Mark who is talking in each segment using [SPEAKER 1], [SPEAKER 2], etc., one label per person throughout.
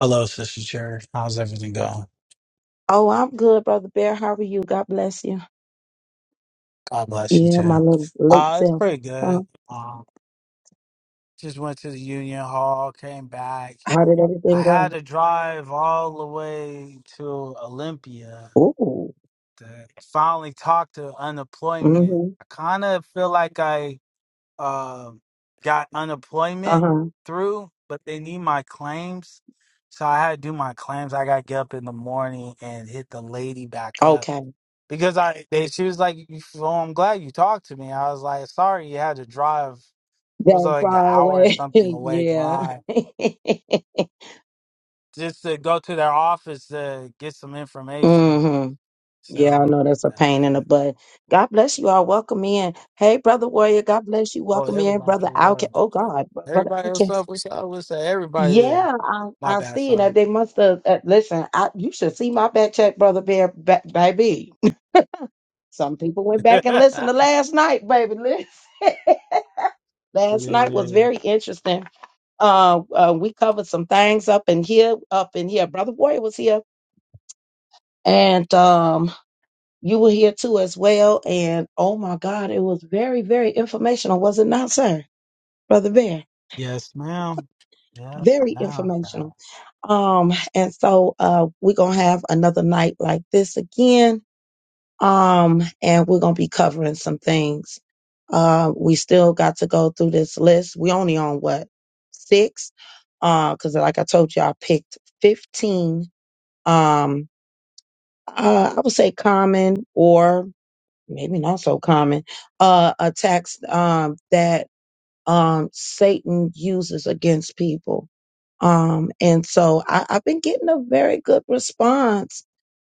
[SPEAKER 1] Hello, Sister Cherry. How's everything going?
[SPEAKER 2] Oh, I'm good, Brother Bear. How are you? God bless you.
[SPEAKER 1] God bless you
[SPEAKER 2] Yeah,
[SPEAKER 1] too.
[SPEAKER 2] my little late
[SPEAKER 1] Uh, it's
[SPEAKER 2] self.
[SPEAKER 1] pretty
[SPEAKER 2] Huh?
[SPEAKER 1] good. Um, just went to the Union Hall, came back.
[SPEAKER 2] How did
[SPEAKER 1] I
[SPEAKER 2] everything
[SPEAKER 1] had
[SPEAKER 2] go?
[SPEAKER 1] to drive all the way to Olympia
[SPEAKER 2] Ooh.
[SPEAKER 1] to finally talk to unemployment.
[SPEAKER 2] Mm-hmm.
[SPEAKER 1] I kind of feel like I um got unemployment
[SPEAKER 2] Uh-huh.
[SPEAKER 1] through, but they need my claims. So I had to do my claims. I got to get up in the morning and hit the lady back up.
[SPEAKER 2] Okay.
[SPEAKER 1] because I they, she was like, "You- "Well, I'm glad you talked to me." I was like, "Sorry, you had to drive. It was
[SPEAKER 2] That
[SPEAKER 1] like an
[SPEAKER 2] far
[SPEAKER 1] hour and
[SPEAKER 2] away.
[SPEAKER 1] something away
[SPEAKER 2] yeah.
[SPEAKER 1] drive just to go to their office to get some information."
[SPEAKER 2] mm-hmm. Yeah, I
[SPEAKER 1] So,
[SPEAKER 2] know that's a pain in
[SPEAKER 1] uh,
[SPEAKER 2] the butt. God bless you all. Welcome in. Hey, Brother Warrior. God bless you.
[SPEAKER 1] oh,
[SPEAKER 2] Welcome in,
[SPEAKER 1] everybody
[SPEAKER 2] Brother
[SPEAKER 1] pulled
[SPEAKER 2] Alcast.
[SPEAKER 1] up.
[SPEAKER 2] Oh, God. Br- Brother
[SPEAKER 1] Everybody, what's
[SPEAKER 2] Alcast.
[SPEAKER 1] up? What's up? What's up? Everybody there.
[SPEAKER 2] Yeah, I,
[SPEAKER 1] My
[SPEAKER 2] I
[SPEAKER 1] bad,
[SPEAKER 2] see it. they
[SPEAKER 1] sorry.
[SPEAKER 2] must have, uh, listen, I, you should see my back check, Brother Bear, ba- baby. Some people went back and listened to last night, baby. Listen. last night
[SPEAKER 1] Yeah.
[SPEAKER 2] was very interesting. Uh, uh, we covered some things up in here, up in here. Brother Warrior was here, and um, you were here too as well. And oh my God, it was very, very informational, was it not, sir, Brother Bear?
[SPEAKER 1] Yes, ma'am. Yes,
[SPEAKER 2] Very
[SPEAKER 1] ma'am.
[SPEAKER 2] informational. Um, and so uh, we're gonna have another night like this again Um, and we're gonna be covering some things. Uh, we still got to go through this list. We only on what six? Uh, because like I told you, I picked fifteen. Um, uh, I would say common or maybe not so common uh attacks um that um Satan uses against people um, and so I, I've been getting a very good response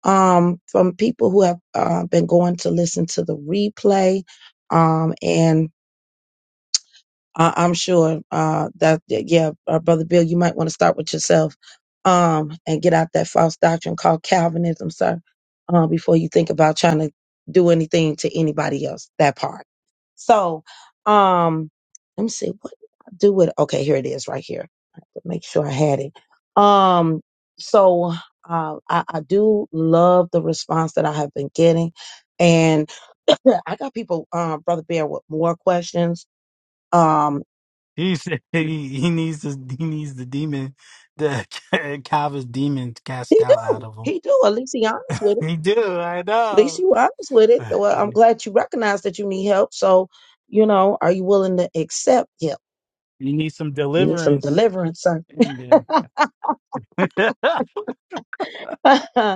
[SPEAKER 2] um, from people who have uh, been going to listen to the replay. Um, and I, I'm sure uh, that that- yeah, uh, brother Bill, you might want to start with yourself um, and get out that false doctrine called Calvinism, sir, uh, before you think about trying to do anything to anybody else. That part. So, um, let me see what I do with. Okay, here it is, right here. I have to make sure I had it. Um, so uh, I, I do love the response that I have been getting, and I got people, uh, brother Bear, with more questions. Um,
[SPEAKER 1] He said he, he needs the he needs the demon, the Calvin's demon cast
[SPEAKER 2] He
[SPEAKER 1] out out
[SPEAKER 2] do.
[SPEAKER 1] of him.
[SPEAKER 2] He do. At least he honest with it.
[SPEAKER 1] You do, I
[SPEAKER 2] At least
[SPEAKER 1] know.
[SPEAKER 2] you honest with it. Well, I'm glad you recognize that you need help. So, you know, are you willing to accept help?
[SPEAKER 1] You need some
[SPEAKER 2] You need some
[SPEAKER 1] deliverance.
[SPEAKER 2] deliverance, sir.
[SPEAKER 1] in there.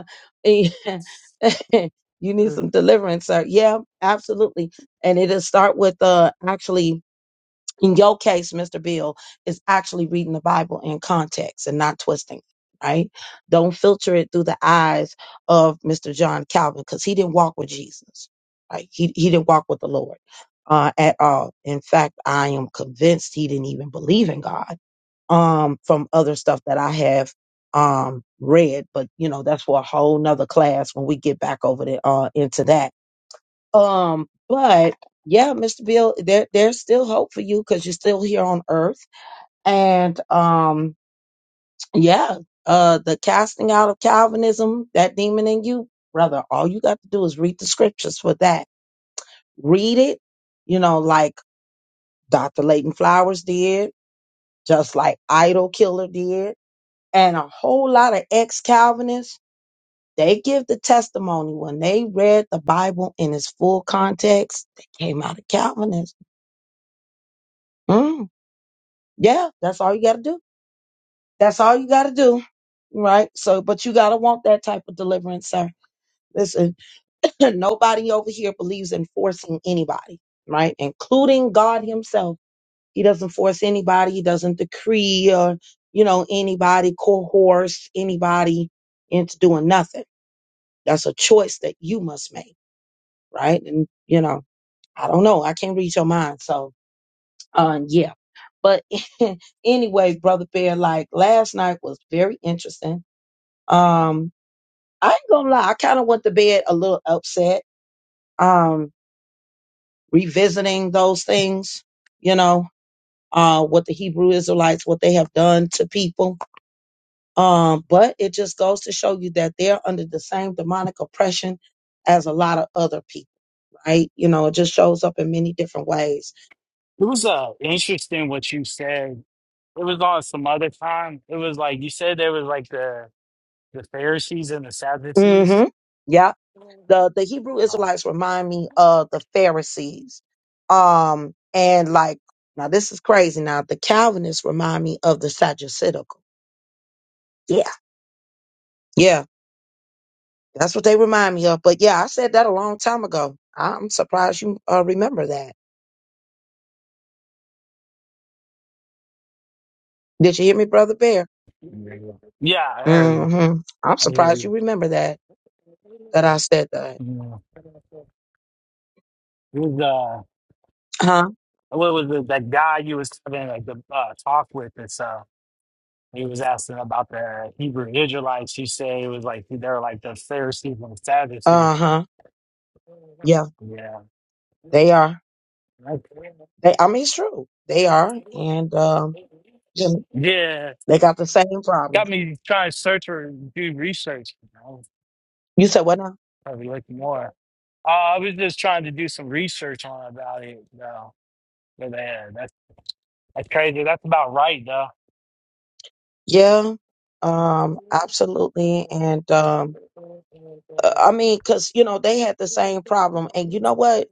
[SPEAKER 2] Yeah. you need
[SPEAKER 1] it
[SPEAKER 2] some deliverance, sir. Yeah, absolutely. And it'll start with uh actually in your case, Mr. Bill, is actually reading the Bible in context and not twisting, it, right? Don't filter it through the eyes of Mr. John Calvin because he didn't walk with Jesus, right? He, he didn't walk with the Lord uh, at all. In fact, I am convinced he didn't even believe in God um, from other stuff that I have um read but you know that's for a whole nother class when we get back over there uh into that um, but yeah, Mr. Bill, there there's still hope for you because you're still here on earth. And um, yeah, uh the casting out of Calvinism, that demon in you, brother, all you got to do is read the scriptures for that. Read it, you know, like Dr. Leighton Flowers did, just like Idol Killer did, and a whole lot of ex-Calvinists. They give the testimony when they read the Bible in its full context. They came out of Calvinism. Mm. Yeah, that's all you got to do. That's all you got to do. Right. So, but you got to want that type of deliverance, sir. Listen, nobody over here believes in forcing anybody, right? Including God Himself. He doesn't force anybody. He doesn't decree or, you know, anybody, coerce anybody into doing nothing. That's a choice that you must make, right? And, you know, I don't know. I can't read your mind. So, Uh, yeah. But anyway, brother Bear, like last night was very interesting. Um, I ain't gonna lie, I kind of went to bed a little upset. Um, revisiting those things, you know, uh, what the Hebrew Israelites, what they have done to people. Um, but it just goes to show you that they're under the same demonic oppression as a lot of other people, right? You know, it just shows up in many different ways.
[SPEAKER 1] was uh, interesting what you said. It was on some other time. It was like you said there was like the the Pharisees and the Sadducees.
[SPEAKER 2] Mm-hmm. Yeah. the
[SPEAKER 1] Uh,
[SPEAKER 2] the Hebrew Israelites remind me of the Pharisees. Um, and like now this is crazy. Now the Calvinists remind me of the Sadducitical. Yeah, yeah, that's what they remind me of. But yeah, I said that a long time ago. I'm surprised you uh, remember that. Did you hear me, brother Bear?
[SPEAKER 1] yeah, I heard you.
[SPEAKER 2] Mm-hmm. I'm
[SPEAKER 1] I hear
[SPEAKER 2] surprised you
[SPEAKER 1] you.
[SPEAKER 2] remember that that I said that.
[SPEAKER 1] Yeah. It was uh,
[SPEAKER 2] Huh?
[SPEAKER 1] what was it? That guy you was having like the uh, talk with and stuff. He was asking about the Hebrew Israelites. He said it was like they're like the Pharisees and Sadducees.
[SPEAKER 2] Uh huh. Yeah,
[SPEAKER 1] Yeah.
[SPEAKER 2] they are. They. I mean, it's true. They are, and um, you know,
[SPEAKER 1] Yeah.
[SPEAKER 2] they got the same problem.
[SPEAKER 1] Got me trying to search or do research. You know,
[SPEAKER 2] You said what now?
[SPEAKER 1] probably looking more. Uh, I was just trying to do some research on about it, though. But yeah, that's that's crazy. That's about right, though.
[SPEAKER 2] Yeah, um, absolutely. And um, uh, I mean, because, you know, they had the same problem. And you know what?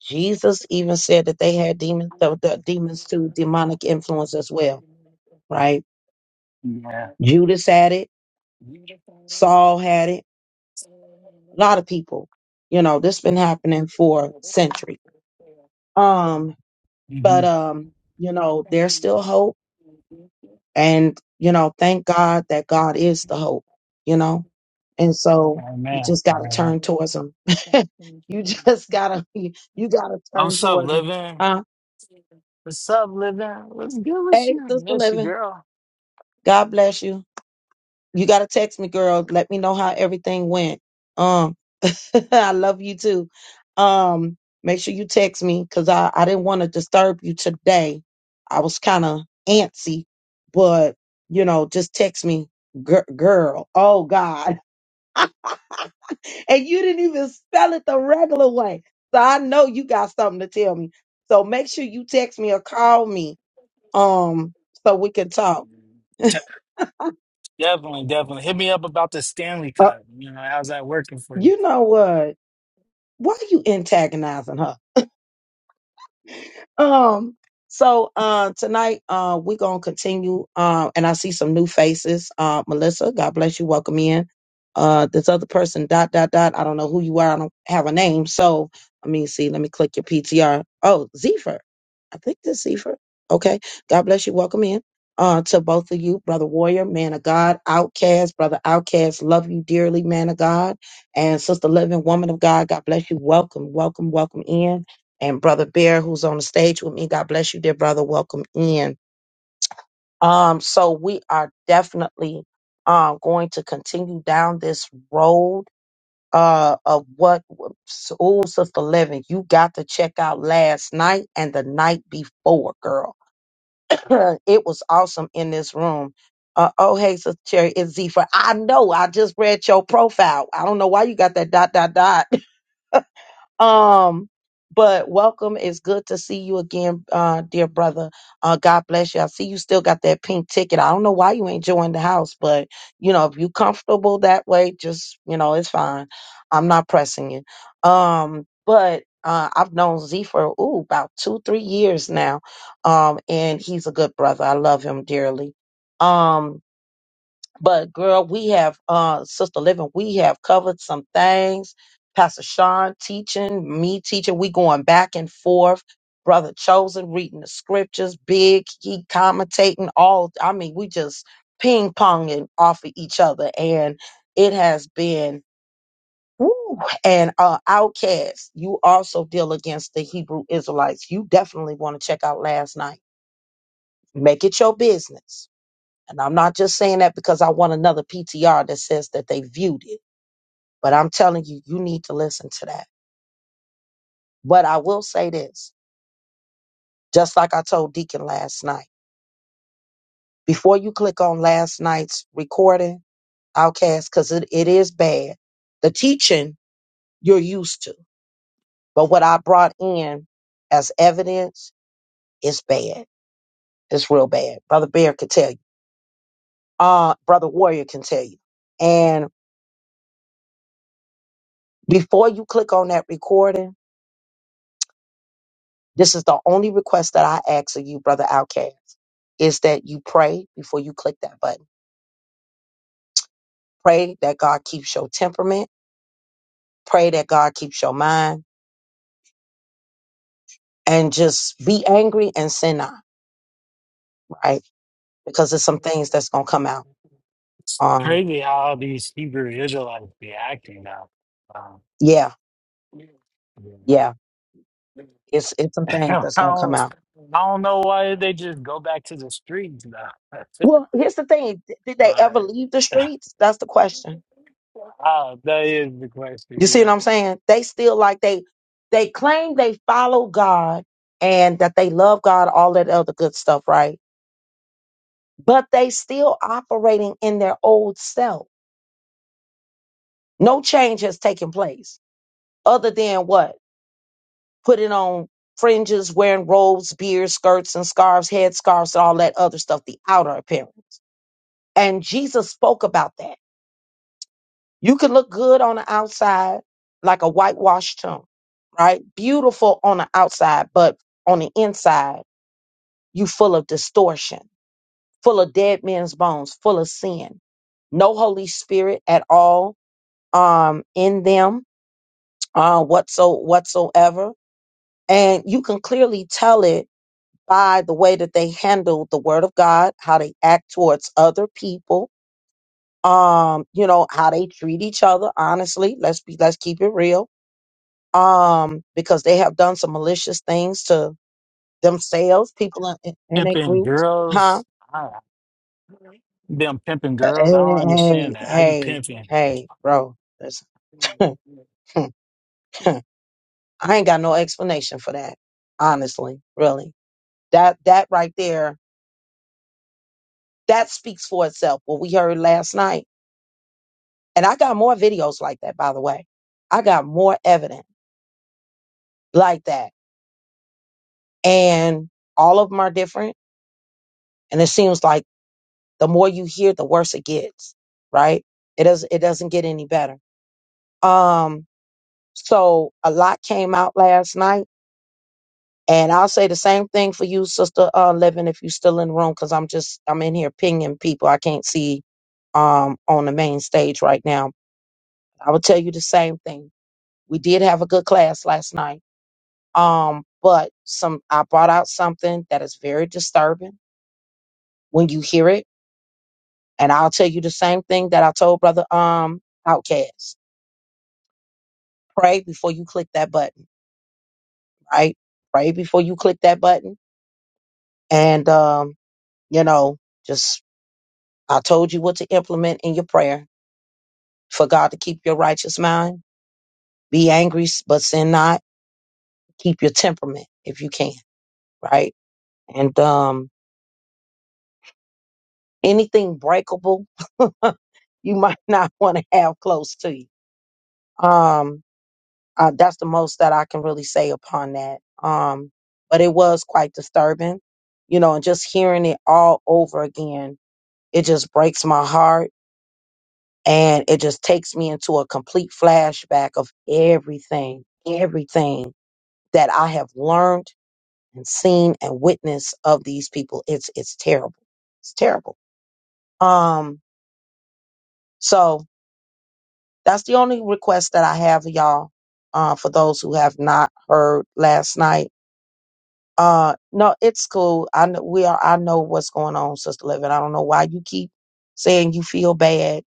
[SPEAKER 2] Jesus even said that they had demons, the, the demons too, demonic influence as well, right?
[SPEAKER 1] Yeah.
[SPEAKER 2] Judas had it, Saul had it, a lot of people. You know, this been happening for centuries. Um, but
[SPEAKER 1] Mm-hmm.
[SPEAKER 2] um, you know, there's still hope, and you know, thank God that God is the hope. You know, And so you
[SPEAKER 1] Amen.
[SPEAKER 2] just got to turn towards them. you just got to, you, you got to
[SPEAKER 1] I'm
[SPEAKER 2] turn
[SPEAKER 1] sup,
[SPEAKER 2] towards them.
[SPEAKER 1] living.
[SPEAKER 2] Uh,
[SPEAKER 1] What's up, living? What's good with
[SPEAKER 2] hey,
[SPEAKER 1] you?
[SPEAKER 2] Sister
[SPEAKER 1] Miss you,
[SPEAKER 2] Living,
[SPEAKER 1] girl.
[SPEAKER 2] God bless you. You got to text me, girl. Let me know how everything went. Um, I love you too. Um, make sure you text me because I, I didn't want to disturb you today. I was kind of antsy, but you know, just text me, gir girl. Oh God. and you didn't even spell it the regular way. So I know you got something to tell me. So make sure you text me or call me, um, so we can talk.
[SPEAKER 1] Te- Definitely, definitely. Hit me up about the Stanley
[SPEAKER 2] Uh,
[SPEAKER 1] Cup. You know, how's that working for you?
[SPEAKER 2] you know what? Why are you antagonizing her? Um, so uh, tonight uh, we're gonna continue. Um, and I see some new faces. Uh, Melissa, God bless you. Welcome in. Uh, this other person, dot dot dot. I don't know who you are. I don't have a name. So let me see. Let me click your PTR. Oh, Zephyr. I think this Zephyr. Okay. God bless you. Welcome in. Uh, to both of you, brother warrior, man of God, outcast, brother outcast, love you dearly, man of God, and sister living woman of God. God bless you. Welcome, welcome, welcome in and Brother Bear, who's on the stage with me. God bless you, dear brother. Welcome in. Um, so we are definitely um going to continue down this road uh of what schools of the living. You got to check out last night and the night before, girl. it was awesome in this room. Uh, oh, hey, Sister Cherry, it's Zephyr. I know. I just read your profile. I don't know why you got that dot, dot, dot Um, but welcome. It's good to see you again, uh, dear brother. Uh, God bless you. I see you still got that pink ticket. I don't know why you ain't joined the house, but you know, if you comfortable that way, just you know, it's fine. I'm not pressing you. Um, but uh, I've known Z for ooh about two, three years now. Um, and he's a good brother. I love him dearly. Um, but girl, we have uh Sister Living, we have covered some things. Pastor Sean teaching, me teaching, we going back and forth. Brother Chosen reading the scriptures, big, he commentating all I mean, we just ping ponging off of each other. And it has been woo, and uh outcast. You also deal against the Hebrew Israelites. You definitely want to check out last night. Make it your business and I'm not just saying that because I want another PTR that says that they viewed it, but I'm telling you, you need to listen to that. But I will say this, just like I told Deacon last night, before you click on last night's recording, Outcast, because it, it is bad, the teaching you're used to. But what I brought in as evidence is bad. It's real bad. Brother Bear can tell you. Uh, Brother Warrior can tell you. And before you click on that recording, This is the only request that I ask of you, brother Outcast, is that you pray before you click that button. Pray that God keeps your temperament. Pray that God keeps your mind and just be angry and sin not, right? Because there's some things that's going to come out.
[SPEAKER 1] It's
[SPEAKER 2] Um,
[SPEAKER 1] crazy how these Hebrew Israelites be acting now. Um,
[SPEAKER 2] yeah,
[SPEAKER 1] you know.
[SPEAKER 2] yeah. It's, it's some
[SPEAKER 1] I
[SPEAKER 2] things
[SPEAKER 1] don't,
[SPEAKER 2] that's going to come
[SPEAKER 1] I
[SPEAKER 2] out.
[SPEAKER 1] don't know why they just go back to the streets now.
[SPEAKER 2] Well, here's the thing. d- Did they ever
[SPEAKER 1] like,
[SPEAKER 2] leave the streets? That's the question.
[SPEAKER 1] Ah, that is the
[SPEAKER 2] You
[SPEAKER 1] question.
[SPEAKER 2] see what
[SPEAKER 1] Yeah,
[SPEAKER 2] I'm saying? They still like they, they claim they follow God and that they love God, all that other good stuff, right? but they still operating in their old self. No change has taken place other than what? Putting on fringes, wearing robes, beards, skirts, and scarves, head scarves, and all that other stuff, the outer appearance. And Jesus spoke about that. You can look good on the outside like a whitewashed tomb, right? Beautiful on the outside, but on the inside, you full of distortion, full of dead men's bones, full of sin no Holy Spirit at all um, in them uh, whatso whatsoever, and you can clearly tell it by the way that they handle the Word of God, how they act towards other people, um, you know how they treat each other. Honestly, let's be let's keep it real, um, because they have done some malicious things to themselves, people in, in, in their
[SPEAKER 1] pimping
[SPEAKER 2] groups, huh?
[SPEAKER 1] girls. I, them pimping girls. I don't
[SPEAKER 2] Hey,
[SPEAKER 1] understand that. How you
[SPEAKER 2] hey,
[SPEAKER 1] pimping?
[SPEAKER 2] hey, bro, listen. I ain't got no explanation for that, honestly, really. That that right there, that speaks for itself. What we heard last night. And I got more videos like that, by the way. I got more evidence like that. And all of them are different. And it seems like the more you hear, the worse it gets, right? It doesn't it doesn't get any better. Um, so a lot came out last night. And I'll say the same thing for you, Sister uh, Living, if you're still in the room, because I'm just I'm in here pinging people. I can't see um on the main stage right now I would tell you the same thing. We did have a good class last night. Um, but some I brought out something that is very disturbing when you hear it. And I'll tell you the same thing that I told brother um Outcast. Pray before you click that button, right? Pray before you click that button. And um, you know, just I told you what to implement in your prayer for God to keep your righteous mind. Be angry, but sin not. Keep your temperament if you can, right? And um Anything breakable, you might not want to have close to you. Um, uh, that's the most that I can really say upon that. Um, but it was quite disturbing, you know, and just hearing it all over again, it just breaks my heart and it just takes me into a complete flashback of everything, everything that I have learned and seen and witnessed of these people. It's, it's terrible. It's terrible. Um, so, That's the only request that I have, y'all. Uh, for those who have not heard last night, uh, no, it's cool. I know we are. I know what's going on, Sister Living. I don't know why you keep saying you feel bad.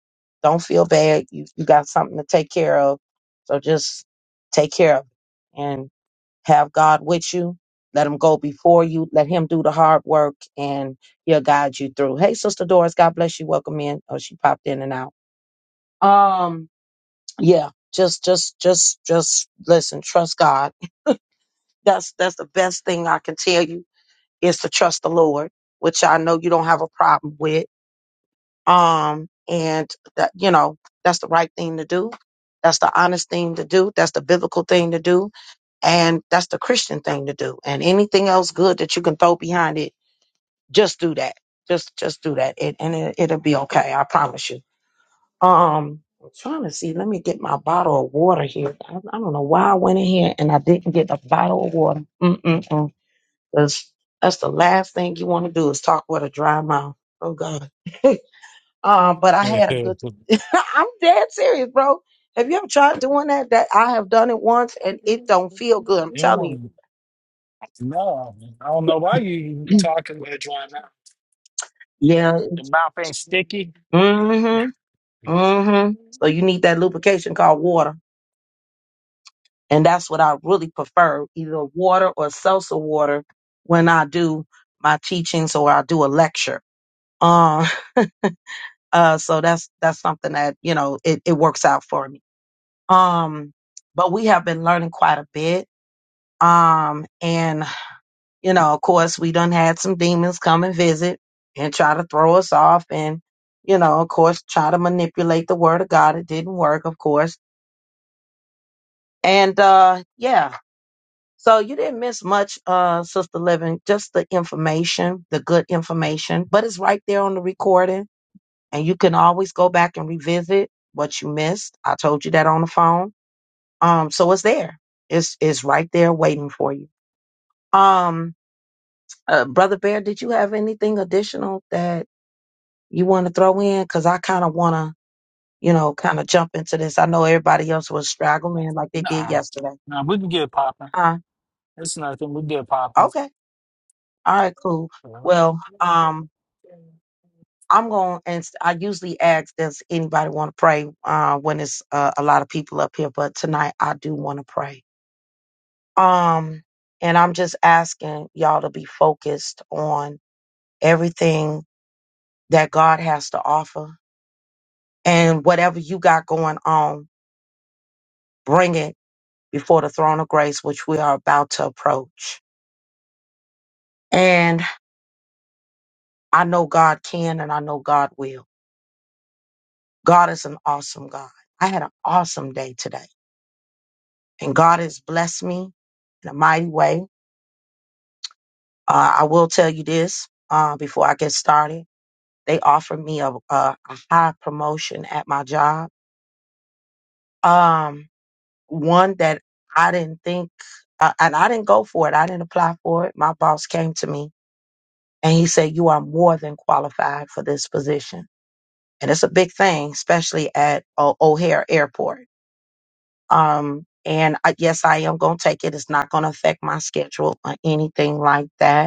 [SPEAKER 2] Don't feel bad. You you got something to take care of, so just take care of it and have God with you. Let Him go before you. Let Him do the hard work, and He'll guide you through. Hey, Sister Doris, God bless you. Welcome in. Oh, she popped in and out. Um yeah just just just just listen trust god that's that's the best thing i can tell you is to trust the lord which i know you don't have a problem with um and that you know that's the right thing to do that's the honest thing to do that's the biblical thing to do and that's the christian thing to do and anything else good that you can throw behind it just do that just just do that it, and it, it'll be okay i promise you Um, I'm trying to see. Let me get my bottle of water here. I, I don't know why I went in here and I didn't get a bottle of water. Mm-mm-mm. Because that's the last thing you want to do is talk with a dry mouth. Oh God. um, but I had a good.
[SPEAKER 1] you
[SPEAKER 2] I'm dead serious, bro. Have you ever tried doing that? That I have done it once and it don't feel good. I'm telling you.
[SPEAKER 1] don't no. I don't know why you talking with it right now.
[SPEAKER 2] Yeah.
[SPEAKER 1] Your mouth ain't sticky.
[SPEAKER 2] Mm-hmm.
[SPEAKER 1] Yeah.
[SPEAKER 2] Mm-hmm. So you need that lubrication called water. And that's what I really prefer, either water or seltzer water when I do my teachings or I do a lecture. Um, uh, so that's, that's something that, you know, it, it works out for me. Um, but we have been learning quite a bit. Um, and, you know, of course we done had some demons come and visit and try to throw us off and, you know, of course, try to manipulate the word of God. It didn't work, of course. And, uh, yeah, So you didn't miss much, uh, Sister Living, just the information, the good information, but it's right there on the recording and you can always go back and revisit what you missed. I told you that on the phone. Um, so it's there. It's, it's right there waiting for you. Um, uh, Brother Bear, did you have anything additional that you want to throw in? Cause I kind of want to, you know, kind of jump into this. I know everybody else was straggling like they did
[SPEAKER 1] Nah,
[SPEAKER 2] yesterday.
[SPEAKER 1] nah. We can get it popping.
[SPEAKER 2] Huh?
[SPEAKER 1] It's nothing. We get it popping.
[SPEAKER 2] Okay. All right, cool. Well, um, I'm going to, and s- I usually ask does anybody want to pray uh, when it's uh, a lot of people up here, but tonight I do want to pray. Um, and I'm just asking y'all to be focused on everything that God has to offer and whatever you got going on, bring it before the throne of grace, which we are about to approach. And I know God can and I know God will. God is an awesome God. I had an awesome day today. and God has blessed me in a mighty way. Uh, I will tell you this uh, before I get started. They offered me a, a, a high promotion at my job, um, one that I didn't think, uh, and I didn't go for it. I didn't apply for it. My boss came to me and he said, "You are more than qualified for this position," and it's a big thing, especially at o- O'Hare Airport. Um, and I, yes, I am going to take it. It's not going to affect my schedule or anything like that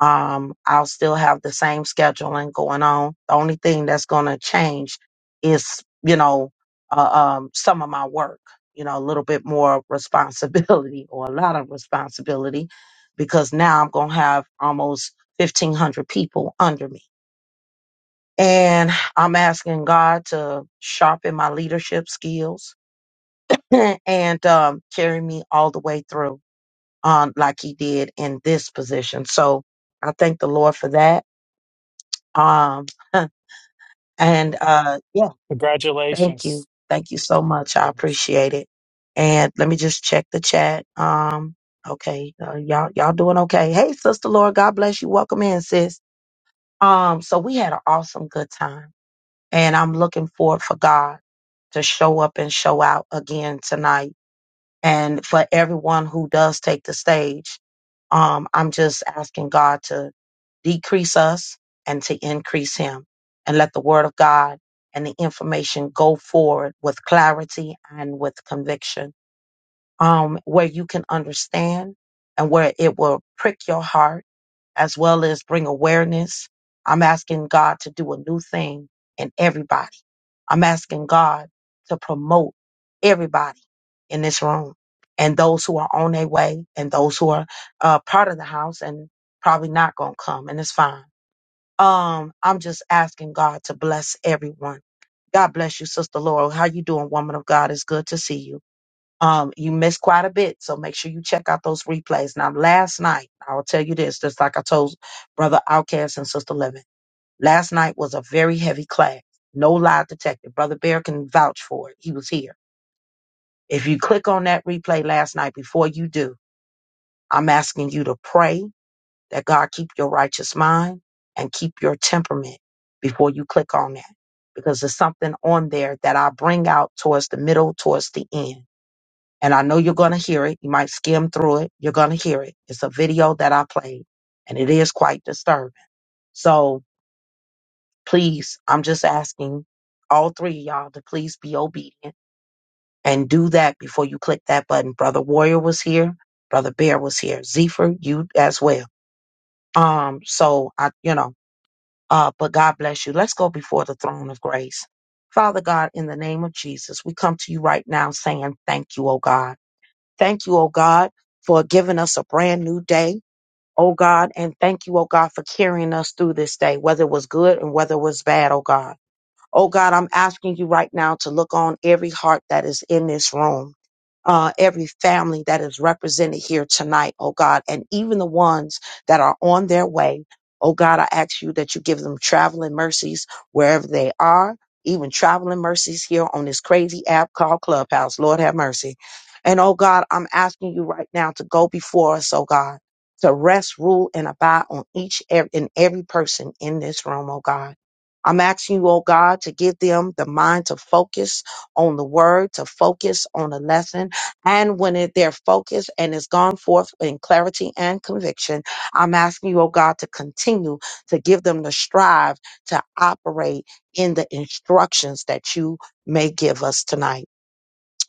[SPEAKER 2] Um, I'll still have the same scheduling going on. The only thing that's going to change is, you know, uh, um, some of my work, you know, a little bit more responsibility or a lot of responsibility because now I'm going to have almost 1,500 people under me. And I'm asking God to sharpen my leadership skills and um, carry me all the way through um, like he did in this position. So I thank the Lord for that Um, and uh, yeah, thank you,
[SPEAKER 1] Congratulations.
[SPEAKER 2] thank you so much. I appreciate it. And let me just check the chat. Um, okay, uh, y'all y'all doing okay? Hey, sister Laura, God bless you. Welcome in, sis. Um, so we had an awesome good time, and I'm looking forward for God to show up and show out again tonight and for everyone who does take the stage, um, I'm just asking God to decrease us and to increase Him and let the Word of God and the information go forward with clarity and with conviction um, where you can understand and where it will prick your heart as well as bring awareness. I'm asking God to do a new thing in everybody. I'm asking God to promote everybody in this room and those who are on their way and those who are uh, part of the house and probably not going to come and it's fine. Um, I'm just asking God to bless everyone. God bless you, Sister Laurel. How you doing, woman of God? It's good to see you. Um, you missed quite a bit, so make sure you check out those replays. Now, last night, I'll tell you this, just like I told Brother Outcast and Sister Living, last night was a very heavy class. No lie detected. Brother Bear can vouch for it. He was here. If you click on that replay last night, before you do, I'm asking you to pray that God keep your righteous mind and keep your temperament before you click on that, because there's something on there that I bring out towards the middle, towards the end and I know you're going to hear it. You might skim through it. You're going to hear it. It's a video that I played and it is quite disturbing. So please, I'm just asking all three of y'all to please be obedient and do that before you click that button. Brother Warrior was here. Brother Bear was here. Zephyr, you as well. Um, so I, you know, uh, but God bless you. Let's go before the throne of grace. Father God, in the name of Jesus, we come to you right now saying thank you, oh God. Thank you, oh God, for giving us a brand new day, oh God. And thank you, oh God, for carrying us through this day, whether it was good and whether it was bad, oh God. Oh God, I'm asking you right now to look on every heart that is in this room, uh, every family that is represented here tonight, oh God, and even the ones that are on their way. Oh God, I ask you that you give them traveling mercies wherever they are, even traveling mercies here on this crazy app called Clubhouse. Lord have mercy. And oh God, I'm asking you right now to go before us, oh God, to rest, rule, and abide on each ev- and every person in this room, oh God. I'm asking you, oh God, to give them the mind to focus on the word, to focus on the lesson. And when it, they're focused and is gone forth in clarity and conviction, I'm asking you, oh God, to continue to give them the strive to operate in the instructions that you may give us tonight.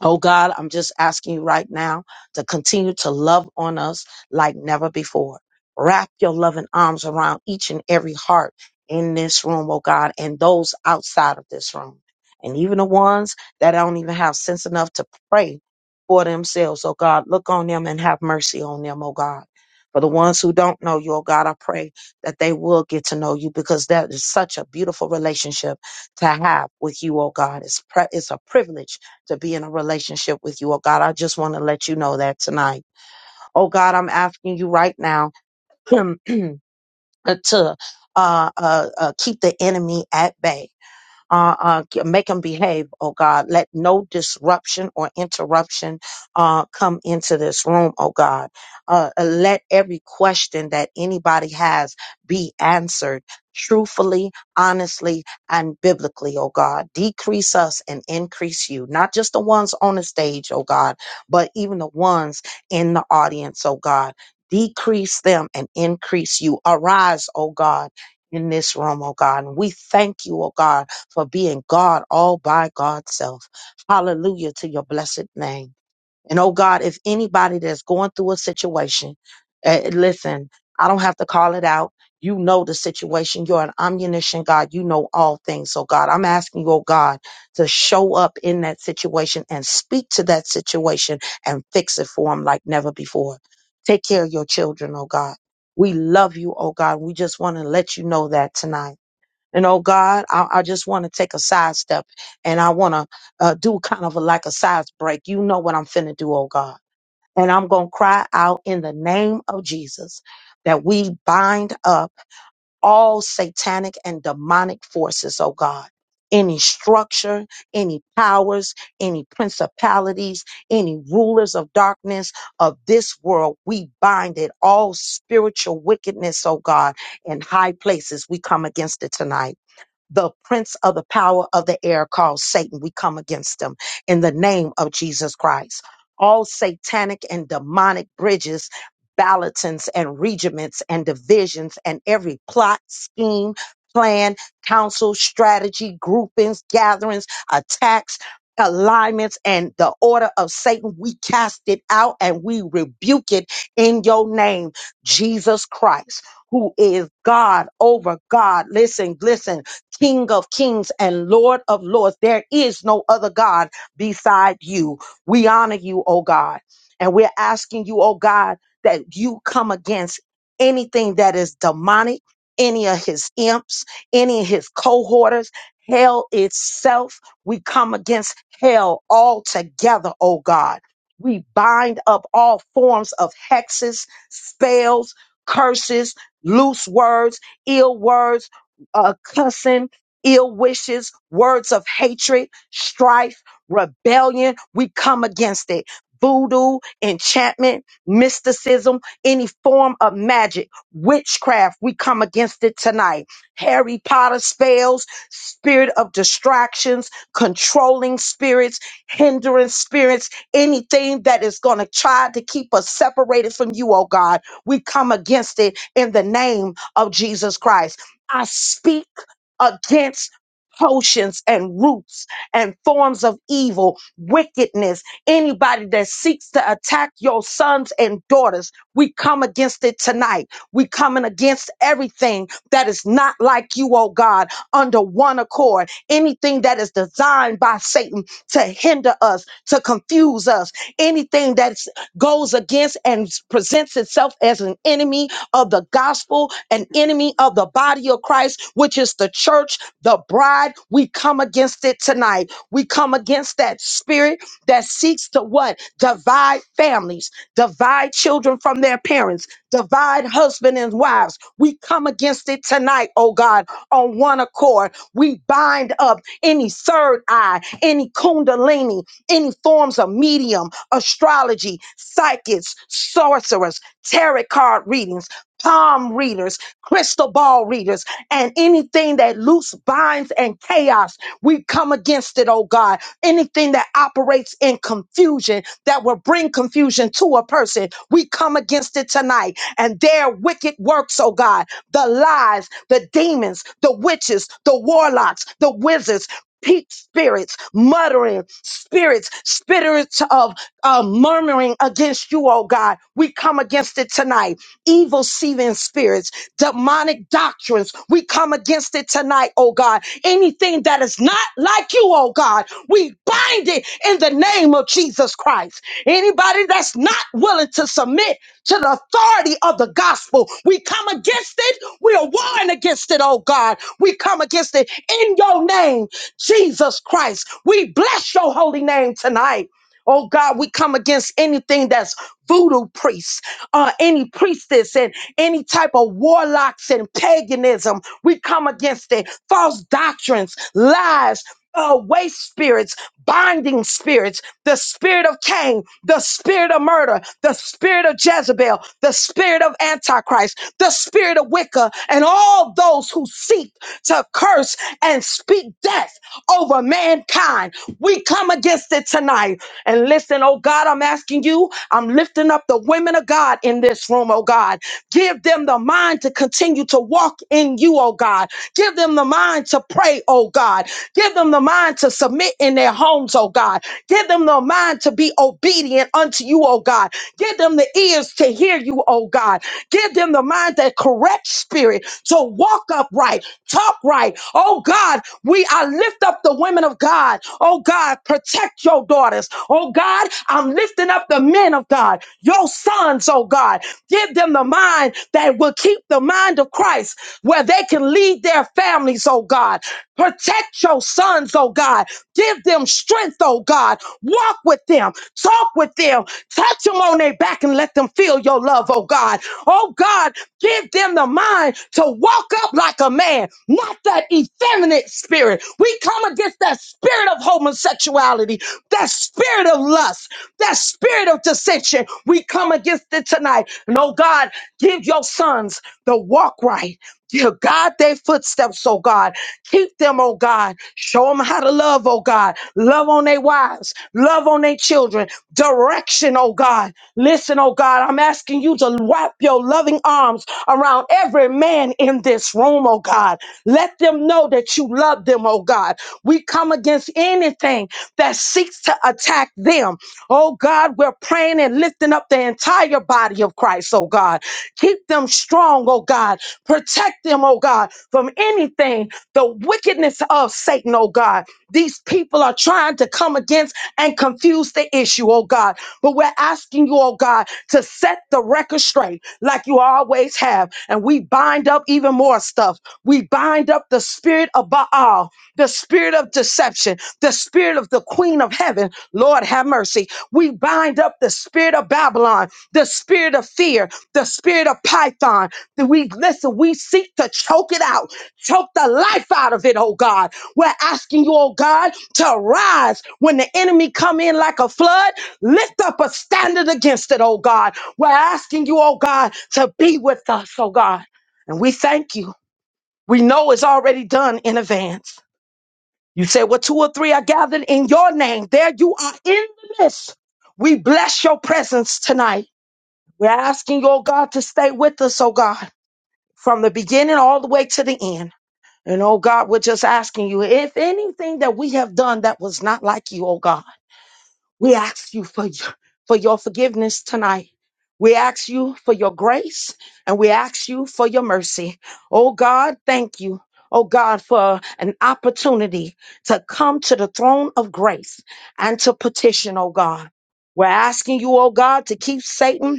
[SPEAKER 2] Oh God, I'm just asking you right now to continue to love on us like never before. Wrap your loving arms around each and every heart in this room, oh God, and those outside of this room. And even the ones that don't even have sense enough to pray for themselves, oh God, look on them and have mercy on them, oh God. For the ones who don't know you, oh God, I pray that they will get to know you because that is such a beautiful relationship to have with you, oh God. It's, pre- it's a privilege to be in a relationship with you. Oh God, I just want to let you know that tonight. Oh God, I'm asking you right now to uh, uh, uh, keep the enemy at bay. Uh, uh, g- make them behave, oh God. Let no disruption or interruption uh, come into this room, oh God. Uh, uh, let every question that anybody has be answered truthfully, honestly, and biblically, oh God. Decrease us and increase you, not just the ones on the stage, oh God, but even the ones in the audience, oh God. Decrease them and increase you. Arise, oh God, in this room, oh God. And we thank you, oh God for being God all by God's self. Hallelujah to your blessed name. And oh God, if anybody that's going through a situation, eh, listen, I don't have to call it out. You know the situation. You're an omniscient God. You know all things. So God, I'm asking you, oh God, to show up in that situation and speak to that situation and fix it for them like never before. Take care of your children, oh God. We love you, oh God. We just want to let you know that tonight. And oh God, I, I just want to take a sidestep and I want to uh, do kind of a, like a size break. You know what I'm finna do, oh God. And I'm going to cry out in the name of Jesus that we bind up all satanic and demonic forces, oh God. Any structure, any powers, any principalities, any rulers of darkness of this world, we bind it. All spiritual wickedness, oh God, in high places, we come against it tonight the prince of the power of the air called Satan. We come against him in the name of Jesus Christ. All satanic and demonic bridges, ballotings and regiments and divisions and every plot, scheme, plan, counsel, strategy, groupings, gatherings, attacks, alignments, and the order of Satan, we cast it out and we rebuke it in your name, Jesus Christ, who is God over God. Listen, listen King of kings and Lord of lords. There is no other God beside you. We honor you, oh God. And we're asking you, oh God, that you come against anything that is demonic, any of his imps, any of his cohorters, hell itself. We come against hell altogether, oh God. We bind up all forms of hexes, spells, curses, loose words, ill words uh, cussing, ill wishes, words of hatred, strife, rebellion. We come against it. Voodoo, enchantment, mysticism, any form of magic, witchcraft, we come against it tonight. Harry Potter spells, spirit of distractions, controlling spirits, hindering spirits, anything that is going to try to keep us separated from you, oh God. We come against it in the name of Jesus Christ. I speak against potions and roots and forms of evil, wickedness, anybody that seeks to attack your sons and daughters. We come against it tonight. We coming against everything that is not like you, oh God, under one accord. Anything that is designed by Satan to hinder us, to confuse us, anything that goes against and presents itself as an enemy of the gospel, an enemy of the body of Christ, which is the church, the bride. We come against it tonight. We come against that spirit that seeks to what? Divide families, divide children from their parents, divide husband and wives. We come against it tonight, oh God, on one accord. We bind up any third eye, any kundalini, any forms of medium, astrology, psychics, sorcerers, tarot card readings palm readers, crystal ball readers, and anything that loose binds and chaos, we come against it, oh God. Anything that operates in confusion that will bring confusion to a person, we come against it tonight. And their wicked works, oh God, the lies, the demons, the witches, the warlocks, the wizards. Peak spirits, muttering spirits, spirits of uh, murmuring against you, oh God. We come against it tonight evil seeming spirits, demonic doctrines. We come against it tonight, oh God. Anything that is not like you, oh God, we bind it in the name of Jesus Christ. Anybody that's not willing to submit to the authority of the gospel, we come against it. We are warring against it, oh God. We come against it in your name, Jesus Christ. We bless your holy name tonight. Oh God, we come against anything that's voodoo priests, uh, any priestess and any type of warlocks and paganism. We come against it. False doctrines, lies, uh, waste spirits, binding spirits, the spirit of Cain, the spirit of murder, the spirit of Jezebel, the spirit of Antichrist, the spirit of Wicca, and all those who seek to curse and speak death over mankind. We come against it tonight and listen, oh God, I'm asking you, I'm lifting up the women of God in this room, oh God. Give them the mind to continue to walk in you, oh God. Give them the mind to pray, oh God. Give them the mind to submit in their homes, oh God. Give them the mind to be obedient unto you, oh God. Give them the ears to hear you, oh God. Give them the mind, that correct spirit to walk upright, talk right. Oh God, we I lift up the women of God. Oh God, protect your daughters. Oh God, I'm lifting up the men of God, your sons, oh God. Give them the mind that will keep the mind of Christ where they can lead their families, oh God. Protect your sons, oh God. Give them strength, oh God. Walk with them, talk with them, touch them on their back and let them feel your love, oh God. Oh God, Give them the mind to walk up like a man, not that effeminate spirit. We come against that spirit of homosexuality, that spirit of lust, that spirit of dissension. We come against it tonight. And oh God, give your sons the walk right. Give God their footsteps, oh God. Keep them, oh God. Show them how to love, oh God. Love on their wives, love on their children. Direction, oh God. Listen, oh God, I'm asking you to wrap your loving arms around every man in this room, oh God. Let them know that you love them, oh God. We come against anything that seeks to attack them. Oh God, we're praying and lifting up the entire body of Christ, oh God. Keep them strong, oh God. Protect them, oh God, from anything the wickedness of Satan, oh God. These people are trying to come against and confuse the issue, oh God. But we're asking you, oh God, to set the record straight like you always have. And we bind up even more stuff. We bind up the spirit of Baal, the spirit of deception, the spirit of the queen of heaven. Lord, have mercy. We bind up the spirit of Babylon, the spirit of fear, the spirit of Python. That We listen, we seek to choke it out Choke the life out of it, oh God. We're asking you, oh God, to rise when the enemy come in like a flood. Lift up a standard against it, oh God. We're asking you, oh God, to be with us, oh God. And we thank you. We know it's already done in advance. You said, Well, two or three are gathered in your name. There you are in the midst. We bless your presence tonight. We're asking, you, oh God, to stay with us, oh God, from the beginning all the way to the end. And oh God, we're just asking you if anything that we have done that was not like you, oh God, we ask you for your, for your forgiveness tonight. We ask you for your grace and we ask you for your mercy. Oh God, thank you. Oh God, for an opportunity to come to the throne of grace and to petition, oh God. We're asking you, oh God, to keep Satan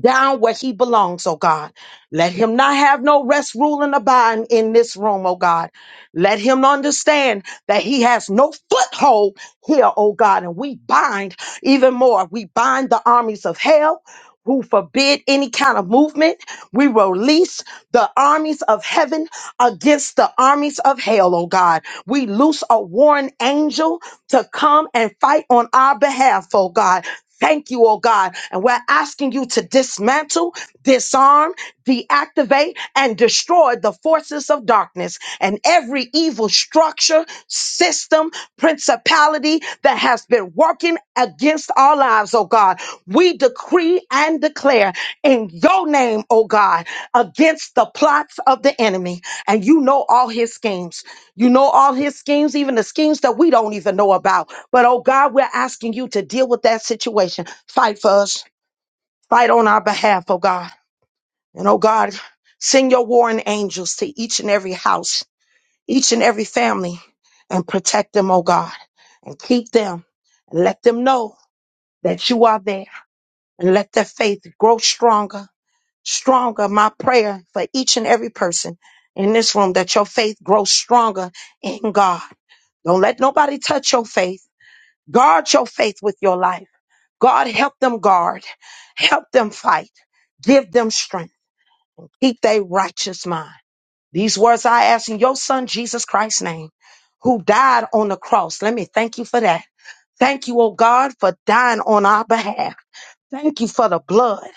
[SPEAKER 2] down where he belongs, oh God. Let him not have no rest, rule, and abide in this room, oh God. Let him understand that he has no foothold here, oh God. And we bind even more. We bind the armies of hell who forbid any kind of movement. We release the armies of heaven against the armies of hell, oh God. We loose a warring angel to come and fight on our behalf, oh God. Thank you, oh God. And we're asking you to dismantle, disarm, deactivate, and destroy the forces of darkness and every evil structure, system, principality that has been working against our lives, oh God. We decree and declare in your name, oh God, against the plots of the enemy. And you know all his schemes. You know all his schemes, even the schemes that we don't even know about. But oh God, we're asking you to deal with that situation. Fight for us. Fight on our behalf, oh God. And oh God, send your warring angels to each and every house, each and every family, and protect them, oh God. And keep them. And let them know that you are there. And let their faith grow stronger, stronger. My prayer for each and every person in this room that your faith grows stronger in God. Don't let nobody touch your faith. Guard your faith with your life. God, help them guard, help them fight, give them strength, keep their righteous mind. These words I ask in your son, Jesus Christ's name, who died on the cross. Let me thank you for that. Thank you, oh God, for dying on our behalf. Thank you for the blood.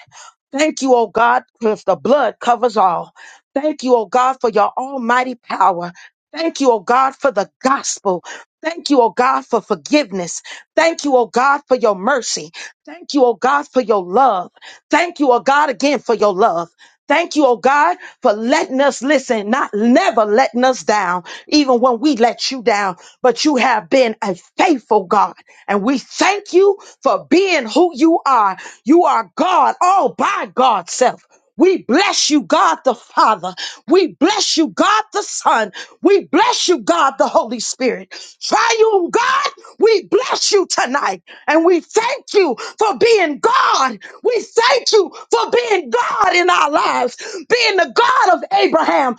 [SPEAKER 2] Thank you, oh God, because the blood covers all. Thank you, oh God, for your almighty power. Thank you, oh God, for the gospel. Thank you, oh God, for forgiveness. Thank you, oh God, for your mercy. Thank you, oh God, for your love. Thank you, oh God, again for your love. Thank you, oh God for letting us listen, not never letting us down, even when we let you down. But you have been a faithful God. And we thank you for being who you are. You are God all by God's self. We bless you, God the Father. We bless you, God the Son. We bless you, God the Holy Spirit. Triune God, we bless you tonight tonight. And we thank you for being God. We thank you for being God in our lives, being the God of Abraham,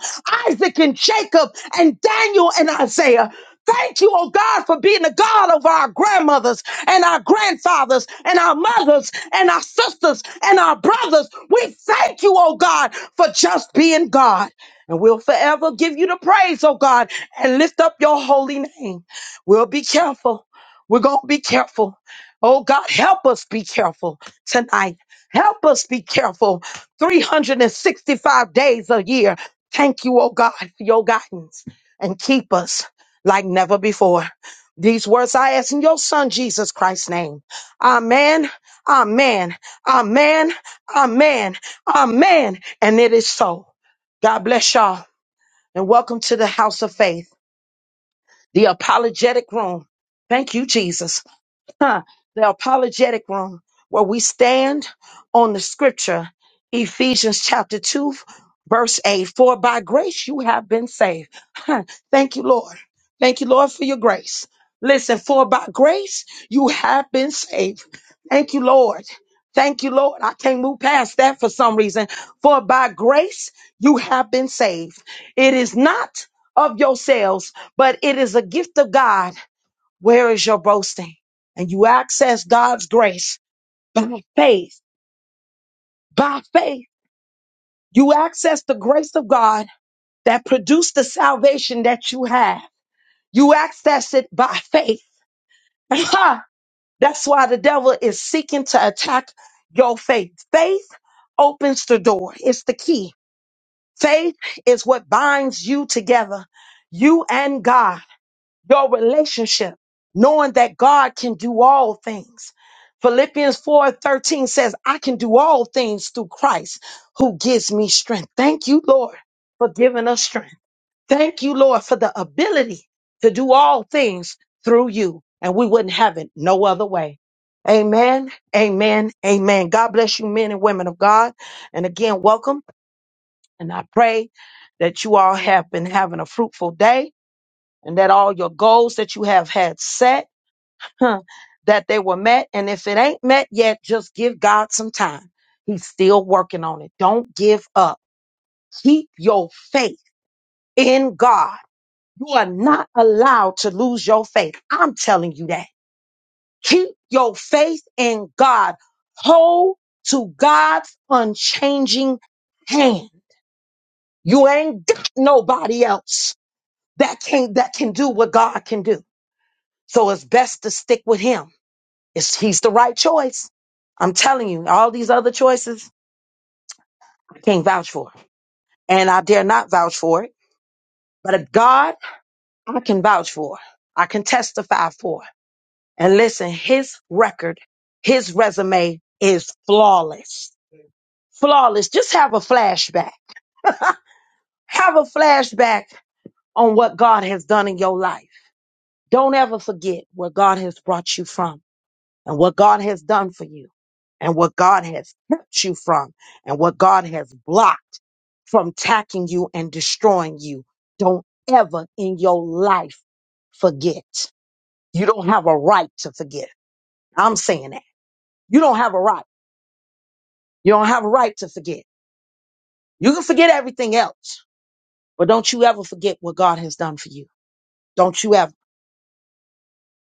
[SPEAKER 2] Isaac, and Jacob, and Daniel and Isaiah. Thank you, oh God, for being the God of our grandmothers and our grandfathers and our mothers and our sisters and our brothers. We thank you, oh God, for just being God. And we'll forever give you the praise, oh God, and lift up your holy name. We'll be careful we're going to be careful. Oh God, help us be careful tonight. Help us be careful 365 days a year. Thank you, oh God, for your guidance and keep us like never before. These words I ask in your son Jesus Christ's name. Amen, amen, amen, amen, amen. And it is so. God bless y'all and welcome to the house of faith, the apologetic room. Thank you, Jesus huh, the apologetic room where we stand on the scripture, Ephesians chapter 2, verse 8. For by grace you have been saved. Huh, Thank you, Lord. Thank you, Lord, for your grace. Listen, for by grace you have been saved. Thank you, Lord. Thank you, Lord. I can't move past that for some reason. For by grace you have been saved. It is not of yourselves, but it is a gift of God where is your boasting? And you access God's grace by faith. By faith, you access the grace of God that produced the salvation that you have. You access it by faith. That's why the devil is seeking to attack your faith. Faith opens the door. It's the key. Faith is what binds you together, you and God. your relationship, knowing that God can do all things. Philippians 4 13 says, I can do all things through Christ who gives me strength. Thank you, Lord, for giving us strength. Thank you, Lord, for the ability to do all things through you. And we wouldn't have it no other way. Amen. Amen. Amen. God bless you, men and women of God. And again, welcome. And I pray that you all have been having a fruitful day and that all your goals that you have had set, huh, that they were met. And if it ain't met yet, just give God some time. He's still working on it. Don't give up. Keep your faith in God. You are not allowed to lose your faith. I'm telling you that. Keep your faith in God. Hold to God's unchanging hand. You ain't got nobody else that can that can do what God can do. So it's best to stick with him It's, he's the right choice. I'm telling you, all these other choices, I can't vouch for. And I dare not vouch for it. But if God, I can vouch for. I can testify for. And listen, his record, his resume is flawless. Flawless. Just have a flashback. Have a flashback on what God has done in your life. Don't ever forget where God has brought you from. and what God has done for you and what God has kept you from and what God has blocked from attacking you and destroying you. Don't ever in your life forget. You don't have a right to forget. I'm saying that. You don't have a right. You don't have a right to forget. You can forget everything else, but don't you ever forget what God has done for you. Don't you ever.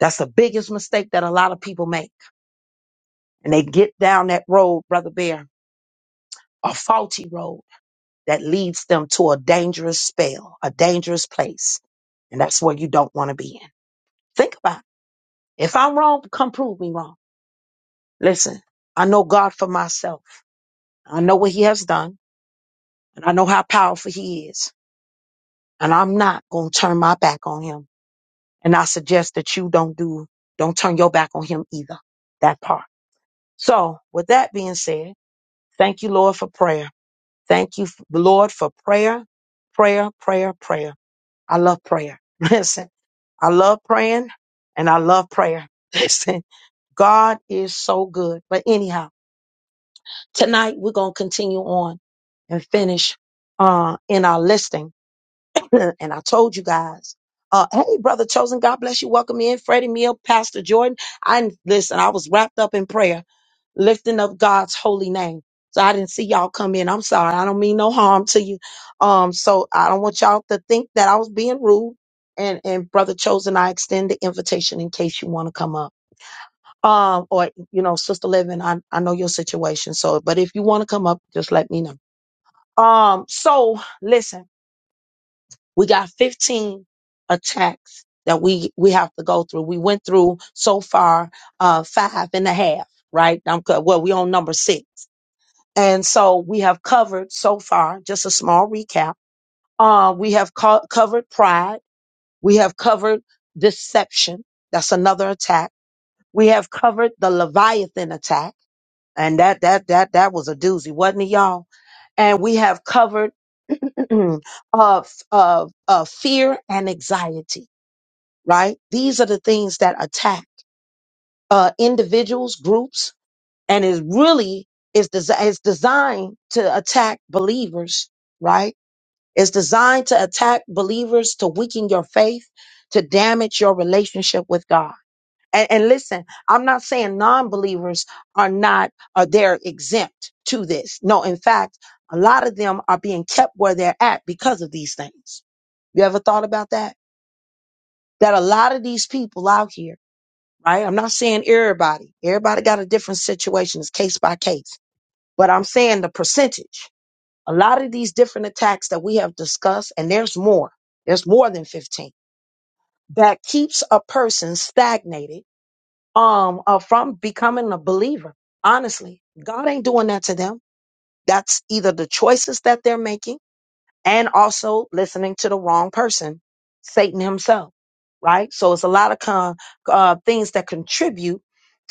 [SPEAKER 2] That's the biggest mistake that a lot of people make. And they get down that road, Brother Bear, a faulty road that leads them to a dangerous spell, a dangerous place. And that's where you don't want to be in. Think about it. If I'm wrong, come prove me wrong. Listen, I know God for myself. I know what he has done and I know how powerful he is. And I'm not going to turn my back on him. And I suggest that you don't do, don't turn your back on him either. That part. So with that being said, thank you, Lord, for prayer. Thank you, Lord, for prayer, prayer, prayer, prayer. I love prayer. Listen, I love praying and I love prayer. Listen, God is so good. But anyhow, tonight we're going to continue on and finish uh, in our listing. and I told you guys. Uh, hey, brother chosen, God bless you. Welcome in, Freddie Mill, Pastor Jordan. I listen. I was wrapped up in prayer, lifting up God's holy name. So I didn't see y'all come in. I'm sorry. I don't mean no harm to you. Um, so I don't want y'all to think that I was being rude. And and brother chosen, I extend the invitation in case you want to come up. Um, or you know, sister Living, I I know your situation. So, but if you want to come up, just let me know. Um, so listen. We got 15 attacks that we we have to go through. We went through so far uh, five and a half, right? I'm co- well, we on number six, and so we have covered so far. Just a small recap. Uh, we have co- covered pride. We have covered deception. That's another attack. We have covered the Leviathan attack, and that that that that was a doozy, wasn't it, y'all? And we have covered of of of fear and anxiety right? These are the things that attack uh, individuals, groups, and is really is des- is designed to attack believers, right? It's designed to attack believers to weaken your faith, to damage your relationship with God. And, and listen, I'm not saying non-believers are not are they're exempt to this. No, in fact, a lot of them are being kept where they're at because of these things. You ever thought about that? That a lot of these people out here right? I'm not saying everybody. Everybody got a different situation. It's case by case. But I'm saying the percentage. A lot of these different attacks that we have discussed, and there's more. There's more than 15 that keeps a person stagnated um, uh, from becoming a believer. Honestly, God ain't doing that to them. That's either the choices that they're making and also listening to the wrong person, Satan himself, right? So it's a lot of con- uh, things that contribute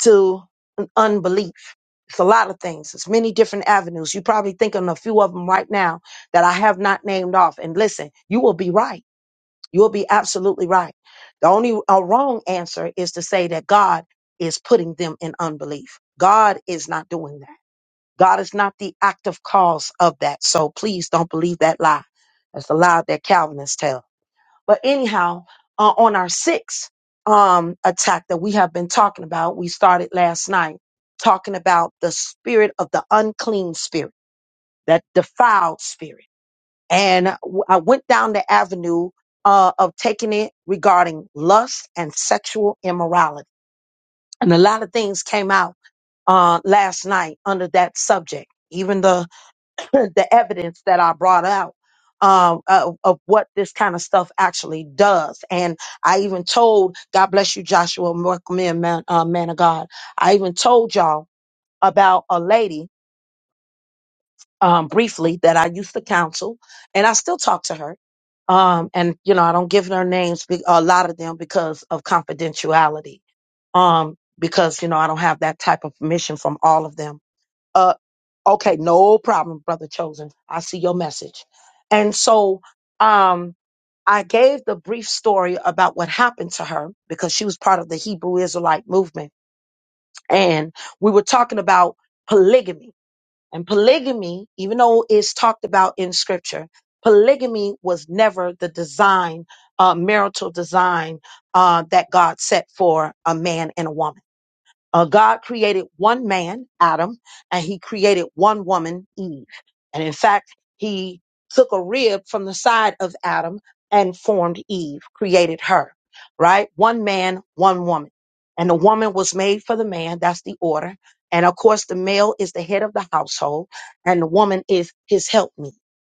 [SPEAKER 2] to an unbelief. It's a lot of things. It's many different avenues. You're probably thinking a few of them right now that I have not named off. And listen, you will be right. You will be absolutely right. The only uh, wrong answer is to say that God is putting them in unbelief. God is not doing that. God is not the active cause of that. So please don't believe that lie. That's the lie that Calvinists tell. But anyhow, uh, on our sixth um, attack that we have been talking about, we started last night talking about the spirit of the unclean spirit, that defiled spirit. And w- I went down the avenue uh, of taking it regarding lust and sexual immorality. And a lot of things came out uh, last night under that subject. Even the the evidence that I brought out um, of, of what this kind of stuff actually does. And I even told, God bless you, Joshua, welcome in, man, uh, man of God. I even told y'all about a lady um, briefly that I used to counsel, and I still talk to her. Um, and you know, I don't give their names, be- a lot of them because of confidentiality. Um, because you know, I don't have that type of permission from all of them uh, okay, no problem, brother chosen. I see your message. And so, um, I gave the brief story about what happened to her because she was part of the Hebrew Israelite movement. And we were talking about polygamy. And polygamy, even though it's talked about in scripture, polygamy was never the design, uh, marital design uh, that God set for a man and a woman uh, God created one man, Adam, and he created one woman, Eve. And in fact, he took a rib from the side of Adam and formed Eve, created her, right? One man, one woman. And the woman was made for the man. That's the order. And of course, the male is the head of the household and the woman is his helpmeet,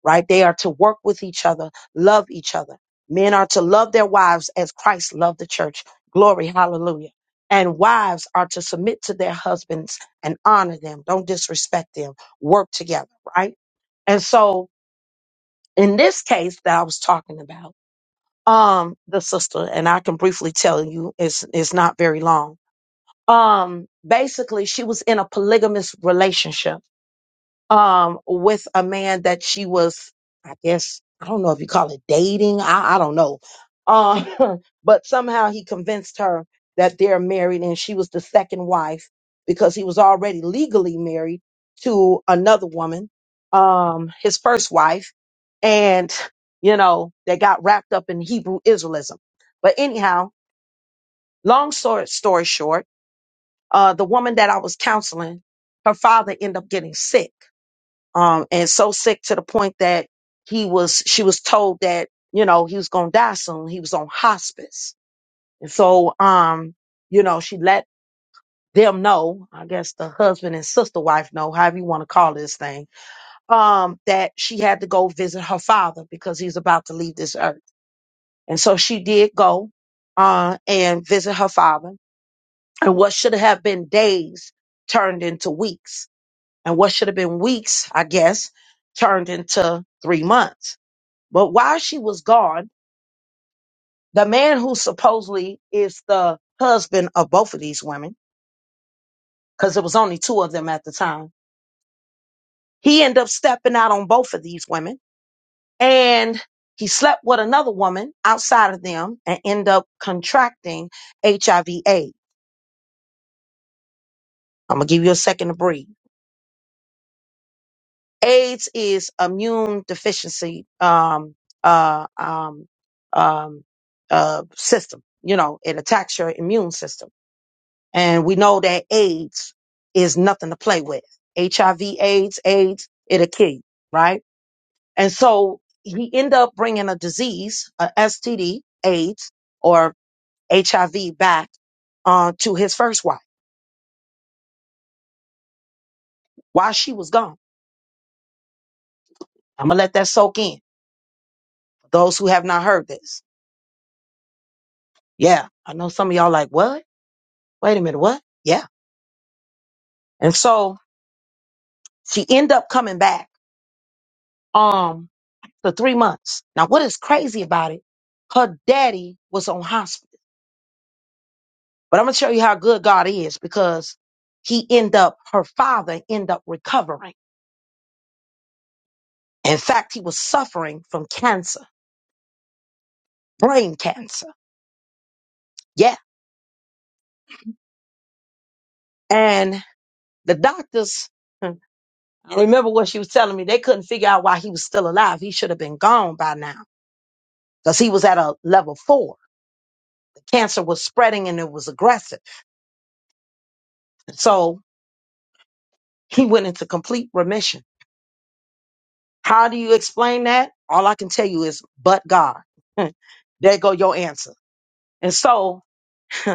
[SPEAKER 2] right? They are to work with each other, love each other. Men are to love their wives as Christ loved the church. Glory, hallelujah and wives are to submit to their husbands and honor them. Don't disrespect them. Work together, right? And so in this case that I was talking about, um, the sister, and I can briefly tell you it's it's not very long. Um, basically she was in a polygamous relationship um, with a man that she was, I guess, I don't know if you call it dating. I, I don't know. Uh, but somehow he convinced her that they're married and she was the second wife because he was already legally married to another woman, um, his first wife. And, you know, they got wrapped up in Hebrew Israelism. But anyhow, long story, story short, uh, the woman that I was counseling, her father ended up getting sick um, and so sick to the point that he was, she was told that, you know, he was going to die soon. He was on hospice. And so, um, you know, she let them know, I guess the husband and sister wife know, however you want to call this thing, um, that she had to go visit her father because he's about to leave this earth. And so she did go, uh, and visit her father. And what should have been days turned into weeks. And what should have been weeks, I guess, turned into three months But while she was gone, the man who supposedly is the husband of both of these women, because there was only two of them at the time, he ended up stepping out on both of these women and he slept with another woman outside of them and ended up contracting HIV AIDS. I'm gonna give you a second to breathe. AIDS is immune deficiency um uh um um uh system. You know, it attacks your immune system And we know that AIDS is nothing to play with. HIV, AIDS, AIDS, it'll kill you, right? And so he ended up bringing a disease, a STD, AIDS, or HIV back uh, to his first wife while she was gone. I'm going to let that soak in. For those who have not heard this. Yeah. I know some of y'all like, what? Wait a minute. What? Yeah. And so she ended up coming back um, for three months. Now, what is crazy about it? Her daddy was on hospice But I'm gonna show you how good God is because he end up, her father end up recovering. In fact, he was suffering from cancer, brain cancer. Yeah. And the doctors, hmm, I remember what she was telling me, they couldn't figure out why he was still alive. He should have been gone by now because he was at a level four. The cancer was spreading and it was aggressive. So he went into complete remission. How do you explain that? All I can tell you is, but God. there go your answer. And so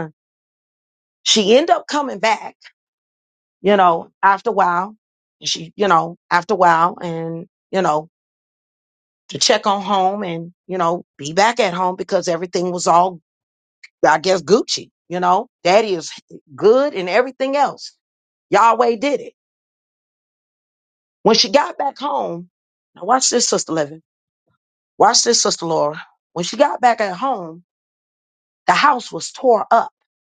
[SPEAKER 2] She ended up coming back, you know, after a while. And she, you know, after a while and, you know, to check on home and, you know, be back at home because everything was all, I guess, Gucci, you know, daddy is good and everything else. Yahweh did it. When she got back home, now watch this, Sister Living. Watch this, Sister Laura. When she got back at home, the house was tore up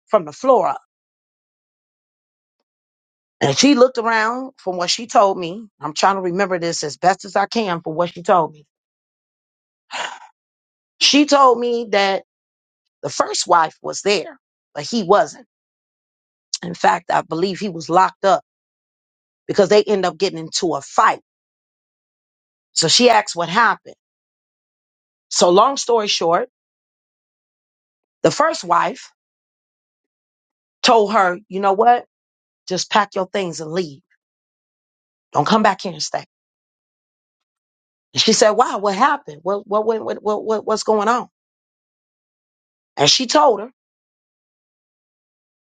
[SPEAKER 2] from the floor up. And she looked around from what she told me. I'm trying to remember this as best as I can from what she told me She told me that the first wife was there, but he wasn't. In fact, I believe he was locked up because they end up getting into a fight. So she asked what happened. So long story short, the first wife told her, you know what? Just pack your things and leave. Don't come back here and stay. And she said, wow, what happened? What, what, what, what, what, what- what's going on? And she told her,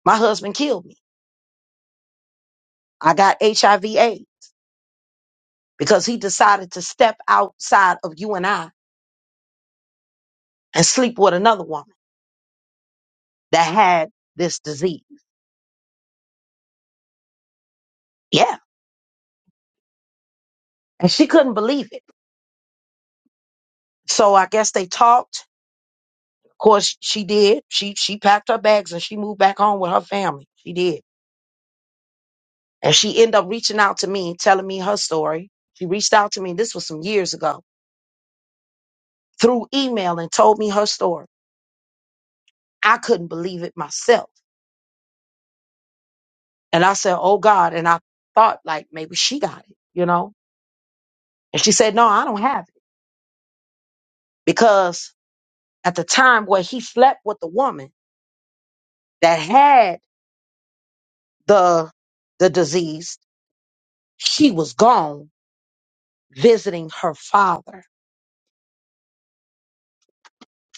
[SPEAKER 2] my husband killed me. I got HIV AIDS because he decided to step outside of you and I and sleep with another woman. that had this disease. Yeah. And she couldn't believe it. So I guess they talked. Of course, she did. She she packed her bags and she moved back home with her family. She did. And she ended up reaching out to me and telling me her story. She reached out to me, this was some years ago, through email and told me her story. I couldn't believe it myself. And I said, Oh God. And I thought like maybe she got it, you know? And she said, No, I don't have it. Because at the time where he slept with the woman that had the the disease. she was gone visiting her father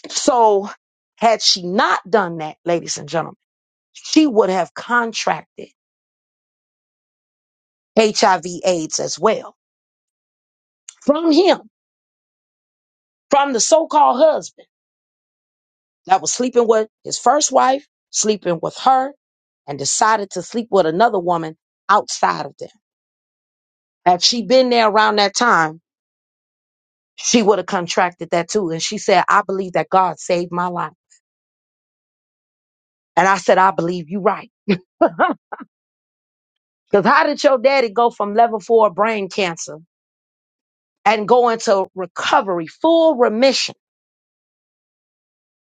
[SPEAKER 2] so had she not done that ladies and gentlemen she would have contracted hiv aids as well from him from the so-called husband that was sleeping with his first wife sleeping with her and decided to sleep with another woman outside of them had she been there around that time she would have contracted that too and she said i believe that god saved my life and i said i believe you right Because how did your daddy go from level four brain cancer and go into recovery, full remission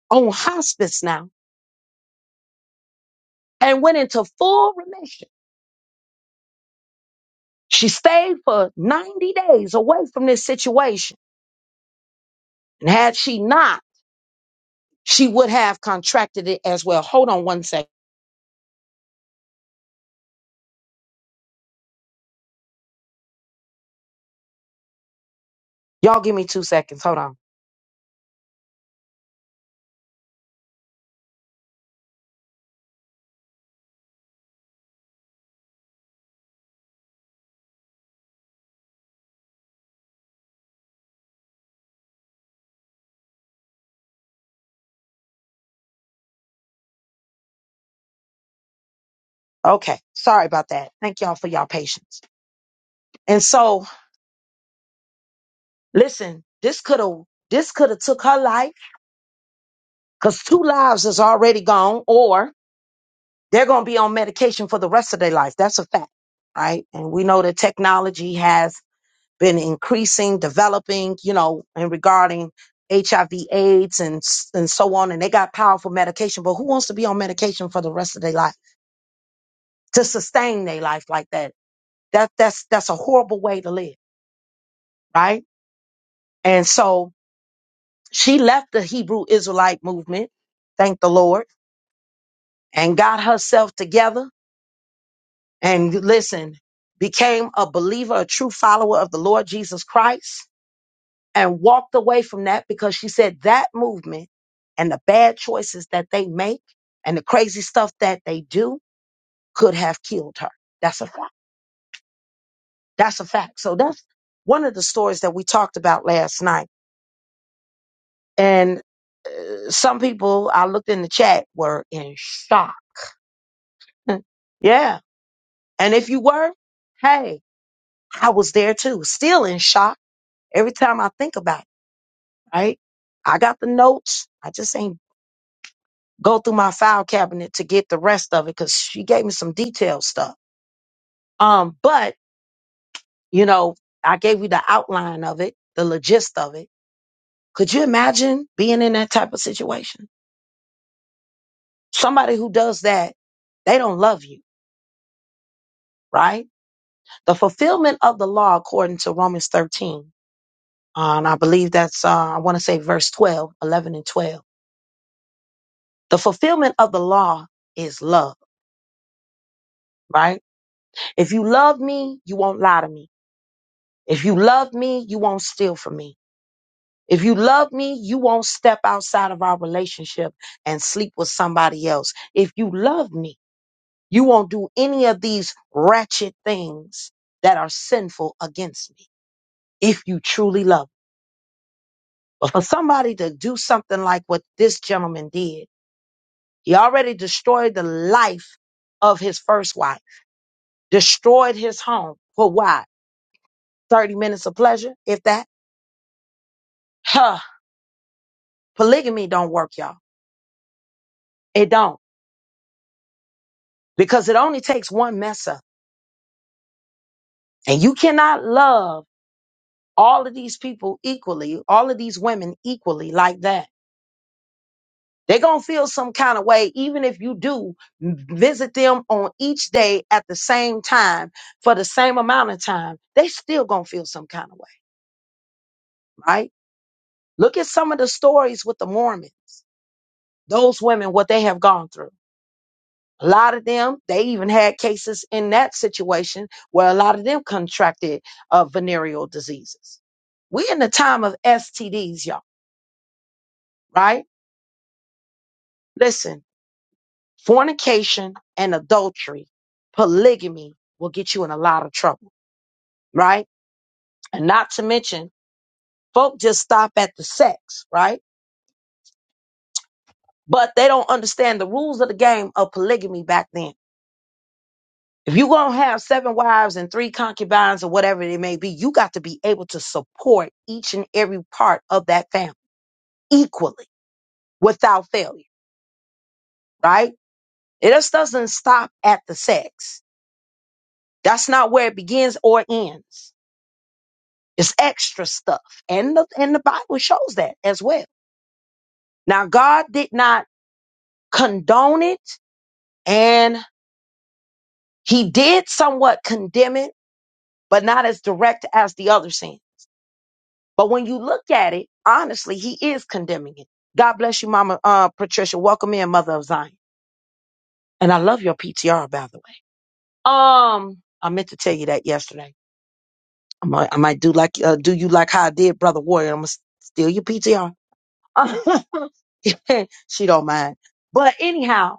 [SPEAKER 2] on hospice now, and went into full remission? She stayed for 90 days away from this situation. And had she not, she would have contracted it as well. Hold on one second. Y'all give me two seconds. Hold on. Okay. Sorry about that. Thank y'all for y'all patience. And so listen, this could have this could have took her life because two lives is already gone or They're going to be on medication for the rest of their life. That's a fact, right? And we know that technology has been increasing, developing, you know, and regarding HIV AIDS and s- and so on and they got powerful medication, but who wants to be on medication for the rest of their life to sustain their life like that? That that's that's a horrible way to live, right? And so she left the Hebrew Israelite movement, thank the Lord, and got herself together and listen, became a believer, a true follower of the Lord Jesus Christ, and walked away from that because she said that movement and the bad choices that they make and the crazy stuff that they do could have killed her. That's a fact. That's a fact. So that's one of the stories that we talked about last night. And some people I looked in the chat were in shock. yeah. And if you were, hey, I was there too, still in shock every time I think about it. right? I got the notes. I just ain't go through my file cabinet to get the rest of it because she gave me some detailed stuff. Um, but you know, I gave you the outline of it, the logist of it. Could you imagine being in that type of situation? Somebody who does that, they don't love you, right? The fulfillment of the law according to Romans 13, uh, and I believe that's, uh, I want to say verse 12, 11 and 12. The fulfillment of the law is love, right? If you love me, you won't lie to me. If you love me, you won't steal from me. If you love me, you won't step outside of our relationship and sleep with somebody else. If you love me, you won't do any of these ratchet things that are sinful against me. If you truly love me. But for somebody to do something like what this gentleman did, he already destroyed the life of his first wife, destroyed his home. For why? 30 minutes of pleasure, if that? Huh Polygamy don't work, y'all. It don't. Because it only takes one mess up. And you cannot love all of these people equally, all of these women equally like that. They're going to feel some kind of way, even if you do visit them on each day at the same time for the same amount of time. They still going to feel some kind of way, right? Look at some of the stories with the Mormon, those women, what they have gone through. A lot of them, they even had cases in that situation where a lot of them contracted uh, venereal diseases. We're in the time of STDs, y'all, right? Listen, fornication and adultery, polygamy will get you in a lot of trouble, right? And not to mention, folk just stop at the sex, right? But they don't understand the rules of the game of polygamy back then If you're going to have seven wives and three concubines or whatever it may be, you got to be able to support each and every part of that family equally without failure, right? It just doesn't stop at the sex. That's not where it begins or ends. It's extra stuff. And the, and the Bible shows that as well. Now, God did not condone it and he did somewhat condemn it, but not as direct as the other sin. But when you look at it, honestly, he is condemning it. God bless you, Mama uh, Patricia. Welcome in, Mother of Zion. And I love your PTR, by the way. Um, I meant to tell you that yesterday. I might, I might do like uh, do you like how I did, Brother Warrior? I'm gonna steal your PTR. she don't mind. But anyhow,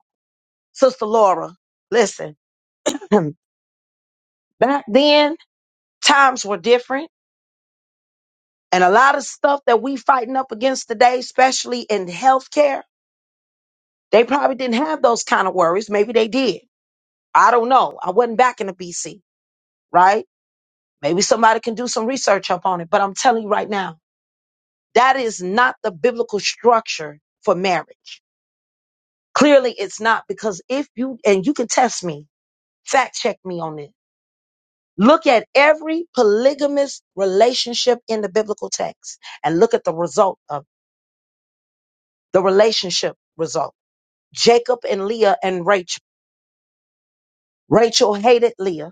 [SPEAKER 2] Sister Laura, listen. Back then, times were different, and a lot of stuff that we fighting up against today, especially in healthcare They probably didn't have those kind of worries. Maybe they did. I don't know. I wasn't back in the BC, right? Maybe somebody can do some research up on it. But I'm telling you right now, that is not the biblical structure for marriage. Clearly, it's not because if you, and you can test me, fact check me on this. Look at every polygamous relationship in the biblical text and look at the result of the relationship result. Jacob and Leah and Rachel. Rachel hated Leah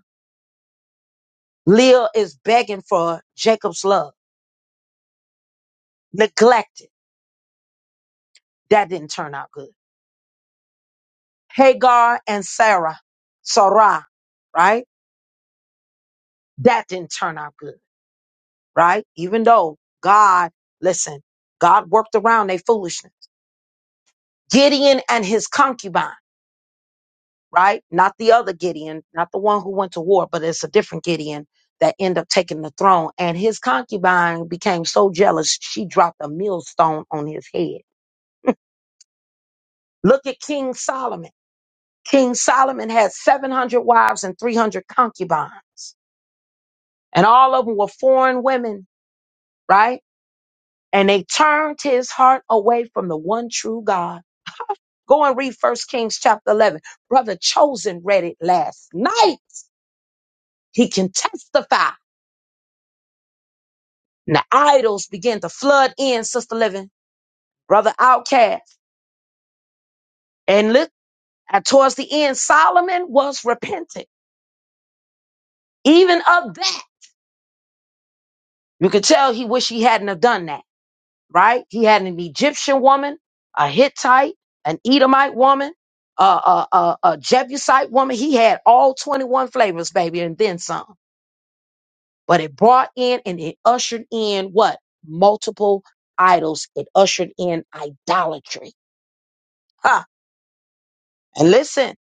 [SPEAKER 2] Leah is begging for Jacob's love, neglected. That didn't turn out good. Hagar and Sarah, Sarah, right? That didn't turn out good, right? Even though God, listen, God worked around their foolishness. Gideon and his concubine, right? Not the other Gideon, not the one who went to war, but it's a different Gideon that ended up taking the throne. And his concubine became so jealous, she dropped a millstone on his head. Look at King Solomon King Solomon had 700 wives and 300 concubines, and all of them were foreign women, right? And they turned his heart away from the one true God. Go and read First Kings chapter 11. Brother Chosen read it last night. He can testify. And the idols began to flood in, Sister Living, Brother Outcast. And look, at towards the end, Solomon was repentant. Even of that, you could tell he wished he hadn't have done that right? He had an Egyptian woman, a Hittite, an Edomite woman, a, a, a, a Jebusite woman. He had all 21 flavors, baby, and then some. But it brought in and it ushered in what? Multiple idols. It ushered in idolatry. Huh. And listen,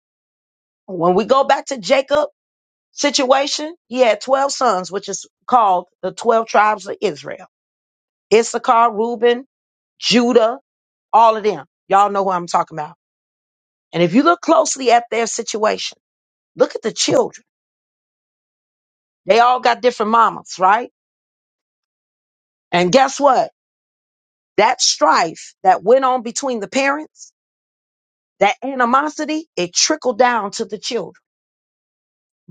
[SPEAKER 2] when we go back to Jacob situation, he had 12 sons, which is called the 12 tribes of Israel. Issachar, Reuben, Judah, all of them. Y'all know who I'm talking about And if you look closely at their situation, look at the children. They all got different mamas, right? And guess what? That strife that went on between the parents, that animosity, it trickled down to the children,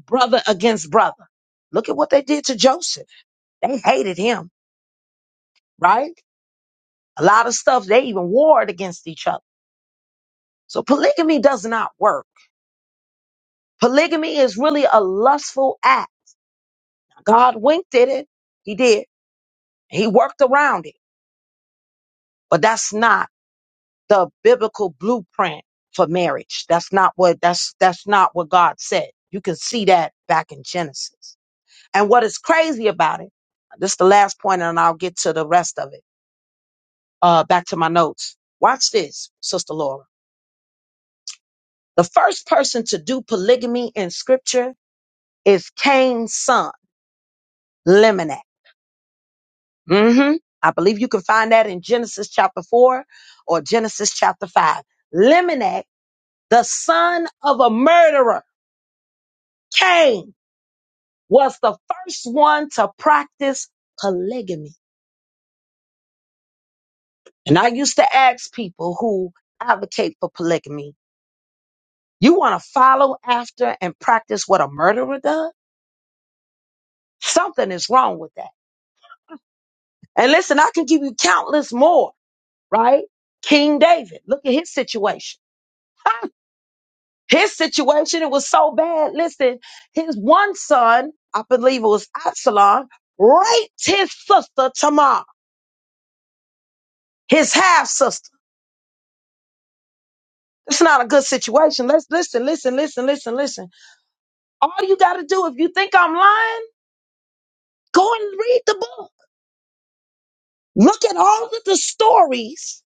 [SPEAKER 2] brother against brother. Look at what they did to Joseph. They hated him, right? A lot of stuff, they even warred against each other. So polygamy does not work. Polygamy is really a lustful act. God winked at it. He did. He worked around it. But that's not the biblical blueprint for marriage. That's not what that's that's not what God said. You can see that back in Genesis. And what is crazy about it, this is the last point, and I'll get to the rest of it. Uh back to my notes. Watch this, Sister Laura. The first person to do polygamy in scripture is Cain's son, Liminat. hmm I believe you can find that in Genesis chapter 4 or Genesis chapter 5. Liminat, the son of a murderer, Cain was the first one to practice polygamy. And I used to ask people who advocate for polygamy, you want to follow after and practice what a murderer does? Something is wrong with that. And listen, I can give you countless more, right? King David, look at his situation. His situation, it was so bad. Listen, his one son, I believe it was Absalom, raped his sister Tamar, his half sister. It's not a good situation. Let's listen, listen, listen, listen, listen. All you got to do if you think I'm lying, go and read the book. Look at all of the stories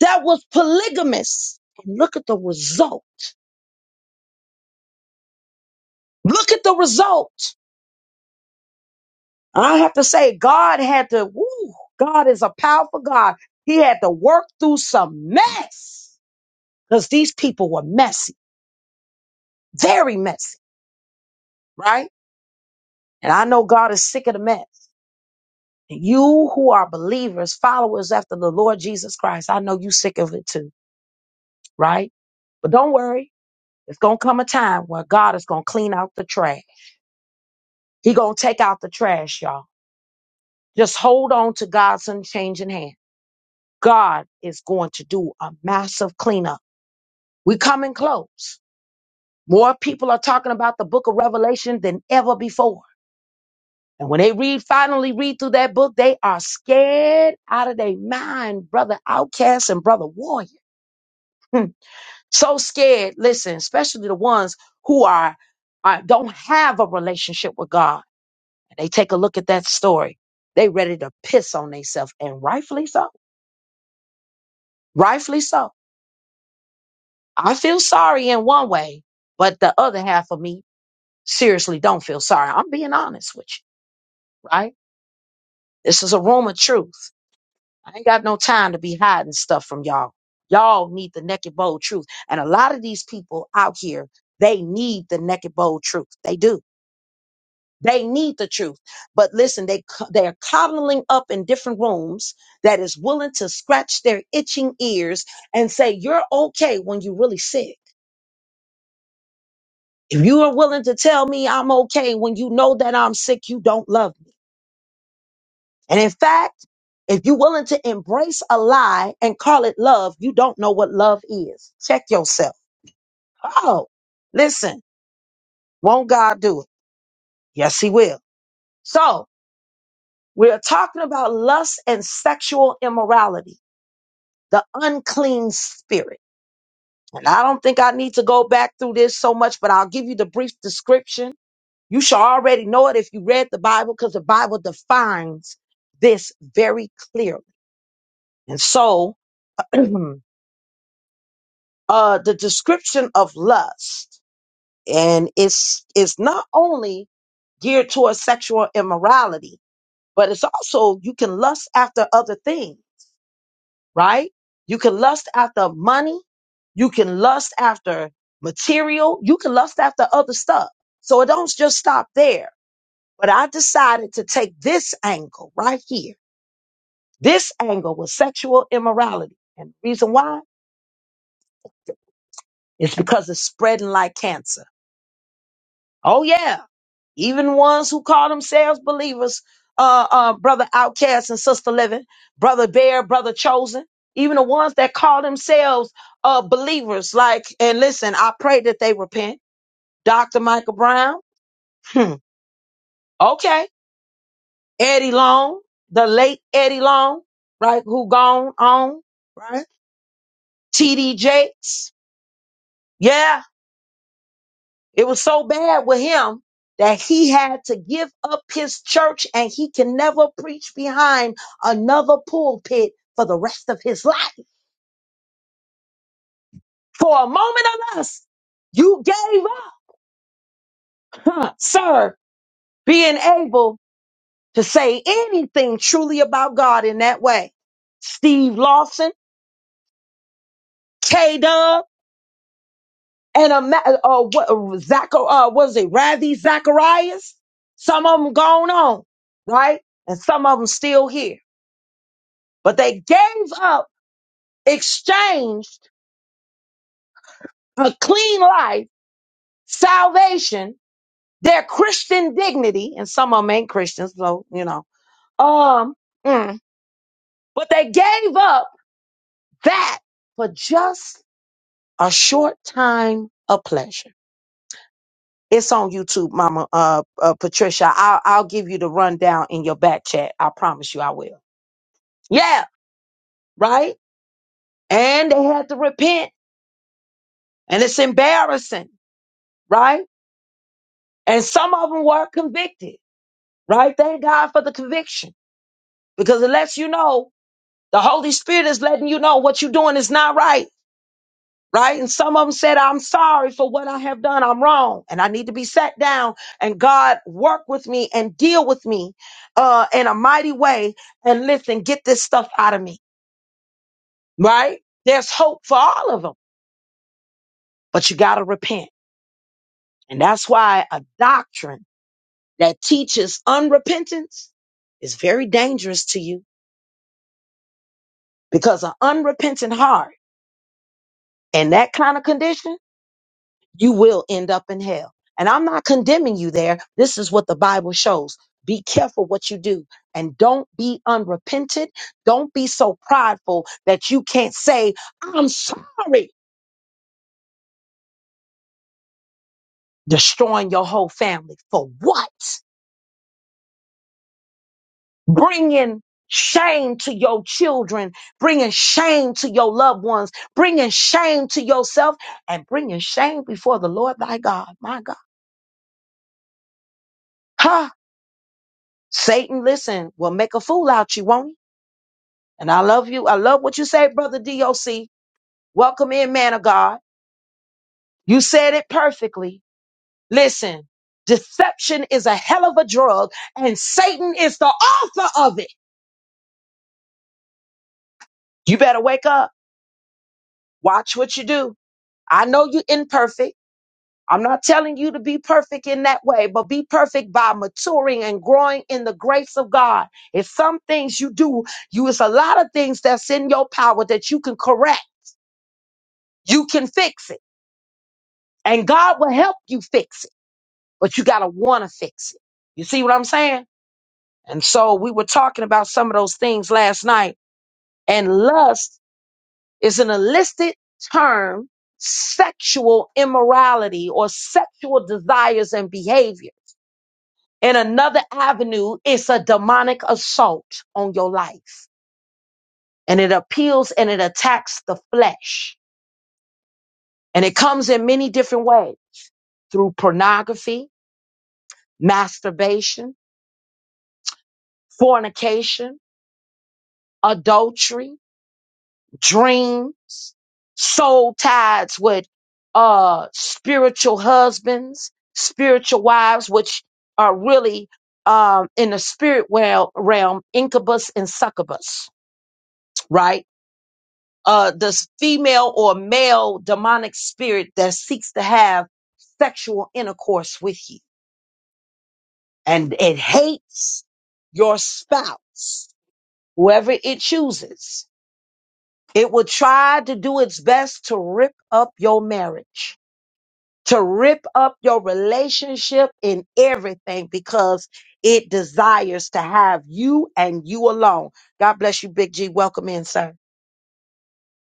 [SPEAKER 2] that was polygamous and look at the result. Look at the result. I have to say, God had to, woo, God is a powerful God. He had to work through some mess because these people were messy, very messy, right? And I know God is sick of the mess. You who are believers, followers after the Lord Jesus Christ, I know you sick of it too, right? But don't worry. It's going to come a time where God is going to clean out the trash. He going to take out the trash, y'all. Just hold on to God's unchanging hand. God is going to do a massive cleanup. we coming close. More people are talking about the book of Revelation than ever before. And when they read, finally read through that book, they are scared out of their mind, brother outcast and brother warrior. so scared listen especially the ones who are, are don't have a relationship with god they take a look at that story they ready to piss on themselves and rightfully so rightfully so i feel sorry in one way but the other half of me seriously don't feel sorry i'm being honest with you right this is a room of truth i ain't got no time to be hiding stuff from y'all y'all need the naked bold truth and a lot of these people out here they need the naked bold truth they do They need the truth. But listen, they c- they're coddling up in different rooms that is willing to scratch their itching ears and say, "You're okay when you're really sick." If you are willing to tell me I'm okay when you know that I'm sick, you don't love me. And in fact, if you're willing to embrace a lie and call it love, you don't know what love is. Check yourself. Oh, listen, won't God do it? Yes, He will. So we're talking about lust and sexual immorality. the unclean spirit. And I don't think I need to go back through this so much, but I'll give you the brief description. You shall already know it if you read the Bible, because the Bible defines this very clearly. And so, uh, the description of lust, and it's it's not only geared towards sexual immorality, but it's also you can lust after other things. right? You can lust after money. You can lust after material. You can lust after other stuff. So it don't just stop there. But I decided to take this angle right here. This angle was sexual immorality. And the reason why is because it's spreading like cancer. Oh yeah. even ones who call themselves believers, uh, uh, brother outcast and sister living, brother bear, brother chosen, even the ones that call themselves uh, believers. Like, and listen, I pray that they repent. Dr. Michael Brown, hmm, okay, Eddie Long, the late Eddie Long, right, who gone on, right? T.D. Jakes, yeah, It was so bad with him that he had to give up his church and he can never preach behind another pulpit for the rest of his life. For a moment or less, you gave up, huh, sir, being able to say anything truly about God in that way. Steve Lawson, K Dub, and a, ma- uh, what, uh, Zach, uh, what is it, Ravi Zacharias? Some of them gone on, right? And some of them still here. But they gave up, exchanged a clean life, salvation, their Christian dignity, and some of them ain't Christians, so you know. Um, mm. but they gave up that for just a short time of pleasure. It's on YouTube, Mama uh, uh, Patricia. I'll, I'll give you the rundown in your back chat. I promise you, I will. Yeah, right. And they had to repent, and it's embarrassing, right? And some of them were convicted right? Thank God for the conviction because it lets you know the Holy Spirit is letting you know what you're doing is not right, right? And some of them said, I'm sorry for what I have done. I'm wrong and I need to be sat down and God work with me and deal with me, uh, in a mighty way. And listen, get this stuff out of me, right? There's hope for all of them, but you got to repent. And that's why a doctrine that teaches unrepentance is very dangerous to you because an unrepentant heart in that kind of condition, you will end up in hell. And I'm not condemning you there. This is what the Bible shows. Be careful what you do and don't be unrepentant. Don't be so prideful that you can't say, I'm sorry, destroying your whole family. For what? Bringing shame to your children, bringing shame to your loved ones, bringing shame to yourself, and bringing shame before the Lord thy God. My God. Huh? Satan, listen, will make a fool out you, won't he? And I love you. I love what you say, brother DOC. Welcome in, man of God. You said it perfectly. Listen, deception is a hell of a drug, and Satan is the author of it. You better wake up. Watch what you do. I know you're imperfect. I'm not telling you to be perfect in that way, but be perfect by maturing and growing in the grace of God. It's some things you do, you it's a lot of things that's in your power that you can correct You can fix it. And God will help you fix it. But you got to want to fix it. You see what I'm saying? And so we were talking about some of those things last night. And lust is an illicit term, sexual immorality or sexual desires and behavior. In another avenue, it's a demonic assault on your life. And it appeals and it attacks the flesh. And it comes in many different ways through pornography, masturbation, fornication, adultery, dream, soul ties with uh spiritual husbands, spiritual wives, which are really um in the spirit wel- realm, incubus and succubus, right? Uh this female or male demonic spirit that seeks to have sexual intercourse with you and it hates your spouse, whoever it chooses It will try to do its best to rip up your marriage, to rip up your relationship in everything because it desires to have you and you alone. God bless you, Big G. Welcome in, sir.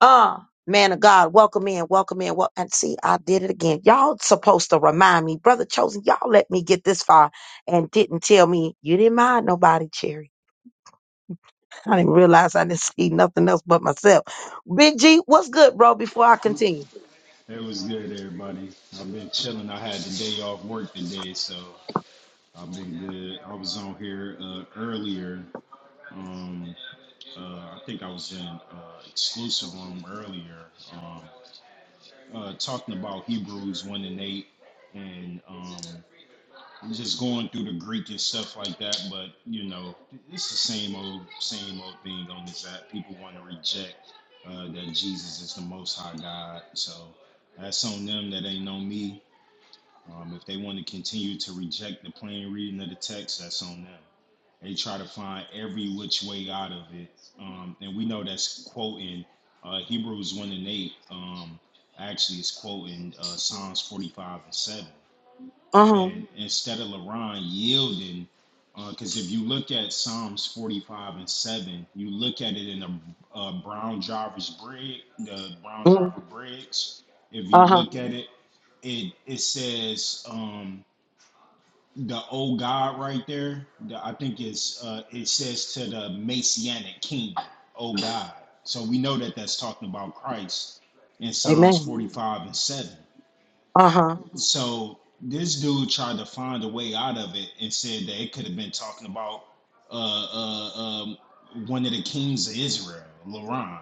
[SPEAKER 2] Ah, man of God, welcome in, welcome in. Well, and see, I did it again. Y'all supposed to remind me, brother chosen. Y'all let me get this far and didn't tell me you didn't mind nobody, Cherry. I didn't realize I didn't see nothing else but myself. Big G, what's good, bro? Before I continue.
[SPEAKER 3] It was good, everybody. I've been chilling. I had the day off work today, so I've been good. I was on here uh, earlier. Um, uh, I think I was in uh, exclusive room earlier, um, uh, talking about Hebrews one and eight, and um, just going through the Greek and stuff like that. But you know, it's the same old, same old thing on this app. People want to reject uh, that Jesus is the Most High God, so that's on them. That ain't on me. Um, if they want to continue to reject the plain reading of the text, that's on them. They try to find every which way out of it. Um, and we know that's quoting uh, Hebrews 1 and 8. Um, actually, it's quoting uh, Psalms 45 and 7.
[SPEAKER 2] Uh-huh.
[SPEAKER 3] And instead of LaRon yielding, because uh, if you look at Psalms 45 and 7, you look at it in the uh, Brown Jarvis Brig, the Brown
[SPEAKER 2] Mm,
[SPEAKER 3] Jarvis Briggs. If you
[SPEAKER 2] uh-huh.
[SPEAKER 3] look at it, it it says, um, the O God right there. the- I think it's uh, it says to the Messianic kingdom, O God. So we know that that's talking about Christ in Psalms
[SPEAKER 2] Amen.
[SPEAKER 3] 45 and 7.
[SPEAKER 2] Uh-huh.
[SPEAKER 3] So this dude tried to find a way out of it and said that it could have been talking about uh, uh, um, one of the kings of Israel, Laron,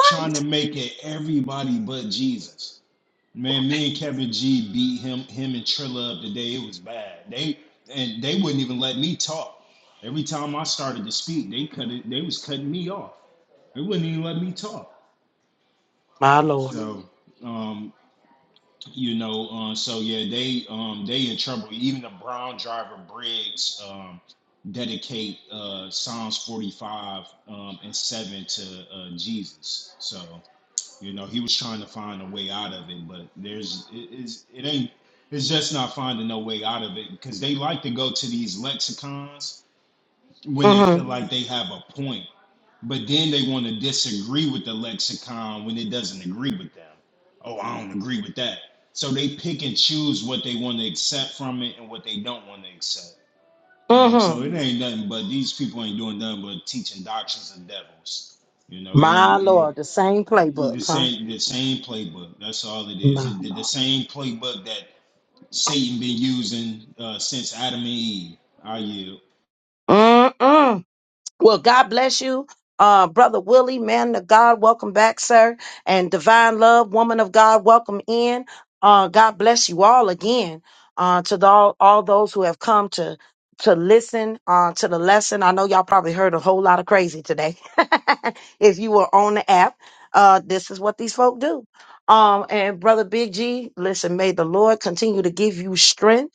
[SPEAKER 3] trying to make it everybody but Jesus. Man, me and Kevin G beat him him and Trilla up today. It was bad. They and they wouldn't even let me talk. Every time I started to speak, they cut it, they was cutting me off. They wouldn't even let me talk.
[SPEAKER 2] My Lord.
[SPEAKER 3] So um, you know, uh, so yeah, they um they in trouble. Even the Brown driver Briggs um dedicate uh Psalms 45 um and 7 to uh Jesus. So you know, he was trying to find a way out of it, but there's it, it's, it ain't it's just not finding no way out of it because they like to go to these lexicons when they
[SPEAKER 2] Mm-hmm.
[SPEAKER 3] feel like they have a point, but then they want to disagree with the lexicon when it doesn't agree with them. Oh, I don't agree with that. So they pick and choose what they want to accept from it and what they don't want to accept. You know what I'm saying?
[SPEAKER 2] Mm-hmm.
[SPEAKER 3] so it ain't nothing but these people ain't doing nothing but teaching doctrines of devils. You know, it
[SPEAKER 2] My
[SPEAKER 3] ain't
[SPEAKER 2] Lord. The same
[SPEAKER 3] the
[SPEAKER 2] playbook, huh?
[SPEAKER 3] same the same playbook. That's all it is.
[SPEAKER 2] My.
[SPEAKER 3] It, the, the same playbook that Satan been using uh, since Adam and Eve. I yield.
[SPEAKER 2] Mm-mm. Well, God bless you. Uh, Brother Willie, man of God, welcome back, sir. And Divine Love, woman of God, welcome in. Uh, God bless you all again. Uh, to the, all, all those who have come to to listen uh, to the lesson. I know y'all probably heard a whole lot of crazy today. if you were on the app, uh, this is what these folk do. Um, and Brother Big G, listen, may the Lord continue to give you strength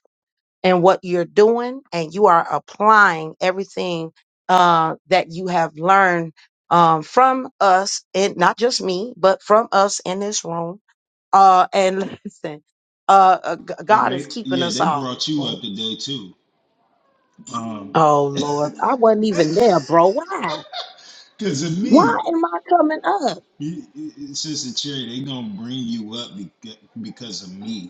[SPEAKER 2] and what you're doing and you are applying everything uh, that you have learned um, from us and not just me but from us in this room uh, and listen uh, uh, G-
[SPEAKER 3] Oh,
[SPEAKER 2] god is
[SPEAKER 3] they
[SPEAKER 2] keeping
[SPEAKER 3] Yeah,
[SPEAKER 2] us
[SPEAKER 3] they
[SPEAKER 2] all
[SPEAKER 3] brought you up
[SPEAKER 2] oh
[SPEAKER 3] today too. um,
[SPEAKER 2] oh, lord i wasn't even there bro why
[SPEAKER 3] cause of
[SPEAKER 2] why
[SPEAKER 3] me.
[SPEAKER 2] am i coming up
[SPEAKER 3] You- you- Sister Cherry, they gonna bring you up beca- because of me.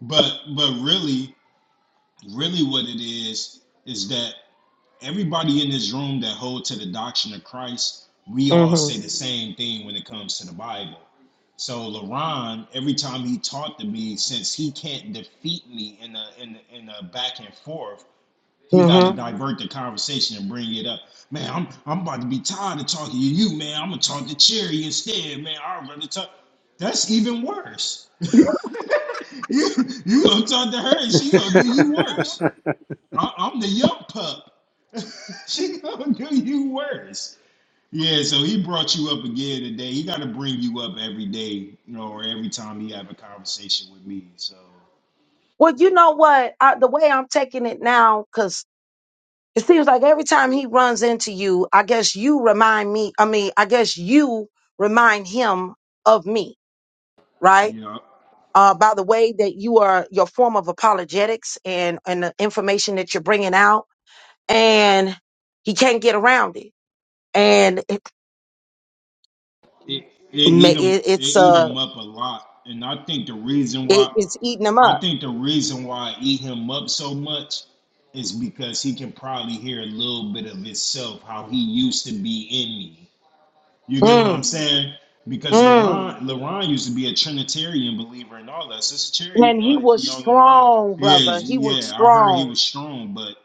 [SPEAKER 3] But but really, really, what it is is that everybody in this room that hold to the doctrine of Christ, we all
[SPEAKER 2] hmm
[SPEAKER 3] say the same thing when it comes to the Bible. So LeBron, every time he talked to me, since he can't defeat me in a in a, in a back and forth, he got to
[SPEAKER 2] hmm
[SPEAKER 3] divert the conversation and bring it up. Man, I'm I'm about to be tired of talking to you, man. I'm gonna talk to Cherry instead, man. I'd rather talk. That's even worse. You you gonna talk to her and she gonna do you worse. I, I'm the young pup. She gonna do you worse. Yeah, so he brought you up again today. He got to bring you up every day, you know, or every time he have a conversation with me. So,
[SPEAKER 2] well you know what I, the way i'm taking it now, 'cause. It seems like every time he runs into you, I guess you remind me, I mean, I guess you remind him of me, right?
[SPEAKER 3] you know,
[SPEAKER 2] Uh, by the way that you are your form of apologetics and, and the information that you're bringing out and he can't get around it. And it,
[SPEAKER 3] it, it
[SPEAKER 2] ma-
[SPEAKER 3] eat him
[SPEAKER 2] it,
[SPEAKER 3] it
[SPEAKER 2] it's,
[SPEAKER 3] eat
[SPEAKER 2] uh,
[SPEAKER 3] him up a lot. And I think the reason
[SPEAKER 2] it,
[SPEAKER 3] why
[SPEAKER 2] it's eating him
[SPEAKER 3] I
[SPEAKER 2] up.
[SPEAKER 3] think the reason why I eat him up so much is because he can probably hear a little bit of himself, how he used to be in me. You get what I'm
[SPEAKER 2] Mm,
[SPEAKER 3] saying? Because
[SPEAKER 2] mm.
[SPEAKER 3] LaRon, LaRon used to be a Trinitarian believer and all that. Sister Cherry,
[SPEAKER 2] And he
[SPEAKER 3] uh, you
[SPEAKER 2] was
[SPEAKER 3] know LaRon?
[SPEAKER 2] strong,
[SPEAKER 3] Yeah,
[SPEAKER 2] brother. He was
[SPEAKER 3] yeah, I heard he
[SPEAKER 2] strong.
[SPEAKER 3] was strong, but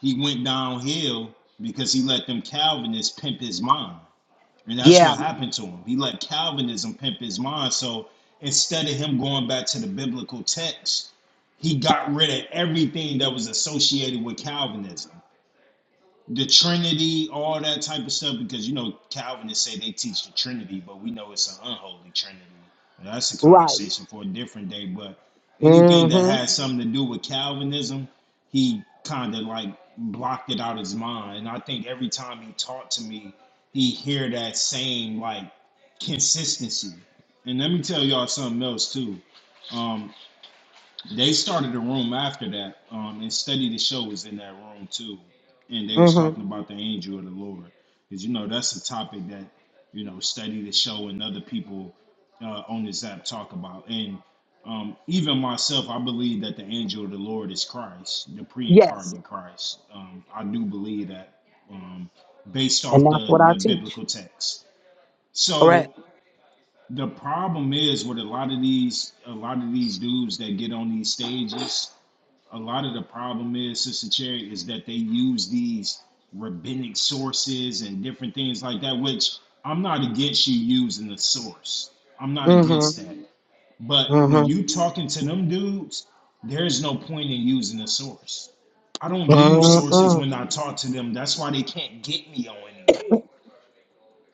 [SPEAKER 3] he went downhill because he let them Calvinists pimp his mind. And that's
[SPEAKER 2] Yeah,
[SPEAKER 3] what happened to him. He let Calvinism pimp his mind. So instead of him going back to the biblical text, he got rid of everything that was associated with Calvinism the Trinity, all that type of stuff, because you know Calvinists say they teach the Trinity, but we know it's an unholy Trinity. And that's a
[SPEAKER 2] right.
[SPEAKER 3] conversation for a different day. But anything that
[SPEAKER 2] Mm-hmm.
[SPEAKER 3] has something to do with Calvinism, he kind of like blocked it out of his mind. And I think every time he talked to me, he hear that same like consistency. And let me tell y'all something else too. Um, they started a room after that, um, and Study the Show was in that room too, and they was
[SPEAKER 2] Mm-hmm.
[SPEAKER 3] talking about the angel of the Lord, because you know that's a topic that you know Study the Show and other people uh, on this app talk about, and um, even myself, I believe that the angel of the Lord is Christ, the
[SPEAKER 2] Yes.
[SPEAKER 3] pre-incarnate Christ. Um, I do believe that um, based
[SPEAKER 2] And
[SPEAKER 3] off
[SPEAKER 2] that's
[SPEAKER 3] the
[SPEAKER 2] what I
[SPEAKER 3] the
[SPEAKER 2] teach.
[SPEAKER 3] biblical text.
[SPEAKER 2] Correct.
[SPEAKER 3] So the problem is with a lot of these a lot of these dudes that get on these stages a lot of the problem is, Sister Cherry, is that they use these rabbinic sources and different things like that, which I'm not against you using the source. I'm not
[SPEAKER 2] Mm-hmm.
[SPEAKER 3] against that. But when
[SPEAKER 2] Mm-hmm.
[SPEAKER 3] you talking to them dudes, there's no point in using the source. I don't use sources
[SPEAKER 2] Mm-hmm.
[SPEAKER 3] when I talk to them. That's why they can't get me on anything.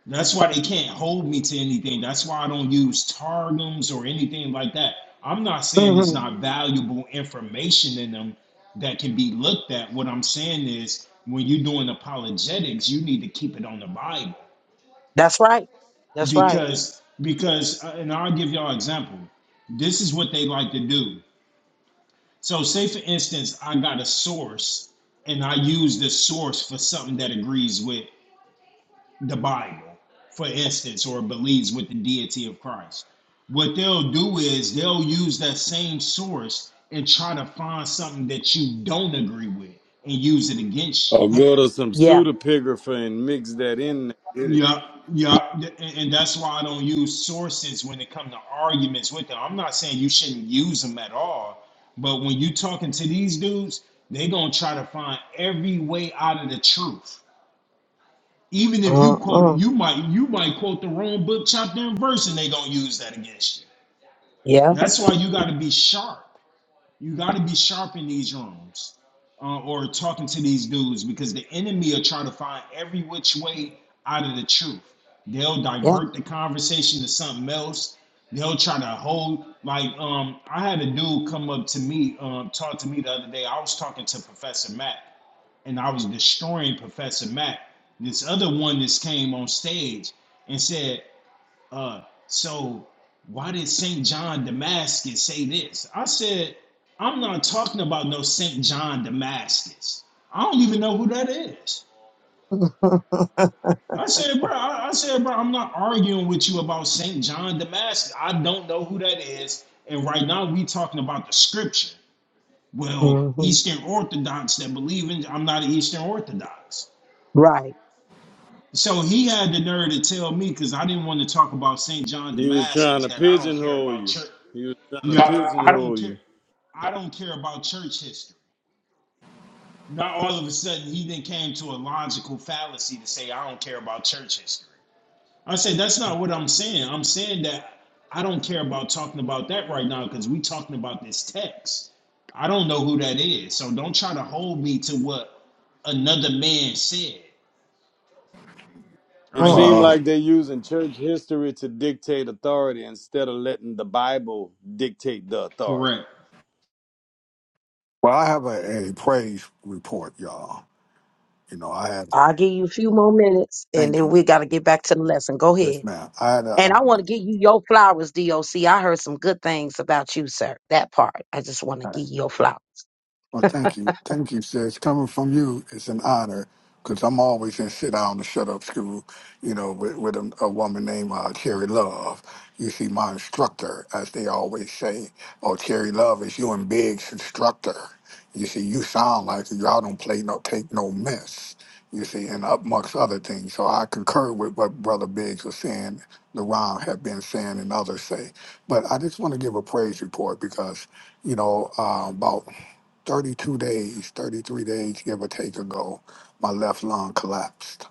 [SPEAKER 3] That's why they can't hold me to anything. That's why I don't use targums or anything like that. I'm not saying there's
[SPEAKER 2] Mm-hmm.
[SPEAKER 3] not valuable information in them that can be looked at. What I'm saying is when you're doing apologetics, you need to keep it on the Bible
[SPEAKER 2] That's right. That's right.
[SPEAKER 3] because because uh, and I'll give y'all an example. This is what they like to do. So say for instance, I got a source and I use the source for something that agrees with the Bible, for instance, or believes with the deity of Christ, what they'll do is they'll use that same source and try to find something that you don't agree with and use it against
[SPEAKER 4] Or go to some
[SPEAKER 2] Yeah.
[SPEAKER 4] pseudopigrapher and mix that in there with it.
[SPEAKER 3] you. Yeah, yeah, and and that's why I don't use sources when it comes to arguments with them. I'm not saying you shouldn't use them at all, but when you talking to these dudes, they gonna try to find every way out of the truth Even if you quote,
[SPEAKER 2] Mm-hmm.
[SPEAKER 3] you might you might quote the wrong book, chapter, and verse, and they gonna use that against you.
[SPEAKER 2] Yeah.
[SPEAKER 3] That's why you got to be sharp. You got to be sharp in these rooms uh, or talking to these dudes because the enemy will try to find every which way out of the truth. They'll
[SPEAKER 2] Yeah.
[SPEAKER 3] divert the conversation to something else. They'll try to hold like um I had a dude come up to me, um, talk to me the other day. I was talking to Professor Matt and I was destroying Professor Mac. This other one that's came on stage and said, uh, so why did St. John Damascus say this? I said, I'm not talking about no St. John Damascus. I don't even know who that is. I said, bro, I, I said, bro, I'm not arguing with you about St. John Damascus. I don't know who that is. And right now we talking about the scripture. Well,
[SPEAKER 2] mm-hmm.
[SPEAKER 3] Eastern Orthodox that believe in, I'm not an Eastern Orthodox.
[SPEAKER 2] Right.
[SPEAKER 3] So he had the nerve to tell me because I didn't want to talk about St. John
[SPEAKER 4] He was trying
[SPEAKER 3] Damascus
[SPEAKER 4] to
[SPEAKER 3] that I don't care
[SPEAKER 4] pigeonhole
[SPEAKER 3] about
[SPEAKER 4] you.
[SPEAKER 3] church.
[SPEAKER 4] He was trying to
[SPEAKER 3] Yeah, I don't
[SPEAKER 4] pigeonhole
[SPEAKER 3] care.
[SPEAKER 4] you.
[SPEAKER 3] I don't care about church history. Now all of a sudden he then came to a logical fallacy to say I don't care about church history. I said that's not what I'm saying. I'm saying that I don't care about talking about that right now because we talking about this text. I don't know who that is, so don't try to hold me to what another man said.
[SPEAKER 4] It
[SPEAKER 3] I
[SPEAKER 2] Mm.
[SPEAKER 4] seemed
[SPEAKER 5] Well,
[SPEAKER 3] yield.
[SPEAKER 5] I-
[SPEAKER 4] like they're using church history to dictate authority instead of letting the Bible dictate the authority.
[SPEAKER 3] Correct.
[SPEAKER 5] well, I have a, a praise report, y'all. You know, I had
[SPEAKER 2] I'll give you a few more minutes and
[SPEAKER 5] thank
[SPEAKER 2] then
[SPEAKER 5] you
[SPEAKER 2] we gotta get back to the lesson. Go
[SPEAKER 5] just
[SPEAKER 2] ahead.
[SPEAKER 5] now. I had a,
[SPEAKER 2] And I want to give you your flowers, DOC. I heard some good things about you, sir. That part. I just want to
[SPEAKER 5] um,
[SPEAKER 2] give you your flowers.
[SPEAKER 5] Well, thank you. Thank you, sis. Coming from you is an honor because I'm always in sit down and shut up school, you know, with, with a, a woman named uh, Cherry Love. You see, my instructor, as they always say, oh, Cherry Love is you and Big's instructor. You see, you sound like y'all don't play no take no mess. You see, and amongst other things. So I concur with what Brother Biggs was saying, LaRon have been saying, and others say. But I just want to give a praise report because, you know, uh, about 32 days, 33 days, give or take ago, my left lung collapsed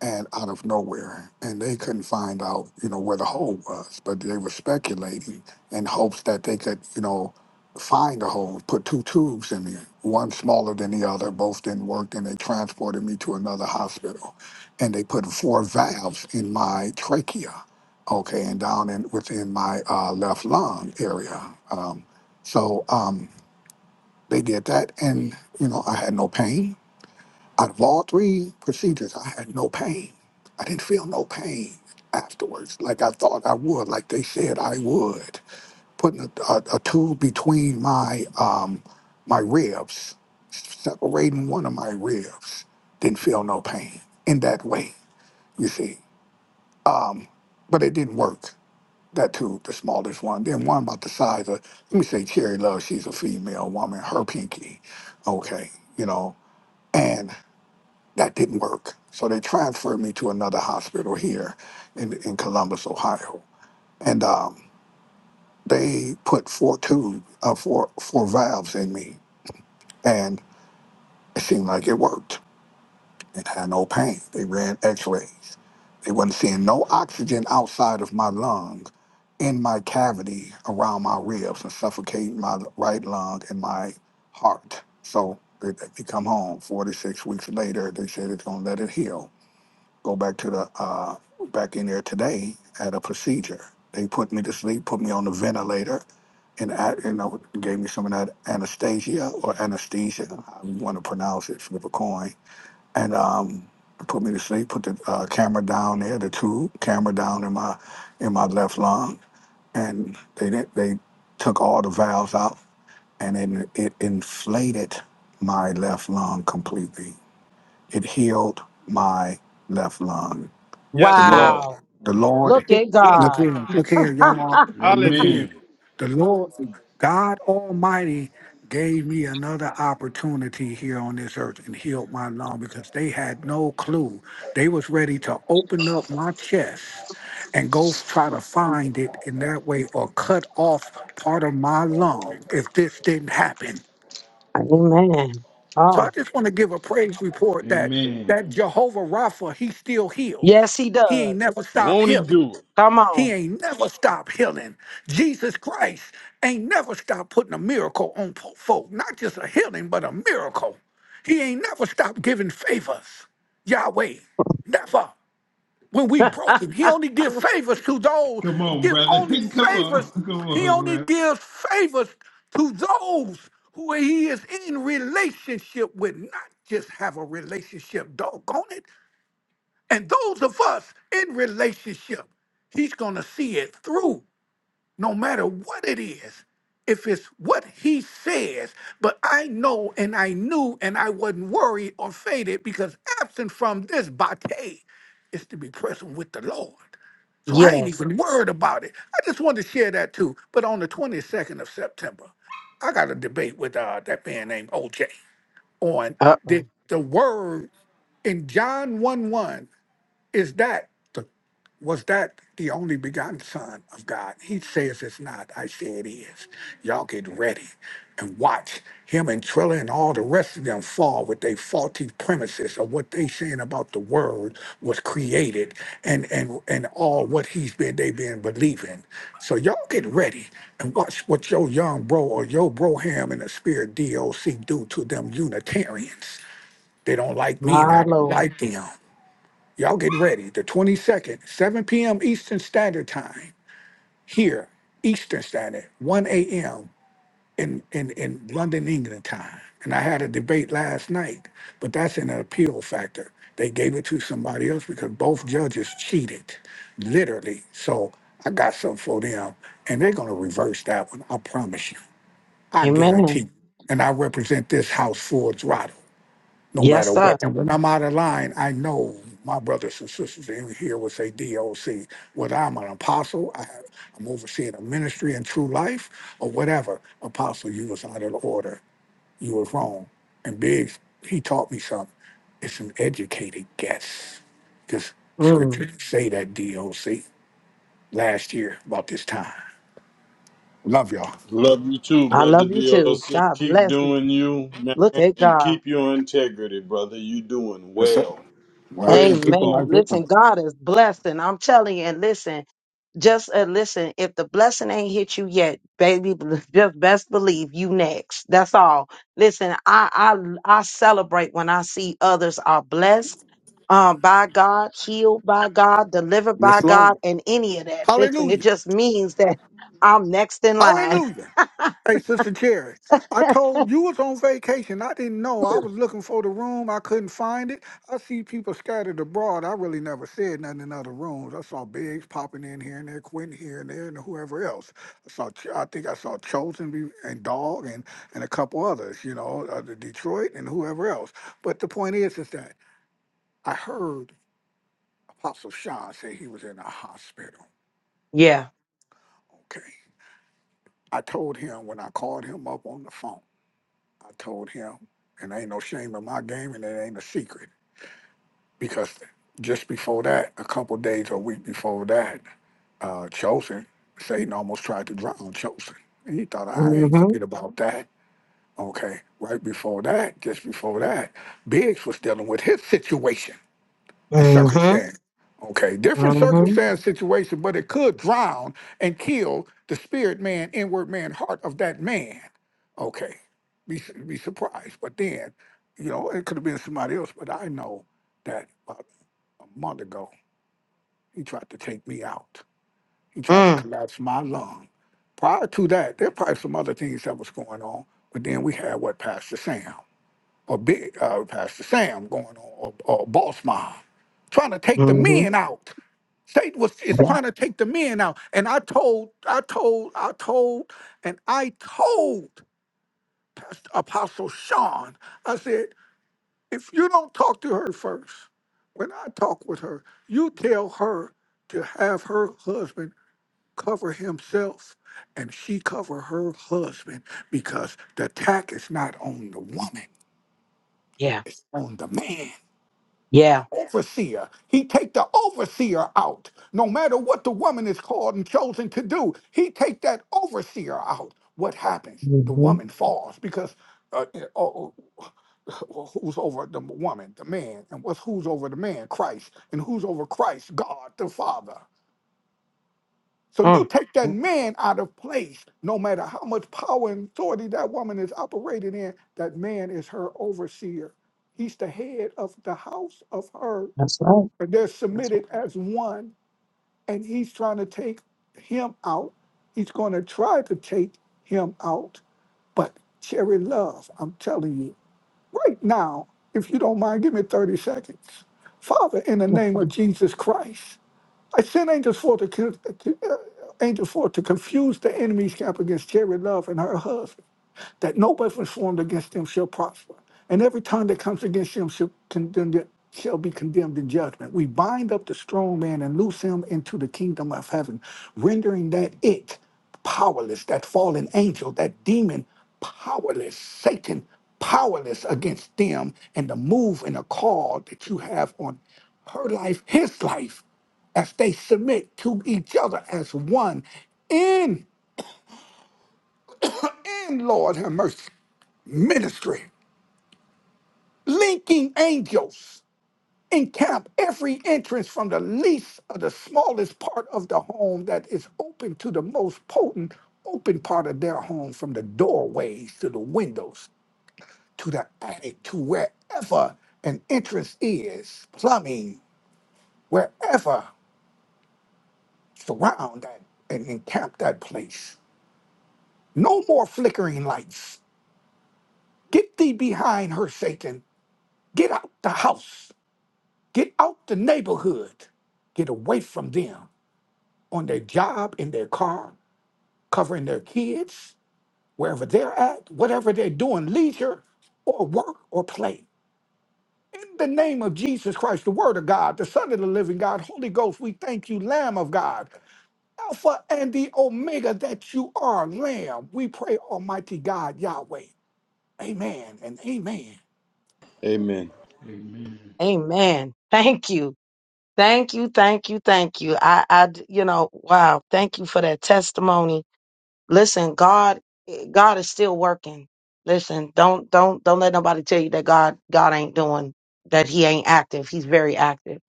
[SPEAKER 5] and out of nowhere. And they couldn't find out, you know, where the hole was, but they were speculating in hopes that they could, you know, find a hole, put two tubes in me, one smaller than the other, both didn't work, and they transported me to another hospital. And they put four valves in my trachea, okay, and down in within my uh, left lung area. Um, so, um, they did that, and you know, I had no pain. Out of all three procedures, I had no pain. I didn't feel no pain afterwards, like I thought I would, like they said I would. Putting a, a, a tube between my um, my ribs, separating one of my ribs, didn't feel no pain in that way. You see, um, but it didn't work that too, the smallest one. Then one about the size of, let me say Cherry Love, she's a female woman, her pinky. Okay, you know, and that didn't work. So they transferred me to another hospital here in, in Columbus, Ohio. And um, they put four tube, uh, four, four valves in me, and it seemed like it worked and had no pain. They ran x-rays. They wasn't seeing no oxygen outside of my lung in my cavity around my ribs and suffocating my right lung and my heart. So they, they come home four to six weeks later. They said it's gonna let it heal. Go back to the uh, back in there today at a procedure. They put me to sleep, put me on the ventilator, and I, you know gave me some of that anesthesia or anesthesia, I want to pronounce it, flip a coin and um, put me to sleep. Put the uh, camera down there, the tube camera down in my in my left lung, and they did, they took all the valves out, and it, it inflated my left lung completely. It healed my left lung the
[SPEAKER 4] Yes,
[SPEAKER 5] Lord,
[SPEAKER 4] Lord.
[SPEAKER 2] Wow.
[SPEAKER 5] the
[SPEAKER 2] Look
[SPEAKER 5] Lord,
[SPEAKER 2] at
[SPEAKER 4] Yes.
[SPEAKER 5] look
[SPEAKER 2] God.
[SPEAKER 5] here, look here,
[SPEAKER 2] Ah,
[SPEAKER 5] y'all, look here.
[SPEAKER 3] Amen.
[SPEAKER 4] Hallelujah.
[SPEAKER 5] The Lord, God Almighty gave me another opportunity here on this earth and healed my lung because they had no clue. They was ready to open up my chest and go f- try to find it in that way or cut off part of my lung if this didn't happen.
[SPEAKER 2] amen.
[SPEAKER 5] So I
[SPEAKER 2] Oh.
[SPEAKER 5] just want to give a praise report that
[SPEAKER 3] Amen.
[SPEAKER 5] that Jehovah Rapha, he still heals.
[SPEAKER 2] Yes, he
[SPEAKER 5] He ain't
[SPEAKER 2] does.
[SPEAKER 5] never stopped
[SPEAKER 4] Won't he
[SPEAKER 5] healing.
[SPEAKER 4] do it?
[SPEAKER 2] Come on.
[SPEAKER 5] He ain't never stopped healing. Jesus Christ ain't never stopped putting a miracle on po- folk. Not just a healing, but a miracle. He ain't never stopped giving favors. Yahweh, never. When we broken, he only give favors to those.
[SPEAKER 3] Come on,
[SPEAKER 5] Give
[SPEAKER 3] brother.
[SPEAKER 5] only
[SPEAKER 3] Come on.
[SPEAKER 5] favors.
[SPEAKER 3] Come
[SPEAKER 5] He
[SPEAKER 3] on,
[SPEAKER 5] only
[SPEAKER 3] brother.
[SPEAKER 5] gives favors to those who he is in relationship with, not just have a relationship. Doggone it. And those of us in relationship, he's going to see it through no matter what it is, if it's what he says, but I know and I knew and I wasn't worried or faded because absent from this bate is to be present with the Lord. So I ain't
[SPEAKER 2] Yes.
[SPEAKER 5] even worried about it. I just wanted to share that too. But on the 22nd of September, I got a debate with uh, that man named OJ on
[SPEAKER 2] Uh
[SPEAKER 5] the,
[SPEAKER 2] oh.
[SPEAKER 5] the word in John one one. Is that the was that the only begotten Son of God? He says it's not. I say it is. Y'all get ready and watch him and Trilla and all the rest of them fall with their faulty premises of what they saying about the word was created and and and all what he's been they been believing. So y'all get ready and watch what your young bro or your bro ham and the spirit DOC do to them Unitarians. They don't like me and
[SPEAKER 2] My
[SPEAKER 5] I don't
[SPEAKER 2] Lord.
[SPEAKER 5] like them. Y'all get ready. The 22nd, 7 p.m. Eastern Standard Time here, Eastern Standard, 1 a.m. In, in, in London, England time. And I had a debate last night, but that's an appeal factor. They gave it to somebody else because both judges cheated, literally. So I got something for them, and they're going to reverse that one. I promise you. I guarantee
[SPEAKER 2] Amen.
[SPEAKER 5] you. And I represent this house full throttle no
[SPEAKER 2] Yes,
[SPEAKER 5] matter
[SPEAKER 2] sir.
[SPEAKER 5] what. And when I'm out of line, I know my brothers and sisters in here will say DOC, whether I'm an apostle, I, I'm overseeing a ministry and true life, or whatever. Apostle, you was out of order. You was wrong. And Biggs, he taught me something. It's an educated guess. Because
[SPEAKER 2] Mm.
[SPEAKER 5] scripture didn't say that DOC last year about this time. Love y'all.
[SPEAKER 4] Love you too,
[SPEAKER 2] I
[SPEAKER 4] brother
[SPEAKER 2] love you
[SPEAKER 4] Doc,
[SPEAKER 2] too. God
[SPEAKER 4] Keep
[SPEAKER 2] bless you.
[SPEAKER 4] doing you,
[SPEAKER 2] Look
[SPEAKER 4] man,
[SPEAKER 2] at
[SPEAKER 4] and
[SPEAKER 2] God.
[SPEAKER 4] keep your integrity, brother. You doing
[SPEAKER 5] Yes, sir.
[SPEAKER 4] well.
[SPEAKER 5] Well, I got
[SPEAKER 4] Praise the
[SPEAKER 5] people
[SPEAKER 2] Amen.
[SPEAKER 4] Lord.
[SPEAKER 5] like that.
[SPEAKER 2] Listen, God is blessing. I'm telling you, and listen, just uh, listen. If the blessing ain't hit you yet, baby, just best believe you next. That's all. Listen, I I I celebrate when I see others are blessed um, by God, healed by God, delivered
[SPEAKER 5] Yes,
[SPEAKER 2] by
[SPEAKER 5] Lord.
[SPEAKER 2] God, and any of that. Listen, it
[SPEAKER 5] Hallelujah.
[SPEAKER 2] just means that I'm next in line.
[SPEAKER 5] Hallelujah. Hey, Sister Cherry, I told you was on vacation. I didn't know. I was looking for the room. I couldn't find it. I see people scattered abroad. I really never said nothing in other rooms. I saw Biggs popping in here and there, Quentin here and there, and whoever else. I saw. Ch- I think I saw Chosen be- and Dog and and a couple others. You know, uh, the Detroit and whoever else. But the point is, is that I heard Apostle Sean say he was in a hospital.
[SPEAKER 2] Yeah.
[SPEAKER 5] Okay, I told him when I called him up on the phone. I told him, and ain't no shame in my game, and it ain't a secret because just before that, a couple days or a week before that, uh, Chosen, Satan almost tried to drown Chosen. And he thought, I ain't
[SPEAKER 2] Mhm.
[SPEAKER 5] forget about that. Okay, right before that, just before that, Biggs was dealing with his situation and
[SPEAKER 2] Mhm.
[SPEAKER 5] circumstance. Okay, different
[SPEAKER 2] Mhm.
[SPEAKER 5] circumstance, situation, but it could drown and kill the spirit man, inward man, heart of that man. Okay, be be surprised, but then, you know, it could have been somebody else. But I know that about a month ago, he tried to take me out. He tried to
[SPEAKER 2] Mm.
[SPEAKER 5] collapse my lung. Prior to that, there probably some other things that was going on. But then we had what Pastor Sam or Big uh, Pastor Sam going on or, or Boss Mom trying to take the
[SPEAKER 2] Mhm.
[SPEAKER 5] men out Satan was is
[SPEAKER 2] Yeah.
[SPEAKER 5] trying to take the men out. And I told, I told, I told, and I told Pastor Apostle Sean, I said, if you don't talk to her first, when I talk with her, you tell her to have her husband cover himself and she cover her husband because the attack is not on the woman,
[SPEAKER 2] Yeah.
[SPEAKER 5] it's on the man.
[SPEAKER 2] Yeah.
[SPEAKER 5] overseer. He take the overseer out. No matter what the woman is called and chosen to do, he take that overseer out. What happens? The
[SPEAKER 2] Mhm.
[SPEAKER 5] woman falls because uh, uh, oh, oh, well, who's over the woman? The man. And what's who's over the man? Christ. And who's over Christ? God the Father. So
[SPEAKER 2] Mm.
[SPEAKER 5] you take that man out of place, no matter how much power and authority that woman is operating in, that man is her overseer. He's the head of the house of her
[SPEAKER 2] That's right.
[SPEAKER 5] but they're
[SPEAKER 2] That's
[SPEAKER 5] submitted as one, and he's trying to take him out. He's going to try to take him out. But Cherry Love, I'm telling you, right now, if you don't mind, give me 30 seconds. Father, in the
[SPEAKER 2] right.
[SPEAKER 5] name of Jesus Christ, I sent angels forth to, con- to uh, angels forth to confuse the enemy's camp against Terry Love and her husband, that no weapons formed against them shall prosper, and every tongue that comes against them shall condemn shall be condemned in judgment. We bind up the strong man and loose him into the kingdom of heaven, rendering that it powerless, that fallen angel, that demon powerless, Satan powerless against them and the move and the call that you have on her life, his life as they submit to each other as one in, in Lord have mercy ministry, linking angels encamp every entrance from the least of the smallest part of the home that is open to the most potent open part of their home from the doorways to the windows to the attic to wherever an entrance is plumbing wherever surround that and encamp that place no more flickering lights Get thee behind her, Satan. Get out the house. Get out the neighborhood. Get away from them on their job, in their car, covering their kids, wherever they're at, whatever they're doing, leisure or work or play. In the name of Jesus Christ, the Word of God, the Son of the living God, Holy Ghost, we thank you, Lamb of God, Alpha and the Omega, that you are Lamb. We pray, Almighty God, Yahweh. Amen and amen.
[SPEAKER 4] Amen.
[SPEAKER 3] Amen.
[SPEAKER 2] Amen. Thank you. Thank you, thank you, thank you. I, I, d- you know, wow. Thank you for that testimony. Listen, God, God is still working. Listen, don't, don't, don't let nobody tell you that God, God ain't doing that. He ain't active. He's very active.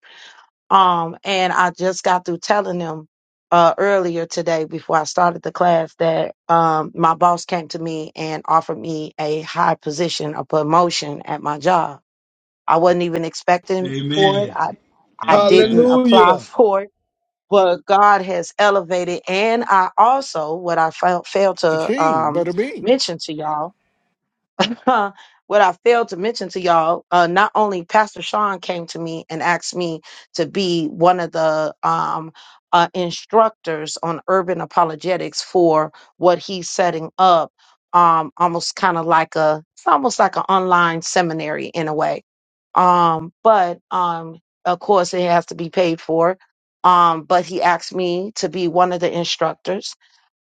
[SPEAKER 2] Um, and I just got through telling them uh, earlier today before I started the class that um, my boss came to me and offered me a high position, a promotion at my job. I wasn't even expecting for it.
[SPEAKER 3] Amen.
[SPEAKER 2] I, I
[SPEAKER 3] Thank
[SPEAKER 2] didn't
[SPEAKER 3] God.
[SPEAKER 2] apply
[SPEAKER 4] Hallelujah.
[SPEAKER 2] for it but God has elevated, and I also what I fail, failed to
[SPEAKER 5] Cha-ching,
[SPEAKER 2] um,
[SPEAKER 5] bada bing.
[SPEAKER 2] mention to y'all Huh. what I failed to mention to y'all, uh, not only Pastor Sean came to me and asked me to be one of the um, uh, instructors on urban apologetics for what he's setting up, um, almost kind of like a, it's almost like an online seminary in a way. Um, but um, of course, it has to be paid for. Um, but he asked me to be one of the instructors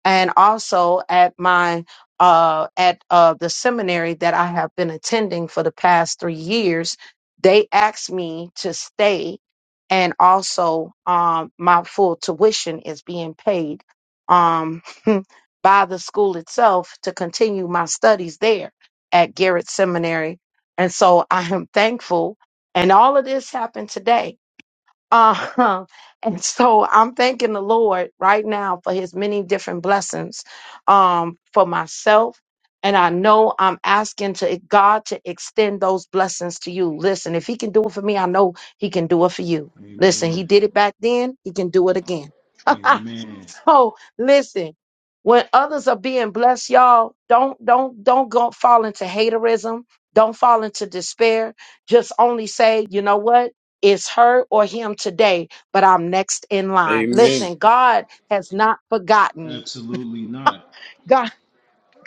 [SPEAKER 2] and also at my uh, at uh, the seminary that I have been attending for the past three years, they asked me to stay, and also um, my full tuition is being paid um, by the school itself to continue my studies there at Garrett Seminary. And so I am thankful. And all of this happened today. Uh, and so I'm thanking the Lord right now for his many different blessings um, for myself. And I know I'm asking to God to extend those blessings to you. Listen, if he can do it for me, I know he can do it for you. Listen, he
[SPEAKER 3] Amen.
[SPEAKER 2] did it back then, he can do it again.
[SPEAKER 3] Amen.
[SPEAKER 2] Oh, listen. When others are being blessed, y'all, don't don't don't go fall into haterism. Don't fall into despair. Just only say, you know what? It's her or him today, but I'm next in line.
[SPEAKER 4] Amen.
[SPEAKER 2] Listen, God has not forgotten you.
[SPEAKER 3] Absolutely not.
[SPEAKER 2] God,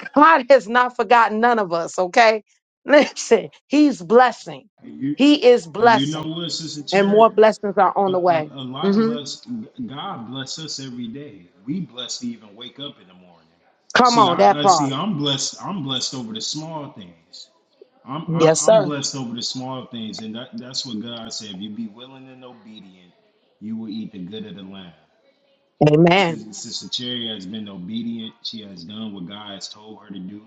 [SPEAKER 2] God has not forgotten none of us, okay? Listen, He's blessing.
[SPEAKER 3] And you,
[SPEAKER 2] He is
[SPEAKER 3] and you know
[SPEAKER 2] blessing.
[SPEAKER 3] what, Sister
[SPEAKER 2] And more
[SPEAKER 3] Cherry?
[SPEAKER 2] blessings are
[SPEAKER 3] A,
[SPEAKER 2] on the
[SPEAKER 3] a,
[SPEAKER 2] way.
[SPEAKER 3] a lot of
[SPEAKER 2] hmm
[SPEAKER 3] us, God bless us every day. We blessed to even wake up in the morning.
[SPEAKER 2] Come
[SPEAKER 3] See,
[SPEAKER 2] on, that
[SPEAKER 3] I, I see.
[SPEAKER 2] part.
[SPEAKER 3] I'm blessed. I'm blessed over the small things. I'm I'm
[SPEAKER 2] Yes,
[SPEAKER 3] I'm
[SPEAKER 2] sir.
[SPEAKER 3] blessed over the small things, and that, that's what God said. If you be willing and obedient, you will eat the good of the land.
[SPEAKER 2] Amen.
[SPEAKER 3] Sister, Sister Cherry has been obedient. She has done what God has told her to do,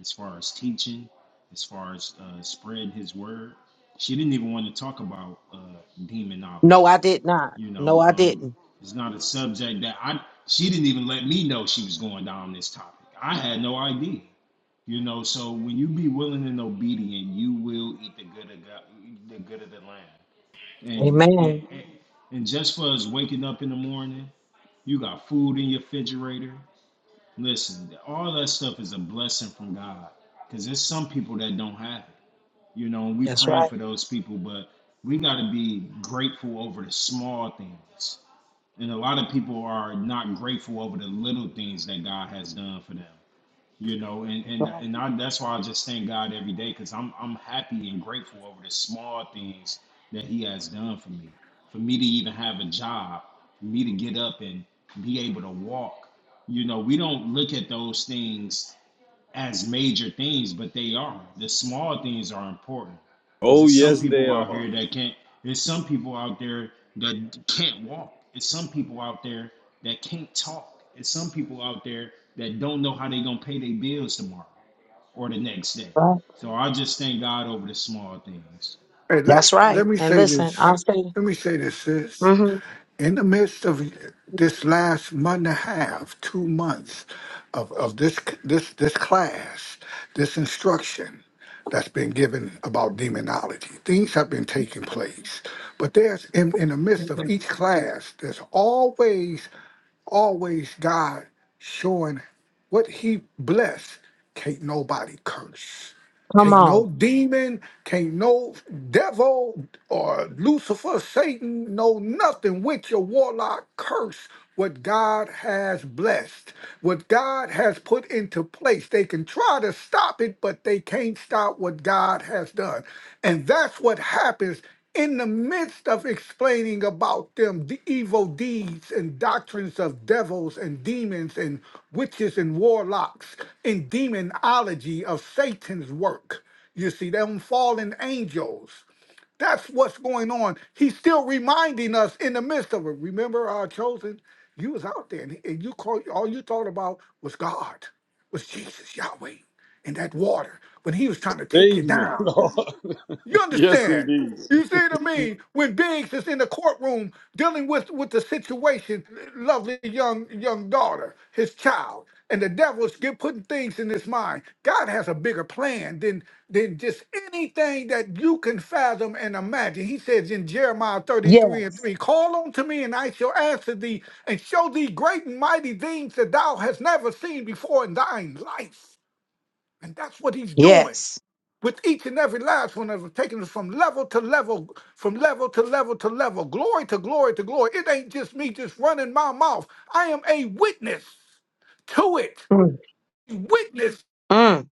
[SPEAKER 3] as far as teaching, as far as uh, spread His word. She didn't even want to talk about uh, demonology.
[SPEAKER 2] No, I did not.
[SPEAKER 3] You
[SPEAKER 2] No,
[SPEAKER 3] know,
[SPEAKER 2] I
[SPEAKER 3] um,
[SPEAKER 2] didn't.
[SPEAKER 3] it's not a subject that I. She didn't even let me know she was going down this topic. I had no idea. You know, so when you be willing and obedient, you will eat the good of God, the good of the land. And and,
[SPEAKER 2] Amen.
[SPEAKER 3] and and just for us waking up in the morning, you got food in your refrigerator. Listen, all that stuff is a blessing from God. Cause there's some people that don't have it. You know, and we
[SPEAKER 2] That's
[SPEAKER 3] praying
[SPEAKER 2] right.
[SPEAKER 3] for those people, but we gotta be grateful over the small things. And a lot of people are not grateful over the little things that God has done for them you know and
[SPEAKER 2] That's
[SPEAKER 3] and
[SPEAKER 2] right.
[SPEAKER 3] and I, that's why i just thank god every day because i'm i'm happy and grateful over the small things that he has done for me for me to even have a job for me to get up and be able to walk you know we don't look at those things as major things, but they are. The small things are important because
[SPEAKER 4] Oh,
[SPEAKER 3] there's some
[SPEAKER 4] yes, they
[SPEAKER 3] people out
[SPEAKER 4] are.
[SPEAKER 3] here that can't. There's some people out there that can't walk. There's some people out there that can't talk. There's some people out there that don't know how they're gonna pay their bills tomorrow or the next day.
[SPEAKER 2] That's right.
[SPEAKER 3] So I just thank God over the small things.
[SPEAKER 5] Hey, let,
[SPEAKER 2] That's right.
[SPEAKER 5] let me
[SPEAKER 2] And
[SPEAKER 5] say
[SPEAKER 2] listen,
[SPEAKER 5] this.
[SPEAKER 2] I'm saying,
[SPEAKER 5] Let me say this, sis.
[SPEAKER 2] hmm
[SPEAKER 5] In the midst of this last month and a half, two months of, of this this this class, this instruction that's been given about demonology, things have been taking place. But there's in, in the midst of each class, there's always always God showing what he blessed. Can't nobody curse.
[SPEAKER 2] come
[SPEAKER 5] Can't no
[SPEAKER 2] on.
[SPEAKER 5] demon, can't no devil or Lucifer, Satan, no nothing with your warlock curse what God has blessed, what God has put into place. They can try to stop it, but they can't stop what God has done. And that's what happens in the midst of explaining about them the evil deeds and doctrines of devils and demons and witches and warlocks and demonology of Satan's work. You see, them fallen angels. That's what's going on. He's still reminding us in the midst of it. Remember our chosen? You was out there and, and you called all you thought about was God, was Jesus, Yahweh, and that water when he was trying to take you
[SPEAKER 4] Save me,
[SPEAKER 5] down.
[SPEAKER 4] Lord.
[SPEAKER 5] You
[SPEAKER 4] Yes,
[SPEAKER 5] understand?
[SPEAKER 4] indeed.
[SPEAKER 5] You see what I mean? When Biggs is in the courtroom dealing with with the situation, lovely young young daughter, his child, and the devil's get putting things in his mind. God has a bigger plan than than just anything that you can fathom and imagine. He says in Jeremiah 33 and
[SPEAKER 2] Yes.
[SPEAKER 5] 3, call unto me and I shall answer thee and show thee great and mighty things that thou hast never seen before in thine life. And that's what he's doing
[SPEAKER 2] Yes.
[SPEAKER 5] with each and every last one of them, taking us from level to level, from level to level to level, glory to glory to glory. It ain't just me just running my mouth. I am a witness to it,
[SPEAKER 2] Mm.
[SPEAKER 5] witness
[SPEAKER 2] Mm.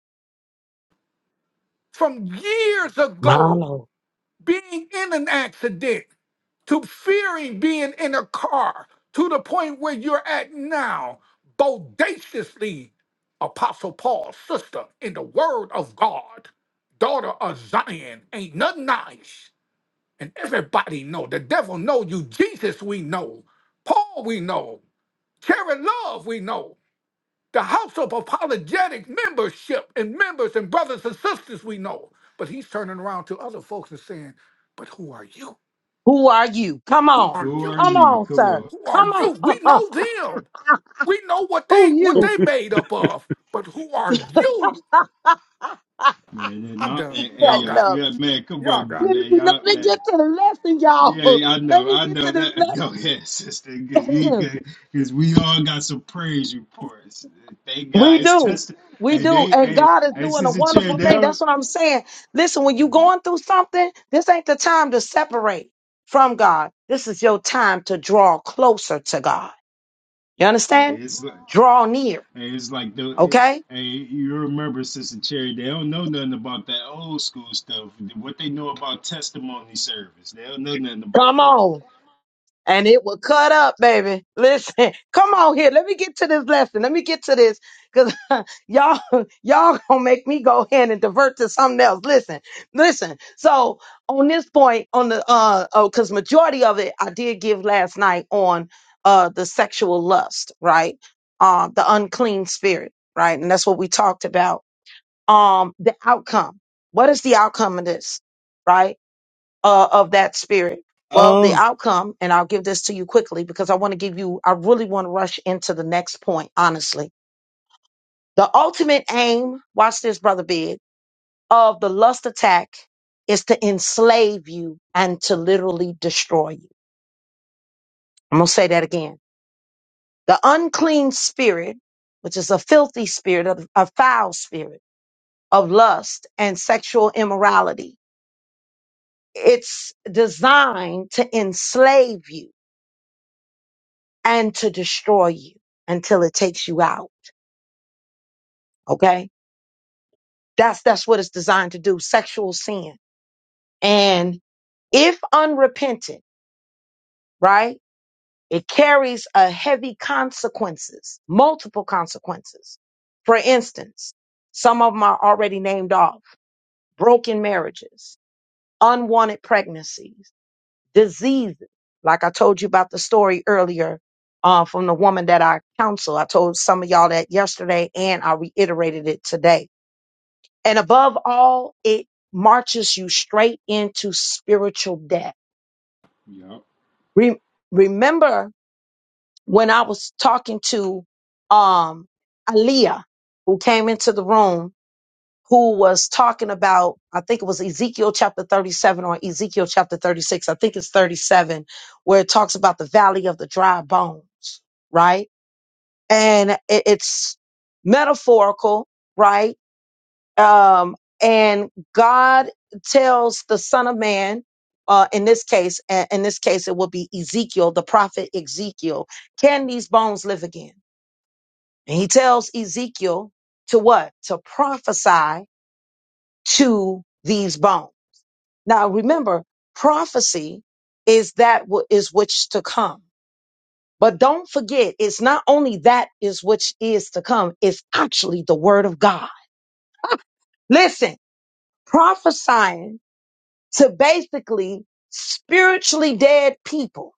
[SPEAKER 5] from years
[SPEAKER 2] My
[SPEAKER 5] ago
[SPEAKER 2] Lord.
[SPEAKER 5] being in an accident to fearing being in a car to the point where you're at now, bodaciously, Apostle Paul, sister, in the word of God, daughter of Zion, ain't nothing nice and everybody know. The devil know you. Jesus we know. Paul we know. Karen Love we know. The House of Apologetic membership and members and brothers and sisters we know. But he's turning around to other folks and saying, "But who are you?
[SPEAKER 2] Who are you? Come
[SPEAKER 5] Who
[SPEAKER 2] on.
[SPEAKER 5] are
[SPEAKER 3] Who
[SPEAKER 5] you?
[SPEAKER 3] are
[SPEAKER 2] Come
[SPEAKER 3] you?
[SPEAKER 2] on,
[SPEAKER 3] Come
[SPEAKER 2] sir.
[SPEAKER 3] on,
[SPEAKER 5] Who are
[SPEAKER 2] Come
[SPEAKER 5] you? We
[SPEAKER 2] on.
[SPEAKER 5] know them. We know what they
[SPEAKER 2] Who
[SPEAKER 5] what
[SPEAKER 2] you?
[SPEAKER 5] they made up of. But who are you?
[SPEAKER 3] man. And
[SPEAKER 5] I'm
[SPEAKER 3] I,
[SPEAKER 5] done.
[SPEAKER 2] he
[SPEAKER 3] hey,
[SPEAKER 5] Y'all
[SPEAKER 2] cutting
[SPEAKER 5] got
[SPEAKER 3] y'all,
[SPEAKER 5] it.
[SPEAKER 2] up.
[SPEAKER 3] yeah, man. Come
[SPEAKER 5] Y'all
[SPEAKER 3] on,
[SPEAKER 5] got it.
[SPEAKER 2] Let me,
[SPEAKER 3] man.
[SPEAKER 2] let
[SPEAKER 3] Y'all,
[SPEAKER 2] me
[SPEAKER 3] man.
[SPEAKER 2] get to the lesson, y'all.
[SPEAKER 3] Yeah, yeah, I
[SPEAKER 2] Let
[SPEAKER 3] know,
[SPEAKER 2] me
[SPEAKER 3] I
[SPEAKER 2] get to
[SPEAKER 3] know
[SPEAKER 2] this
[SPEAKER 3] that.
[SPEAKER 2] lesson.
[SPEAKER 3] Go ahead, sister. Because we all got some praise reports. Thank
[SPEAKER 2] We
[SPEAKER 3] God, it's
[SPEAKER 2] do.
[SPEAKER 3] test.
[SPEAKER 2] We
[SPEAKER 3] And
[SPEAKER 2] do.
[SPEAKER 3] they,
[SPEAKER 2] And
[SPEAKER 3] hey,
[SPEAKER 2] God is
[SPEAKER 3] hey,
[SPEAKER 2] doing a
[SPEAKER 3] sister Cherry,
[SPEAKER 2] wonderful
[SPEAKER 3] they
[SPEAKER 2] thing.
[SPEAKER 3] don't.
[SPEAKER 2] That's what I'm saying. Listen, when you're going through something, this ain't the time to separate from God. This is your time to draw closer to God. You
[SPEAKER 3] hey,
[SPEAKER 2] understand?
[SPEAKER 3] It's like,
[SPEAKER 2] Draw near.
[SPEAKER 3] hey, it's like the. It,
[SPEAKER 2] Okay?
[SPEAKER 3] hey, you remember, sister Cherry? They don't know nothing about that old school stuff. What they know about testimony service, they don't know nothing
[SPEAKER 2] Come
[SPEAKER 3] about that.
[SPEAKER 2] on. and it will cut up, baby. Listen, come on here. Let me get to this lesson. Let me get to this because y'all, y'all gonna make me go ahead and divert to something else. Listen, listen. So on this point, on the uh, oh, because majority of it I did give last night on uh the sexual lust, right? Um, the unclean spirit, right? And that's what we talked about. Um, the outcome. What is the outcome of this? Right? uh, of that spirit? Well, the
[SPEAKER 4] Uh,
[SPEAKER 2] outcome, and I'll give this to you quickly because I want to give you, I really want to rush into the next point, honestly. The ultimate aim, watch this, Brother Big, of the lust attack is to enslave you and to literally destroy you. I'm going to say that again. The unclean spirit, which is a filthy spirit, a, a foul spirit of lust and sexual immorality, it's designed to enslave you and to destroy you until it takes you out. Okay. That's, that's what it's designed to do. Sexual sin. And if unrepentant, right? It carries a heavy consequences, multiple consequences. For instance, some of them are already named off. Broken marriages, unwanted pregnancies, diseases. Like I told you about the story earlier uh, from the woman that I counsel. I told some of y'all that yesterday and I reiterated it today And above all, it marches you straight into spiritual death.
[SPEAKER 3] Yup.
[SPEAKER 2] Re- remember when I was talking to um Aaliyah, who came into the room, who was talking about, I think it was Ezekiel chapter 37 or Ezekiel chapter 36, I think it's 37, where it talks about the valley of the dry bones, right? And it- it's metaphorical, right? um, and God tells the Son of Man, uh, in this case, a- in this case, it will be Ezekiel, the prophet Ezekiel, can these bones live again? And he tells Ezekiel to what? To prophesy to these bones. Now, remember, prophecy is that wh- is which to come. But don't forget, it's not only that is which is to come, it's actually the word of God. Listen, prophesying to basically spiritually dead people.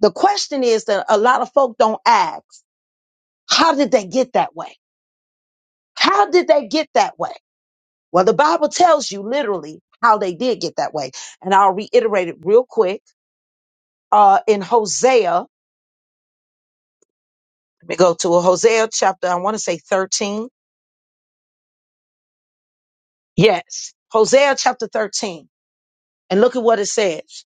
[SPEAKER 2] The question is that a lot of folk don't ask, how did they get that way? How did they get that way? Well, the Bible tells you literally how they did get that way. And I'll reiterate it real quick. Uh, in Hosea, let me go to a Hosea chapter, I want to say 13. Yes. Hosea chapter 13. And look at what it says.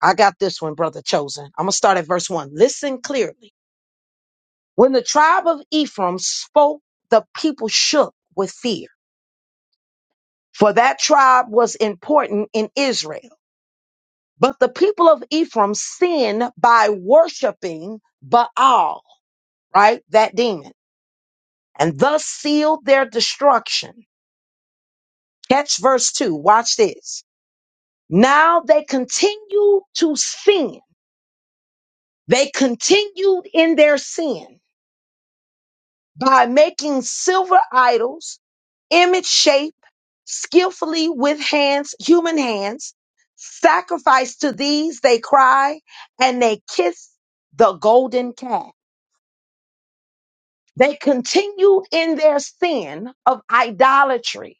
[SPEAKER 2] I got this one, brother chosen. I'm going to start at verse one. Listen clearly. When the tribe of Ephraim spoke, the people shook with fear, for that tribe was important in Israel. But the people of Ephraim sinned by worshiping Baal, right? That demon, and thus sealed their destruction. Catch verse 2. Watch this. Now they continue to sin. They continued in their sin by making silver idols image shape, skillfully with hands, human hands, sacrifice to these, they cry, and they kiss the golden calf. They continue in their sin of idolatry.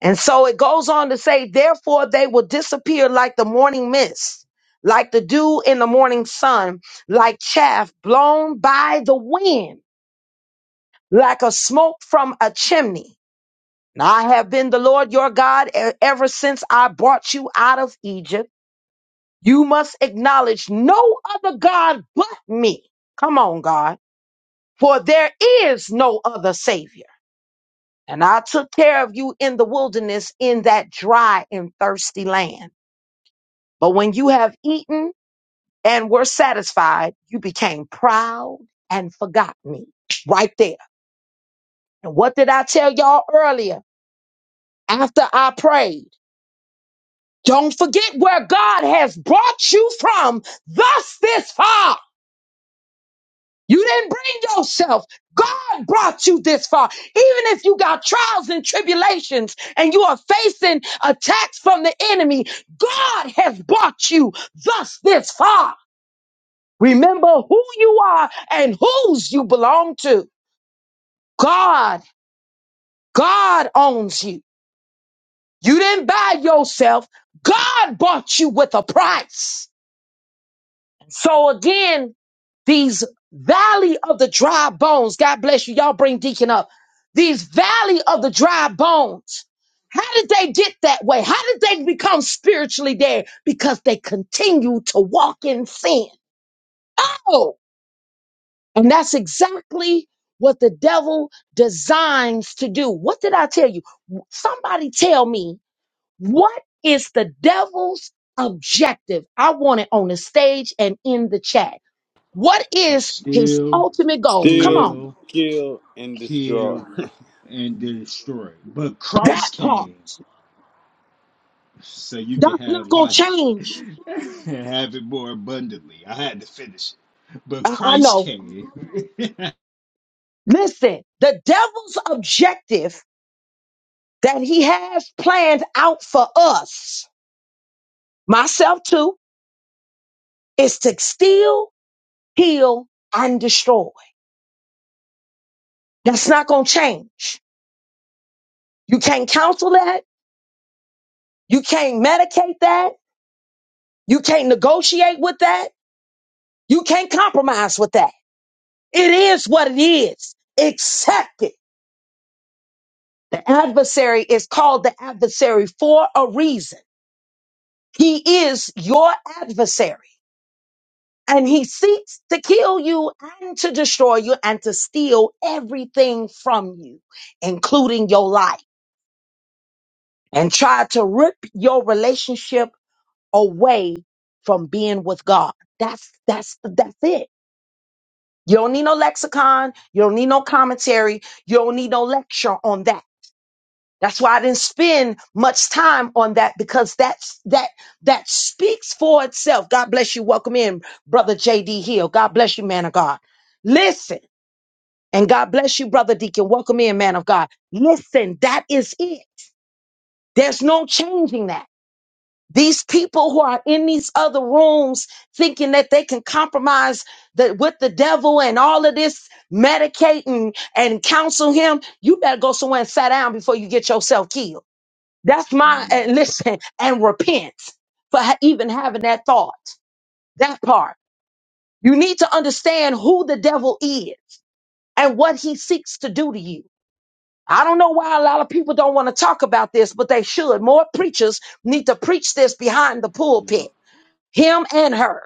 [SPEAKER 2] And so it goes on to say, therefore they will disappear like the morning mist, like the dew in the morning sun, like chaff blown by the wind, like a smoke from a chimney. I have been the Lord your God e- ever since I brought you out of Egypt. You must acknowledge no other God but me. Come on, God, for there is no other Savior. And I took care of you in the wilderness in that dry and thirsty land. But when you have eaten and were satisfied, you became proud and forgot me. Right there. And what did I tell y'all earlier? After I prayed. Don't forget where God has brought you from, thus this far. You didn't bring yourself. God brought you this far. Even if you got trials and tribulations and you are facing attacks from the enemy, God has brought you thus this far. Remember who you are and whose you belong to. God, God owns you. You didn't buy yourself. God bought you with a price. So again, these valley of the dry bones, God bless you. Y'all bring Deacon up. These valley of the dry bones. How did they get that way? How did they become spiritually dead? Because they continue to walk in sin. Oh, and that's exactly what the devil designs to do. What did I tell you? Somebody tell me what is the devil's objective? I want it on the stage and in the chat. What
[SPEAKER 3] To
[SPEAKER 2] is his
[SPEAKER 3] steal,
[SPEAKER 2] ultimate goal? Come
[SPEAKER 4] Steal,
[SPEAKER 2] on,
[SPEAKER 3] kill,
[SPEAKER 4] kill, and destroy.
[SPEAKER 3] kill, and destroy. But
[SPEAKER 2] that
[SPEAKER 3] Christ
[SPEAKER 2] part.
[SPEAKER 3] came. so you
[SPEAKER 2] That's
[SPEAKER 3] can have
[SPEAKER 2] not going to
[SPEAKER 3] life
[SPEAKER 2] change.
[SPEAKER 3] and have it more abundantly. I had to finish it. But
[SPEAKER 2] I, I
[SPEAKER 3] Christ
[SPEAKER 2] know.
[SPEAKER 3] came. Come
[SPEAKER 2] Listen, the devil's objective that he has planned out for us, myself too, is to steal, heal, and destroy. That's not going to change. You can't counsel that. You can't medicate that. You can't negotiate with that. You can't compromise with that. It is what it is. Accept it The adversary is called the adversary for a reason. He is your adversary and he seeks to kill you and to destroy you and to steal everything from you, including your life and try to rip your relationship away from being with God. That's, that's, that's it. You don't need no lexicon. You don't need no commentary. You don't need no lecture on that. That's why I didn't spend much time on that because that's that that speaks for itself. God bless you. Welcome in, brother JD Hill. God bless you, man of God. Listen, and God bless you, brother Deacon. Welcome in, man of God. Listen, that is it. There's no changing that. These people who are in these other rooms thinking that they can compromise the, with the devil and all of this, medicate and, and counsel him, you better go somewhere and sit down before you get yourself killed. That's my
[SPEAKER 3] on,
[SPEAKER 2] and
[SPEAKER 3] bro.
[SPEAKER 2] listen and repent for ha- even having that thought. That part. You need to understand who the devil is and what he seeks to do to you. I don't know why a lot of people don't want to talk about this, but they should. More preachers need to preach this behind the pulpit
[SPEAKER 3] Yup.
[SPEAKER 2] him and her.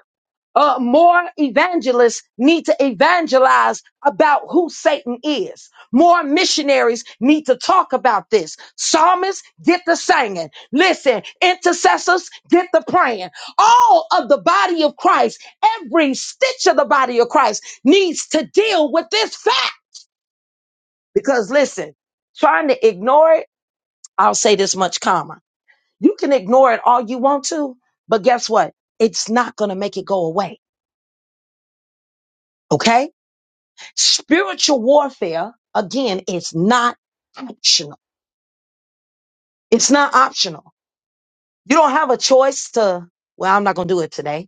[SPEAKER 2] Uh, more evangelists need to evangelize about who Satan is. More missionaries need to talk about this. Psalmists, get the singing. Listen, intercessors, get the praying. All of the body of Christ, every stitch of the body of Christ needs to deal with this fact. Because listen, trying to ignore it, I'll say this much calmer. You can ignore it all you want to, but guess what? It's not going to make it go away Okay? Spiritual warfare, again, is not optional. It's not optional. You don't have a choice to, well, I'm not going to do it today.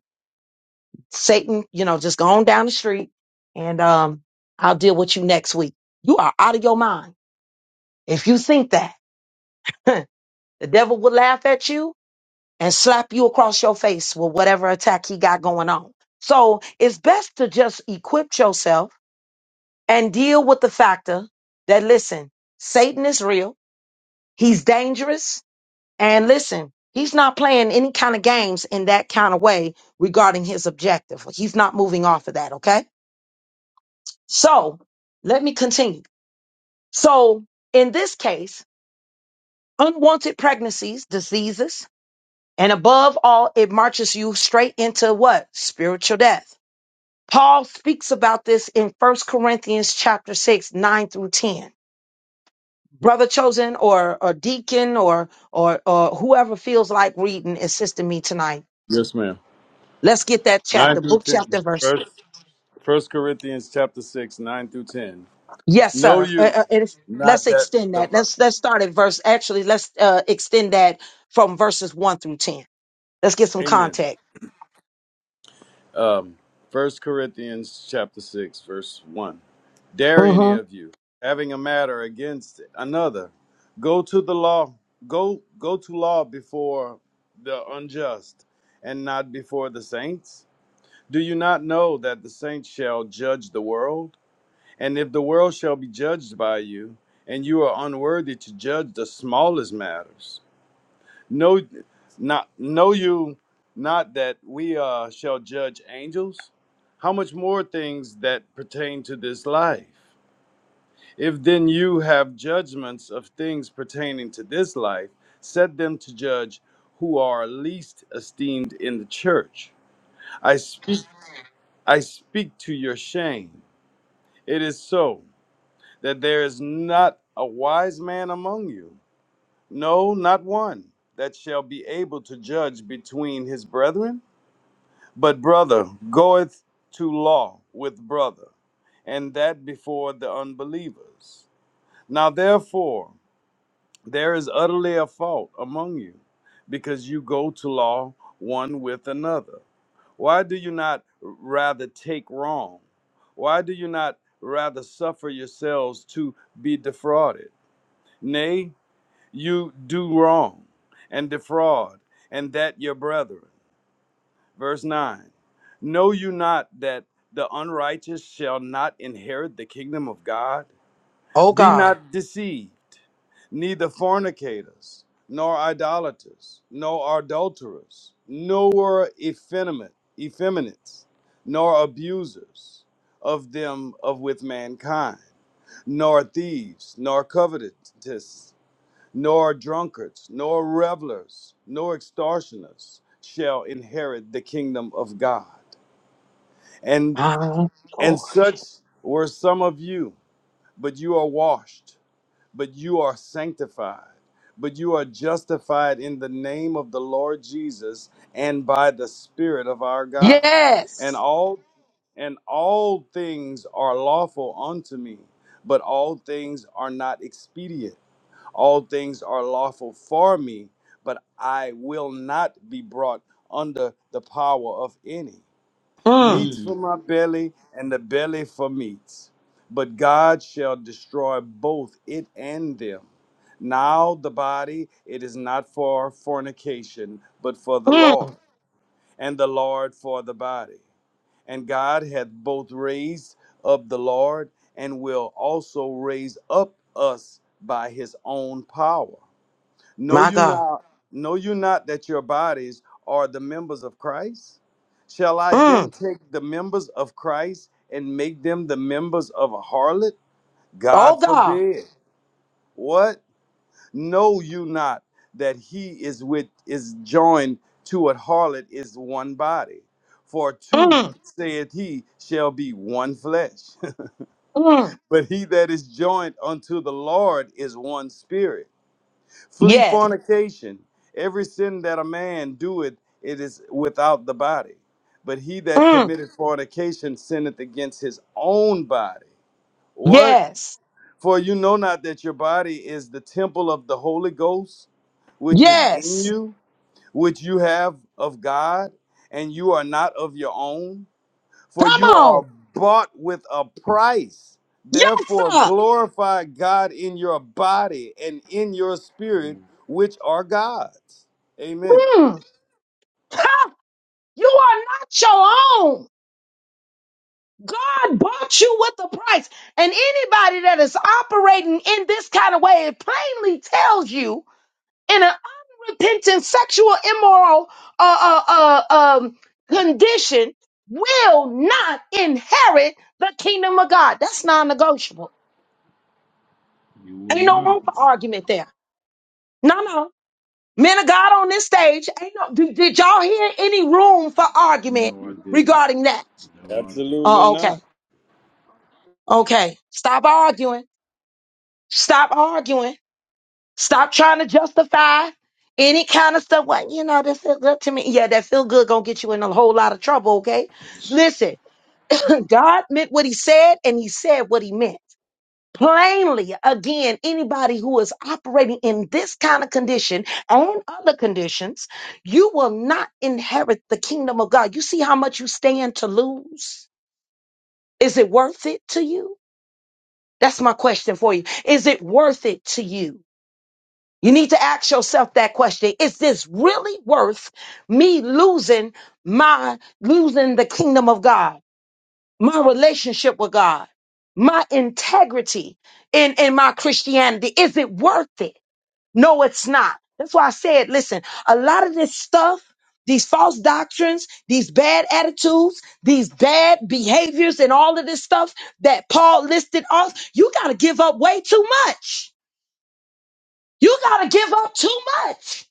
[SPEAKER 2] Satan, you know, just go on down the street and um, I'll deal with you next week. You are out of your mind if you think that. the devil will laugh at you and slap you across your face with whatever attack he got going on. So it's best to just equip yourself and deal with the factor that, listen, Satan is real. He's dangerous. And listen, he's not playing any kind of games in that kind of way regarding his objective. He's not moving off of that. Okay. So let me continue. So in this case, unwanted pregnancies, diseases, and above all, it marches you straight into what? Spiritual death. Paul speaks about this in First Corinthians chapter 6, 9 through 10. Brother chosen or or deacon or or or whoever feels like reading assisting me tonight
[SPEAKER 4] Yes, ma'am.
[SPEAKER 2] Let's get that
[SPEAKER 4] 9
[SPEAKER 2] chapter,
[SPEAKER 4] through
[SPEAKER 2] book,
[SPEAKER 4] 10.
[SPEAKER 2] chapter, verse.
[SPEAKER 4] First, First Corinthians chapter 6, 9 through 10.
[SPEAKER 2] Yes,
[SPEAKER 4] Know
[SPEAKER 2] sir. Uh,
[SPEAKER 4] you,
[SPEAKER 2] uh, it is-
[SPEAKER 4] not
[SPEAKER 2] let's
[SPEAKER 4] that
[SPEAKER 2] extend
[SPEAKER 4] the.
[SPEAKER 2] that. Let's let's start at verse. Actually, let's uh, extend that from verses one through ten. Let's get some
[SPEAKER 4] Amen.
[SPEAKER 2] context.
[SPEAKER 4] Um, First Corinthians chapter 6, verse 1. Dare any
[SPEAKER 2] Mm-hmm.
[SPEAKER 4] of you, having a matter against another, go to the law, go go to law before the unjust, and not before the saints? Do you not know that the saints shall judge the world? And if the world shall be judged by you, and you are unworthy to judge the smallest matters, know not know you not that we uh, shall judge angels? How much more things that pertain to this life? If then you have judgments of things pertaining to this life, set them to judge who are least esteemed in the church. I speak I speak to your shame. It is so that there is not a wise man among you, no, not one, that shall be able to judge between his brethren. But brother goeth to law with brother, and that before the unbelievers. Now therefore There is utterly a fault among you, because you go to law one with another. Why do you not rather take wrong? Why do you not rather suffer yourselves to be defrauded? Nay, you do wrong and defraud, and that your brethren. Verse 9 Know you not that the unrighteous shall not inherit the kingdom of God?
[SPEAKER 2] Oh
[SPEAKER 4] Be
[SPEAKER 2] God,
[SPEAKER 4] not deceived neither fornicators, nor idolaters, nor adulterers, nor effeminate, effeminates, nor abusers of them of with mankind, nor thieves, nor covetous, nor drunkards, nor revelers, nor extortioners shall inherit the kingdom of God. And
[SPEAKER 2] my
[SPEAKER 4] and
[SPEAKER 2] Lord.
[SPEAKER 4] such were some of you, but you are washed, but you are sanctified, but you are justified in the name of the Lord Jesus and by the Spirit of our God. And
[SPEAKER 2] Yes.
[SPEAKER 4] all and all things are lawful unto me, but all things are not expedient. All things are lawful for me, but I will not be brought under the power of any.
[SPEAKER 2] Mm,
[SPEAKER 4] Meats for
[SPEAKER 3] Mm.
[SPEAKER 4] my belly and the belly for meats, but God shall destroy both it and them. Now the body, it is not for fornication, but for the Lord,
[SPEAKER 2] mm,
[SPEAKER 4] and the Lord for the body. And God hath both raised up the Lord, and will also raise up us by his own power. Know
[SPEAKER 2] my
[SPEAKER 4] you
[SPEAKER 2] God.
[SPEAKER 4] not, know you not that your bodies are the members of Christ? Shall I then
[SPEAKER 2] Mm,
[SPEAKER 4] take the members of Christ and make them the members of a harlot?
[SPEAKER 2] oh
[SPEAKER 4] God
[SPEAKER 2] God.
[SPEAKER 4] forbid. What? know you not that he is with is joined to a harlot is one body for two
[SPEAKER 2] Mm,
[SPEAKER 4] saith he shall be one flesh
[SPEAKER 2] mm,
[SPEAKER 4] but he that is joined unto the lord is one spirit flee
[SPEAKER 2] yes.
[SPEAKER 4] fornication every sin that a man doeth it is without the body but he that
[SPEAKER 2] Mm,
[SPEAKER 4] committeth fornication sinneth against his own body what
[SPEAKER 2] yes.
[SPEAKER 4] for you know not that your body is the temple of the Holy Ghost, which is
[SPEAKER 3] Mm.
[SPEAKER 4] in
[SPEAKER 2] Yes.
[SPEAKER 4] you, which you have of God, and you are not of your own. For
[SPEAKER 2] Come
[SPEAKER 4] you are
[SPEAKER 2] on.
[SPEAKER 4] bought with a price.
[SPEAKER 2] Yes,
[SPEAKER 4] Therefore,
[SPEAKER 2] sir.
[SPEAKER 4] glorify God in your body and in your
[SPEAKER 3] Come
[SPEAKER 4] spirit,
[SPEAKER 3] on.
[SPEAKER 4] which are God's. Amen.
[SPEAKER 2] Mm, ha, you are not your own. God bought you with a price. And anybody that is operating in this kind of way, it plainly tells you in an unrepentant sexual immoral uh, uh, uh, um, condition will not inherit the kingdom of God. That's non negotiable.
[SPEAKER 3] You would
[SPEAKER 2] Ain't no room for
[SPEAKER 3] not.
[SPEAKER 2] argument there. No, no. Men of God on this stage, ain't no, did, did y'all hear any room for argument
[SPEAKER 3] No, I didn't.
[SPEAKER 2] regarding that?
[SPEAKER 3] No, I didn't.
[SPEAKER 4] Absolutely
[SPEAKER 2] Oh, okay.
[SPEAKER 4] not.
[SPEAKER 2] Okay. Stop arguing. Stop arguing. Stop trying to justify any kind of stuff. What you know, that feel good to me. Yeah, that feel good gonna get you in a whole lot of trouble, okay? Listen, God meant what he said and he said what he meant. Plainly, again, anybody who is operating in this kind of condition and other conditions, you will not inherit the kingdom of God. You see how much you stand to lose? Is it worth it to you? That's my question for you. Is it worth it to you? You need to ask yourself that question. Is this really worth me losing my, losing the kingdom of God, my relationship with God, my integrity in, in my Christianity? Is it worth it? No, it's not. That's why I said, listen, a lot of this stuff, these false doctrines, these bad attitudes, these bad behaviors, and all of this stuff that Paul listed off, you got to give up way too much. You got to give up too much.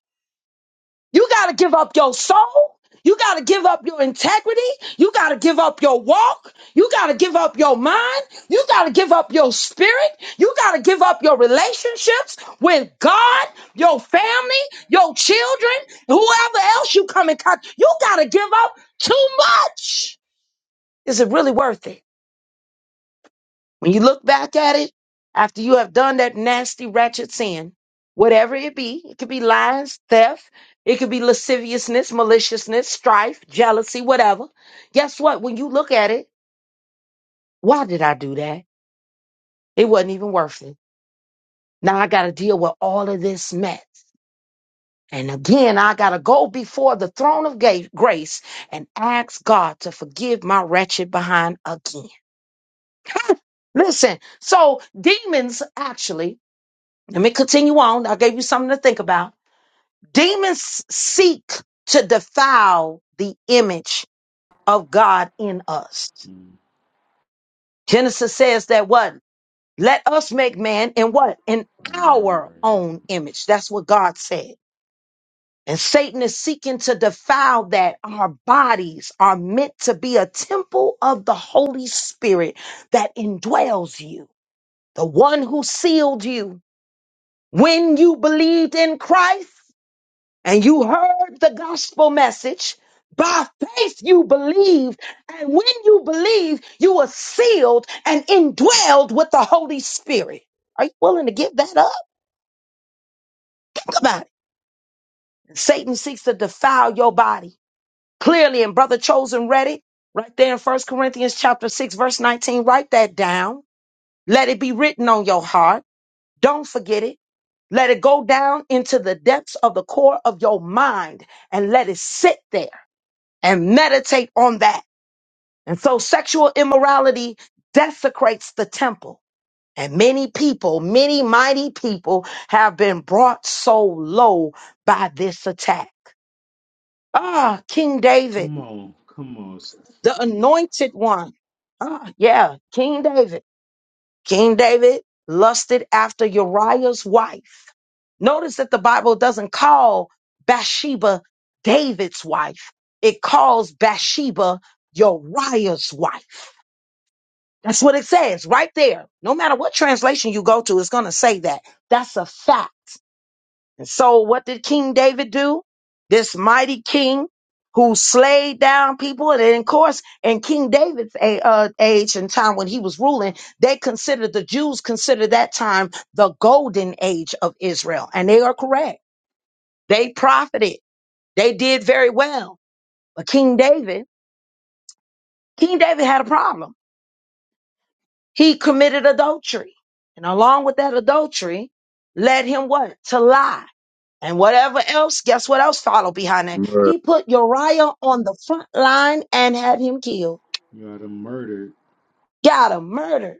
[SPEAKER 2] You got to give up your soul. You got to give up your integrity. You got to give up your walk. You got to give up your mind. You got to give up your spirit. You got to give up your relationships with God, your family, your children, whoever else you come in contact. You got to give up too much. Is it really worth it? When you look back at it, after you have done that nasty, ratchet sin, whatever it be, it could be lies, theft, it could be lasciviousness, maliciousness, strife, jealousy, whatever. Guess what? When you look at it, why did I do that? It wasn't even worth it. Now I got to deal with all of this mess. And again, I got to go before the throne of ga- grace and ask God to forgive my wretched behind again. Listen, so demons actually Let me continue on. I gave you something to think about. Demons seek to defile the image of God in us.
[SPEAKER 3] Mm.
[SPEAKER 2] Genesis says that what? Let us make man in what? In
[SPEAKER 3] And all
[SPEAKER 2] our
[SPEAKER 3] right.
[SPEAKER 2] own image. That's what God said. And Satan is seeking to defile that our bodies are meant to be a temple of the Holy Spirit that indwells you, the one who sealed you when you believed in Christ. and you heard the gospel message. By faith, you believed. And when you believed, you were sealed and indwelled with the Holy Spirit. Are you willing to give that up? Come on. Satan seeks to defile your body. Clearly, and Brother Chosen read it right there in First Corinthians chapter 6, verse 19. Write that down. Let it be written on your heart. Don't forget it. Let it go down into the depths of the core of your mind and let it sit there and meditate on that. And so sexual immorality desecrates the temple. And many people, many mighty people have been brought so low by this attack. Ah, King David,
[SPEAKER 3] Come on. Come on.
[SPEAKER 2] the anointed one. Ah, yeah, King David. King David lusted after Uriah's wife. Notice that the Bible doesn't call Bathsheba David's wife. It calls Bathsheba Uriah's wife. That's what it says right there. No matter what translation you go to, it's going to say that. That's a fact. And so, what did King David do? This mighty king who slayed down people. And then, of course, in King David's a- uh, age and time when he was ruling, they considered the Jews considered that time the golden age of Israel. And they are correct. They profited, they did very well. But King David, King David had a problem He committed adultery. And along with that adultery, led him what? To lie. And whatever else, guess what else followed behind that?
[SPEAKER 4] Right.
[SPEAKER 2] He put Uriah on the front line and had him killed.
[SPEAKER 3] You had him murder.
[SPEAKER 2] Got him murdered.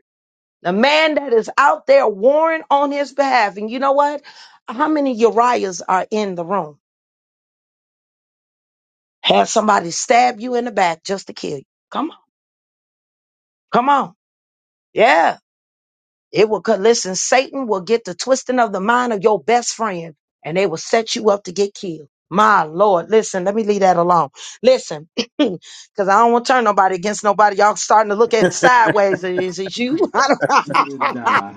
[SPEAKER 2] The man that is out there warring on his behalf. And you know what? How many Uriahs are in the room? Have somebody stab you in the back just to kill you. Come on. Come on. Yeah. It will co- listen, Satan will get the twisting of the mind of your best friend and they will set you up to get killed. My Lord, listen, let me leave that alone. Listen, because I don't want to turn nobody against nobody. Y'all starting to look at sideways. Is it you?
[SPEAKER 3] Mm.
[SPEAKER 2] I don't
[SPEAKER 3] nah.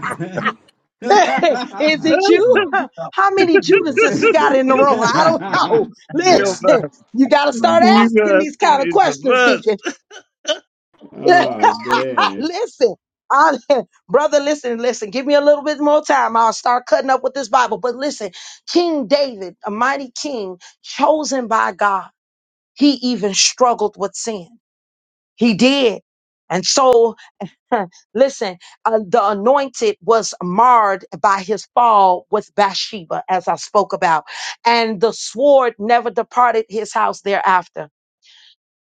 [SPEAKER 6] you
[SPEAKER 2] Is it you?
[SPEAKER 6] know, you
[SPEAKER 2] How many Judases we got in the room? I don't know. Listen, you got to start asking
[SPEAKER 6] got
[SPEAKER 2] these kind of
[SPEAKER 6] it's a
[SPEAKER 2] questions,
[SPEAKER 6] mess. Just-
[SPEAKER 2] Deacon.
[SPEAKER 3] oh, man.
[SPEAKER 2] Listen, I, brother, listen, listen. Give me a little bit more time. I'll start cutting up with this Bible. But listen, King David, a mighty king, chosen by God, he even struggled with sin. He did. And so, listen, uh, the anointed was marred by his fall with Bathsheba, as I spoke about, and the sword never departed his house thereafter.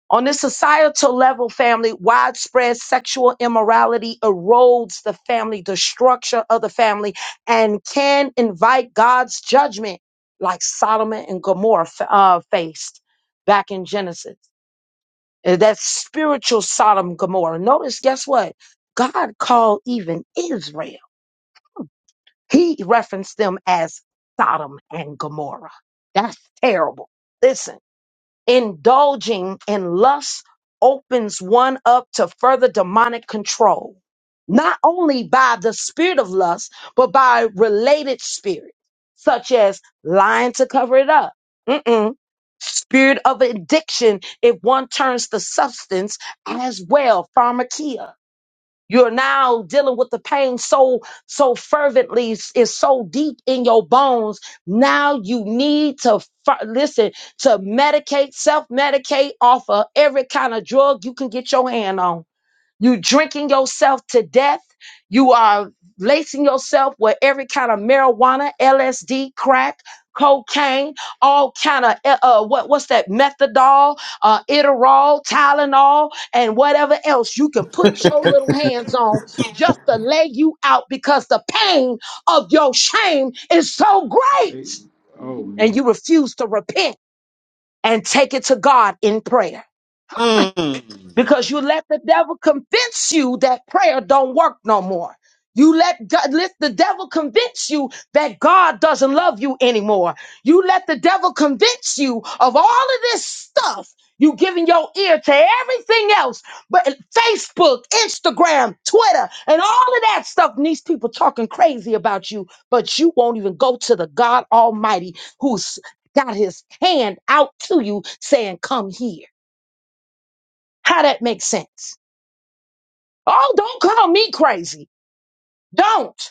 [SPEAKER 2] On this societal level, family, widespread sexual immorality erodes the family, the structure of the family, and can invite God's judgment, like Solomon and Gomorrah f- uh, faced back in Genesis. Uh, That's spiritual Sodom and Gomorrah. Notice, guess what? God called even Israel. He referenced them as Sodom and Gomorrah. That's terrible. Listen. Indulging in lust opens one up to further demonic control, not only by the spirit of lust, but by related spirits, such as lying to cover it up. Mm-mm. Spirit of addiction, if one turns to substance as well, pharmakia you're now dealing with the pain so so fervently is so deep in your bones. Now you need to fi- listen to medicate, self medicate off of every kind of drug you can get your hand on you drinking yourself to death. You are lacing yourself with every kind of marijuana, LSD, crack, cocaine, all kind of uh, uh, what what's that methadol, uh, Iterol, Tylenol, and whatever else you can put your little hands on just to lay you out because the pain of your shame is so
[SPEAKER 3] Hey,
[SPEAKER 2] great,
[SPEAKER 3] oh
[SPEAKER 2] and
[SPEAKER 3] man,
[SPEAKER 2] you refuse to repent and take it to God in prayer
[SPEAKER 4] Mm.
[SPEAKER 2] because you let the devil convince you that prayer don't work no more. You let God, let the devil convince you that God doesn't love you anymore. You let the devil convince you of all of this stuff. You giving your ear to everything else, but Facebook, Instagram, Twitter, and all of that stuff. And these people talking crazy about you, but you won't even go to the God Almighty who's got his hand out to you saying, Come here. How that makes sense? Oh, don't call me crazy. Don't.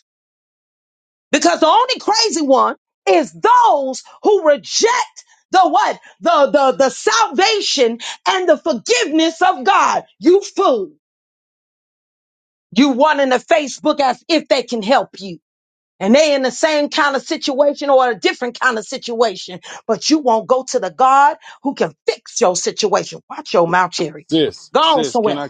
[SPEAKER 2] Because the only crazy one is those who reject the what? The, the, the salvation and the forgiveness of God. You fool. You wanting in the Facebook as if they can help you. And they in the same kind of situation or a different kind of situation, but you won't go to the God who can fix your situation. Watch your mouth, Cherry.
[SPEAKER 4] Sis,
[SPEAKER 2] Go on
[SPEAKER 4] sis, can
[SPEAKER 2] somewhere.
[SPEAKER 4] I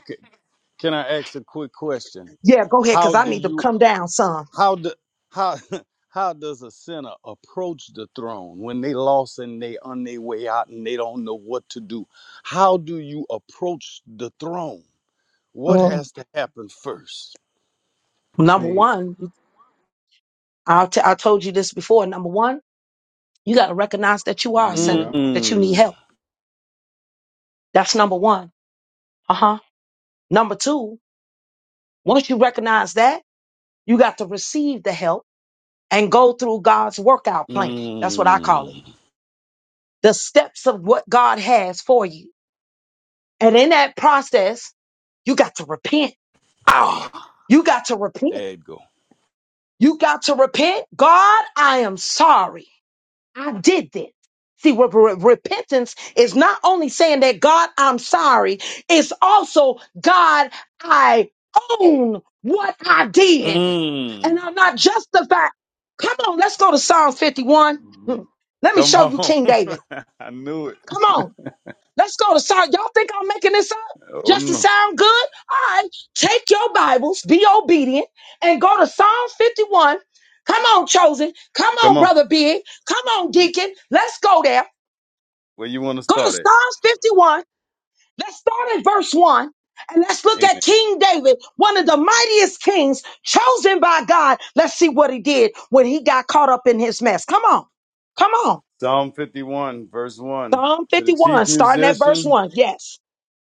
[SPEAKER 4] can I ask a quick question?
[SPEAKER 2] Yeah, go ahead,
[SPEAKER 4] How
[SPEAKER 2] because I
[SPEAKER 4] do
[SPEAKER 2] need to
[SPEAKER 4] you?
[SPEAKER 2] come down some.
[SPEAKER 4] how do, how how does a sinner approach the throne when they lost and they on their way out and they don't know what to do how do you approach the throne what
[SPEAKER 2] Mm.
[SPEAKER 4] has to happen first
[SPEAKER 2] Number
[SPEAKER 3] faith.
[SPEAKER 2] one. i t- I told you this before. Number one, you got to recognize that you are a sinner,
[SPEAKER 3] Yep.
[SPEAKER 2] that you need
[SPEAKER 4] mm,
[SPEAKER 2] help. That's number one. Uh huh. Number two, once you recognize that, you got to receive the help and go through God's workout plan. That's what I call it.
[SPEAKER 4] mm,
[SPEAKER 2] The steps of what God has for you. And in that process, you got to repent.
[SPEAKER 4] ah,
[SPEAKER 2] You got to repent.
[SPEAKER 4] there you go
[SPEAKER 2] You got to repent. God, I am sorry. I did this. See, what re- repentance is not only saying that God, I'm sorry, it's also God, I own what I did
[SPEAKER 4] mm,
[SPEAKER 2] and I'm not justified. Come on, let's go to Psalms 51.
[SPEAKER 3] mhm,
[SPEAKER 2] Let me
[SPEAKER 4] come
[SPEAKER 2] show you
[SPEAKER 4] on
[SPEAKER 2] King David.
[SPEAKER 4] i knew it
[SPEAKER 2] Come on. Let's go to Psalm. Y'all think I'm making this up
[SPEAKER 4] oh
[SPEAKER 2] just to
[SPEAKER 4] no
[SPEAKER 2] sound good? All right, take your Bibles, be obedient, and go to Psalm 51. Come on, chosen. Come
[SPEAKER 4] come
[SPEAKER 2] on,
[SPEAKER 4] on
[SPEAKER 2] brother Big. Come on, deacon. Let's go there.
[SPEAKER 4] where you want to
[SPEAKER 2] Go to
[SPEAKER 4] start at
[SPEAKER 2] Psalms 51. Let's start at verse 1. And let's look at
[SPEAKER 4] amen
[SPEAKER 2] King David, one of the mightiest kings chosen by God. Let's see what he did when he got caught up in his mess. Come on. Come on.
[SPEAKER 4] psalm 51 verse 1
[SPEAKER 2] Psalm
[SPEAKER 4] to the
[SPEAKER 2] 51,
[SPEAKER 4] chief
[SPEAKER 2] starting at verse
[SPEAKER 4] musician
[SPEAKER 2] 1. Yes.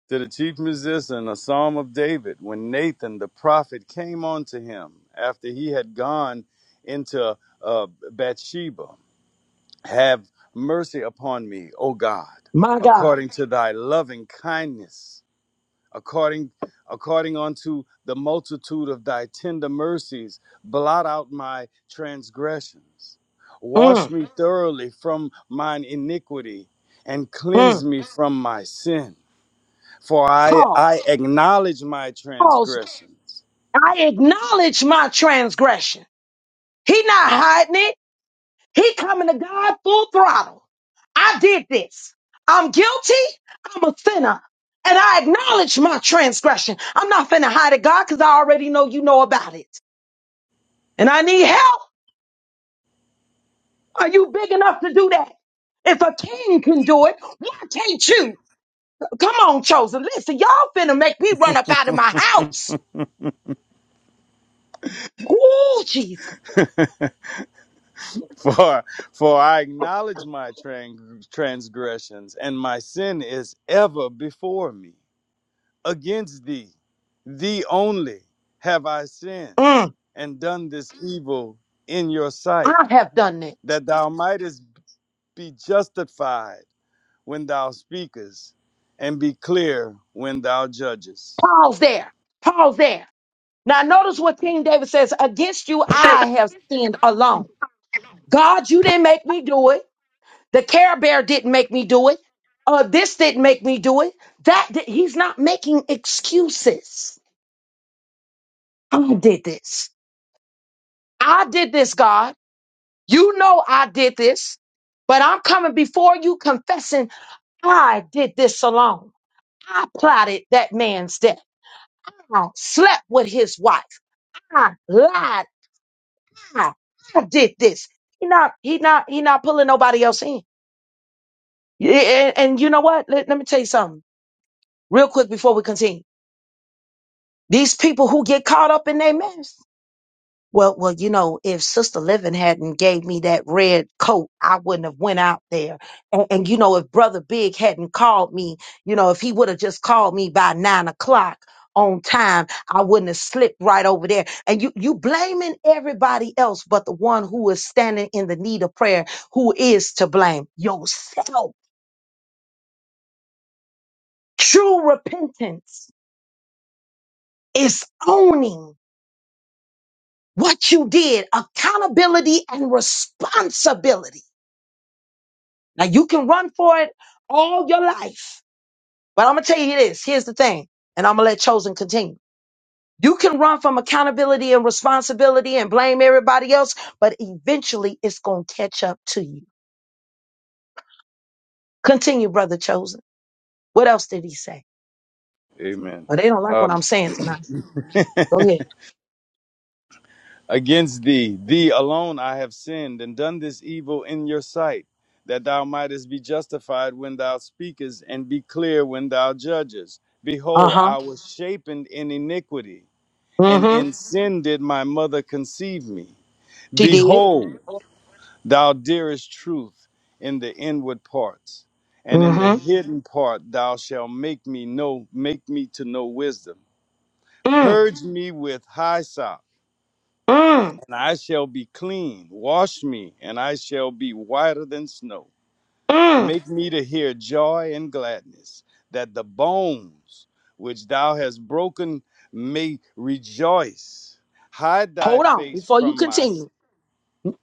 [SPEAKER 4] to the chief musician a psalm of David when Nathan the prophet came unto him after he had gone into uh, Bathsheba. Have mercy upon me, O God,
[SPEAKER 2] My God.
[SPEAKER 4] according to thy loving kindness, according according unto the multitude of thy tender mercies, blot out my transgressions. Wash
[SPEAKER 2] Mm,
[SPEAKER 4] me thoroughly from mine iniquity and
[SPEAKER 2] mm.
[SPEAKER 4] cleanse me from my sin. For I, I
[SPEAKER 2] Pause.
[SPEAKER 4] acknowledge my
[SPEAKER 2] Pause.
[SPEAKER 4] transgressions.
[SPEAKER 2] I acknowledge my transgression. He not hiding it. He coming to God full throttle. I did this. I'm guilty. I'm a sinner. And I acknowledge my transgression. I'm not finna hide it, God, because I already know you know about it. And I need help. Are you big enough to do that? If a king can do it, why can't you? Come on, chosen. Listen, y'all finna make me run up out of my house. Oh Jesus.
[SPEAKER 4] For, for I acknowledge my tran- transgressions, and my sin is ever before me. Against thee, thee only, have I sinned
[SPEAKER 2] Mm,
[SPEAKER 4] and done this evil in your sight,
[SPEAKER 2] I have done it.
[SPEAKER 4] that thou mightest be justified when thou speakest, and be clear when thou judgest.
[SPEAKER 2] Pause there. Pause there. Now notice what King David says. Against you I have sinned alone. God, you didn't make me do it. The care bear didn't make me do it. Uh, this didn't make me do it. That did, he's not making excuses. I did this. I did this, God. You know I did this, but I'm coming before you confessing I did this alone. I plotted that man's death. I slept with his wife. I lied I, I did this. He not, he not, he not pulling nobody else in. Yeah, And, and you know what? Let, let me tell you something real quick before we continue. These people who get caught up in their mess. Well, well, you know, if Sister Living hadn't gave me that red coat, I wouldn't have went out there. And, and you know, if Brother Big hadn't called me, you know, if he would have just called me by nine o'clock on time, I wouldn't have slipped right over there. And you, you blaming everybody else, but the one who is standing in the need of prayer, who is to blame yourself. True repentance is owning what you did, accountability and responsibility Now you can run for it all your life, but I'm gonna tell you this. Here's the thing, and I'm gonna let chosen continue. You can run from accountability and responsibility and blame everybody else, but eventually it's gonna catch up to you. Continue, brother chosen. What else did he say?
[SPEAKER 4] Amen.
[SPEAKER 2] Oh, they don't like what
[SPEAKER 4] Um,
[SPEAKER 2] I'm saying tonight. Go ahead.
[SPEAKER 4] Against thee, thee alone I have sinned and done this evil in your sight, that thou mightest be justified when thou speakest and be clear when thou judgest.
[SPEAKER 2] Uh
[SPEAKER 4] Behold,
[SPEAKER 2] huh.
[SPEAKER 4] I was shapen in iniquity, and
[SPEAKER 2] Mm hmm.
[SPEAKER 4] in sin did my mother conceive me.
[SPEAKER 2] She did.
[SPEAKER 4] Behold, thou dearest truth in the inward parts, and in the
[SPEAKER 2] Mm hmm.
[SPEAKER 4] hidden part thou shalt make me know, make me to know wisdom.
[SPEAKER 2] Mm
[SPEAKER 4] Purge me with hyssop
[SPEAKER 2] mm
[SPEAKER 4] and I shall be clean. Wash me, and I shall be whiter than snow.
[SPEAKER 2] mm.
[SPEAKER 4] Make me to hear joy and gladness, that the bones which thou hast broken may rejoice. Hide thy
[SPEAKER 2] Hold on
[SPEAKER 4] face
[SPEAKER 2] before you
[SPEAKER 4] from my. s-
[SPEAKER 2] continue.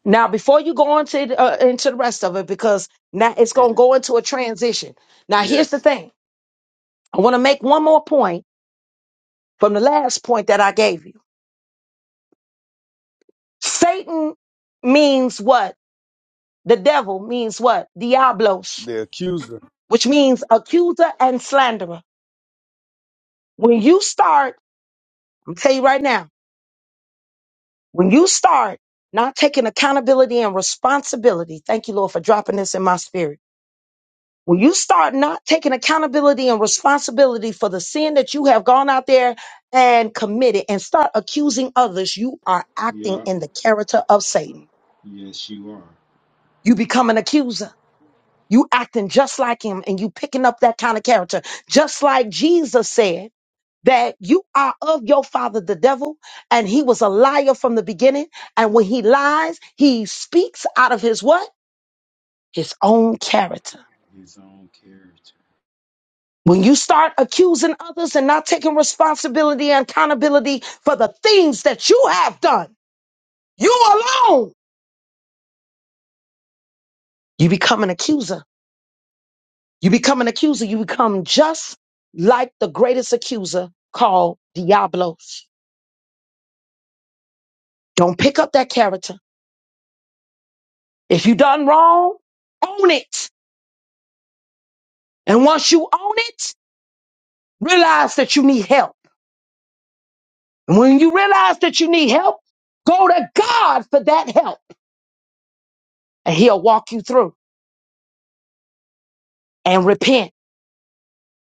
[SPEAKER 2] Now, before you go on to the- uh, into the rest of it, because now it's going to
[SPEAKER 4] Amen.
[SPEAKER 2] go into a transition. Now, here's the
[SPEAKER 4] Yes,
[SPEAKER 2] thing. I want to make one more point from the last point that I gave you. Satan means what? The devil means what? Diablos,
[SPEAKER 4] the accuser.
[SPEAKER 2] which means accuser and slanderer. When you start, I'm tell you right now, when you start not taking accountability and responsibility, thank you, Lord, for dropping this in my spirit When you start not taking accountability and responsibility for the sin that you have gone out there and committed and start accusing others, you are acting
[SPEAKER 3] Yep.
[SPEAKER 2] in the character of Satan.
[SPEAKER 3] Yes, you are
[SPEAKER 2] You become an accuser. You acting just like him and you picking up that kind of character. Just like Jesus said that you are of your father, the devil, and he was a liar from the beginning. And when he lies, he speaks out of his what? His own character.
[SPEAKER 3] his own character.
[SPEAKER 2] When you start accusing others and not taking responsibility and accountability for the things that you have done, you alone, you become an accuser. You become an accuser. You become just like the greatest accuser called Diablos. Don't pick up that character. If you done wrong, own it. And once you own it, realize that you need help. And when you realize that you need help, go to God for that help and he'll walk you through and repent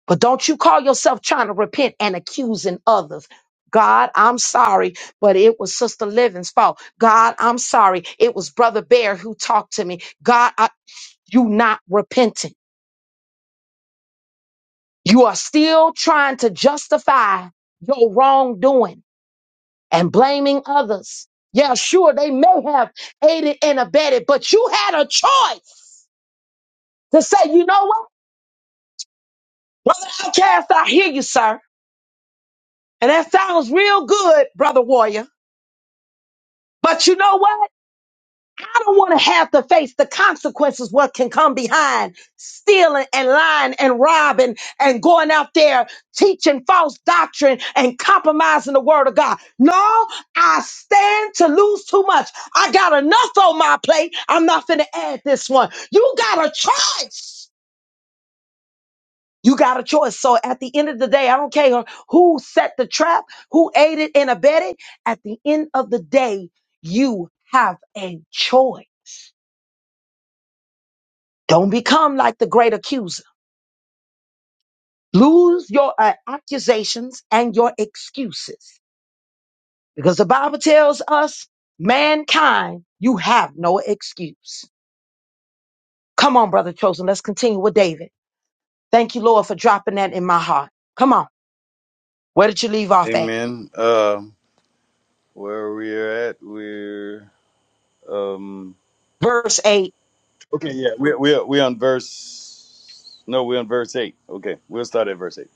[SPEAKER 2] But don't you call yourself trying to repent and accusing others. God, I'm sorry, but it was Sister Living's fault. God, I'm sorry. It was Brother Bear who talked to me. God, I, you not repenting. You are still trying to justify your wrongdoing and blaming others. Yeah, sure, they may have aided and abetted, but you had a choice to say, you know what? Brother Outcast, I hear you, sir. And that sounds real good, Brother Warrior. But you know what? I don't want to have to face the consequences, what can come behind stealing and lying and robbing and going out there teaching false doctrine and compromising the word of God. No, I stand to lose too much. I got enough on my plate. I'm not going to add this one. You got a choice. You got a choice. So at the end of the day, I don't care who set the trap, who aided and abetted. At the end of the day, you have a choice Don't become like the great accuser. Lose your uh, accusations and your excuses. Because the Bible tells us, mankind, you have no excuse. Come on, brother chosen. Let's continue with David. Thank you, Lord, for dropping that in my heart. Come on. Where did you leave off at?
[SPEAKER 4] Amen. Uh, where we're at, we're um.
[SPEAKER 2] Verse 8.
[SPEAKER 4] Okay, yeah, we are we are we are on verse. No, we're on verse eight. Okay, we'll start at verse eight.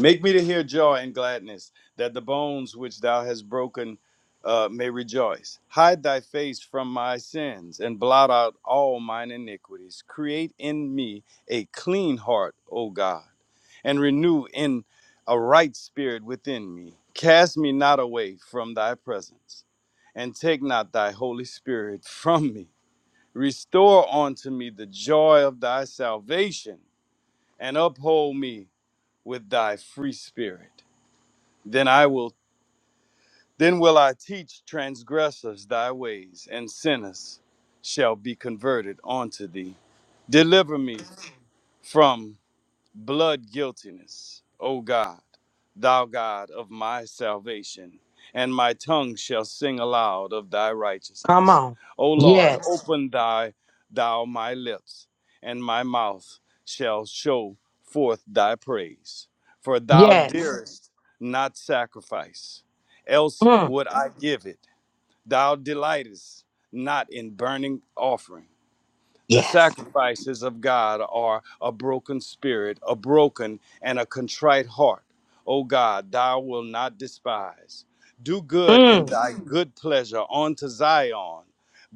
[SPEAKER 4] Make me to hear joy and gladness, that the bones which thou hast broken uh, may rejoice. Hide thy face from my sins and blot out all mine iniquities. Create in me a clean heart, O God, and renew in a right spirit within me. Cast me not away from thy presence, and take not thy Holy Spirit from me. Restore unto me the joy of thy salvation, and uphold me with thy free spirit. Then I will then will I teach transgressors thy ways, and sinners shall be converted unto thee. Deliver me from blood guiltiness, O God, thou God of my salvation, and my tongue shall sing aloud of thy
[SPEAKER 2] Come
[SPEAKER 4] righteousness.
[SPEAKER 2] on.
[SPEAKER 4] O Lord,
[SPEAKER 2] Yes.
[SPEAKER 4] open thy thou my lips, and my mouth shall show forth thy praise. For thou
[SPEAKER 2] Yes.
[SPEAKER 4] dearest not sacrifice, else
[SPEAKER 2] Mm.
[SPEAKER 4] would I give it. Thou delightest not in burning offering. The
[SPEAKER 2] Yes.
[SPEAKER 4] sacrifices of God are a broken spirit, a broken and a contrite heart. O God, thou wilt not despise. Do good in
[SPEAKER 2] Mm.
[SPEAKER 4] thy good pleasure unto Zion.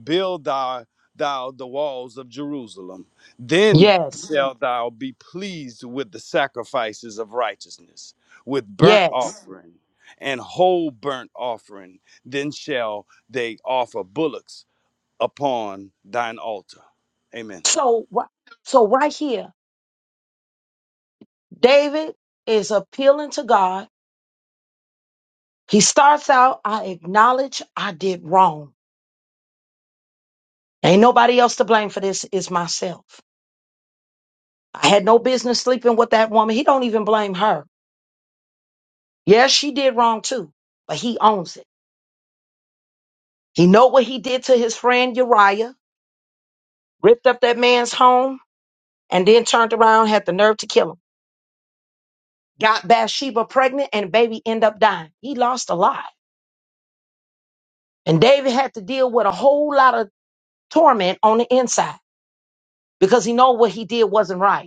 [SPEAKER 4] Build thou, thou the walls of Jerusalem. Then
[SPEAKER 2] Yes.
[SPEAKER 4] shalt thou be pleased with the sacrifices of righteousness, with burnt
[SPEAKER 2] Yes.
[SPEAKER 4] offering and whole burnt offering. Then shall they offer bullocks upon thine altar. Amen.
[SPEAKER 2] So, wh- so right here, David is appealing to God He starts out, I acknowledge I did wrong. Ain't nobody else to blame for this It's myself. I had no business sleeping with that woman. He don't even blame her. Yes, she did wrong too, but he owns it. He know what he did to his friend Uriah, ripped up that man's home, and then turned around, had the nerve to kill him. Got Bathsheba pregnant and baby end up dying. He lost a lot. And David had to deal with a whole lot of torment on the inside because he know what he did wasn't right.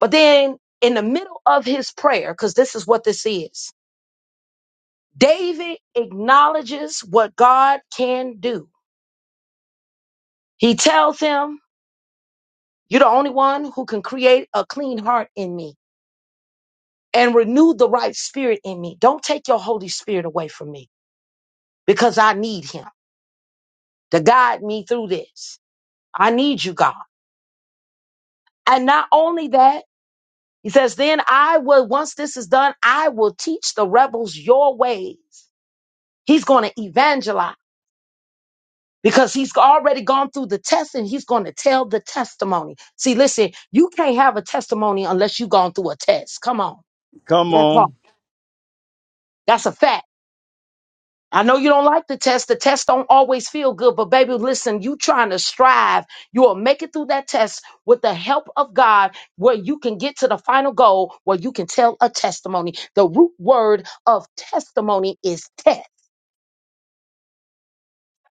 [SPEAKER 2] But then in the middle of his prayer, because this is what this is, David acknowledges what God can do. He tells him, You're the only one who can create a clean heart in me and renew the right spirit in me. Don't take your Holy Spirit away from me because I need him to guide me through this. I need you, God. And not only that, he says, Then I will, once this is done, I will teach the rebels your ways. He's going to evangelize. because he's already gone through the test and he's going to tell the testimony. See, listen, you can't have a testimony unless you've gone through a test. Come on.
[SPEAKER 4] Come
[SPEAKER 2] That part.
[SPEAKER 4] on.
[SPEAKER 2] That's a fact. I know you don't like the test. The test don't always feel good, but baby, listen, you trying to strive. You will make it through that test with the help of God where you can get to the final goal where you can tell a testimony. The root word of testimony is test.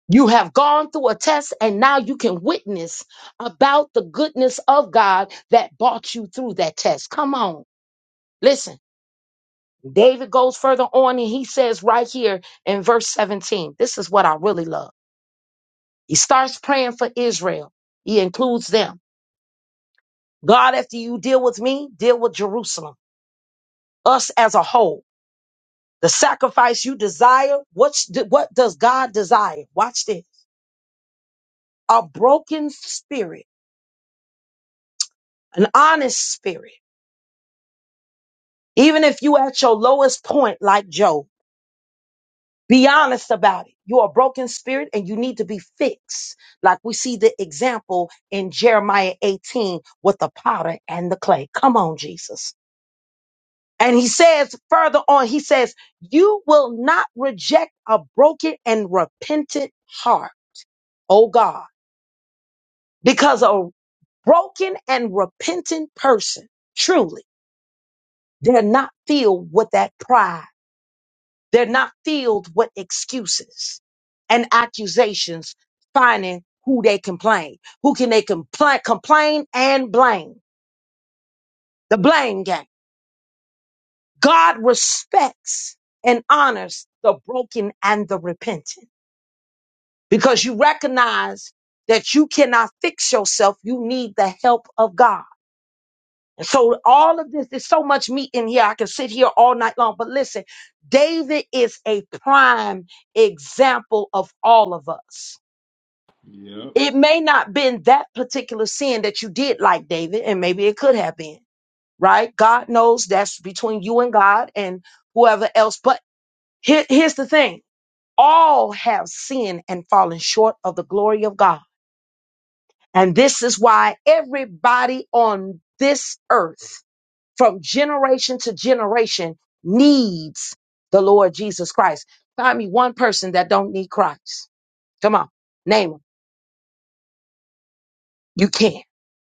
[SPEAKER 2] You have gone through a test and now you can witness about the goodness of God that brought you through that test. Come on. Listen, David goes further on and he says right here in verse 17, this is what I really love. He starts praying for Israel. He includes them. God, after you deal with me, deal with Jerusalem, us as a whole. The sacrifice you desire, what's, what does God desire? Watch this. A broken spirit, an honest spirit Even if you at your lowest point, like Job, be honest about it. You're a broken spirit and you need to be fixed. Like we see the example in Jeremiah 18 with the potter and the clay. Come on, Jesus. And he says further on, he says, you will not reject a broken and repentant heart, oh God, because a broken and repentant person, truly, they're not filled with that pride They're not filled with excuses and accusations finding who they can blame. Who can they complain, complain and blame? The blame game. God respects and honors the broken and the repentant because you recognize that you cannot fix yourself. You need the help of God. And so all of this, there's so much meat in here. I can sit here all night long, but listen, David is a prime example of all of us
[SPEAKER 3] Yep.
[SPEAKER 2] It may not been that particular sin that you did like David, and maybe it could have been, right? God knows that's between you and God and whoever else. But here- here's the thing. All have sinned and fallen short of the glory of God. And this is why everybody on this earth from generation to generation needs the Lord Jesus Christ. Find me one person that don't need Christ. Come on. Name him. You can't.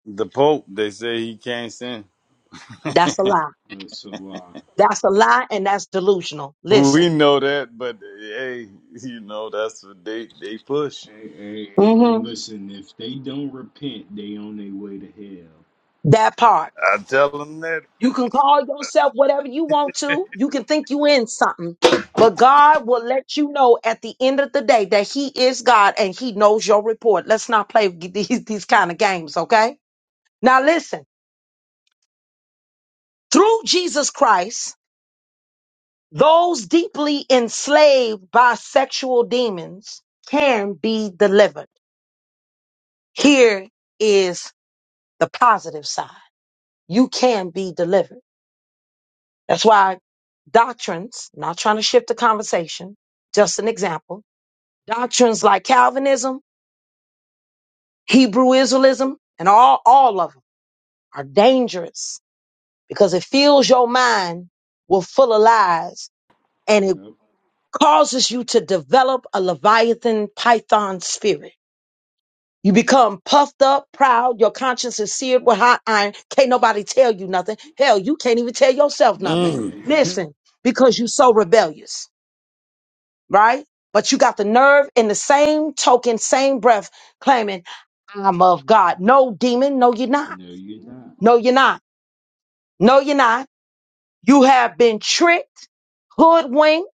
[SPEAKER 4] The Pope, they say he can't sin.
[SPEAKER 2] That's a lie.
[SPEAKER 3] That's a lie.
[SPEAKER 2] That's a lie and that's delusional. Listen,
[SPEAKER 4] We know that, but hey, you know, that's what they, they push.
[SPEAKER 3] Hey, hey, hey,
[SPEAKER 2] hmm
[SPEAKER 3] and listen, if they don't repent, they on their way to hell.
[SPEAKER 2] that part.
[SPEAKER 4] I tell them that.
[SPEAKER 2] You can call yourself whatever you want to. You can think you in something, but God will let you know at the end of the day that He is God and He knows your report. Let's not play with these, these kind of games, okay? Now listen, through Jesus Christ, those deeply enslaved by sexual demons can be delivered. Here is the positive side. You can be delivered. That's why doctrines, not trying to shift the conversation, just an example, doctrines like Calvinism, Hebrew Israelism, and all, all of them are dangerous because it fills your mind with full of lies and it
[SPEAKER 3] Yep.
[SPEAKER 2] causes you to develop a Leviathan Python spirit. You become puffed up, proud, your conscience is seared with hot iron. Can't nobody tell you nothing. Hell, you can't even tell yourself nothing.
[SPEAKER 4] Mm.
[SPEAKER 3] Man.
[SPEAKER 2] Listen, because you're so rebellious. right? But you got the nerve in the same token, same breath, claiming, I'm of God. No, demon, no, you're not.
[SPEAKER 3] no, you're not.
[SPEAKER 2] No, you're not. No, you're not. You have been tricked, hoodwinked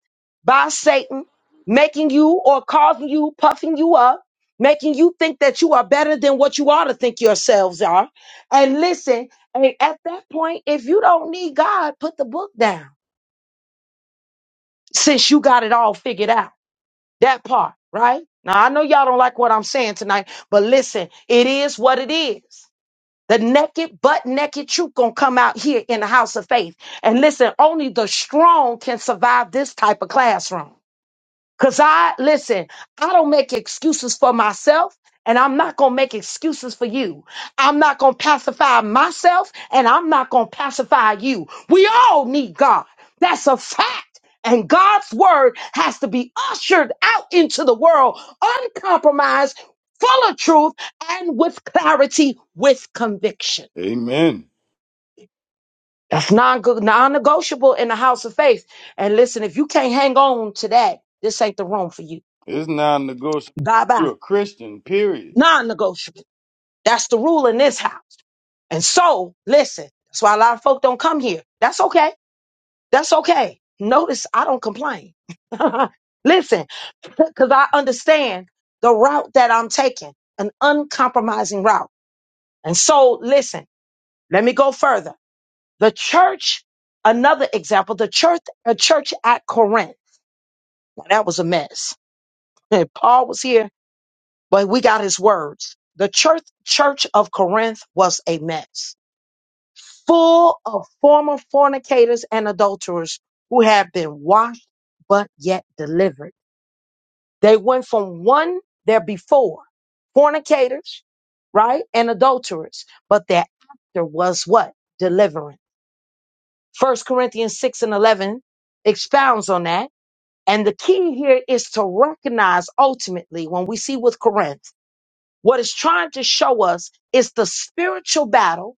[SPEAKER 2] by Satan, making you or causing you, puffing you up, making you think that you are better than what you ought to think yourselves are. And listen, and at that point, if you don't need God, put the book down since you got it all figured out. That part, right? Now, I know y'all don't like what I'm saying tonight, but listen, it is what it is. The naked, butt naked truth gonna come out here in the house of faith. And listen, only the strong can survive this type of classroom. Cause I listen, I don't make excuses for myself, and I'm not gonna make excuses for you. I'm not gonna pacify myself, and I'm not gonna pacify you. We all need God. That's a fact. And God's word has to be ushered out into the world, uncompromised, full of truth, and with clarity, with conviction.
[SPEAKER 4] Amen.
[SPEAKER 2] That's non negotiable in the house of faith. And listen, if you can't hang on to that, this ain't the room for you.
[SPEAKER 4] It's non negotiable.
[SPEAKER 2] Bye bye.
[SPEAKER 4] You're a Christian, period.
[SPEAKER 2] Non-negotiable. That's the rule in this house. And so, listen, that's why a lot of folk don't come here. That's okay. That's okay. Notice I don't complain. listen, because I understand the route that I'm taking, an uncompromising route. And so, listen, let me go further. The church, another example, the church, a church at Corinth. Now, that was a mess. And Paul was here, but we got his words. The church, church of Corinth was a mess full of former fornicators and adulterers who have been washed but yet delivered. They went from one there before, fornicators, right? And adulterers, but their after was what? Deliverance. First Corinthians 6 and 11 expounds on that. And the key here is to recognize ultimately when we see with Corinth, what it's trying to show us is the spiritual battle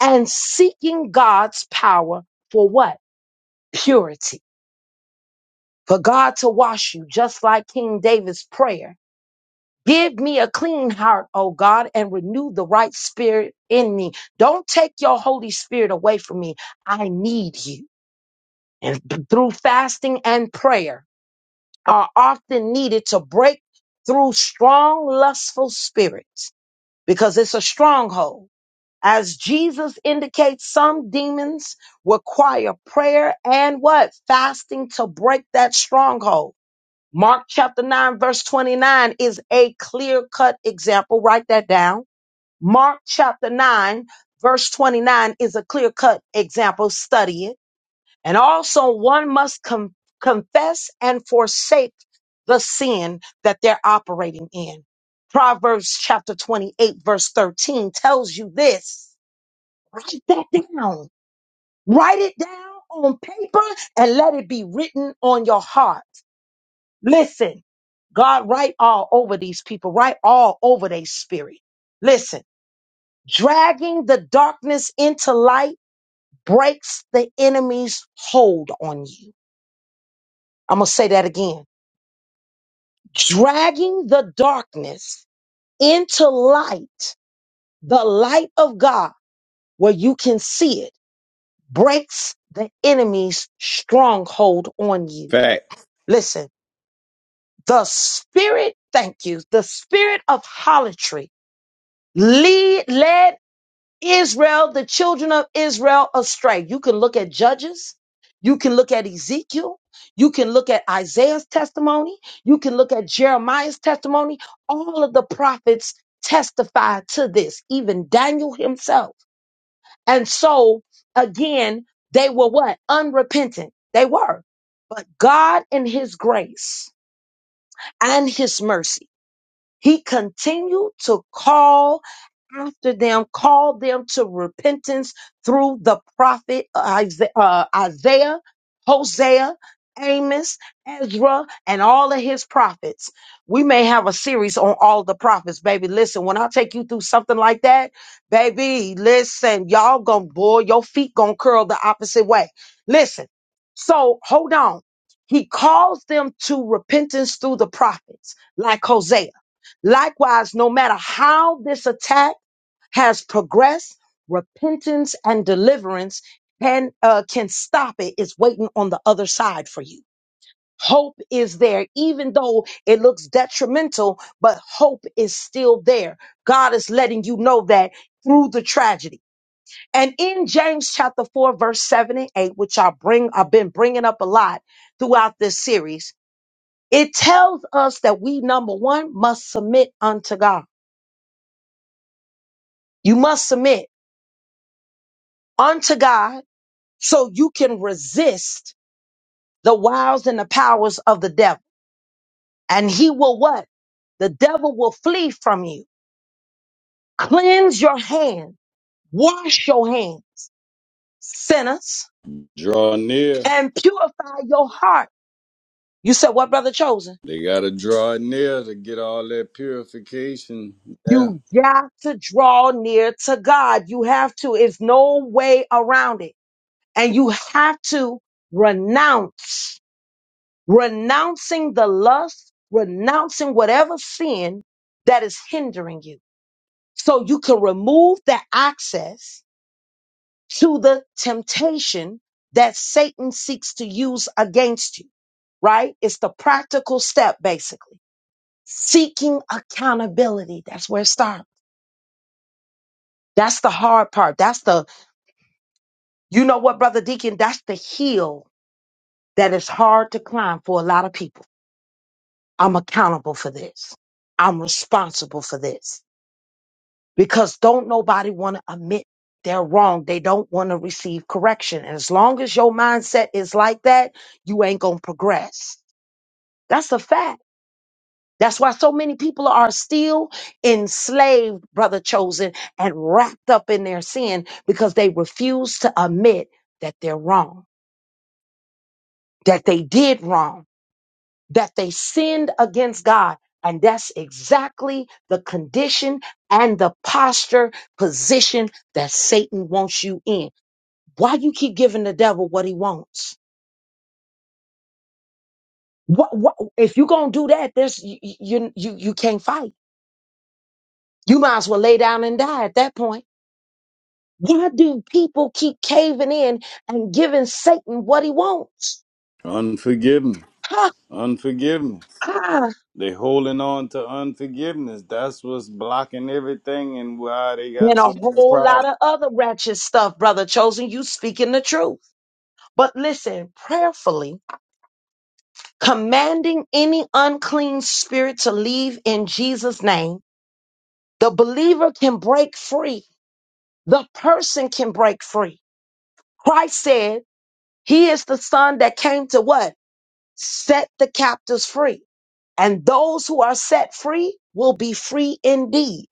[SPEAKER 2] and seeking God's power for what? purity for God to wash you, just like King David's prayer. Give me a clean heart, O God, and renew the right spirit in me. Don't take your Holy Spirit away from me. I need you. And through fasting and prayer are often needed to break through strong, lustful spirits because it's a stronghold. As Jesus indicates, some demons require prayer and what? Fasting to break that stronghold. Mark chapter 9, verse 29 is a clear cut example. Write that down. Mark chapter 9, verse 29 is a clear cut example. Study it. And also, one must com- confess and forsake the sin that they're operating in. Proverbs chapter 28, verse 13 tells you this. Write that down. Write it down on paper and let it be written on your heart Listen, God, write all over these people, write all over their spirit. Listen, dragging the darkness into light breaks the enemy's hold on you. I'm going to say that again. Dragging the darkness into light, the light of God, where you can see it, breaks the enemy's stronghold on you.
[SPEAKER 4] Fact.
[SPEAKER 2] Listen, the spirit, thank you, the spirit of harlotry lead, led Israel, the children of Israel astray. You can look at Judges. You can look at Ezekiel. You can look at Isaiah's testimony. You can look at Jeremiah's testimony. All of the prophets testify to this, even Daniel himself. And so, again, they were what? Unrepentant. They were. But God, in His grace and His mercy, he continued to call after them, call them to repentance through the prophet uh, Isa- uh, Isaiah, Hosea, Amos, Ezra, and all of his prophets. We may have a series on all the prophets, baby. Listen, when I take you through something like that, baby, listen, y'all gonna, boy, your feet gonna curl the opposite way. Listen, so hold on. He calls them to repentance through the prophets, like Hosea. Likewise, no matter how this attack has progressed, repentance and deliverance can uh, can stop it. It's waiting on the other side for you. Hope is there, even though it looks detrimental, but hope is still there. God is letting you know that through the tragedy. And in James chapter 4, verse 7 and 8, which I bring, I've been bringing up a lot throughout this series, it tells us that we, number one, must submit unto God. You must submit unto God so you can resist the wiles and the powers of the devil. And he will what? The devil will flee from you. Cleanse your hand, wash your hands, sinners,
[SPEAKER 4] Draw near.
[SPEAKER 2] and purify your heart. You said, What, brother chosen?
[SPEAKER 4] They got to draw near to get all that purification. Yeah.
[SPEAKER 2] You got to draw near to God. You have to. It's no way around it. And you have to renounce renouncing the lust, renouncing whatever sin that is hindering you. So you can remove the access to the temptation that Satan seeks to use against you, right? It's the practical step, basically. Seeking accountability. That's where it starts. That's the hard part. That's the, you know what, Brother Deacon? That's the hill that is hard to climb for a lot of people. I'm accountable for this. I'm responsible for this. because don't nobody want to admit they're wrong. They don't want to receive correction. And as long as your mindset is like that, you ain't going to progress. That's a fact. That's why so many people are still enslaved, brother chosen, and wrapped up in their sin because they refuse to admit that they're wrong, that they did wrong that they sinned against God. And that's exactly the condition and the posture position that Satan wants you in. Why you keep giving the devil what he wants? What, what, if you're going to do that, there's, you, you, you, you can't fight. You might as well lay down and die at that point. Why do people keep caving in and giving Satan what he wants?
[SPEAKER 4] Unforgiveness.
[SPEAKER 2] Ha,
[SPEAKER 4] Unforgiveness.
[SPEAKER 2] ha.
[SPEAKER 4] They holding on to unforgiveness. That's what's blocking everything and why they got
[SPEAKER 2] And a
[SPEAKER 4] so many
[SPEAKER 2] whole
[SPEAKER 4] problems.
[SPEAKER 2] lot of other ratchet stuff, brother chosen. You speaking the truth. But listen, prayerfully commanding any unclean spirit to leave in Jesus' name, the believer can break free. The person can break free. Christ said, He is the Son that came to what? Set the captives free. And those who are set free will be free indeed.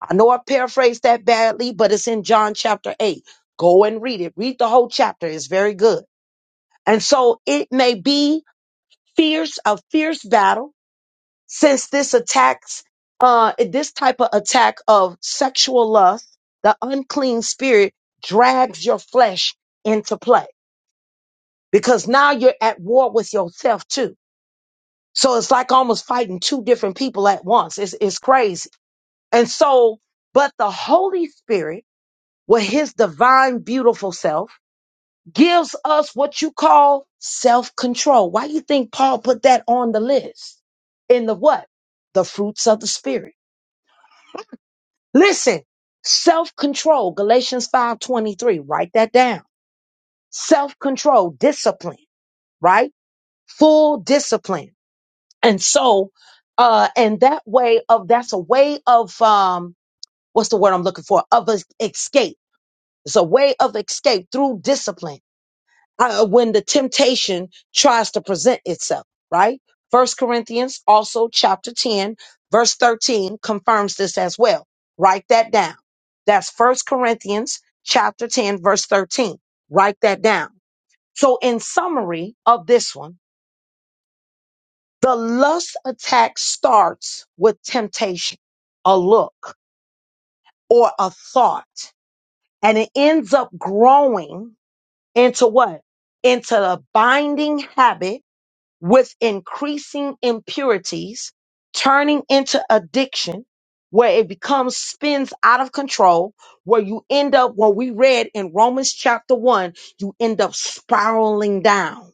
[SPEAKER 2] I know I paraphrased that badly, but it's in John chapter 8. Go and read it. Read the whole chapter. It's very good. And so it may be fierce, a fierce battle since this attacks uh this type of attack of sexual lust the unclean spirit drags your flesh into play because now you're at war with yourself too so it's like almost fighting two different people at once it's, it's crazy and so but the holy spirit with his divine beautiful self gives us what you call self-control why do you think paul put that on the list in the what the fruits of the spirit Listen, self-control, Galatians 5:23, write that down. Self-control, discipline, right? Full discipline. And so uh and that way of that's a way of um what's the word I'm looking for? Of es- escape. It's a way of escape through discipline uh, when the temptation tries to present itself, right? First Corinthians, also chapter 10, verse 13, confirms this as well. Write that down. That's First Corinthians chapter 10, verse 13. Write that down. So, in summary of this one, the lust attack starts with temptation, a look, or a thought, and it ends up growing into what? Into a binding habit with increasing impurities, turning into addiction, where it becomes spins out of control, where you end up, what we read in Romans chapter one, you end up spiraling down.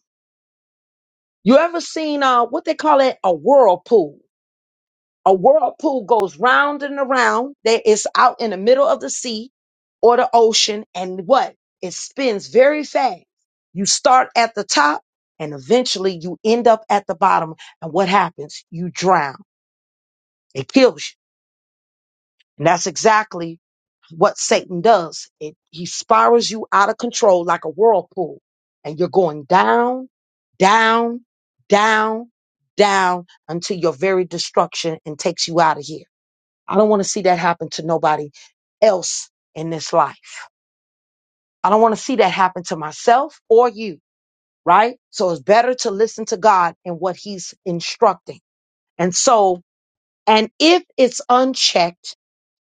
[SPEAKER 2] You ever seen uh what they call it a whirlpool? A whirlpool goes round and around. There is out in the middle of the sea or the ocean, and what? It spins very fast. You start at the top, and eventually you end up at the bottom. And what happens? You drown. It kills you. And that's exactly what Satan does. It, he spirals you out of control like a whirlpool, and you're going down, down, down, down until your very destruction and takes you out of here. I don't want to see that happen to nobody else in this life. I don't want to see that happen to myself or you, right? So it's better to listen to God and what He's instructing. And so, and if it's unchecked,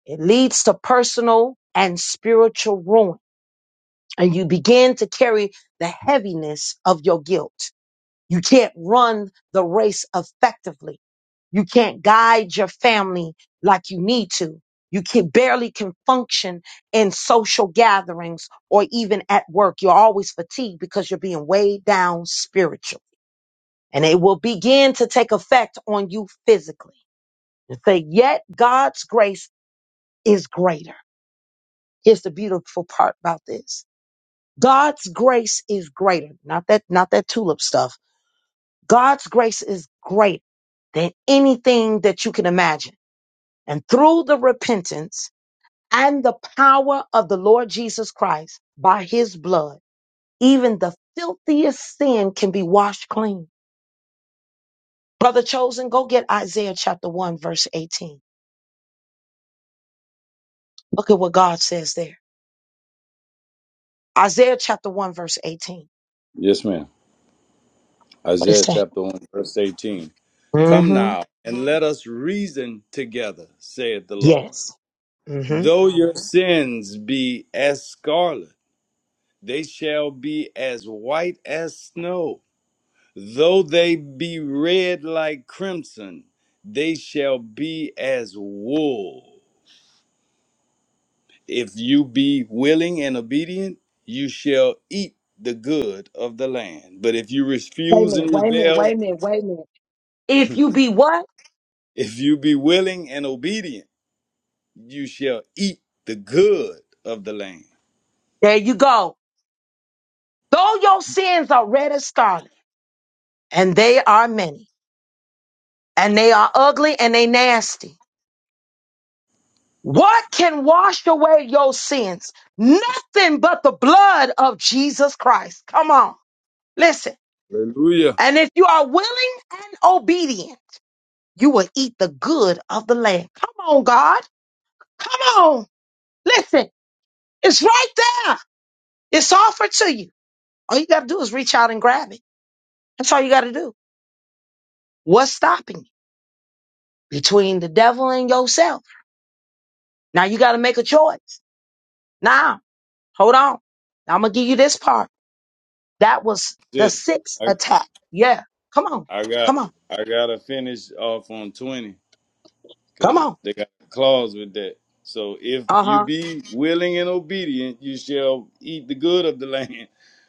[SPEAKER 2] it leads to personal and spiritual ruin. And you begin to carry the heaviness of your guilt. You can't run the race effectively You can't guide your family like you need to. You can barely can function in social gatherings or even at work. You're always fatigued because you're being weighed down spiritually. And it will begin to take effect on you physically. And say, yet God's grace is greater. Here's the beautiful part about this. God's grace is greater. Not that, not that tulip stuff. God's grace is greater than anything that you can imagine. And through the repentance and the power of the Lord Jesus Christ by his blood, even the filthiest sin can be washed clean. Brother Chosen, go get Isaiah chapter 1, verse 18. Look at what God says there. Isaiah chapter 1, verse 18.
[SPEAKER 4] Yes, ma'am.
[SPEAKER 2] What is
[SPEAKER 4] Isaiah
[SPEAKER 2] that?
[SPEAKER 4] chapter 1, verse 18. Come
[SPEAKER 2] Mm-hmm.
[SPEAKER 4] now and let us reason together, saith the Lord.
[SPEAKER 2] Yes. Mm-hmm.
[SPEAKER 4] Though your sins be as scarlet, they shall be as white as snow. Though they be red like crimson, they shall be as wool. If you be willing and obedient, you shall eat the good of the land. But if you
[SPEAKER 2] Wait a
[SPEAKER 4] refuse and
[SPEAKER 2] minute, wait a minute,
[SPEAKER 4] rebel,
[SPEAKER 2] wait a minute, wait a minute. If you be what?
[SPEAKER 4] if you be willing and obedient, you shall eat the good of the land.
[SPEAKER 2] There you go. Though your sins are red as scarlet, and they are many, and they are ugly and they nasty. What can wash away your sins? Nothing but the blood of Jesus Christ. Come on, listen.
[SPEAKER 4] Hallelujah.
[SPEAKER 2] And if you are willing and obedient, you will eat the good of the land. Come on, God. Come on. Listen, it's right there. It's offered to you. All you got to do is reach out and grab it. That's all you got to do. What's stopping you? Between the devil and yourself. Now you got to make a choice. Now, hold on. I'm going to give you this part. That was the
[SPEAKER 4] Just
[SPEAKER 2] sixth
[SPEAKER 4] I
[SPEAKER 2] attack. Yeah. Come on.
[SPEAKER 4] I got
[SPEAKER 2] Come on.
[SPEAKER 4] I gotta finish off on twenty
[SPEAKER 2] Come
[SPEAKER 4] because
[SPEAKER 2] on.
[SPEAKER 4] they got a clause with that. So if
[SPEAKER 2] Uh
[SPEAKER 4] you
[SPEAKER 2] huh.
[SPEAKER 4] be willing and obedient, you shall eat the good of the land.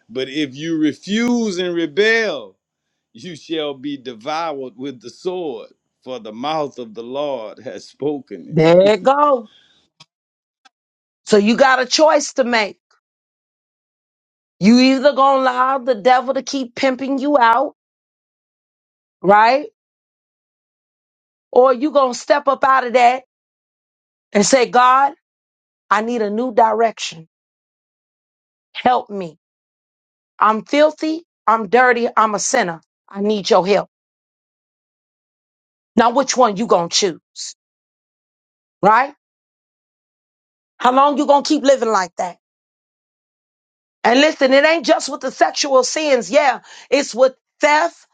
[SPEAKER 4] But if you refuse and rebel, you shall be devoured with the sword, for the mouth of the Lord has spoken it.
[SPEAKER 2] There it go. So you got a choice to make. You either gonna allow the devil to keep pimping you out, right? Or you gonna step up out of that and say, God, I need a new direction. Help me. I'm filthy. I'm dirty. I'm a sinner. I need your help. Now, which one you gonna choose, right? How long you gonna keep living like that? And listen, it ain't just with the sexual sins. Yeah, it's with theft,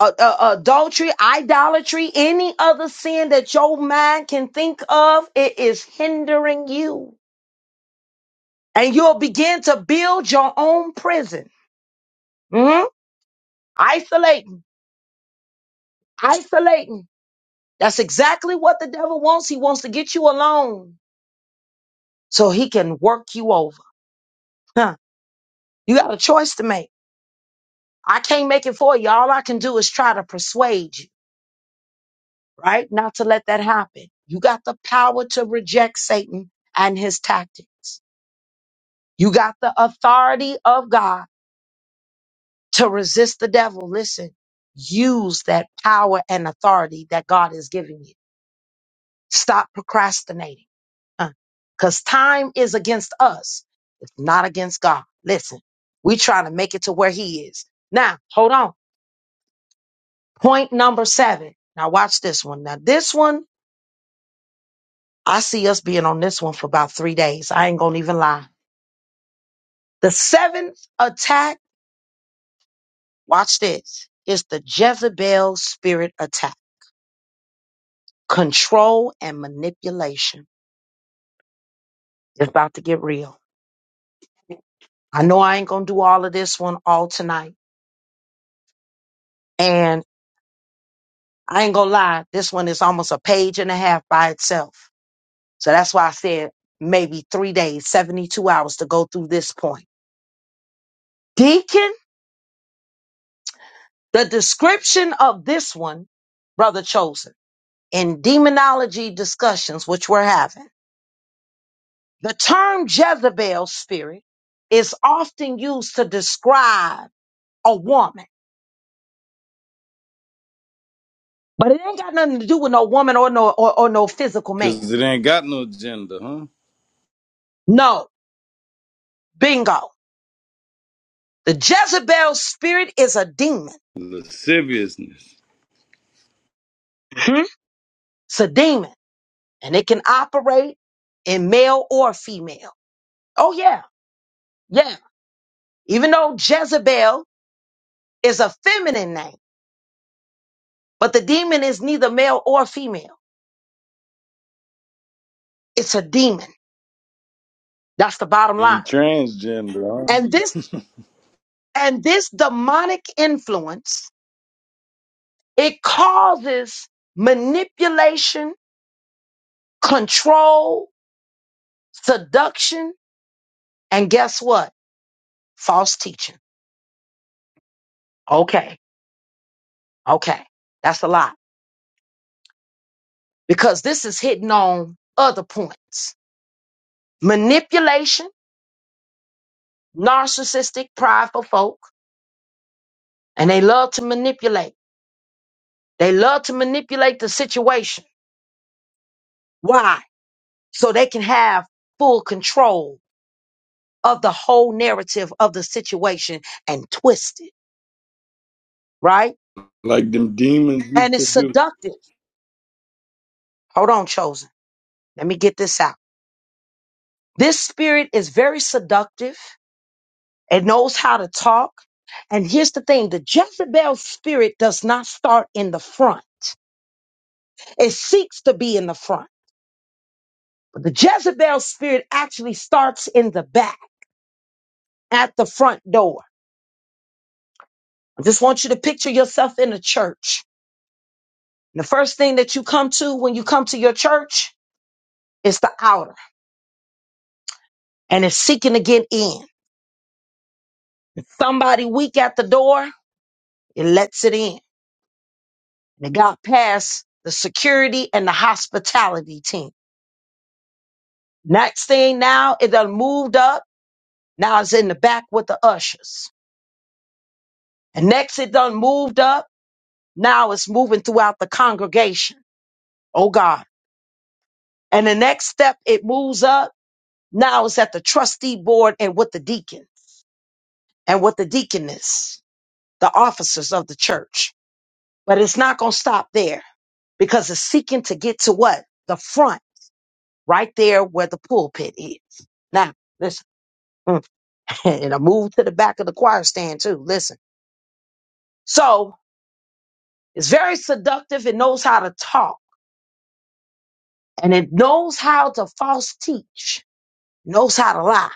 [SPEAKER 2] uh, uh, adultery, idolatry, any other sin that your mind can think of. It is hindering you. And you'll begin to build your own prison. Mhm. Isolating, isolating. That's exactly what the devil wants. He wants to get you alone so he can work you over. Huh. You got a choice to make. I can't make it for you. All I can do is try to persuade you. right? Not to let that happen. You got the power to reject Satan and his tactics. You got the authority of God to resist the devil. Listen, use that power and authority that God has given you. Stop procrastinating because time is against us. It's not against God. Listen, we trying to make it to where he is. Now, hold on. Point number seven. Now watch this one. Now this one, I see us being on this one for about three days. I ain't going to even lie The seventh attack, watch this, is the Jezebel spirit attack. Control and manipulation. It's about to get real. I know I ain't gonna do all of this one all tonight. And I ain't gonna lie, this one is almost a page and a half by itself. So that's why I said maybe three days, 72 hours to go through this point. Deacon, the description of this one, brother chosen, in demonology discussions, which we're having. The term Jezebel spirit is often used to describe a woman, but it ain't got nothing to do with no woman or no or, or no physical man.
[SPEAKER 4] Because it ain't got no gender, huh?
[SPEAKER 2] No, bingo. The Jezebel spirit is a demon.
[SPEAKER 4] Lasciviousness.
[SPEAKER 2] Mhm. It's a demon, and it can operate in male or female. Oh yeah, yeah. Even though Jezebel is a feminine name, but the demon is neither male or female. It's a demon. That's the bottom
[SPEAKER 4] He
[SPEAKER 2] line.
[SPEAKER 4] transgender,
[SPEAKER 2] And this
[SPEAKER 4] huh?
[SPEAKER 2] And this demonic influence, it causes manipulation, control, seduction, and guess what? False teaching. Okay. Okay. That's a lot because this is hitting on other points. Manipulation, narcissistic, prideful folk, and they love to manipulate. They love to manipulate the situation. Why? So they can have full control of the whole narrative of the situation and twist it, right?
[SPEAKER 4] Like them demons used
[SPEAKER 2] And
[SPEAKER 4] to
[SPEAKER 2] it's
[SPEAKER 4] do.
[SPEAKER 2] seductive. Hold on, chosen. Let me get this out. This spirit is very seductive. It knows how to talk. And here's the thing the Jezebel spirit does not start in the front, it seeks to be in the front. But the Jezebel spirit actually starts in the back at the front door. I just want you to picture yourself in a church. the first thing that you come to when you come to your church is the outer. and it's seeking to get in. If somebody weak at the door, it lets it in. And it got past the security and the hospitality team. Next thing now, it done moved up. Now it's in the back with the ushers. And next it done moved up. Now it's moving throughout the congregation. Oh God. And the next step, it moves up. Now it's at the trustee board and with the deacons and with the deaconess, the officers of the church. But it's not going to stop there because it's seeking to get to what? The front, right there where the pulpit is. Now, listen, mm, and I move to the back of the choir stand too. Listen. So it's very seductive. It knows how to talk and it knows how to false teach, knows how to lie.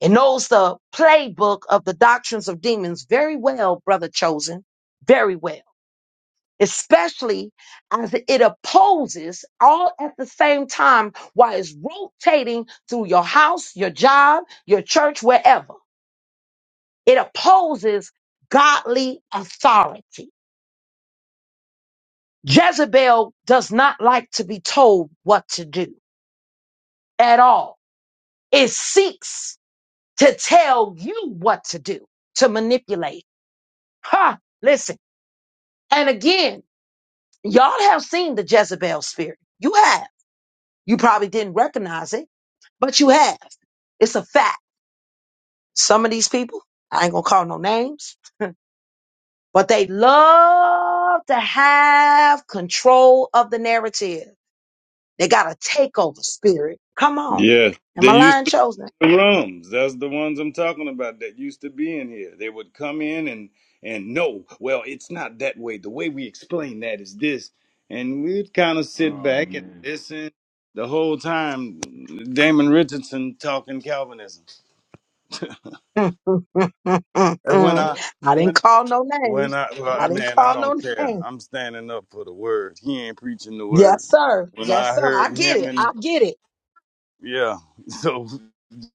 [SPEAKER 2] It knows the playbook of the doctrines of demons very well, brother chosen, very well. especially as it opposes all at the same time while it's rotating through your house, your job, your church, wherever. It opposes godly authority. Jezebel does not like to be told what to do at all. It seeks to tell you what to do, to manipulate. Ha! Listen. And again, y'all have seen the Jezebel spirit. You have. You probably didn't recognize it but you have. It's a fact. Some of these people, I ain't gonna call no names, but they love to have control of the narrative. They got a takeover spirit. Come on.
[SPEAKER 4] Yeah.
[SPEAKER 2] Am
[SPEAKER 4] they
[SPEAKER 2] I
[SPEAKER 4] used.
[SPEAKER 2] lying, chosen?
[SPEAKER 4] The rooms, that's the ones I'm talking about that used to be in here. They would come in and and no, well, it's not that way. The way we explain that is this, and we'd kind of sit
[SPEAKER 3] Oh
[SPEAKER 4] back and
[SPEAKER 3] man.
[SPEAKER 4] listen the whole time. Damon Richardson talking Calvinism. And when I
[SPEAKER 2] I didn't
[SPEAKER 4] when
[SPEAKER 2] call no
[SPEAKER 4] when
[SPEAKER 2] names.
[SPEAKER 4] I well, I-
[SPEAKER 2] I didn't
[SPEAKER 4] man, I
[SPEAKER 2] call
[SPEAKER 4] don't
[SPEAKER 2] no
[SPEAKER 4] care.
[SPEAKER 2] names.
[SPEAKER 4] I'm standing up for the word. He ain't preaching the
[SPEAKER 2] Yes,
[SPEAKER 4] word.
[SPEAKER 2] sir.
[SPEAKER 4] When
[SPEAKER 2] Yes,
[SPEAKER 4] I
[SPEAKER 2] sir.
[SPEAKER 4] heard
[SPEAKER 2] I get
[SPEAKER 4] him
[SPEAKER 2] it.
[SPEAKER 4] and
[SPEAKER 2] I get it.
[SPEAKER 4] yeah, so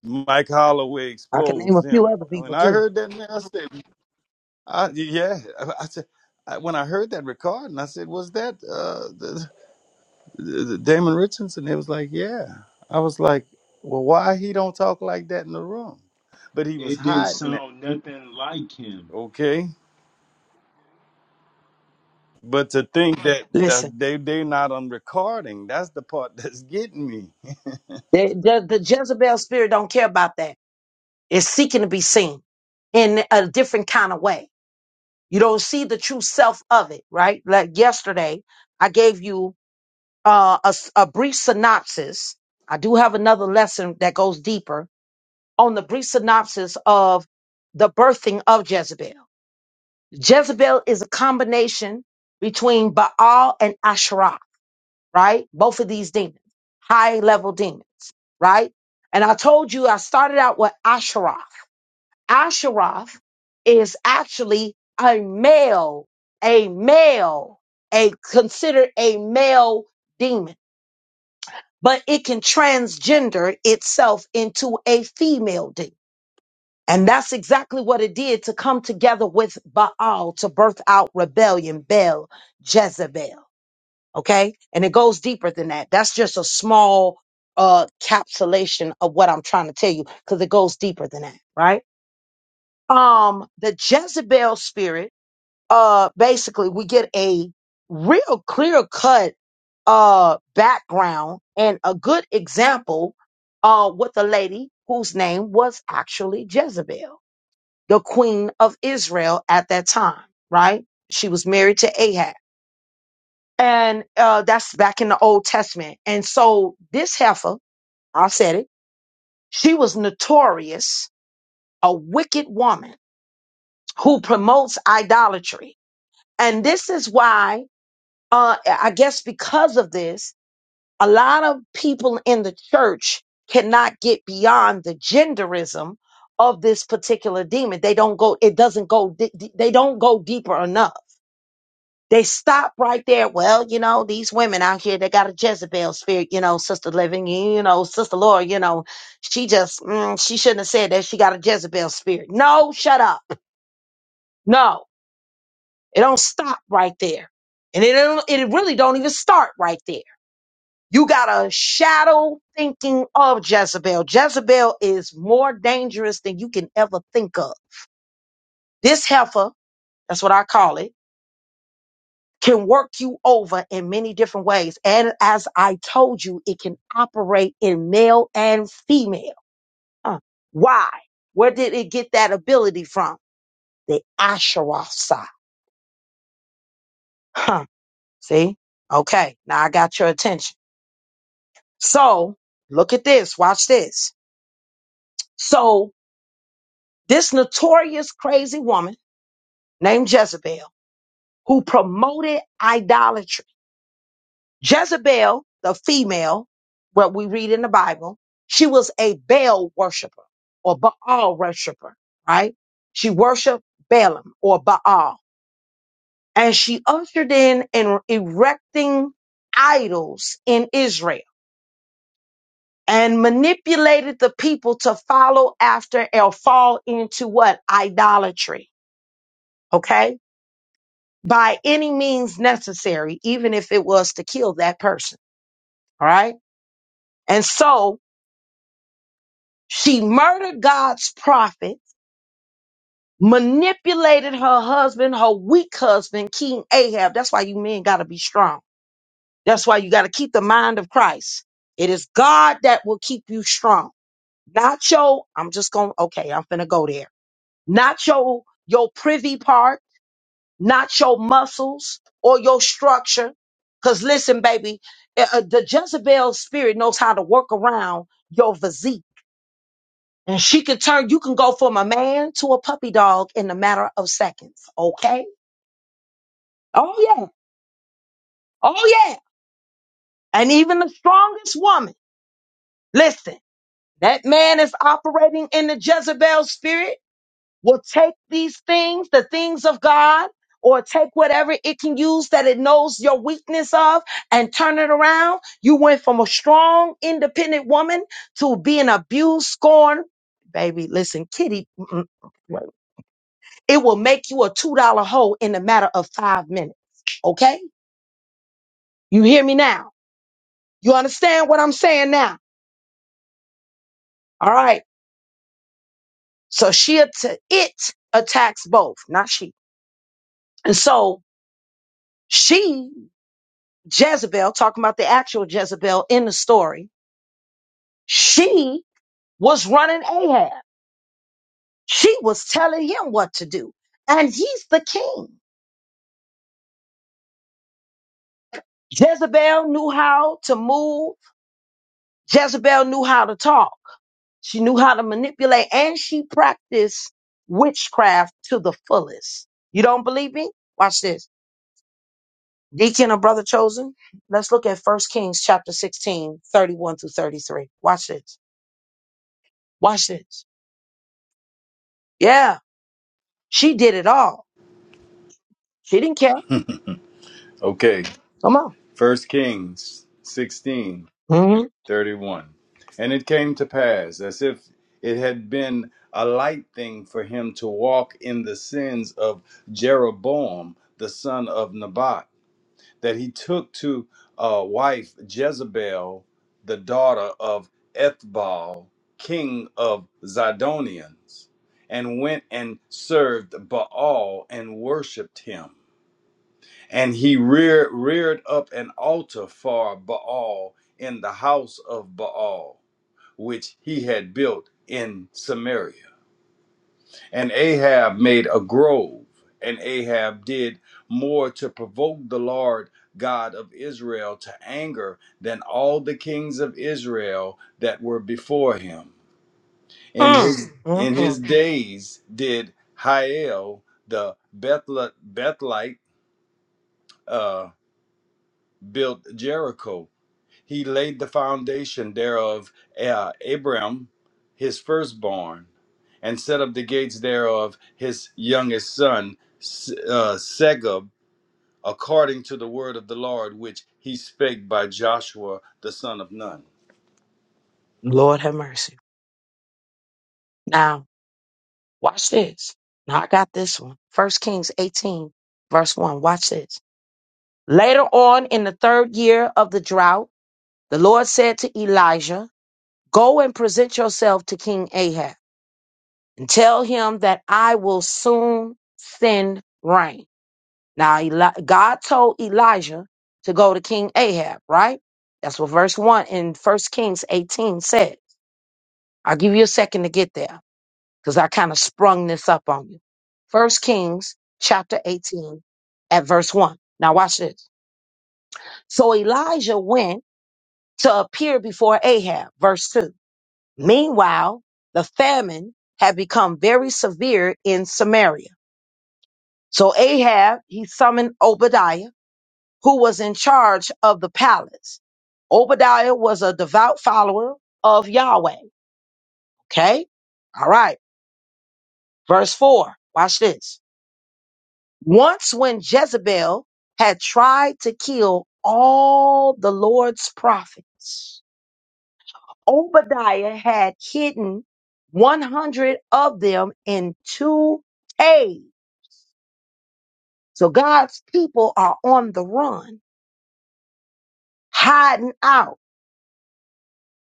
[SPEAKER 4] Mike Holloway
[SPEAKER 2] I can name
[SPEAKER 4] exposed
[SPEAKER 2] a few
[SPEAKER 4] him.
[SPEAKER 2] other
[SPEAKER 4] When
[SPEAKER 2] people
[SPEAKER 4] I
[SPEAKER 2] too.
[SPEAKER 4] heard that, man, I said. I, yeah, I, I said I, when I heard that recording, I said, "Was that uh, the, the, the Damon Richardson?" It was like, "Yeah." I was like, "Well, why he don't talk like that in the room?" But he was
[SPEAKER 3] It didn't
[SPEAKER 4] hiding that,
[SPEAKER 3] sound nothing like him.
[SPEAKER 4] okay. But to think that,
[SPEAKER 2] Listen,
[SPEAKER 4] that they they not on recording, that's the part that's getting me.
[SPEAKER 2] the, the, the Jezebel spirit don't care about that. It's seeking to be seen in a different kind of way. You don't see the true self of it, right? Like yesterday, I gave you uh, a, s- a brief synopsis. I do have another lesson that goes deeper on the brief synopsis of the birthing of Jezebel. Jezebel is a combination between Baal and Asherah, right? Both of these demons, high level demons, right? And I told you I started out with Asherah. Asheroth is actually a male, a male, a considered a male demon, but it can transgender itself into a female demon. And that's exactly what it did to come together with Baal to birth out rebellion, Bel, Jezebel. Okay. And it goes deeper than that. That's just a small uh capsulation of what I'm trying to tell you because it goes deeper than that, right? um the Jezebel spirit, uh basically we get a real clear cut uh background and a good example uh with a lady whose name was actually Jezebel, the queen of Israel at that time, right? She was married to Ahab. And uh that's back in the Old Testament. And so this heifer, I said it, she was notorious, a wicked woman who promotes idolatry And this is why, uh, I guess because of this, a lot of people in the church cannot get beyond the genderism of this particular demon. They don't go, it doesn't go, di- di- they don't go deeper enough. They stop right there. Well, you know, these women out here, they got a Jezebel spirit, you know, Sister Living, you know, Sister Laura, you know, she just, mm, she shouldn't have said that she got a Jezebel spirit. No, shut up. No. It don't stop right there. And it, don't- it really don't even start right there. You got a shadow thinking of Jezebel. Jezebel is more dangerous than you can ever think of. This heifer, that's what I call it, can work you over in many different ways. And as I told you, it can operate in male and female. Huh. Why? Where did it get that ability from? The Asherah side. Huh. See? Okay. Now I got your attention. So look at this. Watch this. So this notorious crazy woman named Jezebel who promoted idolatry. Jezebel, the female, what we read in the Bible, she was a Baal worshiper or Baal worshiper, right? She worshiped Balaam or Baal and she ushered in and erecting idols in Israel and manipulated the people to follow after or fall into what? Idolatry. Okay. By any means necessary, even if it was to kill that person. All right. And so she murdered God's prophet, manipulated her husband, her weak husband, King Ahab. That's why you men got to be strong. That's why you got to keep the mind of Christ. It is God that will keep you strong. Not your, I'm just going, to okay, I'm finna go there not your your privy part, not your muscles or your structure. Cause listen, baby, uh, uh, the Jezebel spirit knows how to work around your physique, and she can turn. You can go from a man to a puppy dog in a matter of seconds. Okay? Oh yeah. Oh yeah. And even the strongest woman, listen, that man is operating in the Jezebel spirit. will take these things, the things of God, or take whatever it can use that it knows your weakness of and turn it around. You went from a strong, independent woman to being abused, scorned. Baby, listen, kitty, mm, mm, it will make you a $2 hole in a matter of five minutes. Okay? You hear me now? You understand what I'm saying now? All right. So she, att- it attacks both, not she. And so she Jezebel, talking about the actual Jezebel in the story, she was running Ahab. She was telling him what to do. And he's the king. Jezebel knew how to move. Jezebel knew how to talk. She knew how to manipulate and she practiced witchcraft to the fullest. You don't believe me? Watch this. Deacon or brother chosen. Let's look at 1 Kings chapter 16, 31 through 33. Watch this. Watch this. Yeah, she did it all. She didn't care.
[SPEAKER 4] Okay,
[SPEAKER 2] Come on.
[SPEAKER 4] First Kings sixteen.
[SPEAKER 2] Mm-hmm.
[SPEAKER 4] 31. And it came to pass, as if it had been a light thing for him to walk in the sins of Jeroboam, the son of Nebat, that he took to uh, wife Jezebel, the daughter of Ethbaal, king of Zidonians, and went and served Baal and worshipped him. And he rear, reared up an altar for Baal in the house of Baal which he had built in Samaria. And Ahab made a grove, and Ahab did more to provoke the Lord God of Israel to anger than all the kings of Israel that were before him. In
[SPEAKER 2] Mm.
[SPEAKER 4] his in his
[SPEAKER 2] Mm-mm.
[SPEAKER 4] days did Hiel the Bethlite, Bethlite uh, built Jericho He laid the foundation thereof, uh, Abram, his firstborn, and set up the gates thereof, his youngest son, S- uh, Segub, according to the word of the Lord, which he spake by Joshua, the son of Nun.
[SPEAKER 2] Lord have mercy. Now, watch this. Now I got this one. First Kings 18, verse 1. Watch this. Later on in the third year of the drought, the Lord said to Elijah, Go and present yourself to King Ahab and tell him that I will soon send rain. Now, Eli- God told Elijah to go to King Ahab, right? That's what verse 1 in First Kings 18 said. I'll give you a second to get there because I kind of sprung this up on you. First Kings chapter 18 at verse 1. Now watch this. So Elijah went to appear before Ahab, verse 2. Meanwhile, the famine had become very severe in Samaria. So Ahab, he summoned Obadiah, who was in charge of the palace. Obadiah was a devout follower of Yahweh. Okay. All right. Verse 4. Watch this. Once, when Jezebel had tried to kill all the Lord's prophets, Obadiah had hidden 100 of them in two caves. So God's people are on the run, hiding out.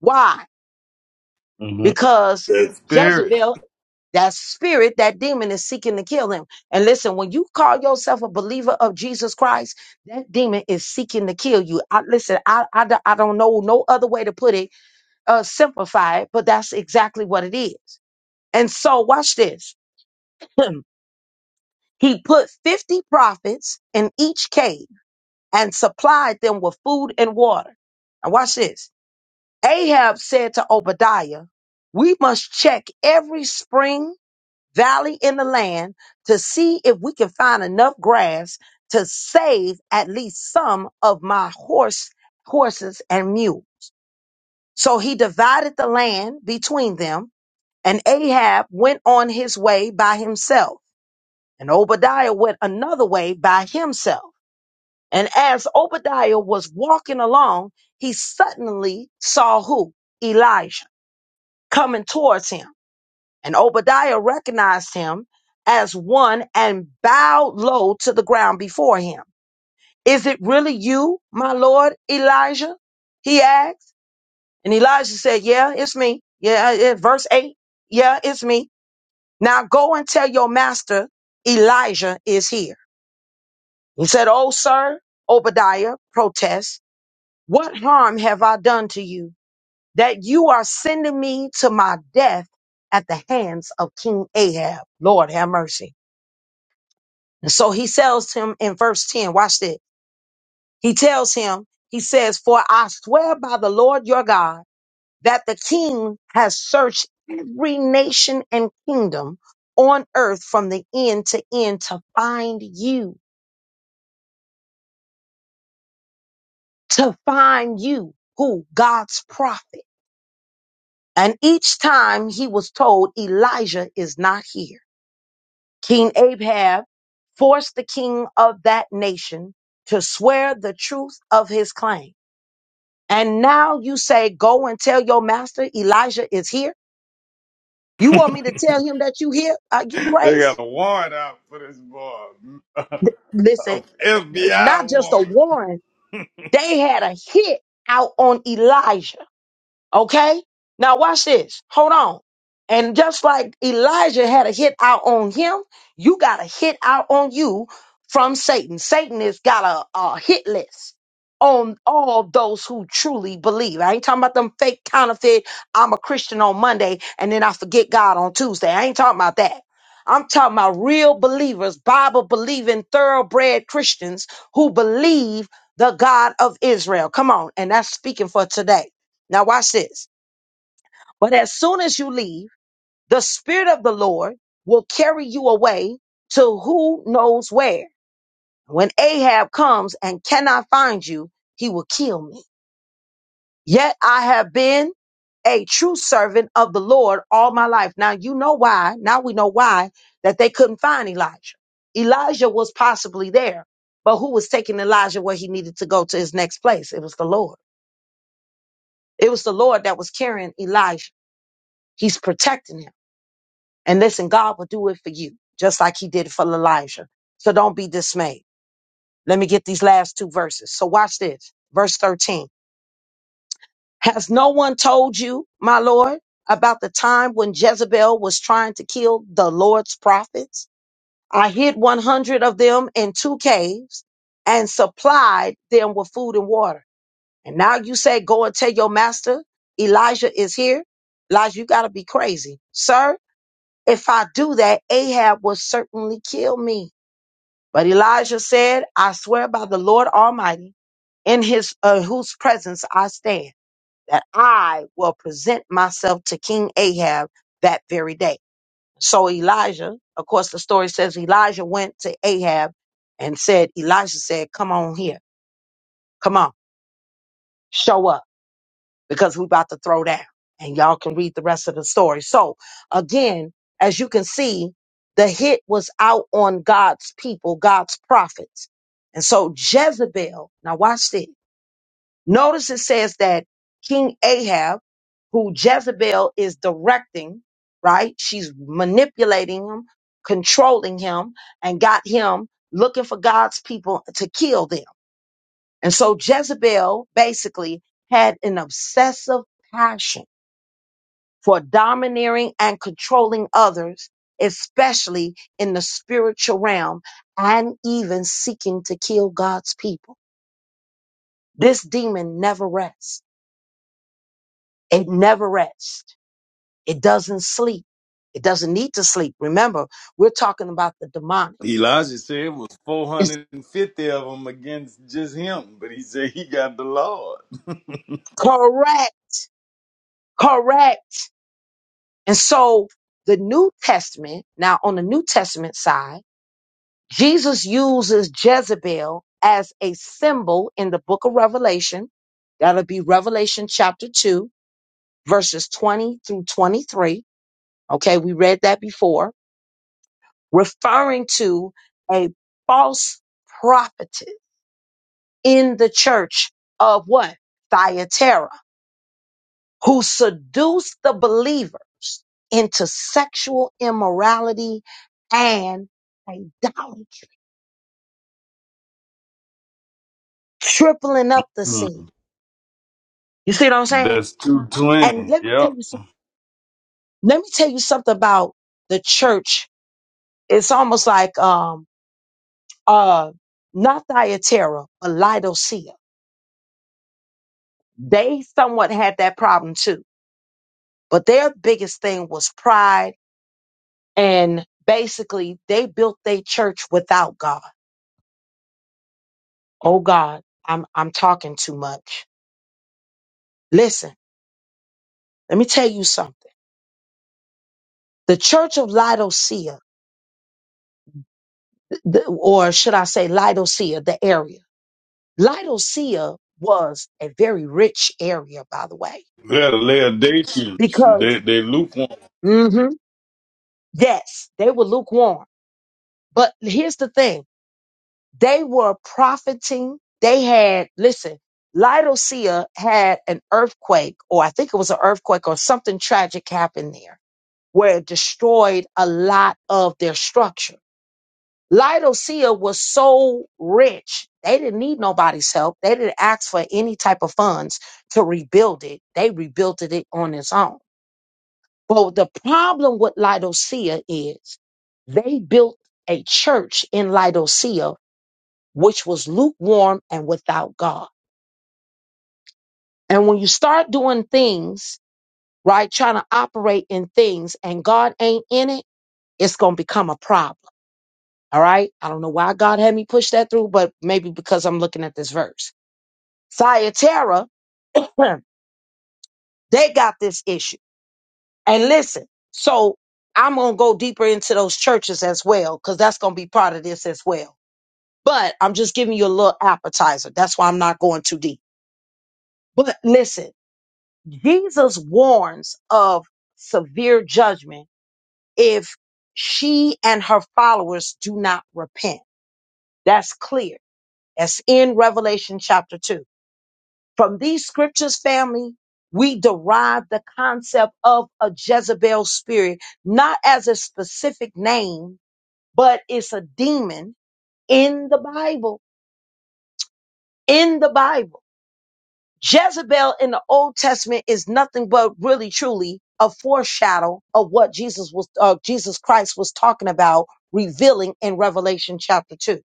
[SPEAKER 2] Why?
[SPEAKER 4] hmm
[SPEAKER 2] Because
[SPEAKER 4] That spirit.
[SPEAKER 2] Jezebel That spirit, that demon is seeking to kill him. And listen, when you call yourself a believer of Jesus Christ, that demon is seeking to kill you. I, listen, I, I, don't- I don't know no other way to put it, uh, simplify it, but that's exactly what it is. And so, watch this. he put 50 prophets in each cave and supplied them with food and water. And watch this. Ahab said to Obadiah, We must check every spring valley in the land to see if we can find enough grass to save at least some of my horse horses and mule so he divided the land between them and ahab went on his way by himself and obadiah went another way by himself and as obadiah was walking along he suddenly saw who elijah coming towards him And Obadiah recognized him as one and bowed low to the ground before him. Is it really you, my Lord Elijah? He asked. And Elijah said, Yeah, it's me. Yeah, yeah, verse 8. Yeah, it's me. Now go and tell your master Elijah is here. He said, Oh, sir, Obadiah protests, what harm have I done to you that you are sending me to my death at the hands of King Ahab? Lord have mercy. So he tells him in verse 10, watch this. He tells him, he says, For I swear by the Lord your God that the king has searched every nation and kingdom on earth from the end to end to find you, to find you, who God's prophet. And each time he was told, Elijah is not here. King Ahab forced the king of that nation to swear the truth of his claim And now you say, go and tell your master Elijah is here. You want me to tell him that you here? Are you
[SPEAKER 4] They
[SPEAKER 2] crazy?
[SPEAKER 4] got a warrant out for this boy. a
[SPEAKER 2] Th- Listen, it- it-
[SPEAKER 4] FBI
[SPEAKER 2] not just
[SPEAKER 4] warrant.
[SPEAKER 2] a warning, they had a hit out on Elijah. Okay? Now watch this. Hold on. And just like Elijah had a hit out on him, you got a hit out on you from Satan. Satan has got a, a hit list on all those who truly believe. I ain't talking about them fake counterfeit, I'm a Christian on Monday and then I forget God on Tuesday. I ain't talking about that. I'm talking about real believers, Bible believing, thoroughbred Christians who believe the God of Israel. Come on. And that's speaking for today. Now watch this. But as soon as you leave, the spirit of the Lord will carry you away to who knows where. When Ahab comes and cannot find you, he will kill me. Yet I have been a true servant of the Lord all my life. Now you know why. Now we know why that they couldn't find Elijah. Elijah was possibly there, but who was taking Elijah where he needed to go to his next place? It was the Lord. It was the Lord that was carrying Elijah. He's protecting him. And listen, God will do it for you, just like he did it for Elijah. So don't be dismayed. Let me get these last two verses. So watch this. Verse 13. Has no one told you, my Lord, about the time when Jezebel was trying to kill the Lord's prophets? I hid 100 of them in two caves and supplied them with food and water. And now you say, go and tell your master, Elijah is here. Elijah, you got to be crazy. Sir, If I do that, Ahab will certainly kill me. But Elijah said, I swear by the Lord Almighty, in his uh, whose presence I stand, that I will present myself to King Ahab that very day. So Elijah, of course, the story says Elijah went to Ahab and said, Elijah said, Come on here, come on, show up. because we're about to throw down. And y'all can read the rest of the story. So again, as you can see, the hit was out on God's people, God's prophets. And so Jezebel, now watch this. Notice it says that King Ahab, who Jezebel is directing, right? She's manipulating him, controlling him, and got him looking for God's people to kill them. And so Jezebel basically had an obsessive passion for domineering and controlling others, especially in the spiritual realm, and even seeking to kill God's people. This demon never rests. It never rests. It doesn't sleep. It doesn't need to sleep. Remember, we're talking about the demonic.
[SPEAKER 4] Elijah said it was
[SPEAKER 2] It's
[SPEAKER 4] 450 of them against just him, but he said he got the Lord.
[SPEAKER 2] correct, correct. And so the New Testament, now on the New Testament side, Jesus uses Jezebel as a symbol in the book of Revelation. That'll be Revelation chapter 2, verses 20 through 23. Okay, we read that before, referring to a false prophetess in the church of what? Thyatira, who seduced the believers into sexual immorality and idolatry, tripling up the
[SPEAKER 4] Hmm.
[SPEAKER 2] sin. You see what I'm saying?
[SPEAKER 4] That's
[SPEAKER 2] And
[SPEAKER 4] 220.
[SPEAKER 2] let me tell
[SPEAKER 4] Yep.
[SPEAKER 2] you something. Let me tell you something about the church. It's almost like um uh not Thyatira, but Laodicea. They somewhat had that problem too. But their biggest thing was pride and basically they built their church without God. Oh God, I'm I'm talking too much. Listen, let me tell you something. The church of Laodicea, th- th- or should I say Laodicea, the area. Laodicea was a very rich area, by the way,
[SPEAKER 4] Yeah, the Laodiceans.
[SPEAKER 2] because,
[SPEAKER 4] They they lukewarm.
[SPEAKER 2] hmm yes, they were lukewarm. But here's the thing they were profiting. They had, listen, Laodicea had an earthquake, or I think it was an earthquake, or something tragic happened there where it destroyed a lot of their structure. Laodicea was so rich, they didn't need nobody's help. They didn't ask for any type of funds to rebuild it. They rebuilt it on its own. But the problem with Laodicea is they built a church in Laodicea, which was lukewarm and without God. And when you start doing things, right, trying to operate in things and God ain't in it, it's going to become a problem. All right. I don't know why God had me push that through, but maybe because I'm looking at this verse. Thyatira, they got this issue. And listen, so I'm going to go deeper into those churches as well, because that's going to be part of this as well. But I'm just giving you a little appetizer. That's why I'm not going too deep. But listen, Jesus warns of severe judgment if she and her followers do not repent. That's clear. That's in Revelation chapter 2. From these scriptures, family, we derive the concept of a Jezebel spirit, not as a specific name, but it's a demon in the Bible. In the Bible. Jezebel in the Old Testament is nothing but really truly a foreshadow of what Jesus was, uh, Jesus Christ was talking about revealing in Revelation chapter two.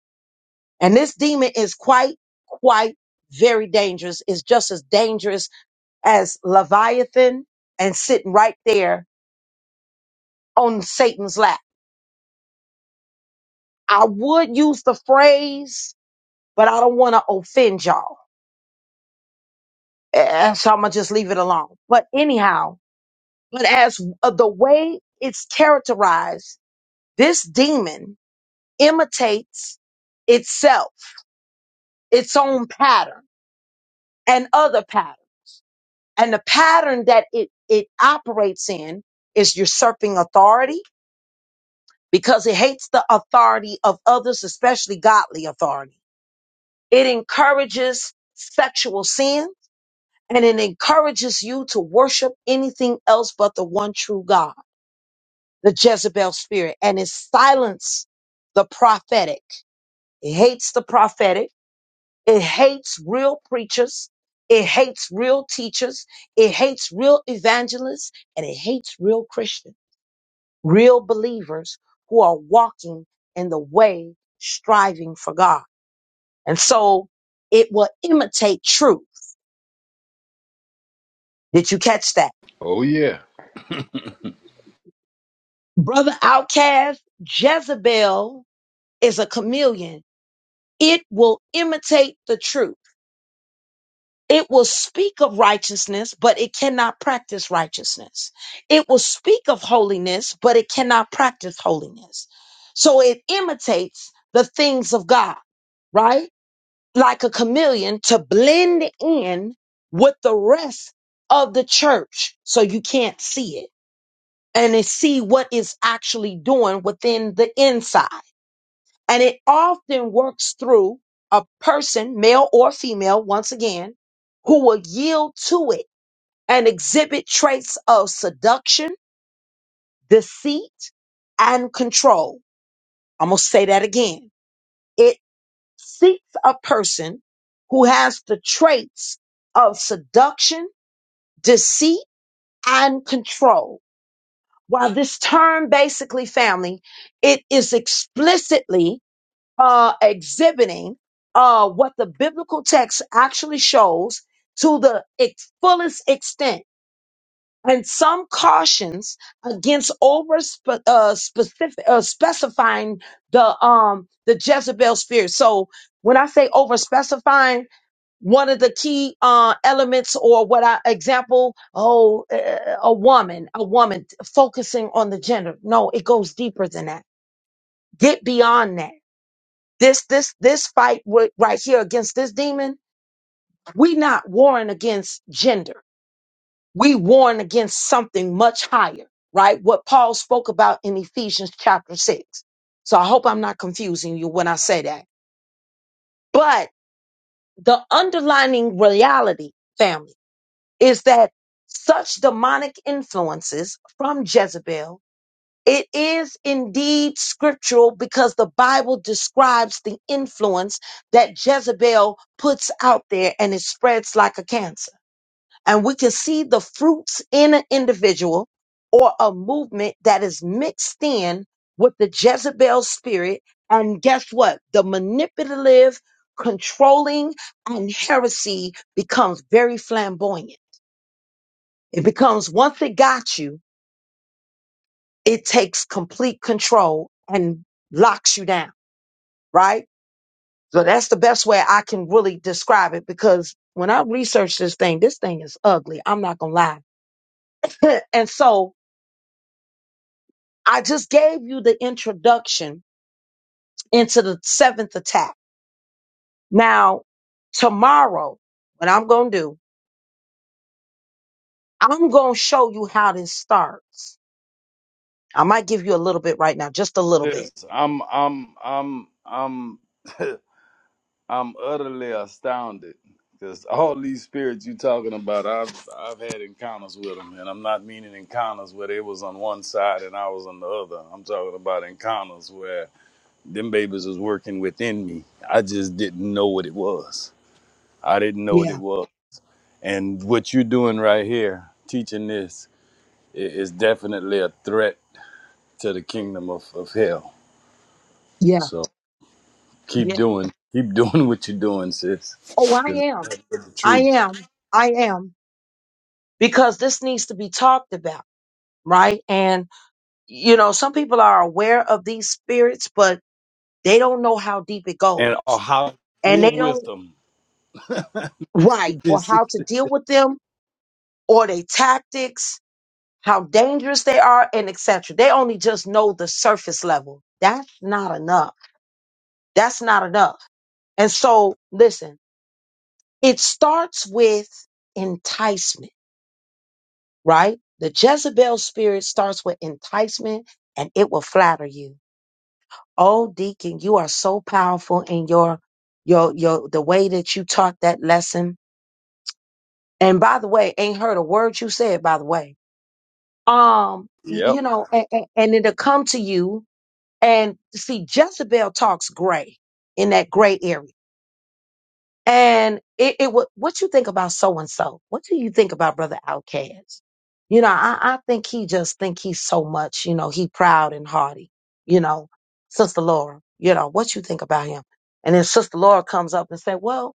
[SPEAKER 2] And this demon is quite, quite very dangerous. It's just as dangerous as Leviathan and sitting right there on Satan's lap. I would use the phrase, but I don't want to offend y'all. And so I'm going to just leave it alone. But anyhow, but as uh, the way it's characterized, this demon imitates itself, its own pattern and other pattern. And the pattern that it, it operates in is usurping authority because it hates the authority of others, especially godly authority. It encourages sexual sin and it encourages you to worship anything else but the one true God, the Jezebel spirit, and it silences the prophetic. It hates the prophetic. It hates real preachers. It hates real teachers. It hates real evangelists and it hates real Christians. real believers who are walking in the way, striving for God. And so it will imitate truth. Did you catch that?
[SPEAKER 4] Oh yeah.
[SPEAKER 2] Brother Outcast, Jezebel is a chameleon. It will imitate the truth. It will speak of righteousness, but it cannot practice righteousness. It will speak of holiness, but it cannot practice holiness. So it imitates the things of God, right? like a chameleon to blend in with the rest of the church so you can't see it and it see what it's actually doing within the inside. And it often works through a person, male or female, once again, who will yield to it and exhibit traits of seduction, deceit, and control. I'm going to say that again seeks a person who has the traits of seduction, deceit, and control. While this term basically family, it is explicitly uh, exhibiting uh, what the biblical text actually shows to the ex- fullest extent. And some cautions against over spe- uh, specific, uh, specifying the um the Jezebel spirit. So when I say over specifying, one of the key uh, elements or what I example, oh, uh, a woman, a woman focusing on the gender. No, it goes deeper than that. Get beyond that. This, this, this fight wi- right here against this demon, we not warring against gender. We warring against something much higher, right? What Paul spoke about in Ephesians chapter six. So I hope I'm not confusing you when I say that. But the underlining reality, family is that such demonic influences from Jezebel, it is indeed scriptural because the Bible describes the influence that Jezebel puts out there and it spreads like a cancer. And we can see the fruits in an individual or a movement that is mixed in with the Jezebel spirit. And guess what? The manipulative, controlling, and heresy becomes very flamboyant it becomes once it got you, it takes complete control and locks you down, right? So that's the best way I can really describe it because when I researched this thing, this thing is ugly. I'm not gonna lie. and so I just gave you the introduction into the seventh attack. Now, tomorrow, what I'm gonna do, I'm gonna show you how this starts. I might give you a little bit right now, just a little bit.
[SPEAKER 4] This I'm I'm I'm I'm I'm utterly astounded because all these spirits you talking about, I've I've had encounters with them, and I'm not meaning encounters where they was on one side and I was on the other. I'm talking about encounters where them babies was working within me. I just didn't know what it was. I didn't know what
[SPEAKER 2] Yeah,
[SPEAKER 4] it was. And what you're doing right here, teaching this, i- is definitely a threat to the kingdom of, of hell.
[SPEAKER 2] yeah,
[SPEAKER 4] So
[SPEAKER 2] Yeah.
[SPEAKER 4] keep doing, keep doing what you're doing, sis,
[SPEAKER 2] Oh, I
[SPEAKER 4] because
[SPEAKER 2] am.
[SPEAKER 4] it's the
[SPEAKER 2] I
[SPEAKER 4] truth.
[SPEAKER 2] am. I am. Because this needs to be talked about, right? And, you know, some people are aware of these spirits, but they don't know how deep it goes.
[SPEAKER 4] And uh, how to
[SPEAKER 2] And
[SPEAKER 4] deal
[SPEAKER 2] they
[SPEAKER 4] with
[SPEAKER 2] don't,
[SPEAKER 4] them. This,
[SPEAKER 2] right, or
[SPEAKER 4] this,
[SPEAKER 2] how to deal with them or their tactics, how dangerous they are, and etc. They only just know the surface level. That's not enough. That's not enough. And so, listen, it starts with enticement right? The Jezebel spirit starts with enticement and it will flatter you. Oh, Deacon, you are so powerful in your, your, your, the way that you taught that lesson. And by the way, ain't heard a word you said, by the way. Um, y-
[SPEAKER 4] yep.
[SPEAKER 2] you know, and, and it'll come to you and see, Jezebel talks gray in that gray area. And it, it wa- what you think about so and so? What do you think about Brother Outcast? You know, I, I think he just think he's so much. You know, he proud and haughty. You know, Sister Laura. You know what you think about him? And then Sister Laura comes up and said, "Well,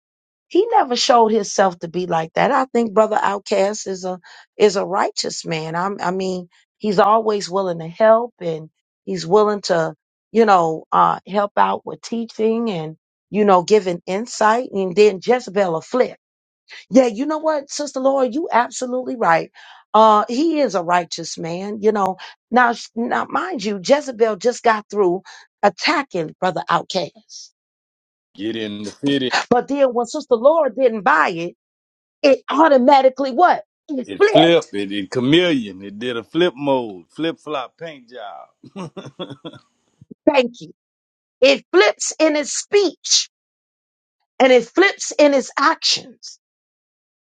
[SPEAKER 2] he never showed himself to be like that. I think Brother Outcast is a is a righteous man. I'm, I mean, he's always willing to help and he's willing to, you know, uh, help out with teaching you know, giving insight. And then Jezebel will flip. Yeah, you know what, Sister Laura, you absolutely right. Uh, he is a righteous man, you know. Now, sh- now, mind you, Jezebel just got through attacking Brother Outcast.
[SPEAKER 4] Get in the fit. It,
[SPEAKER 2] But then when Sister Laura didn't buy it, it automatically what? It
[SPEAKER 4] it
[SPEAKER 2] flipped.
[SPEAKER 4] flip. It, it chameleon. It did a flip mode, flip flop paint job.
[SPEAKER 2] Thank you. It flips in its speech and it flips in its actions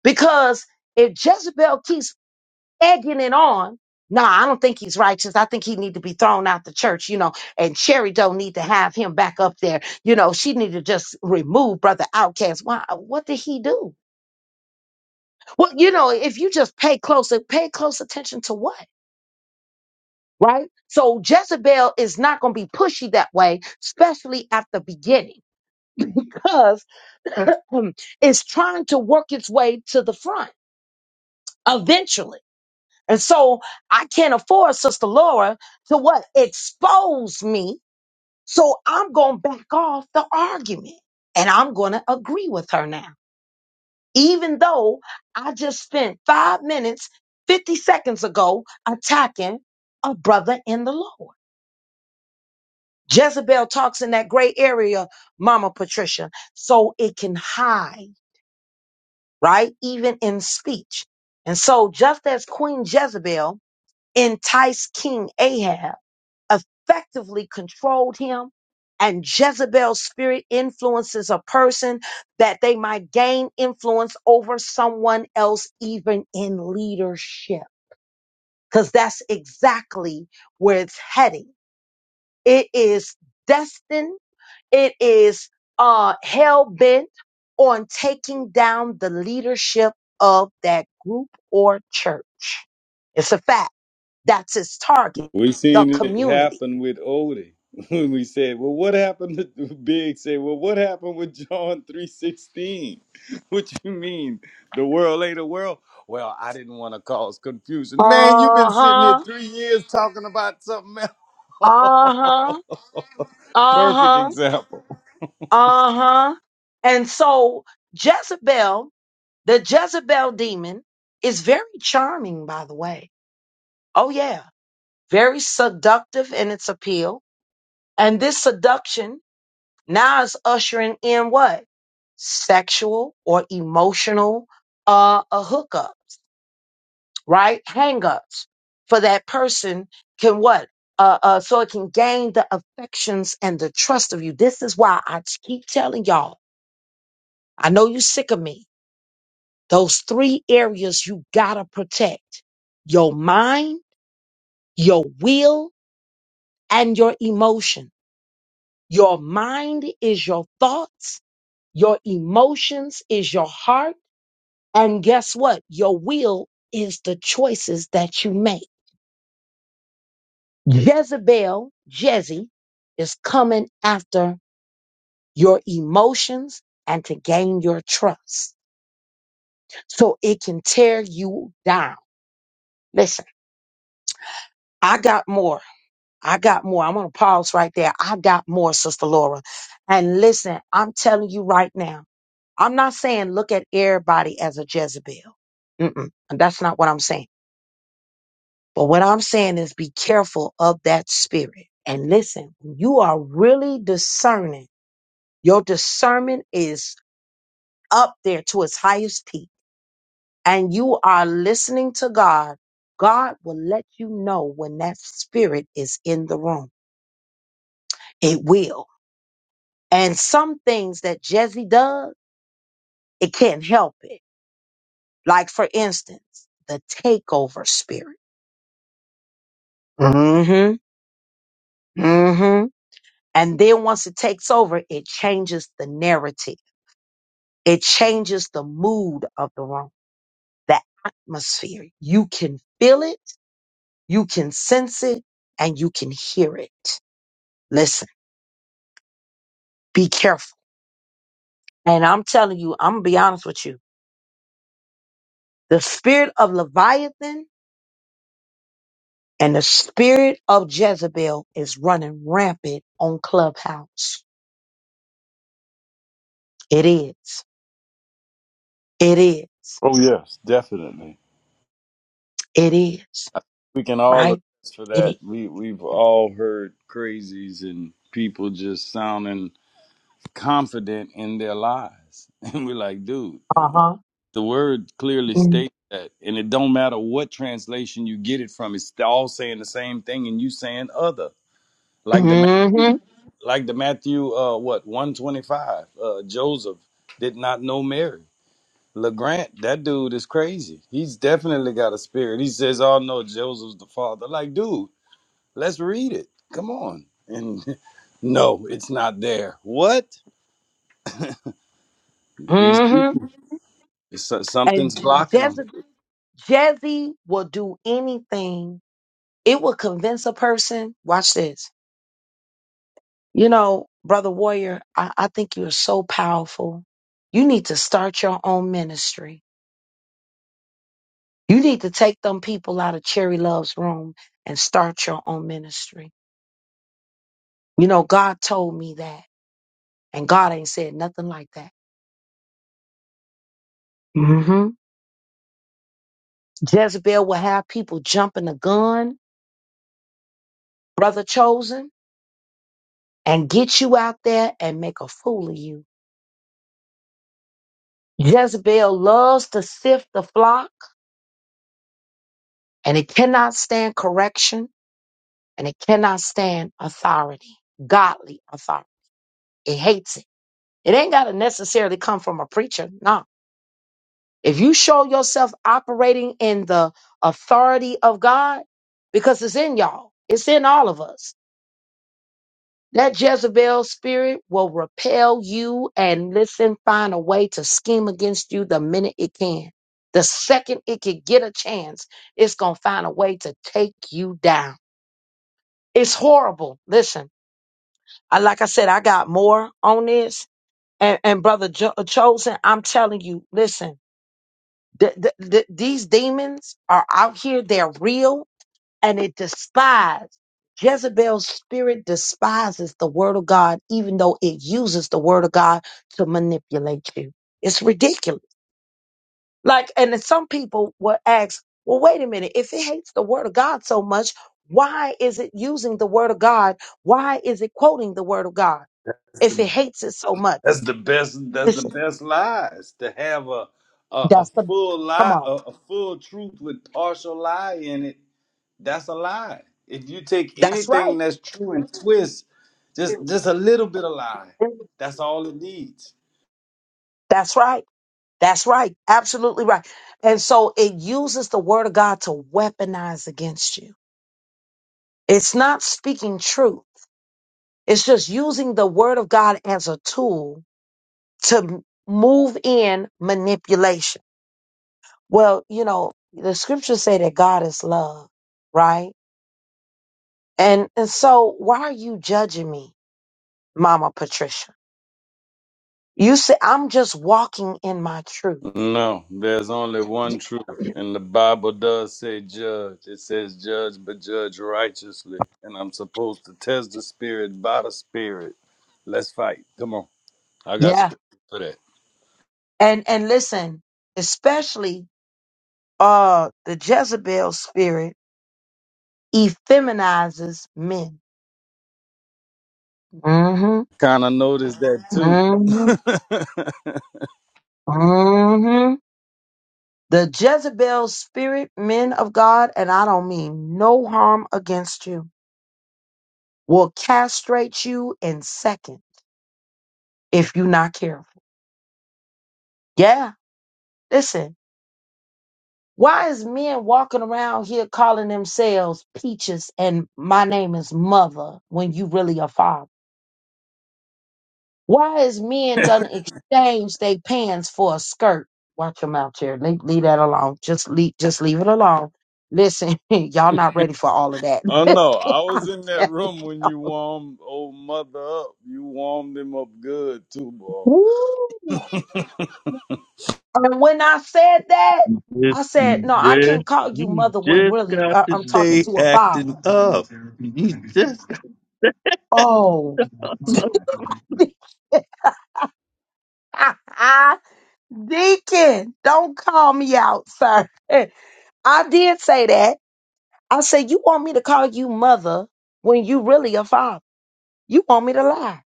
[SPEAKER 2] because if Jezebel keeps egging it on. No, I don't think he's righteous. I think he need to be thrown out the church, you know. And Sherry don't need to have him back up there, you know. She need to just remove brother Outcast. Why? What did he do? Well, you know, if you just pay close, pay close attention to what, right? So Jezebel is not going to be pushy that way, especially at the beginning, because it's trying to work its way to the front eventually And so I can't afford Sister Laura to what? Expose me. So I'm going to back off the argument and I'm going to agree with her now. Even though I just spent five minutes, 50 seconds ago attacking a brother in the Lord. Jezebel talks in that gray area, Mama Patricia, so it can hide, right? Even in speech. And so just as Queen Jezebel enticed King Ahab effectively controlled him. And Jezebel's spirit influences a person that they might gain influence over someone else, even in leadership. Because that's exactly where it's heading. It is destined, it is uh, hell bent on taking down the leadership of that group or church. It's a fact. That's its target,
[SPEAKER 4] We
[SPEAKER 2] the
[SPEAKER 4] seen it
[SPEAKER 2] community.
[SPEAKER 4] happen with Odie when we said, "Well, what happened?" To Big say, "Well, what happened with John three sixteen? What you mean the world ain't a world?" Well, I didn't want to cause confusion. Man, you've
[SPEAKER 2] Uh
[SPEAKER 4] been sitting
[SPEAKER 2] huh.
[SPEAKER 4] here three years talking about something else.
[SPEAKER 2] Uh-huh.
[SPEAKER 4] Perfect
[SPEAKER 2] Uh-huh.
[SPEAKER 4] example.
[SPEAKER 2] Uh-huh. And so Jezebel, the Jezebel demon, is very charming, by the way. Oh yeah. Very seductive in its appeal. And this seduction now is ushering in what? Sexual or emotional uh, uh hookups. right? Hangups for that person can what? Uh, uh, so it can gain the affections and the trust of you. This is why I t- keep telling y'all. I know you sick of me. Those three areas you gotta protect: your mind, your will, and your emotion. Your mind is your thoughts. Your emotions is your heart. And guess what? Your will is the choices that you make Jezebel, Jezzy, is coming after your emotions and to gain your trust so it can tear you down. Listen, I got more. I got more. I'm going to pause right there. I got more, Sister Laura. And listen, I'm telling you right now, I'm not saying look at everybody as a Jezebel. Mm-mm. That's not what I'm saying. But what I'm saying is be careful of that spirit. And listen, you are really discerning Your discernment is up there to its highest peak, and you are listening to God. God will let you know when that spirit is in the room. It will. And some things that Jesse does, it can't help it. Like, for instance, the takeover spirit. Mm-hmm. Mm-hmm. And then once it takes over, it changes the narrative. It changes the mood of the room, the atmosphere. You can feel it You can sense it and you can hear it. Listen, be careful. And I'm telling you, I'm going to be honest with you. The spirit of Leviathan and the spirit of Jezebel is running rampant on Clubhouse. It is. It is.
[SPEAKER 4] Oh yes, definitely.
[SPEAKER 2] It is.
[SPEAKER 4] I think We can all
[SPEAKER 2] Right?
[SPEAKER 4] attest for
[SPEAKER 2] It
[SPEAKER 4] that.
[SPEAKER 2] is.
[SPEAKER 4] We we've all heard crazies and people just sounding confident in their lies. And we're like, dude,
[SPEAKER 2] Uh huh.
[SPEAKER 4] the word clearly
[SPEAKER 2] Mm-hmm.
[SPEAKER 4] states that. And it don't matter what translation you get it from, it's all saying the same thing and you saying other. Like the Ma- like the Matthew uh what 125, uh Joseph did not know Mary. LeGrant, that dude is crazy. He's definitely got a spirit. He says, Oh no, Joseph's the father. Like, dude, let's read it. Come on. And no, it's not there. What? These people
[SPEAKER 2] Mm-hmm.
[SPEAKER 4] So-
[SPEAKER 2] And
[SPEAKER 4] something's
[SPEAKER 2] Je-
[SPEAKER 4] blocking them.
[SPEAKER 2] Jeze- Jezzy will do anything. It will convince a person. Watch this You know, Brother Warrior, I, I think you're so powerful. You need to start your own ministry. You need to take them people out of Cherry Love's room and start your own ministry. You know, God told me that, and God ain't said nothing like that. hmm Jezebel will have people jumping the gun, Brother Chosen, and get you out there and make a fool of you. Jezebel loves to sift the flock, and it cannot stand correction. and it cannot stand authority, godly authority. It hates it. It ain't got to necessarily come from a preacher. No. If you show yourself operating in the authority of God, because it's in y'all, it's in all of us. That Jezebel spirit will repel you and listen, find a way to scheme against you the minute it can. The second it can get a chance, it's going to find a way to take you down. It's horrible. Listen. I, like I said, I got more on this. And, and brother jo- uh, chosen, I'm telling you, listen, th- th- th- these demons are out here. They're real, and it despises Jezebel's spirit. Despises the word of God, even though it uses the word of God to manipulate you. It's ridiculous. Like, and then some people will ask, "Well, wait a minute. If it hates the word of God so much, why is it using the word of God? Why is it quoting the word of God?" if it hates it so much.
[SPEAKER 4] That's the best. That's the
[SPEAKER 2] Listen,
[SPEAKER 4] best lies to have a a, a
[SPEAKER 2] that's the
[SPEAKER 4] full
[SPEAKER 2] come
[SPEAKER 4] lie,
[SPEAKER 2] on.
[SPEAKER 4] a, a full truth with partial lie in it. That's a lie. If you take
[SPEAKER 2] That's
[SPEAKER 4] anything
[SPEAKER 2] right.
[SPEAKER 4] that's true and twist just just a little bit of lie, that's all it needs.
[SPEAKER 2] That's right. That's right. Absolutely right. And so it uses the word of God to weaponize against you. It's not speaking truth. It's just using the word of God as a tool to m- move in manipulation. Well, you know, the scriptures say that God is love, right? And and so why are you judging me, Mama Patricia? You say I'm just walking in my truth
[SPEAKER 4] No, there's only one truth, and the Bible does say judge. It says judge, but judge righteously, and I'm supposed to test the spirit by the spirit. Let's fight. Come on. I got
[SPEAKER 2] Yeah.
[SPEAKER 4] scripture for that.
[SPEAKER 2] And and listen, especially uh the Jezebel spirit effeminizes men. hmm
[SPEAKER 4] Kind of noticed that too.
[SPEAKER 2] hmm hmm The Jezebel spirit, men of God, and I don't mean no harm against you, will castrate you in second if you're not careful. Yeah. Listen, why is men walking around here calling themselves peaches and my name is mother when you really a father? Why is men done exchange their pants for a skirt? Watch them out here. Leave, leave that alone. Just leave just leave it alone. Listen, y'all not ready for all of that.
[SPEAKER 4] oh no, I was
[SPEAKER 2] I'm
[SPEAKER 4] in that
[SPEAKER 2] telling
[SPEAKER 4] room when you warmed old mother up. You warmed him up good too, boy.
[SPEAKER 2] Woo. And when I said that, I
[SPEAKER 6] You
[SPEAKER 2] said, no, I
[SPEAKER 6] just,
[SPEAKER 2] can't call you
[SPEAKER 6] you
[SPEAKER 2] mother when
[SPEAKER 6] just
[SPEAKER 2] really
[SPEAKER 6] got
[SPEAKER 2] I-
[SPEAKER 6] to
[SPEAKER 2] I'm talking
[SPEAKER 6] stay
[SPEAKER 2] to a father.
[SPEAKER 6] acting up. You just, got-
[SPEAKER 2] Oh, Deacon, don't call me out, sir. I did say that. I said, You want me to call you mother when you really a father? You want me to lie?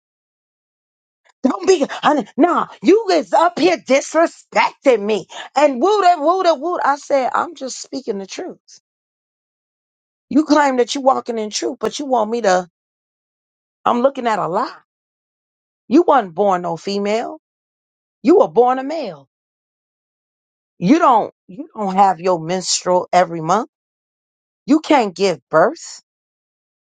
[SPEAKER 2] Don't be, honey, nah, you is up here disrespecting me. And woo da woo da woo. I said, I'm just speaking the truth. You claim that you walking in truth, but you want me to, I'm looking at a lie. You wasn't born no female. You were born a male. You don't, you don't have your menstrual every month. You can't give birth.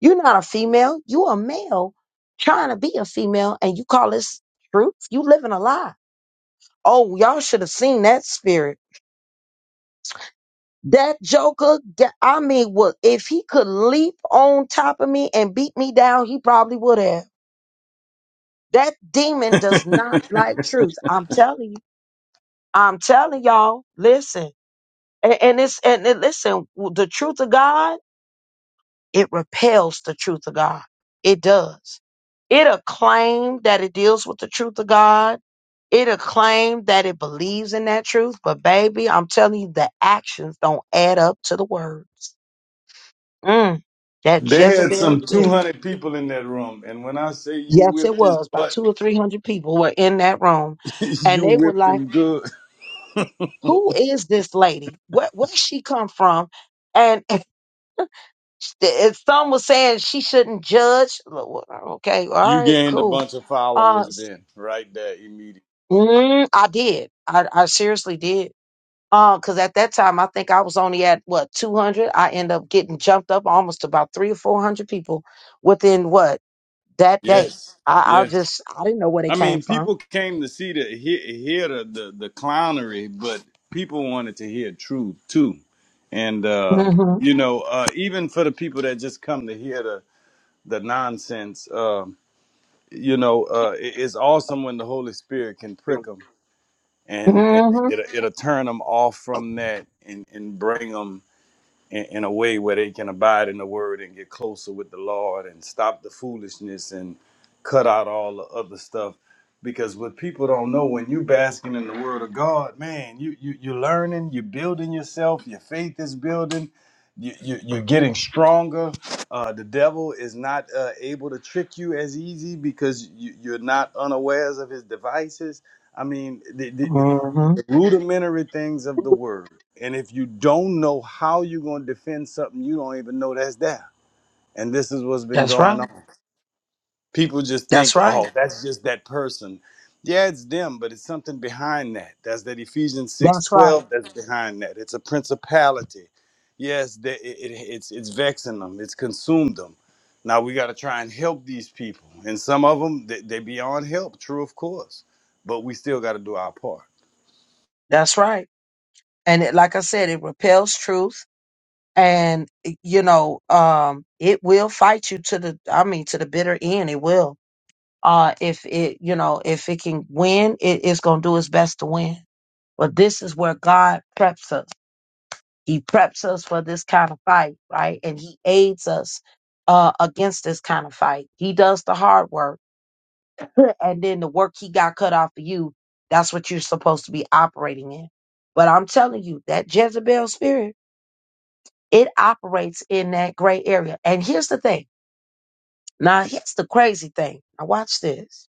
[SPEAKER 2] You're not a female. You a male trying to be a female and you call this truth? You living a lie. Oh, y'all should have seen that spirit. That joker, ga- I mean, what if he could leap on top of me and beat me down, he probably would have. That demon does not like truth. I'm telling you. I'm telling y'all. Listen. And, and it's and it- listen, the truth of God It repels the truth of God. It does. It'll claim that it deals with the truth of God. It'll claim that it believes in that truth. But baby, I'm telling you, the actions don't add up to the words. Mm, that
[SPEAKER 4] They had
[SPEAKER 2] Jezebel
[SPEAKER 4] some
[SPEAKER 2] spirit.
[SPEAKER 4] 200 people in that room, and when I say you
[SPEAKER 2] Yes,
[SPEAKER 4] whipped
[SPEAKER 2] it
[SPEAKER 4] his
[SPEAKER 2] was. About
[SPEAKER 4] butt,
[SPEAKER 2] two or three hundred people were in that room. And
[SPEAKER 4] you
[SPEAKER 2] they were
[SPEAKER 4] whipped
[SPEAKER 2] like,
[SPEAKER 4] him good.
[SPEAKER 2] who is this lady? Where, where she come from? And if, if some was saying she shouldn't judge, Well, well, okay, all
[SPEAKER 4] You
[SPEAKER 2] right,
[SPEAKER 4] gained a
[SPEAKER 2] cool
[SPEAKER 4] bunch of
[SPEAKER 2] Uh,
[SPEAKER 4] followers
[SPEAKER 2] s-
[SPEAKER 4] then, right there, immediately.
[SPEAKER 2] mm, I did. I, I seriously did. Uh, cause at that time I think I was only at what 200. I end up getting jumped up almost about three or four hundred people within what that day.
[SPEAKER 4] Yes,
[SPEAKER 2] I, I
[SPEAKER 4] yes.
[SPEAKER 2] just I didn't know where they
[SPEAKER 4] I
[SPEAKER 2] came
[SPEAKER 4] mean,
[SPEAKER 2] from.
[SPEAKER 4] people came to see the hear, hear the, the the clownery, but people wanted to hear truth too, and uh,
[SPEAKER 2] hmm
[SPEAKER 4] you know, uh, even for the people that just come to hear the the nonsense, uh, you know, uh, it- it's awesome when the Holy Spirit can prick them and, and it,
[SPEAKER 2] hmm
[SPEAKER 4] it'll it'll turn them off from that and and bring them in, in a way where they can abide in the word and get closer with the Lord and stop the foolishness and cut out all the other stuff. Because what people don't know when you basking in the word of God, man, you you you're learning, you're building yourself, your faith is building, you, you you're getting stronger. Uh, the devil is not uh, able to trick you as easy because you, you're not unawares of his devices. I mean,
[SPEAKER 2] hmm
[SPEAKER 4] rudimentary things of the word. And if you don't know how you're going to defend something, you don't even know that's there. And this is what's been
[SPEAKER 2] That's right.
[SPEAKER 4] going on. People just
[SPEAKER 2] That's
[SPEAKER 4] think, oh,
[SPEAKER 2] right.
[SPEAKER 4] that's just that person. Yeah, it's them, but it's something behind that. That's that Ephesians six
[SPEAKER 2] That's right.
[SPEAKER 4] 12. that's behind that. It's a principality. Yes, they, it, it- it's, it's vexing them, it's consumed them. Now we got to try and help these people. And some of them, they, they beyond help, true, of course, but we still got to do our part.
[SPEAKER 2] That's right. And it, like I said, it repels truth, and you know, um, it will fight you to the. I mean, to the bitter end. It will. Uh, if it, you know, if it can win, it is going to do its best to win. But this is where God preps us. He preps us for this kind of fight, right? And He aids us uh, against this kind of fight. He does the hard work, and then the work He got cut off for you, that's what you're supposed to be operating in. But I'm telling you, that Jezebel spirit, it operates in that gray area. And here's the thing. Now, here's the crazy thing. Now, watch this.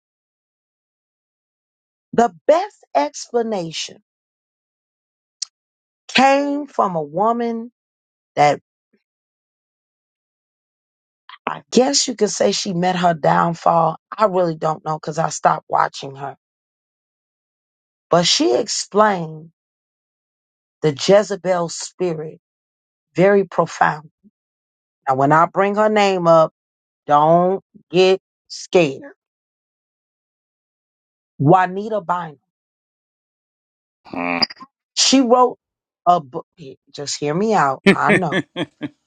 [SPEAKER 2] The best explanation came from a woman that I guess you could say she met her downfall. I really don't know because I stopped watching her. But she explained the Jezebel spirit very profound. Now, when I bring her name up, don't get scared. Juanita Bynum. She wrote a book. Just hear me out. I know.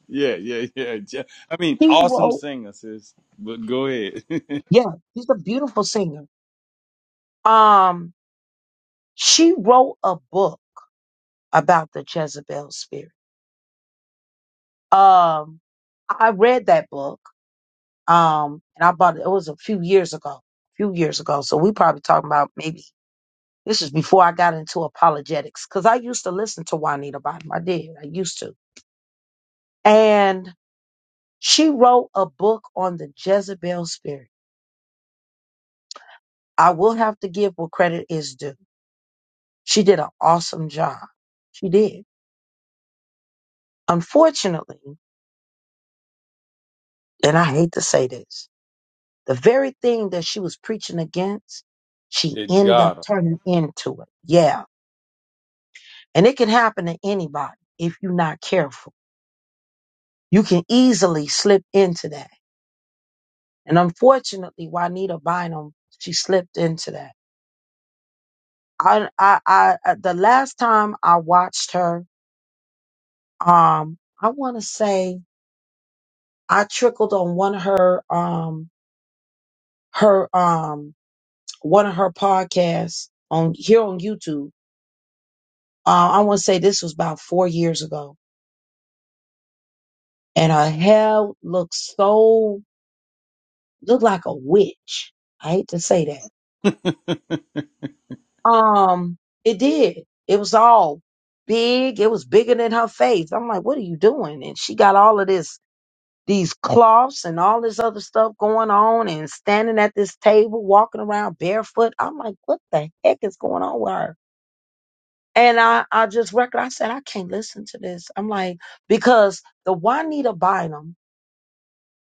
[SPEAKER 4] yeah, yeah, yeah. Ja- I mean,
[SPEAKER 2] She
[SPEAKER 4] awesome
[SPEAKER 2] wrote,
[SPEAKER 4] singer, sis. But go ahead.
[SPEAKER 2] yeah, she's a beautiful singer. Um, she wrote a book about the Jezebel spirit Um, I read that book. Um, and I bought it. It was a few years ago. A few years ago. So we probably talking about maybe this is before I got into apologetics because I used to listen to Juanita Bottom. I did. I used to. And she wrote a book on the Jezebel spirit. I will have to give what credit is due. She did an awesome job. She did. Unfortunately, and I hate to say this, The very thing that she was preaching against, she
[SPEAKER 4] it
[SPEAKER 2] end up
[SPEAKER 4] got
[SPEAKER 2] turning into it. Yeah. And it can happen to anybody if you're not careful. You can easily slip into that. And unfortunately, Juanita Bynum, she slipped into that. I, I, I, uh, the last time I watched her, um, I want to say I trickled on one of her, um, her, um, one of her podcasts on here on YouTube. Uh, I want to say this was about four years ago and her hair looked so looked like a witch. I hate to say that.
[SPEAKER 4] her.
[SPEAKER 2] Um, it did. It was all big. It was bigger than her face. I'm like, what are you doing? And she got all of this, these cloths and all this other stuff going on, and standing at this table, walking around barefoot. I'm like, what the heck is going on with her? And I, I just record. I said, I can't listen to this. I'm like, because the Juanita Bynum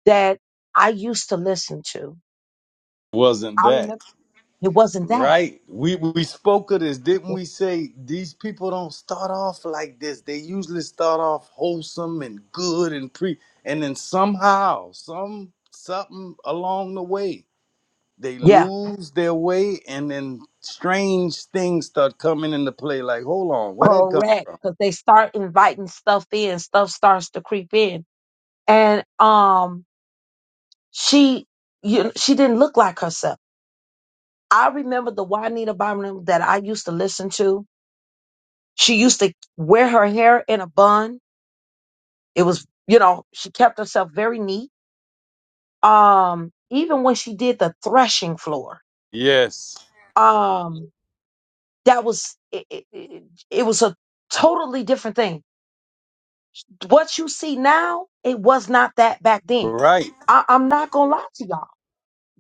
[SPEAKER 2] that I used to listen to.
[SPEAKER 4] Wasn't
[SPEAKER 2] I remember.
[SPEAKER 4] that
[SPEAKER 2] It wasn't that.
[SPEAKER 4] right? We we spoke of this, didn't we? Say these people don't start off like this. They usually start off wholesome and good and pre, and then somehow, some something along the way, they
[SPEAKER 2] Yeah,
[SPEAKER 4] lose their way, and then strange things start coming into play. Like, hold on, where that come
[SPEAKER 2] correct.
[SPEAKER 4] from?
[SPEAKER 2] Because they start inviting stuff in, stuff starts to creep in, and um, she, you, she didn't look like herself. I remember the Juanita Bynum that I used to listen to. She used to wear her hair in a bun. It was, you know, she kept herself very neat. Um, even when she did the threshing floor,
[SPEAKER 4] Yes.
[SPEAKER 2] um, that was it, it, it it was a totally different thing what you see now, it was not that back then.
[SPEAKER 4] Right,
[SPEAKER 2] I, I'm not gonna lie to y'all.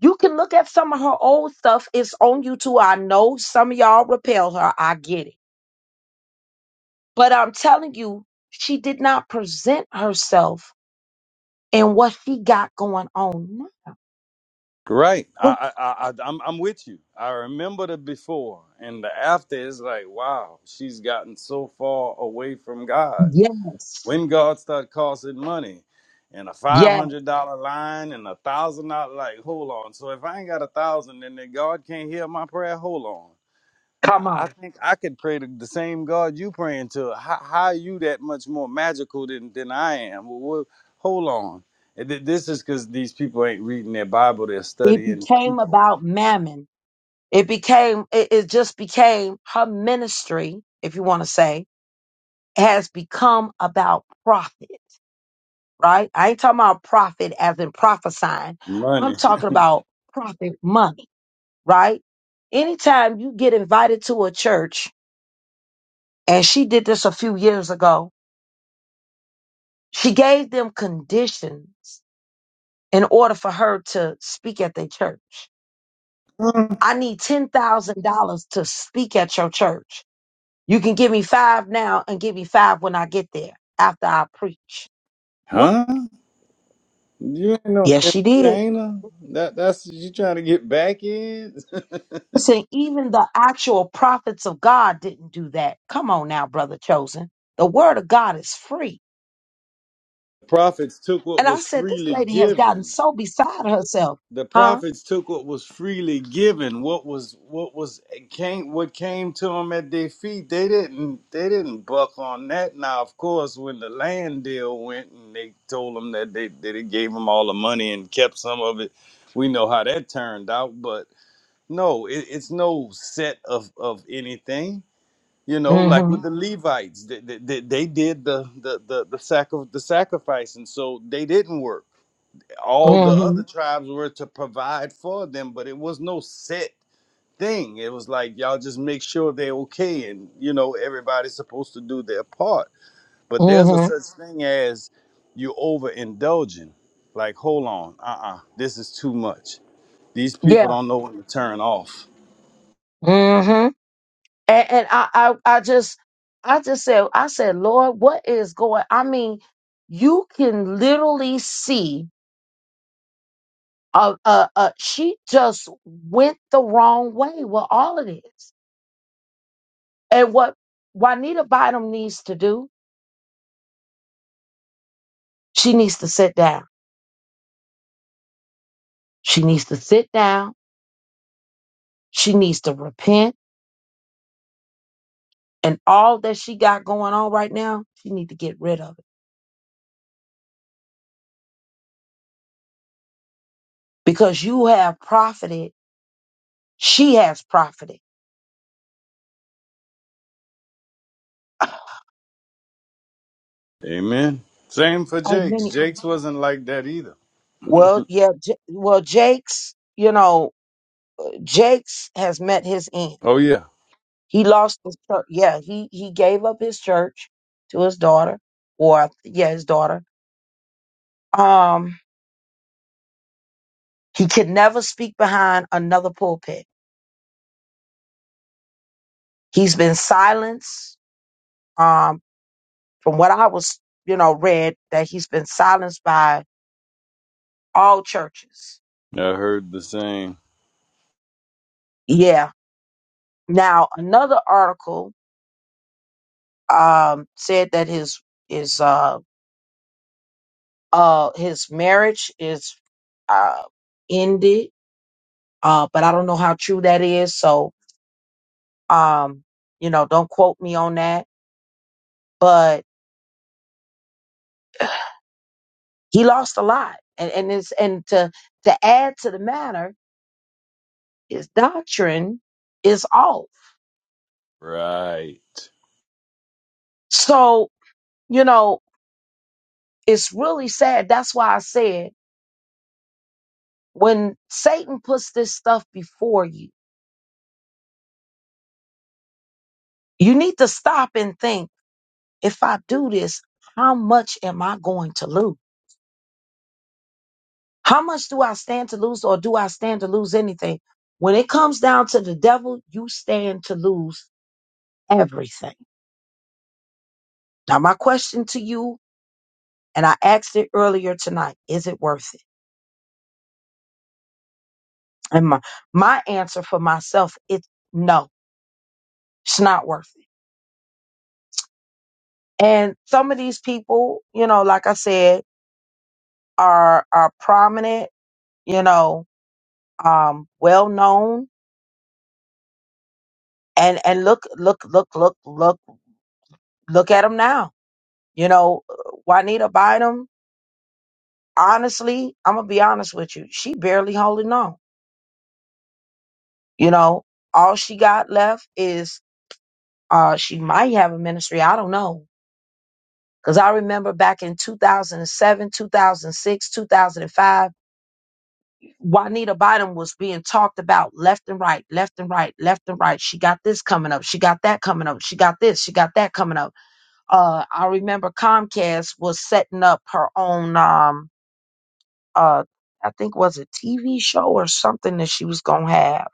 [SPEAKER 2] You can look at some of her old stuff. It's on YouTube. I know some of y'all repel her. I get it. But I'm telling you, she did not present herself in what she got going on now.
[SPEAKER 4] right.
[SPEAKER 2] What-
[SPEAKER 4] I, I, I, I- am I'm with you. I remember the before and the after is like, wow, she's gotten so far away from God.
[SPEAKER 2] Yes.
[SPEAKER 4] When God start costing money, and a five
[SPEAKER 2] Yes.
[SPEAKER 4] hundred dollar line and a thousand dollar, like, hold on. So if I ain't got a thousand, then that God can't hear my prayer. Hold on.
[SPEAKER 2] Come
[SPEAKER 4] I I
[SPEAKER 2] on.
[SPEAKER 4] think I could pray to the same God you praying to. How, how are you that much more magical than, than I am? Well, well, hold on. And th- This is because these people ain't reading their Bible. They're
[SPEAKER 2] It
[SPEAKER 4] studying
[SPEAKER 2] became
[SPEAKER 4] people.
[SPEAKER 2] about mammon. It became, it, it just became her ministry, if you want to say, has become about profit right? I ain't talking about profit as in prophesying. I'm
[SPEAKER 4] Money.
[SPEAKER 2] talking about profit money, right? Anytime you get invited to a church, and she did this a few years ago, she gave them conditions in order for her to speak at their church.
[SPEAKER 4] huh?
[SPEAKER 2] I need $10,000 to speak at your church. You can give me five now and give me five when I get there after I preach. What?
[SPEAKER 4] Huh? You ain't no
[SPEAKER 2] Yes, she did.
[SPEAKER 4] entertainer. That, that's you trying to get back in?
[SPEAKER 2] Listen, even the actual prophets of God didn't do that. Come on now, brother chosen. The word of God is free.
[SPEAKER 4] Prophets took what
[SPEAKER 2] And I
[SPEAKER 4] was
[SPEAKER 2] said, this
[SPEAKER 4] freely
[SPEAKER 2] lady has gotten
[SPEAKER 4] given.
[SPEAKER 2] so beside herself.
[SPEAKER 4] the
[SPEAKER 2] Huh?
[SPEAKER 4] prophets took what was freely given what was what was it came what came to them at their feet they didn't they didn't buck on that now of course when the land deal went and they told them that they that it gave them all the money and kept some of it we know how that turned out but no it, it's no set of of anything you know like
[SPEAKER 2] Mm-hmm.
[SPEAKER 4] with the levites they, they, they they did the the the, the, sac- the sacrifice and so they didn't work all the
[SPEAKER 2] Mm-hmm.
[SPEAKER 4] other tribes were to provide for them, but it was no set thing. It was like y'all just make sure they're okay, and you know everybody's supposed to do their part. But there's a
[SPEAKER 2] Mm-hmm.
[SPEAKER 4] such thing as you overindulging. Like, hold on, uh-uh, this is too much. These people
[SPEAKER 2] Yeah.
[SPEAKER 4] don't know when to turn off.
[SPEAKER 2] Mm-hmm. And, and I, I I just I just said, I said, Lord, what is going? I mean, you can literally see uh uh, uh she just went the wrong way with all of this. And what Juanita Bynum needs to do She needs to sit down. She needs to sit down. She needs to repent. And all that she got going on right now, she need to get rid of it. Because you have profited. She has profited.
[SPEAKER 4] Amen. Same for
[SPEAKER 2] Oh,
[SPEAKER 4] Jake's.
[SPEAKER 2] many.
[SPEAKER 4] Jake's wasn't like that either.
[SPEAKER 2] Well, yeah. J- well, Jake's, you know, Jake's has met his end.
[SPEAKER 4] Oh yeah,
[SPEAKER 2] He lost his church. Yeah, he he gave up his church to his daughter, or yeah, his daughter. Um, he could never speak behind another pulpit. He's been silenced. Um, From what I was, you know, read that he's been silenced by all churches.
[SPEAKER 4] I heard the same.
[SPEAKER 2] Yeah. Now another article um, said that his his uh uh his marriage is uh ended, uh, but I don't know how true that is. So um, you know, don't quote me on that. But he lost a lot, and and it's and to to add to the matter, his doctrine is off.
[SPEAKER 4] Right.
[SPEAKER 2] So you know. It's really sad. That's why I said when Satan puts this stuff before you, you need to stop and think if I do this, how much am I going to lose? How much do I stand to lose or do I stand to lose anything? When it comes down to the devil, you stand to lose everything. Now, my question to you, and I asked it earlier tonight, is it worth it? And my, my answer for myself, it's no, it's not worth it. And some of these people, you know, like I said, are are prominent, you know, um, well known, and and look look look look look look at them now. You know, Juanita Bynum. Honestly, I'm gonna be honest with you. She barely holding on. You know, all she got left is uh, she might have a ministry. I don't know because I remember back in 2007, 2006, 2005 Juanita Bynum was being talked about left and right, left and right, left and right. She got this coming up. She got that coming up. She got this. She got that coming up. Uh, I remember Comcast was setting up her own, um, uh, I think was a TV show or something that she was gonna have.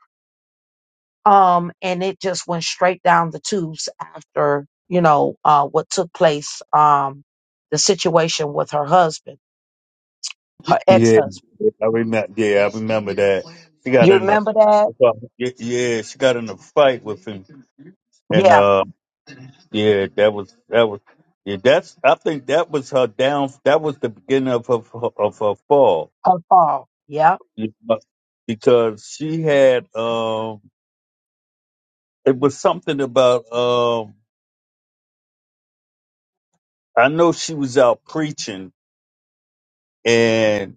[SPEAKER 2] Um, and it just went straight down the tubes after you know uh, what took place, um, the situation with her husband, her
[SPEAKER 6] yeah,
[SPEAKER 2] ex-husband.
[SPEAKER 6] yeah, I remember. Yeah, I remember that. She got
[SPEAKER 2] You
[SPEAKER 6] in a,
[SPEAKER 2] remember that?
[SPEAKER 6] yeah, yeah, she got in a fight with him, and
[SPEAKER 2] Yeah,
[SPEAKER 6] uh, yeah, that was that was, yeah, that's. I think that was her down. That was the beginning of her of her fall.
[SPEAKER 2] her fall. Yeah.
[SPEAKER 6] Yeah. because she had um it was something about um I know she was out preaching and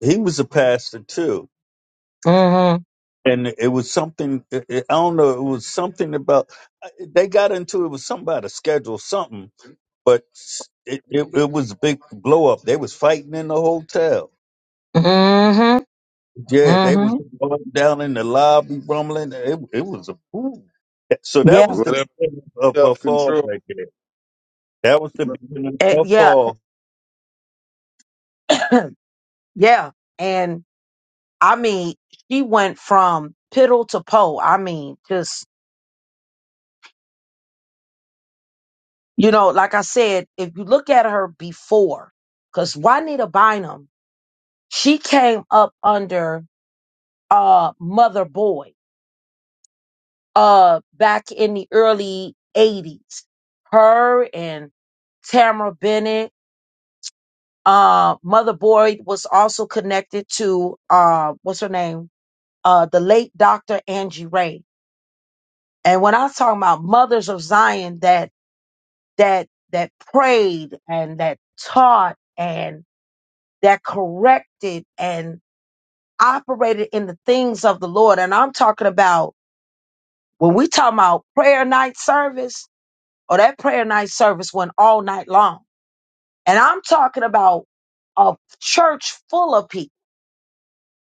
[SPEAKER 6] he was a pastor too
[SPEAKER 2] hmm
[SPEAKER 6] and it was something it, it- I don't know it was something about they got into it was something about a schedule something but it, it, it was a big blow up they was fighting in the hotel
[SPEAKER 2] Mhm.
[SPEAKER 6] yeah they was
[SPEAKER 2] Mhm.
[SPEAKER 6] going down in the lobby rumbling it, it was a ooh. so that
[SPEAKER 2] Yeah,
[SPEAKER 6] was the
[SPEAKER 4] Whatever
[SPEAKER 6] beginning of her
[SPEAKER 4] self
[SPEAKER 6] fall
[SPEAKER 4] control.
[SPEAKER 6] right there That was the beginning
[SPEAKER 2] eh,
[SPEAKER 6] of
[SPEAKER 2] yeah,
[SPEAKER 6] Paul.
[SPEAKER 2] yeah. And I mean, she went from piddle to pole. I mean, just you know, like I said, if you look at her before, because Juanita Bynum, she came up under uh Mother Boy uh back in the early '80s. Her and Tamara Bennett. Uh, Mother Boy was also connected to uh, what's her name? uh, the late Dr. Angie Ray. And when I talk about mothers of Zion that that that prayed and that taught and that corrected and operated in the things of the Lord, and I'm talking about when we talk about prayer night service or that prayer night service went all night long, and I'm talking about a church full of people.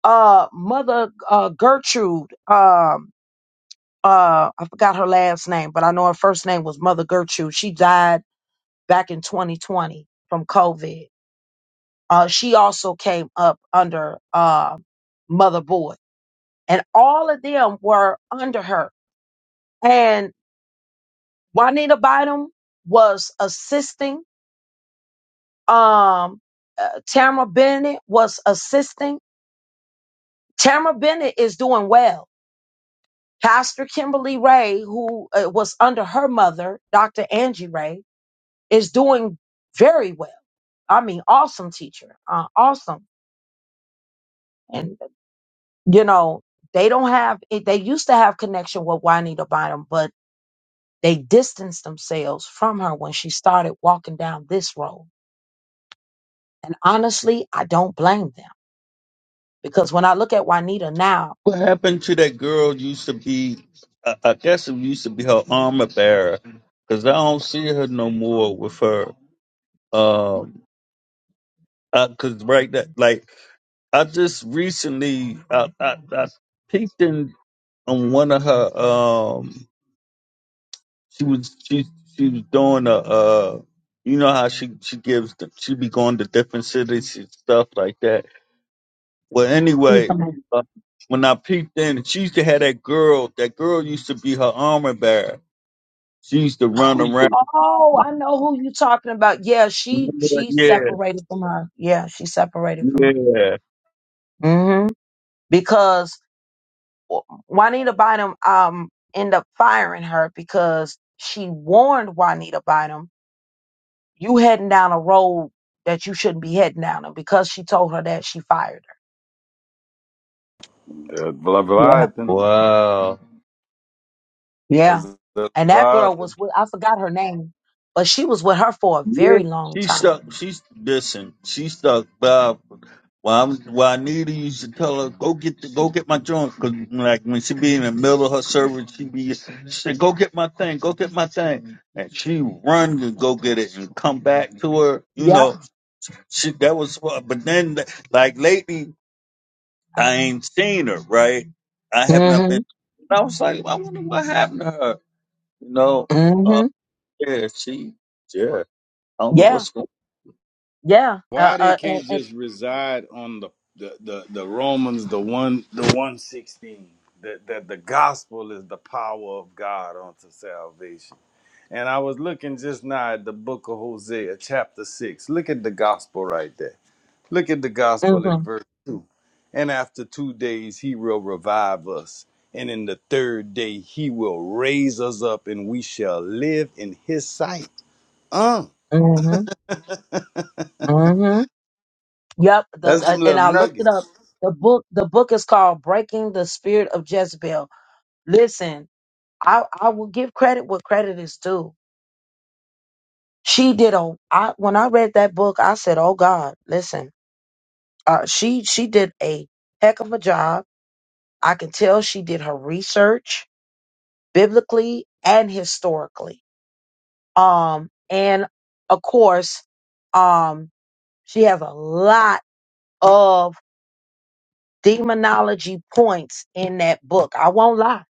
[SPEAKER 2] Uh, Mother uh, Gertrude. um, uh I forgot her last name, but I know her first name was Mother Gertrude. She died back in 2020 from COVID. Uh she also came up under uh Mother Boyd. And all of them were under her. And Juanita Bynum was assisting. Um uh, Tamara Bennett was assisting. Tamara Bennett is doing well. Pastor Kimberly Ray, who uh, was under her mother, Dr. Angie Ray, is doing very well I mean, awesome teacher, uh, awesome. And you know, they don't have. it- They used to have connection with Juanita Bynum, but they distanced themselves from her when she started walking down this road. And honestly, I don't blame them because when I look at Juanita now,
[SPEAKER 6] What happened to that girl? Used to be, I I guess it used to be her armor bearer, because I don't see her no more with her. Um, because right that like I just recently I I, I peeked in on one of her. Um, she was she she was doing a uh, you know how she she gives the, she be going to different cities and stuff like that Well,
[SPEAKER 2] it's
[SPEAKER 6] anyway,
[SPEAKER 2] like,
[SPEAKER 6] uh, when I peeped in, she used to have that girl. That girl used to be her armor bearer. She used to run around.
[SPEAKER 2] oh, I know who you're talking about. Yeah,
[SPEAKER 6] Yeah,
[SPEAKER 2] she she
[SPEAKER 6] yeah.
[SPEAKER 2] separated from her. Yeah, she separated from
[SPEAKER 6] yeah.
[SPEAKER 2] her. hmm Because Juanita Bynum um end up firing her because she warned Juanita Bynum, you heading down a road that you shouldn't be heading down. And because she told her that, she fired her. Yeah.
[SPEAKER 4] Leviathan.
[SPEAKER 6] Wow.
[SPEAKER 2] Yeah.
[SPEAKER 4] Cause the
[SPEAKER 2] And that girl
[SPEAKER 4] vibe and
[SPEAKER 2] was with I forgot her name, but she was with her for a
[SPEAKER 6] Yeah,
[SPEAKER 2] very long
[SPEAKER 6] she
[SPEAKER 2] time.
[SPEAKER 6] stuck. She's listen. She stuck by. While I'm, while Anita used to tell her, go get the, go get my joint, cause like when she be in the middle of her service, she be she said, go get my thing, go get my thing, and she run to go get it and come back to her, you
[SPEAKER 2] Yeah.
[SPEAKER 6] know. She, that was, what- but then, like lately, I ain't seen her. Right? I have not been.
[SPEAKER 2] Mm-hmm.
[SPEAKER 6] And I was like, "Well, I wonder what happened to her. You know? Uh,
[SPEAKER 2] Mm-hmm.
[SPEAKER 6] yeah, she. Yeah, I don't know
[SPEAKER 2] Yeah.
[SPEAKER 6] what's going.
[SPEAKER 2] Yeah.
[SPEAKER 4] Why
[SPEAKER 2] Uh,
[SPEAKER 4] they
[SPEAKER 2] uh
[SPEAKER 4] can't
[SPEAKER 2] and, and
[SPEAKER 4] just reside on the the, the, the Romans, the one the one sixteen, that, that the gospel is the power of God unto salvation. And I was looking just now at the book of Hosea, chapter six. Look at the gospel right there. Look at the gospel in
[SPEAKER 2] mm-hmm.
[SPEAKER 4] verse. And after two days he will revive us. And in the third day he will raise us up and we shall live in his sight. Uh,
[SPEAKER 2] Mm-hmm. Mm-hmm. Yep. The,
[SPEAKER 4] that's
[SPEAKER 2] uh,
[SPEAKER 4] them little
[SPEAKER 2] and I looked
[SPEAKER 4] nuggets.
[SPEAKER 2] it up. The book the book is called Breaking the Spirit of Jezebel Listen, I, I will give credit what credit is due. She did a I when I read that book, I said, "Oh God, listen." Uh, she she did a heck of a job. I can tell she did her research biblically and historically. Um, and of course, um, she has a lot of demonology points in that book. I won't lie.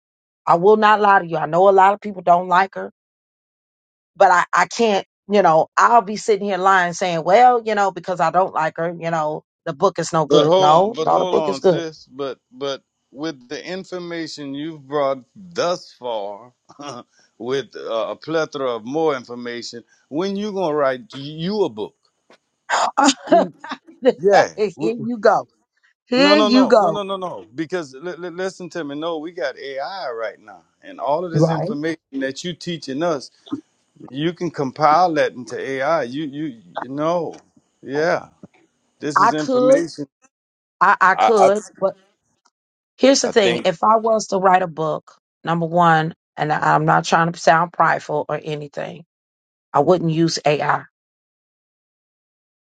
[SPEAKER 2] I will not lie to you. I know a lot of people don't like her. but I, I can't, you know, I'll be sitting here lying saying, well, you know, because I don't like her, you know, the book is no
[SPEAKER 4] But
[SPEAKER 2] good.
[SPEAKER 4] hold on,
[SPEAKER 2] No,
[SPEAKER 4] but
[SPEAKER 2] no, the
[SPEAKER 4] hold
[SPEAKER 2] book is
[SPEAKER 4] on,
[SPEAKER 2] good.
[SPEAKER 4] sis. But but with the information you've brought thus far, with uh, a plethora of more information, when you gonna write you a book? Yeah.
[SPEAKER 2] Here
[SPEAKER 4] w- w-
[SPEAKER 2] you go.
[SPEAKER 4] No,
[SPEAKER 2] Here
[SPEAKER 4] no,
[SPEAKER 2] you
[SPEAKER 4] no, no, no,
[SPEAKER 2] go.
[SPEAKER 4] no, no. Because li- li- listen to me. No, we got AI right now, and all of this
[SPEAKER 2] Right.
[SPEAKER 4] information that you teaching us, you can compile that into AI. You, you, you know, yeah. This
[SPEAKER 2] I
[SPEAKER 4] is
[SPEAKER 2] could,
[SPEAKER 4] information.
[SPEAKER 2] I, I
[SPEAKER 4] I,
[SPEAKER 2] could,
[SPEAKER 4] I,
[SPEAKER 2] but here's the
[SPEAKER 4] I
[SPEAKER 2] thing.
[SPEAKER 4] think.
[SPEAKER 2] If I was to write a book, number one, and I- I'm not trying to sound prideful or anything, I wouldn't use AI.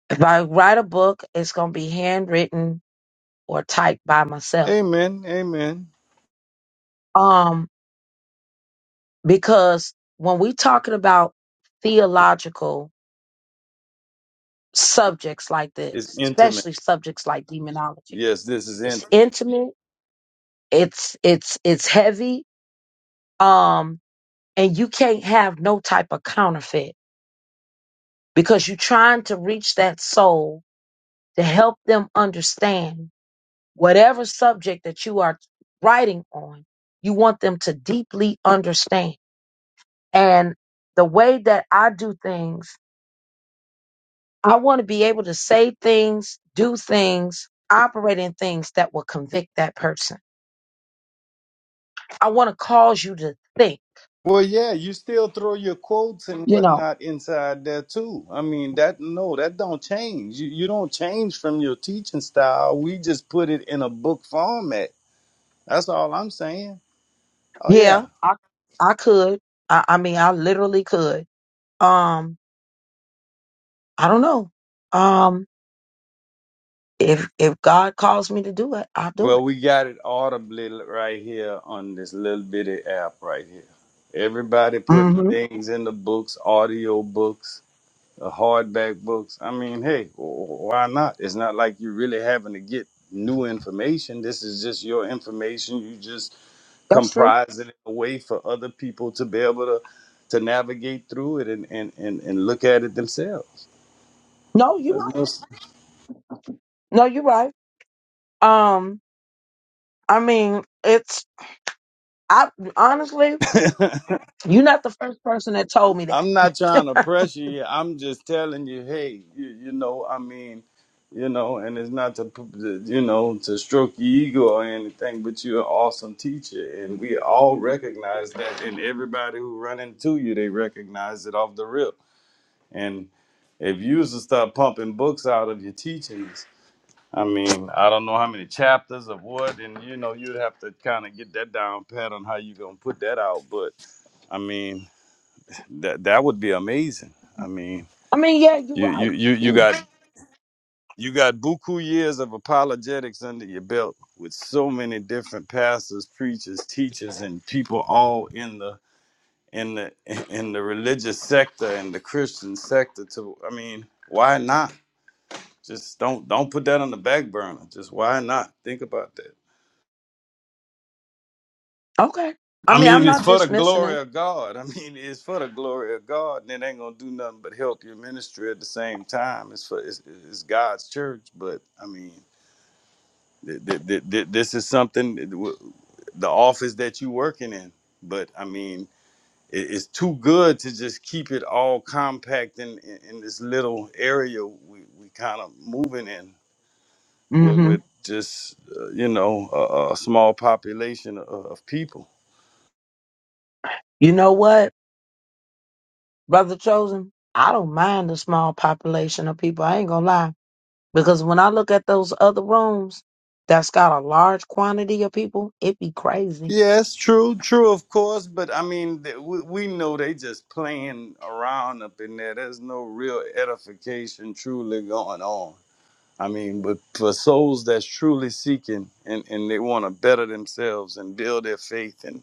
[SPEAKER 2] If I write a book, it's going to be handwritten or typed by myself.
[SPEAKER 4] Amen. Amen.
[SPEAKER 2] Um, because when we talking about theological subjects like
[SPEAKER 4] It's
[SPEAKER 2] this
[SPEAKER 4] intimate.
[SPEAKER 2] especially subjects like demonology
[SPEAKER 4] Yes, this is
[SPEAKER 2] it's
[SPEAKER 4] intimate.
[SPEAKER 2] intimate it's it's it's heavy um and you can't have no type of counterfeit because you're trying to reach that soul to help them understand whatever subject that you are writing on you want them to deeply understand and the way that i do things I want to be able to say things, do things, operate in things that will convict that person. I want to cause you to think,
[SPEAKER 4] Well, yeah, you still throw your quotes and
[SPEAKER 2] you know,
[SPEAKER 4] whatnot inside there too. I mean, that no, that don't change. You you don't change from your teaching style. We just put it in a book format. That's all I'm saying. Oh yeah.
[SPEAKER 2] yeah, I, I could. I, I mean, I literally could. Um, I don't know. Um, if, if God calls me to do it, I'll do it.
[SPEAKER 4] Well, we got it audibly l- right here on this little bitty app right here. Everybody putting
[SPEAKER 2] hmm
[SPEAKER 4] things in the books, audio books. uh, hardback books. I mean, hey, w- w- why not? It's not like you're really having to get new information. This is just your information. You just
[SPEAKER 2] That's true.
[SPEAKER 4] comprise it in a way for other people to be able to to navigate through it and and and, and look at it themselves.
[SPEAKER 2] No, you're
[SPEAKER 4] There's
[SPEAKER 2] right.
[SPEAKER 4] no
[SPEAKER 2] No, you're right. Um, I mean, it's, I honestly, you're not the first person that told me
[SPEAKER 4] I'm not trying
[SPEAKER 2] that.
[SPEAKER 4] to pressure you. I'm just telling you, hey, you, you know, I mean, you know, and it's not to, p- to, you know, to stroke your ego or anything, but you're an awesome teacher, and we all recognize that, and everybody who run into you, they recognize it off the rip. And if you was to start pumping books out of your teachings, I mean, I don't know how many chapters of what, and you know, you'd have to kind of get that down pat on how you gonna put that out, but. I mean, that that would be amazing. I mean,
[SPEAKER 2] I mean, yeah, you're
[SPEAKER 4] you you you you
[SPEAKER 2] right.
[SPEAKER 4] got you got buku years of apologetics under your belt with so many different pastors, preachers, teachers, and people all in the in the in the religious sector and the Christian sector. To I mean, why not? Just don't don't put that on the back burner. Just why not? Think about that.
[SPEAKER 2] Okay. I
[SPEAKER 4] I
[SPEAKER 2] mean, I'm
[SPEAKER 4] mean, it's
[SPEAKER 2] not
[SPEAKER 4] for the
[SPEAKER 2] dismissing
[SPEAKER 4] glory
[SPEAKER 2] it.
[SPEAKER 4] of God. I mean, it's for the glory of God, and it ain't gonna do nothing but help your ministry at the same time. It's for it's, it's God's church, but I mean, th- th- th- th- this is something that w- the office that you working in. But I mean, it- it's too good to just keep it all compact in in, in this little area we we kind of moving in with,
[SPEAKER 2] hmm
[SPEAKER 4] with just uh, you know a, a small population of, of people.
[SPEAKER 2] You know what, Brother Chosen? I don't mind the small population of people. I ain't gonna lie. Because when I look at those other rooms that's got a large quantity of people, it be crazy.
[SPEAKER 4] Yes, true, true, of course, but I mean, th- we, we know they just playing around up in there. There's no real edification truly going on. I mean, but for souls that's truly seeking and, and they want to better themselves and build their faith and,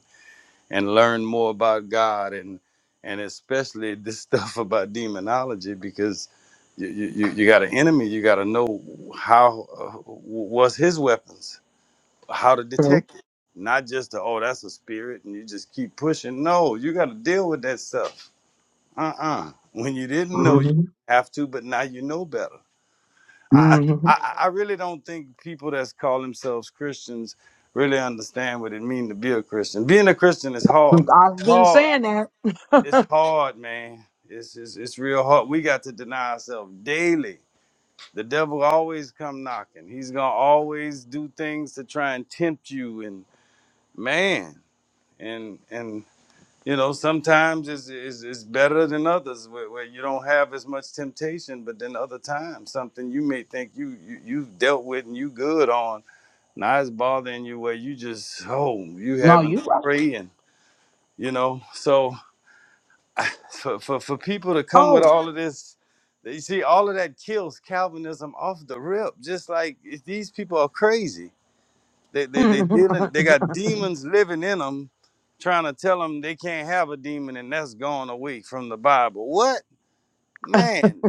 [SPEAKER 4] and learn more about God and and especially this stuff about demonology because you you, you you got an enemy, you got to know how uh, wh- what's his weapons how to
[SPEAKER 2] True.
[SPEAKER 4] detect it. Not just the, oh, that's a spirit and you just keep pushing. No, you got to deal with that stuff. Uh uh When you didn't know you
[SPEAKER 2] hmm
[SPEAKER 4] have to, but now you know better. I,
[SPEAKER 2] hmm
[SPEAKER 4] I, I I really don't think people that's call themselves Christians really understand what it means to be a Christian. Being a Christian is hard.
[SPEAKER 2] I've
[SPEAKER 4] It's
[SPEAKER 2] been
[SPEAKER 4] hard.
[SPEAKER 2] saying that.
[SPEAKER 4] It's hard, man. It's, it's, it's real hard. We got to deny ourselves daily. The devil always come knocking. He's gonna always do things to try and tempt you and man. and and you know sometimes it's it's, it's better than others where, where you don't have as much temptation but then other times something you may think you, you you've dealt with and you good on now it's bothering you where you just oh you
[SPEAKER 2] no,
[SPEAKER 4] having to
[SPEAKER 2] you right.
[SPEAKER 4] pray and you know so for, for for people to come with
[SPEAKER 2] Oh.
[SPEAKER 4] all of this you see all of that kills calvinism off the rip just like these people are crazy they they they dealing. They got demons living in them, trying to tell them they can't have a demon and that's gone away from the Bible. What man?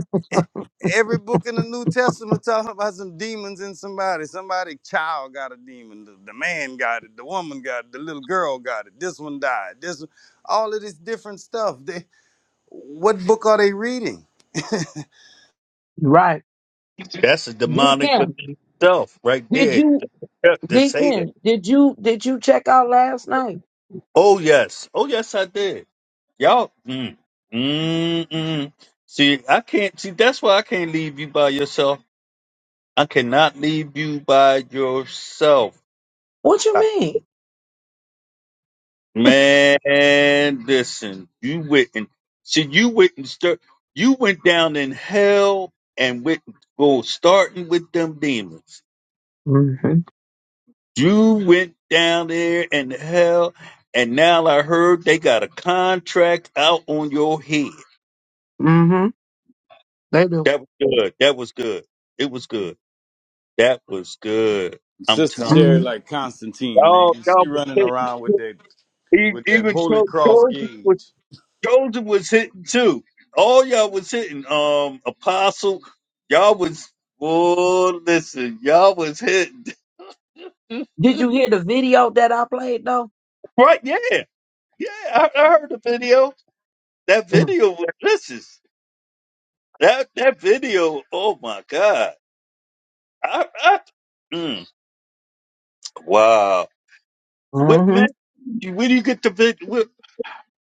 [SPEAKER 4] Every book in the New Testament talking about some demons in somebody. Somebody child got a demon. The, the man got it. The woman got it. The little girl got it. This one died. This one- all of this different stuff. They what book are they reading?
[SPEAKER 2] right.
[SPEAKER 6] That's a demonic
[SPEAKER 2] Deacon,
[SPEAKER 6] within itself, right
[SPEAKER 2] did
[SPEAKER 6] there.
[SPEAKER 2] you
[SPEAKER 6] To, to say that.
[SPEAKER 2] Deacon, did you did you check out last night?
[SPEAKER 6] Oh yes. Oh yes, I did. Y'all. Mm, mm, mm. See, I can't. See, that's why I can't leave you by yourself. I cannot leave you by yourself.
[SPEAKER 2] What you mean?
[SPEAKER 6] Man, listen, you went and see, you went and start, you went down in hell and went go starting with them demons.
[SPEAKER 2] hmm
[SPEAKER 6] You went down there in hell, and now I heard they got a contract out on your head.
[SPEAKER 2] hmm They do.
[SPEAKER 6] That was good. That was good. It was good. That was good. I'm
[SPEAKER 4] Sister
[SPEAKER 6] telling
[SPEAKER 4] Cherry
[SPEAKER 2] hmm
[SPEAKER 4] like Constantine,
[SPEAKER 6] y'all,
[SPEAKER 4] man. She
[SPEAKER 6] y'all was
[SPEAKER 4] running
[SPEAKER 6] hitting.
[SPEAKER 4] around with that
[SPEAKER 6] Even,
[SPEAKER 4] with that
[SPEAKER 6] even
[SPEAKER 4] holy cross
[SPEAKER 6] George
[SPEAKER 4] gauge.
[SPEAKER 6] Joseph was hitting too. All y'all was hitting. Um, Apostle, y'all was. Oh, listen, y'all was hitting.
[SPEAKER 2] Did you hear the video that I played though?
[SPEAKER 6] Right? Yeah, yeah. I, I heard the video. That video was listen. That that video. Oh my God. I, I, mm, wow. What
[SPEAKER 2] Mm-hmm.
[SPEAKER 6] man? Where do you get the video? Where,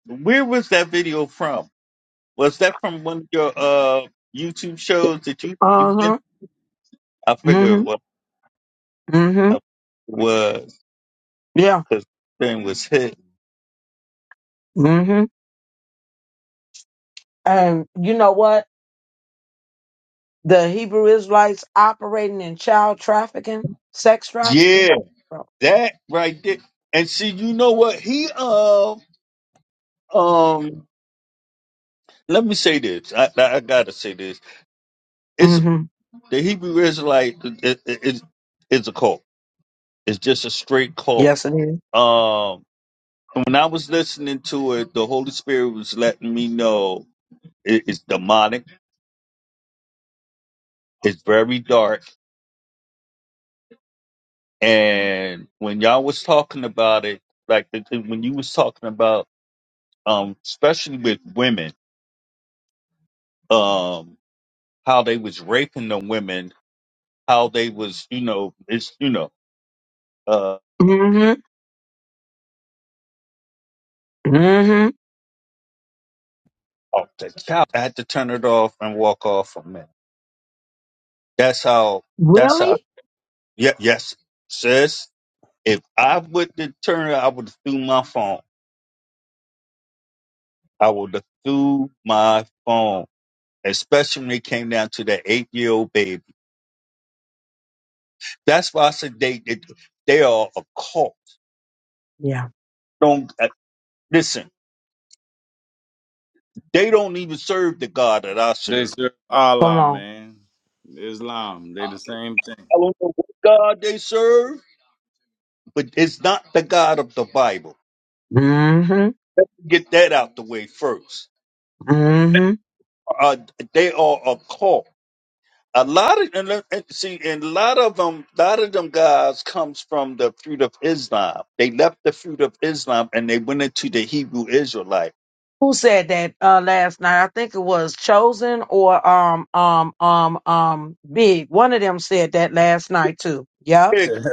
[SPEAKER 6] where was that video from? Was that from one of your uh YouTube shows that you you did?
[SPEAKER 2] Uh-huh.
[SPEAKER 6] I
[SPEAKER 2] Mm-hmm.
[SPEAKER 6] figured it
[SPEAKER 2] Mm-hmm.
[SPEAKER 6] was.
[SPEAKER 2] Yeah.
[SPEAKER 6] because thing was hit.
[SPEAKER 2] Mm-hmm. And you know what? The Hebrew Israelites operating in child trafficking, sex trafficking.
[SPEAKER 6] Yeah,
[SPEAKER 2] Bro,
[SPEAKER 6] that right there. And see, you know what? He um um. Let me say this. I I, I gotta say this. It's
[SPEAKER 2] Mm-hmm.
[SPEAKER 6] the Hebrew Israelite. It, it, it's it's a cult. It's just a straight cult.
[SPEAKER 2] Yes, it is.
[SPEAKER 6] Um, and when I was listening to it, the Holy Spirit was letting me know it, it's demonic. It's very dark. And when y'all was talking about it, like the, when you was talking about, um, especially with women, um. how they was raping the women, how they was, you know, it's, you know, uh,
[SPEAKER 2] Mm-hmm. Mm-hmm.
[SPEAKER 6] oh, the child- I had to turn it off and walk off for a minute. That's how, that's how,
[SPEAKER 2] really?
[SPEAKER 6] yeah, yes, sis, if I would have turned it, I would have threw my phone. I would have threw my phone, especially when it came down to that eight year old baby. That's why I said they, they, they are a cult.
[SPEAKER 2] Yeah.
[SPEAKER 6] Don't, uh, listen, they don't even serve the God that I
[SPEAKER 4] They
[SPEAKER 6] serve.
[SPEAKER 4] serve
[SPEAKER 2] Come
[SPEAKER 4] Allah,
[SPEAKER 2] on.
[SPEAKER 4] man. Islam, they the same thing.
[SPEAKER 6] I don't know what God they serve. but it's not the God of the Bible.
[SPEAKER 2] Mm-hmm.
[SPEAKER 6] Get that out the way first. Uh, they are a cult. A lot of and let- and see, and a lot of them, a lot of them guys comes from the fruit of Islam. They left the fruit of Islam and they went into the Hebrew Israelite.
[SPEAKER 2] Who said that uh, last night? I think it was Chosen or um um um um Big. One of them said that last night too. Yep.
[SPEAKER 6] A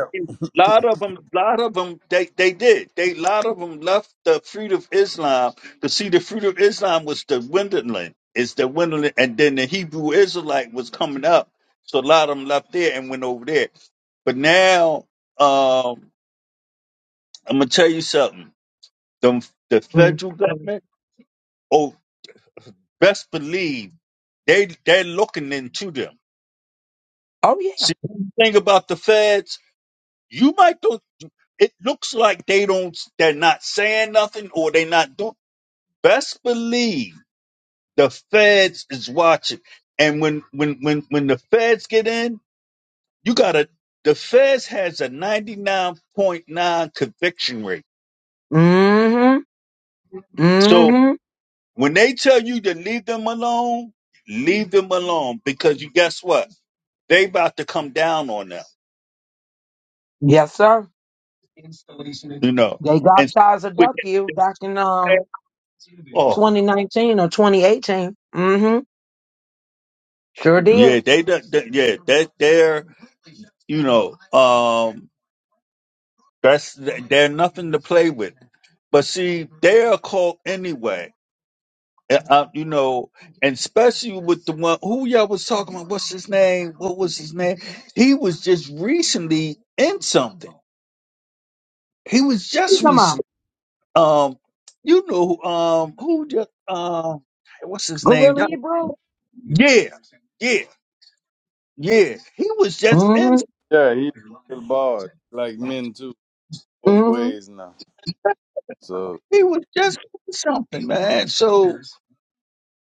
[SPEAKER 6] lot of them, lot of them, they, they did. They, lot of them left the fruit of Islam to see the fruit of Islam was dwindling. It's dwindling, and then the Hebrew Israelite was coming up, so a lot of them left there and went over there. But now, um, I'm gonna tell you something. The, the
[SPEAKER 2] Mm.
[SPEAKER 6] federal government, oh, best believe they they're looking into them.
[SPEAKER 2] Oh yeah.
[SPEAKER 6] See, the thing about the feds, you might it looks like they don't they're not saying nothing or they're not doing best believe the feds is watching and when when when when the feds get in you gotta the feds has a 99.9 conviction rate
[SPEAKER 2] Mm-hmm.
[SPEAKER 6] so
[SPEAKER 2] Mm-hmm.
[SPEAKER 6] when they tell you to leave them alone leave them alone because you guess what they about to come down on them
[SPEAKER 2] Yes, sir.
[SPEAKER 6] you know
[SPEAKER 2] They got
[SPEAKER 6] and
[SPEAKER 2] Tizer
[SPEAKER 6] with
[SPEAKER 2] W back in um
[SPEAKER 6] oh
[SPEAKER 2] 2019 or 2018. Mm-hmm. Sure did.
[SPEAKER 6] yeah they, do- they yeah they they're you know um That's they're nothing to play with. But see, they're a cult anyway. And, uh, you know, and especially with the one who y'all was talking about. What's his name? What was his name? He was just recently in something. He was just
[SPEAKER 2] You talking about
[SPEAKER 6] recently. Um, you know, um, who just um, what's his name?
[SPEAKER 2] Gorilla
[SPEAKER 6] Y'all,
[SPEAKER 2] Hebrew?
[SPEAKER 6] yeah, yeah, yeah. He was just in.
[SPEAKER 2] Mm-hmm.
[SPEAKER 4] Yeah, yeah he like boys, like men too, both
[SPEAKER 2] Mm-hmm.
[SPEAKER 4] ways now. So
[SPEAKER 6] He was just in something, man. So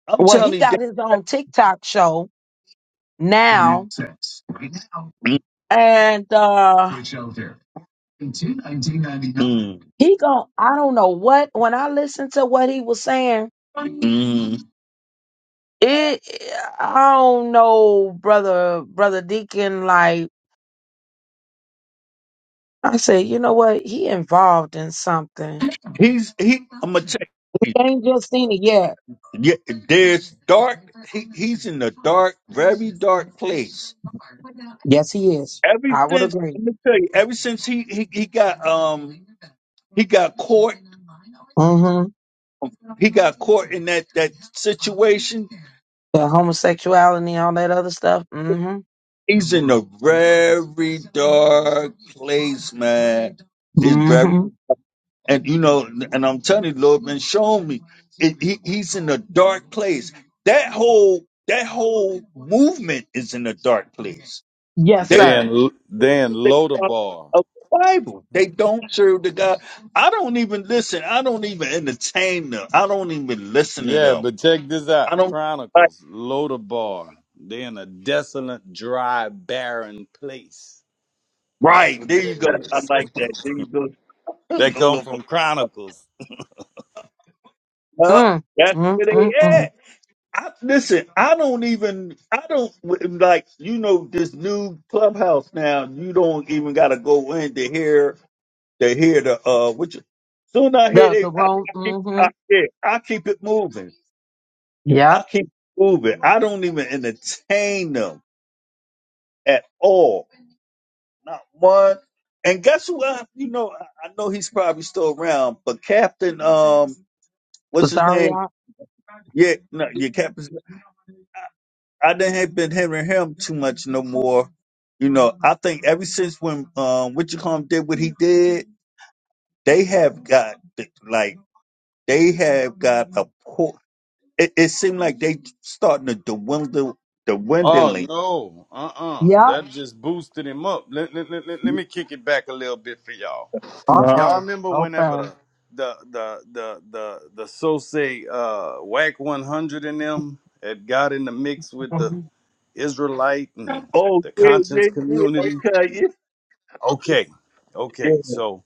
[SPEAKER 6] I'm
[SPEAKER 2] Well, he
[SPEAKER 6] telling
[SPEAKER 2] got his own TikTok show now,
[SPEAKER 6] you.
[SPEAKER 2] and uh
[SPEAKER 6] that-
[SPEAKER 2] He gon' I don't know what when I listened to what he was saying,
[SPEAKER 6] Mm,
[SPEAKER 2] it I don't know, brother brother Deacon, like I said, you know what? He involved in something.
[SPEAKER 6] he's he. I'm gonna check.
[SPEAKER 2] We ain't just seen it yet.
[SPEAKER 6] Yeah, there's dark. He, he's in a dark, very dark place.
[SPEAKER 2] Yes, he is.
[SPEAKER 6] Ever
[SPEAKER 2] I would
[SPEAKER 6] since,
[SPEAKER 2] agree.
[SPEAKER 6] let me tell you. Ever since he he, he got um he got caught.
[SPEAKER 2] Mm-hmm.
[SPEAKER 6] He got caught in that that situation.
[SPEAKER 2] That homosexuality, all that other stuff. Mm-hmm.
[SPEAKER 6] He's in a very dark place, man. It's very
[SPEAKER 2] Mm-hmm.
[SPEAKER 6] And you know, and I'm telling you, the Lord been showing me. It, he, he's in a dark place. That whole that whole movement is in a dark place.
[SPEAKER 2] Yes,
[SPEAKER 6] They
[SPEAKER 4] they
[SPEAKER 2] sir.
[SPEAKER 4] and they and
[SPEAKER 6] the God
[SPEAKER 4] Lodabar.
[SPEAKER 6] of the Bible. They don't serve the God. I don't even listen. I don't even entertain them. I don't even listen to
[SPEAKER 4] Yeah,
[SPEAKER 6] them.
[SPEAKER 4] but check this out.
[SPEAKER 6] I don't like
[SPEAKER 4] Chronicles, Lodabar. They in a desolate, dry, barren place. That's
[SPEAKER 6] right.
[SPEAKER 4] what
[SPEAKER 6] There you
[SPEAKER 4] that
[SPEAKER 6] go. I
[SPEAKER 4] is.
[SPEAKER 6] like that. There you go.
[SPEAKER 4] They come
[SPEAKER 6] Lola,
[SPEAKER 4] from Chronicles.
[SPEAKER 6] huh?
[SPEAKER 2] Mm.
[SPEAKER 6] That's
[SPEAKER 2] Mm
[SPEAKER 6] where they
[SPEAKER 2] mm
[SPEAKER 6] at.
[SPEAKER 2] mm.
[SPEAKER 6] I, listen, I don't even, I don't like, you know, this new clubhouse now. You don't even got to go in to hear, to hear the, uh, which soon I hear
[SPEAKER 2] The
[SPEAKER 6] they,
[SPEAKER 2] the
[SPEAKER 6] I,
[SPEAKER 2] wrong
[SPEAKER 6] I keep,
[SPEAKER 2] mm-hmm.
[SPEAKER 6] I, yeah, I keep it moving.
[SPEAKER 2] Yep.
[SPEAKER 6] I keep it moving. I don't even entertain them at all. Not one. And guess who? I, you know, I, I know he's probably still around, but Captain, um, what's
[SPEAKER 2] The
[SPEAKER 6] his
[SPEAKER 2] sorry
[SPEAKER 6] name? Yeah, no, yeah, Captain. I didn't have been hearing him too much no more. You know, I think ever since when um what you call him did what he did, they have got like they have got a poor. It, it seemed like they starting to dwindle,
[SPEAKER 4] Oh
[SPEAKER 6] dwindling.
[SPEAKER 4] no, uh-uh.
[SPEAKER 2] Yep.
[SPEAKER 4] That just boosted him up. Let, let, let, let let me kick it back a little bit for y'all.
[SPEAKER 2] Uh
[SPEAKER 6] No.
[SPEAKER 4] Y'all
[SPEAKER 2] oh.
[SPEAKER 4] remember whenever
[SPEAKER 2] Okay.
[SPEAKER 4] the the the the the the so say uh whack one hundred and them had got in the mix with the Israelite and
[SPEAKER 6] Oh
[SPEAKER 4] the
[SPEAKER 6] yeah,
[SPEAKER 4] conscience
[SPEAKER 6] yeah, yeah.
[SPEAKER 4] community?
[SPEAKER 6] Okay, yeah,
[SPEAKER 4] Okay. Okay.
[SPEAKER 6] yeah,
[SPEAKER 4] So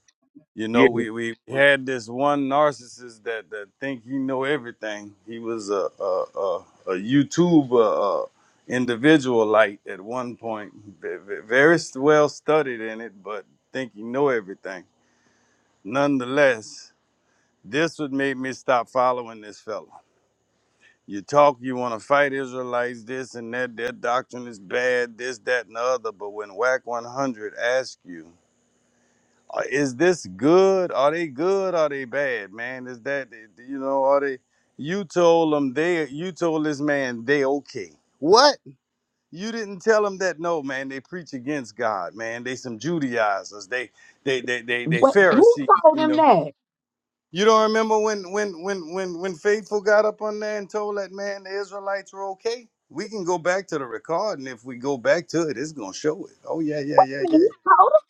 [SPEAKER 4] you know
[SPEAKER 6] yeah.
[SPEAKER 4] we, we had this one narcissist that, that think he know everything. He was a a, a, a YouTube uh, uh, individual light at one point, ve- ve- very well studied in it, but think he know everything. Nonetheless, this would make me stop following this fella. You talk, you want to fight Israelites, this and that, their doctrine is bad, this, that, and the other. But when WAC 100 asks you, "Uh, is this good? Are they good? Are they bad, man? Is that, you know, are they, you told them they, you told this man they okay. What? You didn't tell them that no, man. They preach against God, man. They some Judaizers. They, they, they, they, they
[SPEAKER 2] What who
[SPEAKER 4] Pharisees,
[SPEAKER 2] told
[SPEAKER 4] you
[SPEAKER 2] him
[SPEAKER 4] know.
[SPEAKER 2] that?
[SPEAKER 4] You don't remember when when when when when Faithful got up on there and told that man the Israelites were okay? We can go back to the recording if we go back to it, it's gonna show it. Oh yeah, yeah, yeah,
[SPEAKER 2] Man,
[SPEAKER 4] yeah.
[SPEAKER 2] he told us.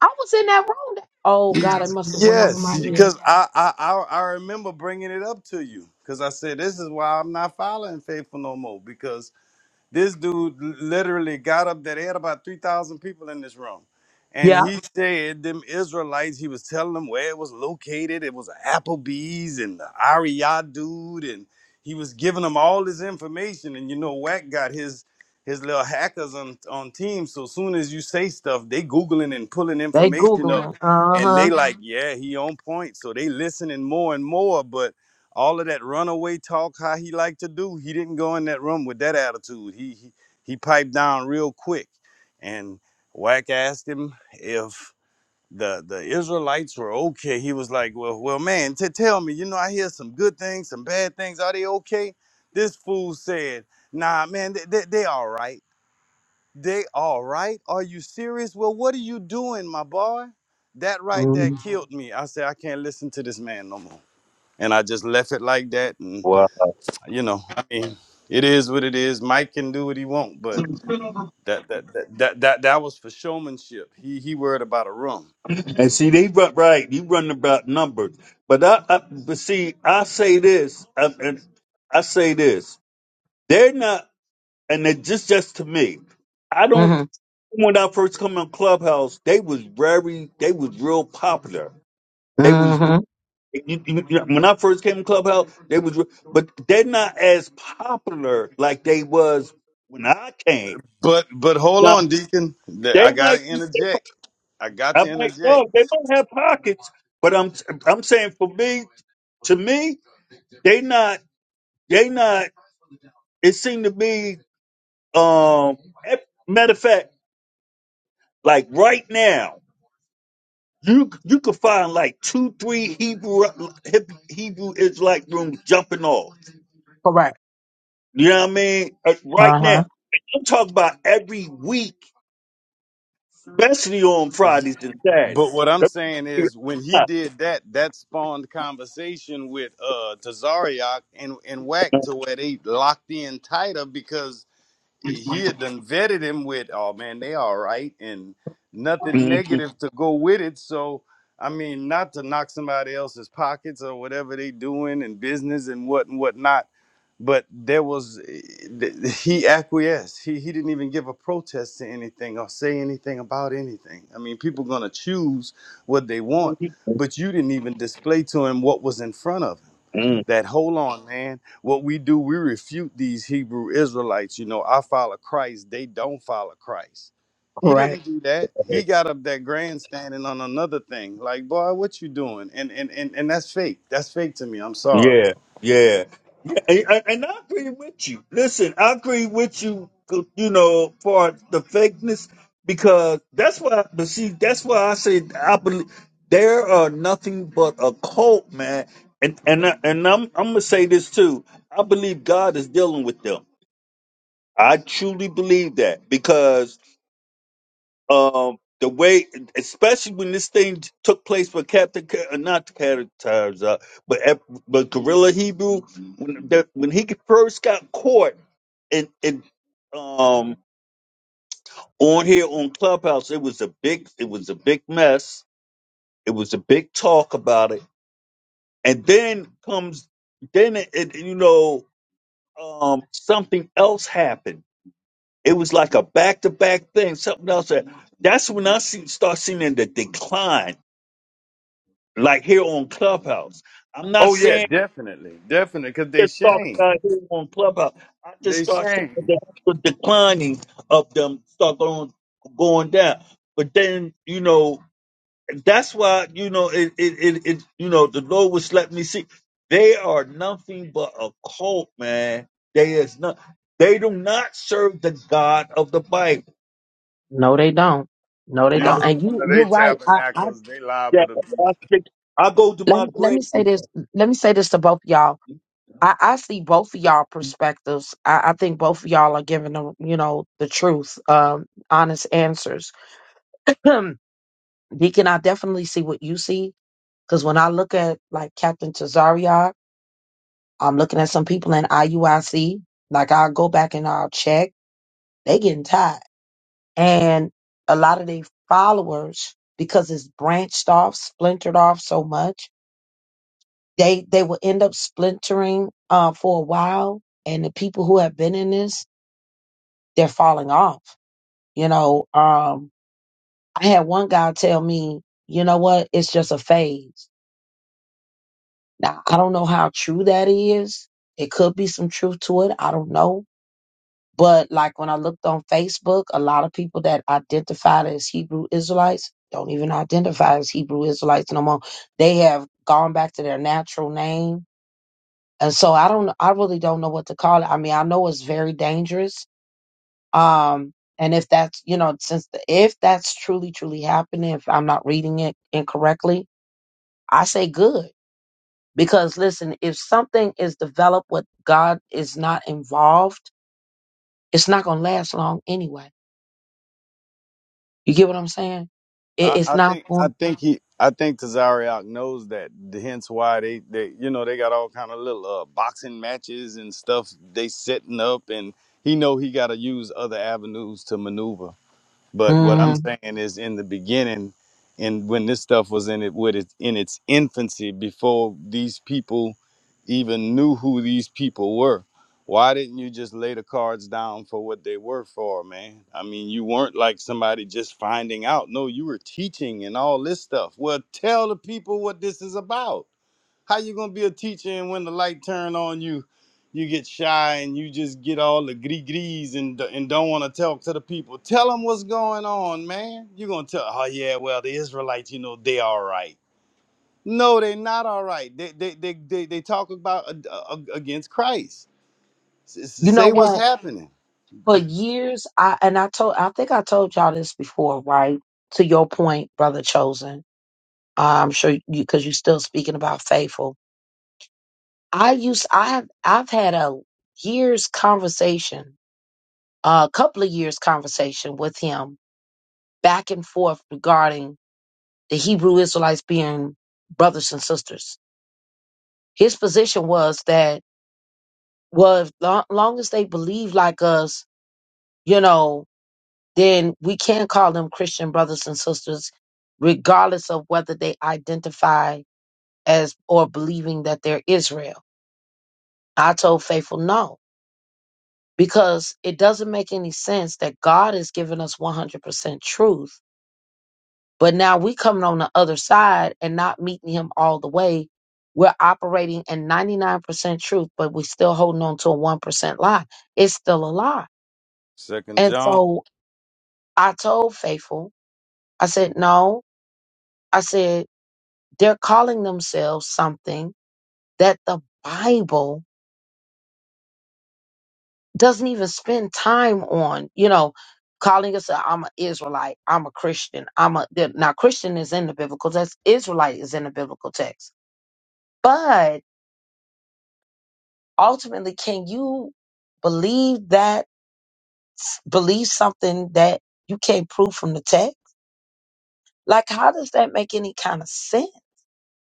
[SPEAKER 2] I was in that room. That- oh God, it must have went over my
[SPEAKER 4] Yes,
[SPEAKER 2] head.
[SPEAKER 4] because I, I I I remember bringing it up to you because I said this is why I'm not following Faithful no more because. This dude literally got up there. They had about 3,000 people in this room. And
[SPEAKER 2] Yeah,
[SPEAKER 4] he said, them Israelites, he was telling them where it was located. It was Applebee's and the Ariya dude. And he was giving them all this information. And you know, Wack got his his little hackers on, on team. So soon as you say stuff, they Googling and pulling
[SPEAKER 2] they
[SPEAKER 4] information up.
[SPEAKER 2] googling. Uh
[SPEAKER 4] And they
[SPEAKER 2] huh.
[SPEAKER 4] like, yeah, he on point. So they listening more and more. But all of that runaway talk how he liked to do he didn't go in that room with that attitude he he, he piped down real quick and Wack asked him if the the israelites were okay he was like well well man t- tell me you know i hear some good things some bad things are they okay this fool said nah man they, they, they all right they all right are you serious well what are you doing my boy that right there
[SPEAKER 2] Mm-hmm.
[SPEAKER 4] killed me i said i can't listen to this man no more and i just left it like that and
[SPEAKER 6] Wow.
[SPEAKER 4] you know, I mean, it is what it is. Mike can do what he want, but that that that that that, that was for showmanship. He he worried about a room.
[SPEAKER 6] And see, they run right. You run about numbers, but I, I but see, I say this, I, and I say this. They're not. and it just just to me, I don't.
[SPEAKER 2] Mm-hmm.
[SPEAKER 6] When I first come on Clubhouse, they was very, they was real popular. They was
[SPEAKER 2] Mm-hmm.
[SPEAKER 6] you, you, you know, when I first came to Clubhouse, they was, re- but they're not as popular like they was when I came.
[SPEAKER 4] But but hold
[SPEAKER 6] Now
[SPEAKER 4] on, Deacon. Th- I
[SPEAKER 6] they might,
[SPEAKER 4] gotta interject. I got
[SPEAKER 6] I
[SPEAKER 4] to
[SPEAKER 6] might
[SPEAKER 4] interject.
[SPEAKER 6] know they might have pockets, but I'm I'm saying for me, to me, they not, they not. It seemed to be, um, matter of fact, like right now. You you could find like two, three Hebrew Heb- Hebrew Israelite rooms jumping off.
[SPEAKER 2] Correct.
[SPEAKER 6] You know what I mean? Uh,
[SPEAKER 2] Uh
[SPEAKER 6] Right now,
[SPEAKER 2] huh.
[SPEAKER 6] I'm talking about every week, especially on Fridays and
[SPEAKER 4] But what I'm
[SPEAKER 6] Saturdays.
[SPEAKER 4] saying is, when he did that, that spawned conversation with uh Tazariak and and Wack to where they locked in tighter because he had done vetted him with, oh man, they all right, and nothing negative to go with it. So, I mean, not to knock somebody else's pockets or whatever they doing in business and what and whatnot, but there was eh, th- he acquiesced. He he didn't even give a protest to anything or say anything about anything. I mean, people gonna choose what they want, but you didn't even display to him what was in front of him
[SPEAKER 6] Mhm.
[SPEAKER 4] that hold on man what we do we refute these hebrew israelites you know i follow christ they don't follow christ he
[SPEAKER 2] Correct.
[SPEAKER 4] didn't do that he got up that grandstanding on another thing like boy what you doing and and and, and that's fake that's fake to me i'm sorry
[SPEAKER 6] Yeah, yeah, yeah, and, and and I agree with you. Listen, I agree with you. You know, for the fakeness, because that's why. But see, that's why I say I believe there are nothing but a cult, man. And and I, and I'm I'm gonna say this too. I believe God is dealing with them. I truly believe that because um the way especially when this thing took place with captain Ca- uh, not captain Tires, uh, but F- but gorilla hebrew when that when he first got caught and and um on here on clubhouse it was a big it was a big mess it was a big talk about it and then comes then it, it you know um something else happened it was like a back-to-back thing something else that that's when i see, start seeing the decline like here on Clubhouse. I'm not
[SPEAKER 4] oh yeah
[SPEAKER 6] saying
[SPEAKER 4] definitely definitely because they
[SPEAKER 6] just talk
[SPEAKER 4] shame
[SPEAKER 6] about here on Clubhouse. I just
[SPEAKER 4] they
[SPEAKER 6] start seeing
[SPEAKER 4] shame
[SPEAKER 6] the, the declining of them start going going down. But then you know that's why you know it it, it, it you know the Lord was letting me see they are nothing but a cult, man. They is not. They do not serve the God of the Bible.
[SPEAKER 2] No, they don't. No, they
[SPEAKER 4] you
[SPEAKER 2] don't.
[SPEAKER 6] I'm
[SPEAKER 4] go to
[SPEAKER 2] And
[SPEAKER 4] one
[SPEAKER 2] you,
[SPEAKER 4] of their
[SPEAKER 2] you're right. I, I
[SPEAKER 4] tabernacles they
[SPEAKER 6] yeah,
[SPEAKER 4] liable to be
[SPEAKER 6] I think- I go to
[SPEAKER 2] let
[SPEAKER 6] my
[SPEAKER 2] me- let me
[SPEAKER 6] grave
[SPEAKER 2] say
[SPEAKER 6] with
[SPEAKER 2] this. Let me say this to both of y'all.
[SPEAKER 6] them.
[SPEAKER 2] I, I see both of y'all perspectives. I, I think both of y'all are giving them, you know, the truth, um, honest answers. Deacon, I definitely see what you see because when I look at like Captain Tazaria. I'm looking at some people in IUIC. Like I'll go back and I'll check. They getting tired. And a lot of their followers, because it's branched off, splintered off so much, they they will end up splintering uh, for a while. And the people who have been in this, they're falling off. You know, um, I had one guy tell me, you know what, it's just a phase. Now I don't know how true that is. It could be some truth to it. I don't know But like when I looked on Facebook, a lot of people that identified as Hebrew Israelites don't even identify as Hebrew Israelites no more. They have gone back to their natural name. And so I don't I really don't know what to call it. I mean, I know it's very dangerous. Um and if that's, you know, since the, if that's truly truly happening, if I'm not reading it incorrectly, I say good. Because listen, if something is developed with God is not involved, it's not going to last long anyway You get what I'm saying? It,
[SPEAKER 4] I,
[SPEAKER 2] it's
[SPEAKER 4] I
[SPEAKER 2] not
[SPEAKER 4] think I
[SPEAKER 2] going.
[SPEAKER 4] think he I think Kazariak knows that. Hence why they, they you know they got all kind of little uh, boxing matches and stuff they setting up, and he know he got to use other avenues to maneuver. But what
[SPEAKER 2] hmm
[SPEAKER 4] I'm saying is, in the beginning, and when this stuff was in it with it in its infancy, before these people even knew who these people were, why didn't you just lay the cards down for what they were for, man? I mean, you weren't like somebody just finding out. No, you were teaching and all this stuff. Well, tell the people what this is about. How you gonna be a teacher and when the light turn on you, you get shy and you just get all the gris gris and and don't want to talk to the people. Tell them what's going on, man. You gonna tell? Oh yeah, well the Israelites, you know, they all right. No, they not all right. They they they they, they talk about uh, uh, against Christ. S- s-
[SPEAKER 2] You know
[SPEAKER 4] Say what's
[SPEAKER 2] what?
[SPEAKER 4] happening.
[SPEAKER 2] For years, I and I told. I think I told y'all this before, right? To your point, brother chosen. Uh, I'm sure you because you're still speaking about faithful. I used. I have. I've had a years conversation, a couple of years conversation with him back and forth regarding the Hebrew Israelites being brothers and sisters. His position was that well, long, long as they believe like us you know, then we can call them Christian brothers and sisters, regardless of whether they identify as or believing that they're Israel. I told Faithful no, because it doesn't make any sense that God has given us 100% truth, but now we coming on the other side and not meeting Him all the way. We're operating in 99% truth, but we're still holding on to a 1% lie. It's still a lie.
[SPEAKER 4] Second
[SPEAKER 2] And
[SPEAKER 4] John,
[SPEAKER 2] so I told Faithful, I said, no. I said, They're calling themselves something that the Bible doesn't even spend time on, you know, calling us, I'm an Israelite, I'm a Christian, I'm a, they're- now Christian is in the biblical text, Israelite is in the biblical text. But ultimately, can you believe that, believe something that you can't prove from the text? Like, how does that make any kind of sense?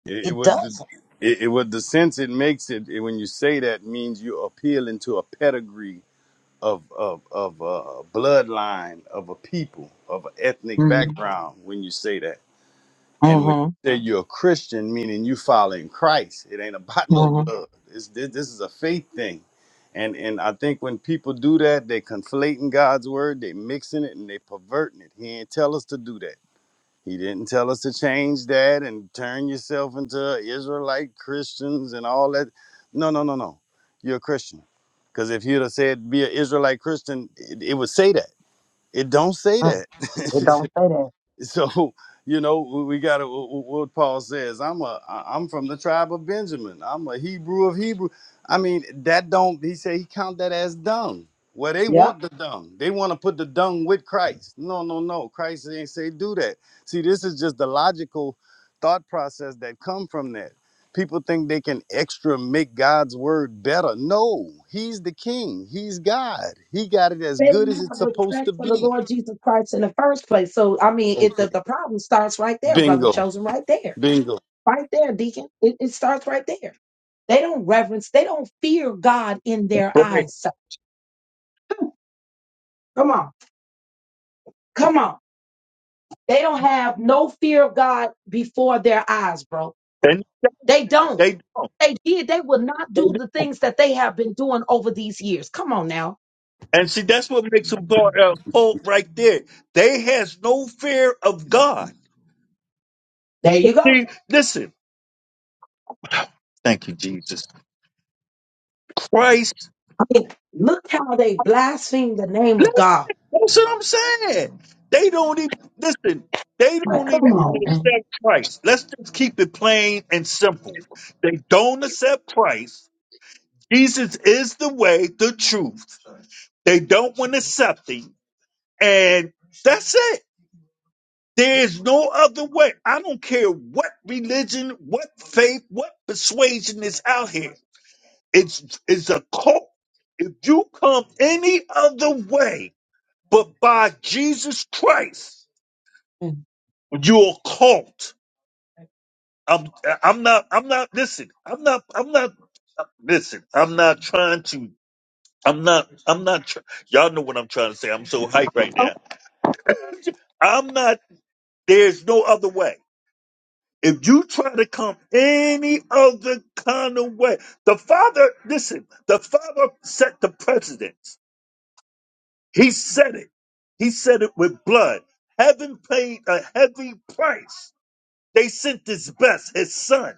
[SPEAKER 4] it, it
[SPEAKER 2] It
[SPEAKER 4] would.
[SPEAKER 2] doesn't.
[SPEAKER 4] It, it would the sense it makes it, it when you say that means you're appealing to a pedigree of of of a bloodline of a people of an ethnic
[SPEAKER 2] Mm-hmm.
[SPEAKER 4] background when you say that and when
[SPEAKER 2] Mm-hmm.
[SPEAKER 4] you say you're a christian meaning you following christ it ain't about no
[SPEAKER 2] Mm-hmm.
[SPEAKER 4] blood it's, this, this is a faith thing and and i think when people do that they conflating god's word they mixing it and they perverting it he ain't tell us to do that he didn't tell us to change that and turn yourself into Israelite Christians and all that. No, no, no, no. You're a Christian. Because if you'd have said be an Israelite Christian, it, it would say that. It don't say that.
[SPEAKER 2] It don't say that.
[SPEAKER 4] so you know we got to what paul says i'm a I- am a am from the tribe of benjamin i'm a hebrew of hebrew i mean that don't he say he count that as dung well they
[SPEAKER 2] Yep.
[SPEAKER 4] want the dung they want to put the dung with christ no no no christ ain't say do that see this is just the logical thought process that come from that people think they can extra make god's word better no he's the king he's god he got it as
[SPEAKER 2] They
[SPEAKER 4] good
[SPEAKER 2] didn't
[SPEAKER 4] as it's
[SPEAKER 2] have
[SPEAKER 4] supposed
[SPEAKER 2] respect
[SPEAKER 4] to
[SPEAKER 2] for the
[SPEAKER 4] be
[SPEAKER 2] Lord Jesus Christ in the first place. So, I mean, it,
[SPEAKER 4] okay
[SPEAKER 2] the, the problem starts right there, brother
[SPEAKER 4] bingo
[SPEAKER 2] chosen, right there.
[SPEAKER 4] bingo
[SPEAKER 2] Right there, deacon. It, it starts right there. They don't reverence, they don't fear God in their
[SPEAKER 6] Right.
[SPEAKER 2] eyes. sir. Come on, come on. They don't have no fear of God before their eyes, bro.
[SPEAKER 6] And
[SPEAKER 2] They don't.
[SPEAKER 6] they
[SPEAKER 2] They did. They will not
[SPEAKER 6] don't.
[SPEAKER 2] do the things that they have been doing over these years. Come on now.
[SPEAKER 6] And see, that's what makes them go- uh, cold right there. They has no fear of God.
[SPEAKER 2] There you go.
[SPEAKER 6] See, listen. Thank you, Jesus. Christ.
[SPEAKER 2] Look how they blaspheme the name of
[SPEAKER 6] Look,
[SPEAKER 2] God.
[SPEAKER 6] That's what I'm saying. They don't even listen. They
[SPEAKER 2] Like,
[SPEAKER 6] don't
[SPEAKER 2] come
[SPEAKER 6] even want to
[SPEAKER 2] on. man.
[SPEAKER 6] accept Christ. Let's just keep it plain and simple. They don't accept Christ. Jesus is the way, the truth. They don't want to accept him, and that's it. There is no other way. I don't care what religion, what faith, what persuasion is out here. It's it's a cult. If you come any other way but by Jesus Christ,
[SPEAKER 2] Mm.
[SPEAKER 6] you're a cult. I'm I'm not I'm not listen. I'm not I'm not listen. I'm not trying to. I'm not I'm not. Try, y'all know what I'm trying to say. I'm so hyped right
[SPEAKER 2] Oh,
[SPEAKER 6] now. I'm not. There's no other way. If you try to come any other kind of way, the Father, listen, the Father set the precedence. He said it. He said it with blood. Heaven paid a heavy price. They sent his best, his son.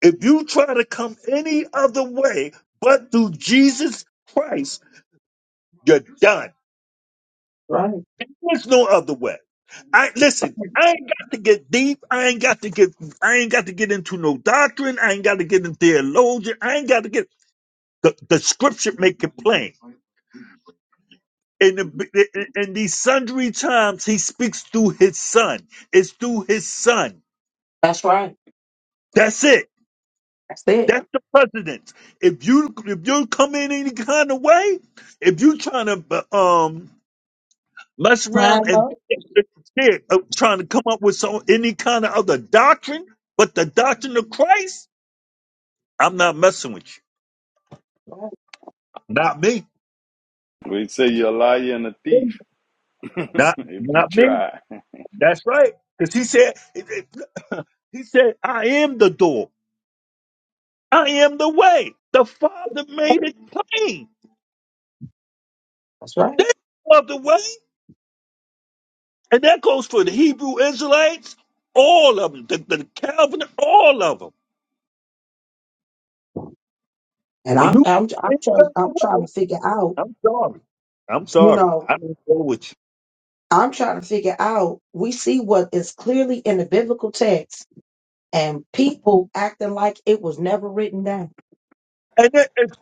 [SPEAKER 6] If you try to come any other way but through Jesus Christ, you're done.
[SPEAKER 2] Right.
[SPEAKER 6] There's no other way. I listen. I ain't got to get deep. I ain't got to get. I ain't got to get into no doctrine. I ain't got to get into theology. I ain't got to get the, the scripture make it plain. In the in in these sundry times, he speaks through his son. It's through his son.
[SPEAKER 2] That's right.
[SPEAKER 6] That's it.
[SPEAKER 2] That's it.
[SPEAKER 6] That's the precedence. If you if you come in any kind of way, if you trying to um Mess around
[SPEAKER 2] Climb
[SPEAKER 6] and
[SPEAKER 2] up.
[SPEAKER 6] shit, uh, trying to come up with some any kind of other doctrine, but the doctrine of Christ, I'm not messing with you.
[SPEAKER 2] Right.
[SPEAKER 6] Not me.
[SPEAKER 4] We say you're a liar and a thief
[SPEAKER 6] Not
[SPEAKER 4] if you
[SPEAKER 6] not me.
[SPEAKER 4] try.
[SPEAKER 6] That's right. Because he said he said, I am the door. I am the way. The Father made it plain
[SPEAKER 2] That's right.
[SPEAKER 6] of the way. And that goes for the Hebrew Israelites, all of them, the, the Calvin, all of them.
[SPEAKER 2] And
[SPEAKER 6] You
[SPEAKER 2] I'm
[SPEAKER 6] can
[SPEAKER 2] I'm I'm
[SPEAKER 6] think of
[SPEAKER 2] trying
[SPEAKER 6] the
[SPEAKER 2] I'm trying
[SPEAKER 6] way.
[SPEAKER 2] to figure out,
[SPEAKER 6] I'm sorry. I'm
[SPEAKER 2] you
[SPEAKER 6] sorry.
[SPEAKER 2] know,
[SPEAKER 6] I don't go with you.
[SPEAKER 2] I'm trying to figure out we see what is clearly in the biblical text and people acting like it was never written down.
[SPEAKER 6] And it, it's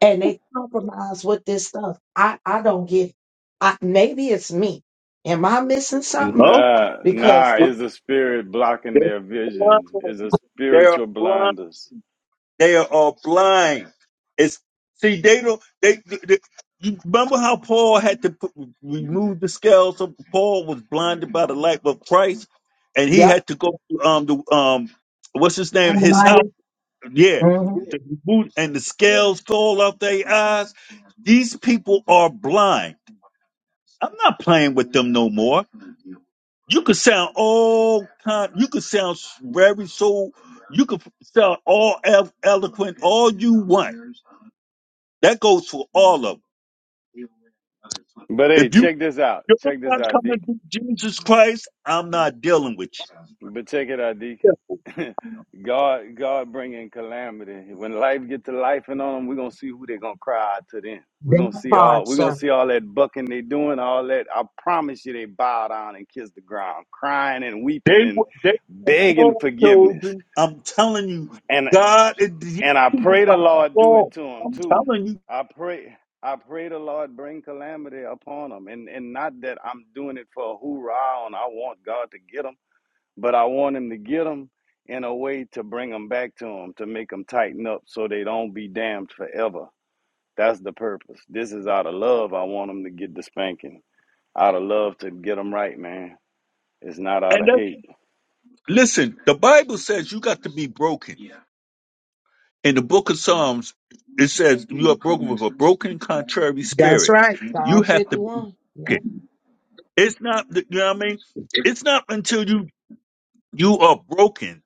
[SPEAKER 2] And they compromise with this stuff. I, I don't get it. I, maybe it's me. Am I missing something?
[SPEAKER 6] no.
[SPEAKER 4] Nah,
[SPEAKER 2] Because
[SPEAKER 4] nah, it's a spirit blocking
[SPEAKER 6] They're
[SPEAKER 4] their
[SPEAKER 6] blind.
[SPEAKER 4] vision. It's a
[SPEAKER 6] They are
[SPEAKER 4] spiritual
[SPEAKER 6] blind.
[SPEAKER 4] blinders.
[SPEAKER 6] They are all blind. It's see. They don't. They, they- you remember how Paul had to put, remove the scales. So Paul was blinded by the light of Christ, and he
[SPEAKER 2] yep,
[SPEAKER 6] had to go to um the um what's his name
[SPEAKER 2] And
[SPEAKER 6] his house.
[SPEAKER 2] life.
[SPEAKER 6] Yeah,
[SPEAKER 2] hmm
[SPEAKER 6] to remove- and the scales fall off their eyes. These people are blind. I'm not playing with them no more. You could sound all kind. You could sound very so. You could sound all elo- eloquent, all you want. That goes for all of them.
[SPEAKER 4] But hey,
[SPEAKER 6] If you
[SPEAKER 4] check this out.
[SPEAKER 6] you're
[SPEAKER 4] Check this
[SPEAKER 6] not
[SPEAKER 4] out,
[SPEAKER 6] coming
[SPEAKER 4] Deacon.
[SPEAKER 6] to Jesus Christ, I'm not dealing with
[SPEAKER 4] But check it out,
[SPEAKER 6] you.
[SPEAKER 4] Deacon. God, God bringing calamity. When life get to life and on them, we're gonna see who they're gonna cry out to then. We're
[SPEAKER 2] That
[SPEAKER 4] gonna see all
[SPEAKER 2] part,
[SPEAKER 4] we're gonna
[SPEAKER 2] sir.
[SPEAKER 4] see all that bucking they doing, all that I promise you they bow down and kiss the ground, crying and weeping
[SPEAKER 6] They
[SPEAKER 4] and
[SPEAKER 6] were they were
[SPEAKER 4] begging
[SPEAKER 6] all
[SPEAKER 4] forgiveness.
[SPEAKER 6] chosen. I'm telling you,
[SPEAKER 4] and.
[SPEAKER 6] God is the
[SPEAKER 4] And I pray the
[SPEAKER 6] about the
[SPEAKER 4] Lord do it
[SPEAKER 6] fall.
[SPEAKER 4] to them
[SPEAKER 6] I'm
[SPEAKER 4] too.
[SPEAKER 6] telling you,
[SPEAKER 4] I pray I pray the Lord bring calamity upon them. And and not that I'm doing it for a hoorah and I want God to get them, but I want him to get them in a way to bring them back to him, to make them tighten up so they don't be damned forever. That's the purpose. This is out of love. I want them to get the spanking. Out of love to get them right, man. It's not out
[SPEAKER 6] and
[SPEAKER 4] of
[SPEAKER 6] that's,
[SPEAKER 4] hate.
[SPEAKER 6] listen. The Bible says you got to be broken. In the book of Psalms, it says you are broken with a broken, contrary
[SPEAKER 2] That's
[SPEAKER 6] spirit.
[SPEAKER 2] right.
[SPEAKER 6] You
[SPEAKER 2] Psalm
[SPEAKER 6] have to
[SPEAKER 2] 51. Yeah.
[SPEAKER 6] break it. It's not, you know what I mean? It's not until you you are broken.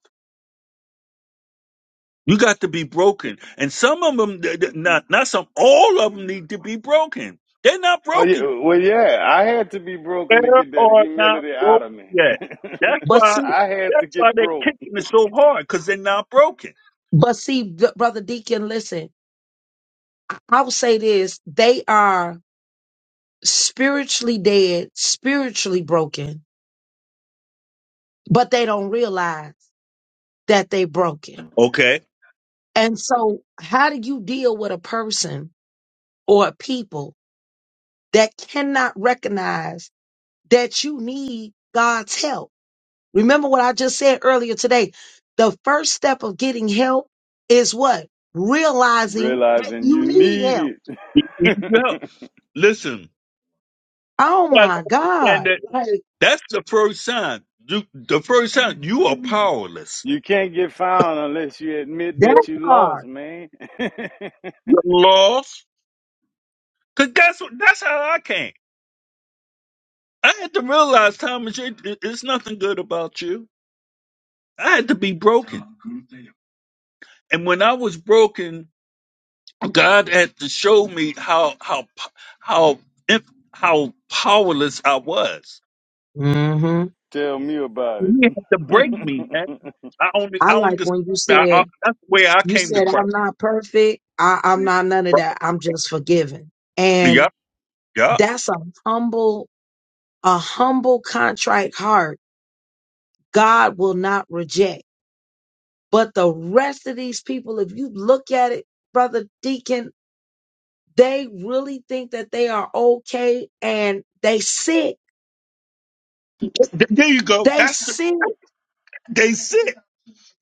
[SPEAKER 6] You got to be broken, and some of them, not not some, all of them need to be broken. They're not
[SPEAKER 4] Oh yeah,
[SPEAKER 6] broken.
[SPEAKER 4] well yeah, I had to be
[SPEAKER 6] They
[SPEAKER 4] broken to get that
[SPEAKER 6] are not
[SPEAKER 4] humility out
[SPEAKER 6] broken
[SPEAKER 4] of me.
[SPEAKER 6] yet. That's
[SPEAKER 2] But
[SPEAKER 6] why.
[SPEAKER 2] see,
[SPEAKER 4] I had to
[SPEAKER 6] That's why
[SPEAKER 4] get
[SPEAKER 6] they're
[SPEAKER 4] broke,
[SPEAKER 6] kicking it so hard because they're not broken.
[SPEAKER 2] but see, Br- brother Deacon, listen. I would say this: they are spiritually dead, spiritually broken, but they don't realize that they're broken.
[SPEAKER 6] Okay.
[SPEAKER 2] And so, how do you deal with a person or a people that cannot recognize that you need God's help? Remember what I just said earlier today. The first step of getting help is what? Realizing that
[SPEAKER 4] realizing you
[SPEAKER 2] you need
[SPEAKER 4] need
[SPEAKER 2] help.
[SPEAKER 6] You-
[SPEAKER 4] it.
[SPEAKER 6] you- Listen,
[SPEAKER 2] Oh
[SPEAKER 6] You gotta
[SPEAKER 2] my
[SPEAKER 6] understand
[SPEAKER 2] God.
[SPEAKER 6] that
[SPEAKER 2] Like
[SPEAKER 6] That's the first sign. You, the first sign you are powerless.
[SPEAKER 4] you can't get found unless you admit
[SPEAKER 2] that
[SPEAKER 4] that
[SPEAKER 6] You're
[SPEAKER 4] you lost,
[SPEAKER 2] part.
[SPEAKER 4] man.
[SPEAKER 6] lost. Cause that's what that's how I came. I had to realize, Thomas, it, it- it's nothing good about you. I had to be broken. And when I was broken, God had to show me how how p- how imp- how powerless I was.
[SPEAKER 2] hmm
[SPEAKER 4] Tell me about it.
[SPEAKER 6] He had to break me, man. I only
[SPEAKER 2] I
[SPEAKER 6] I only
[SPEAKER 2] like
[SPEAKER 6] just
[SPEAKER 2] when you
[SPEAKER 6] I, I,
[SPEAKER 2] said,
[SPEAKER 6] that's the way I
[SPEAKER 2] you
[SPEAKER 6] came to
[SPEAKER 2] said, I'm
[SPEAKER 6] Christ.
[SPEAKER 2] not perfect. I, I'm
[SPEAKER 6] Right?
[SPEAKER 2] not none of that. I'm just forgiven.
[SPEAKER 6] Yeah,
[SPEAKER 2] And
[SPEAKER 6] yeah.
[SPEAKER 2] that's a humble, a humble contrite heart. God will not reject. But the rest of these people, if you look at it, brother Deacon, They really think that they are okay and they sick.
[SPEAKER 6] Th- There you go.
[SPEAKER 2] They
[SPEAKER 6] That's the
[SPEAKER 2] sick.
[SPEAKER 6] They sick.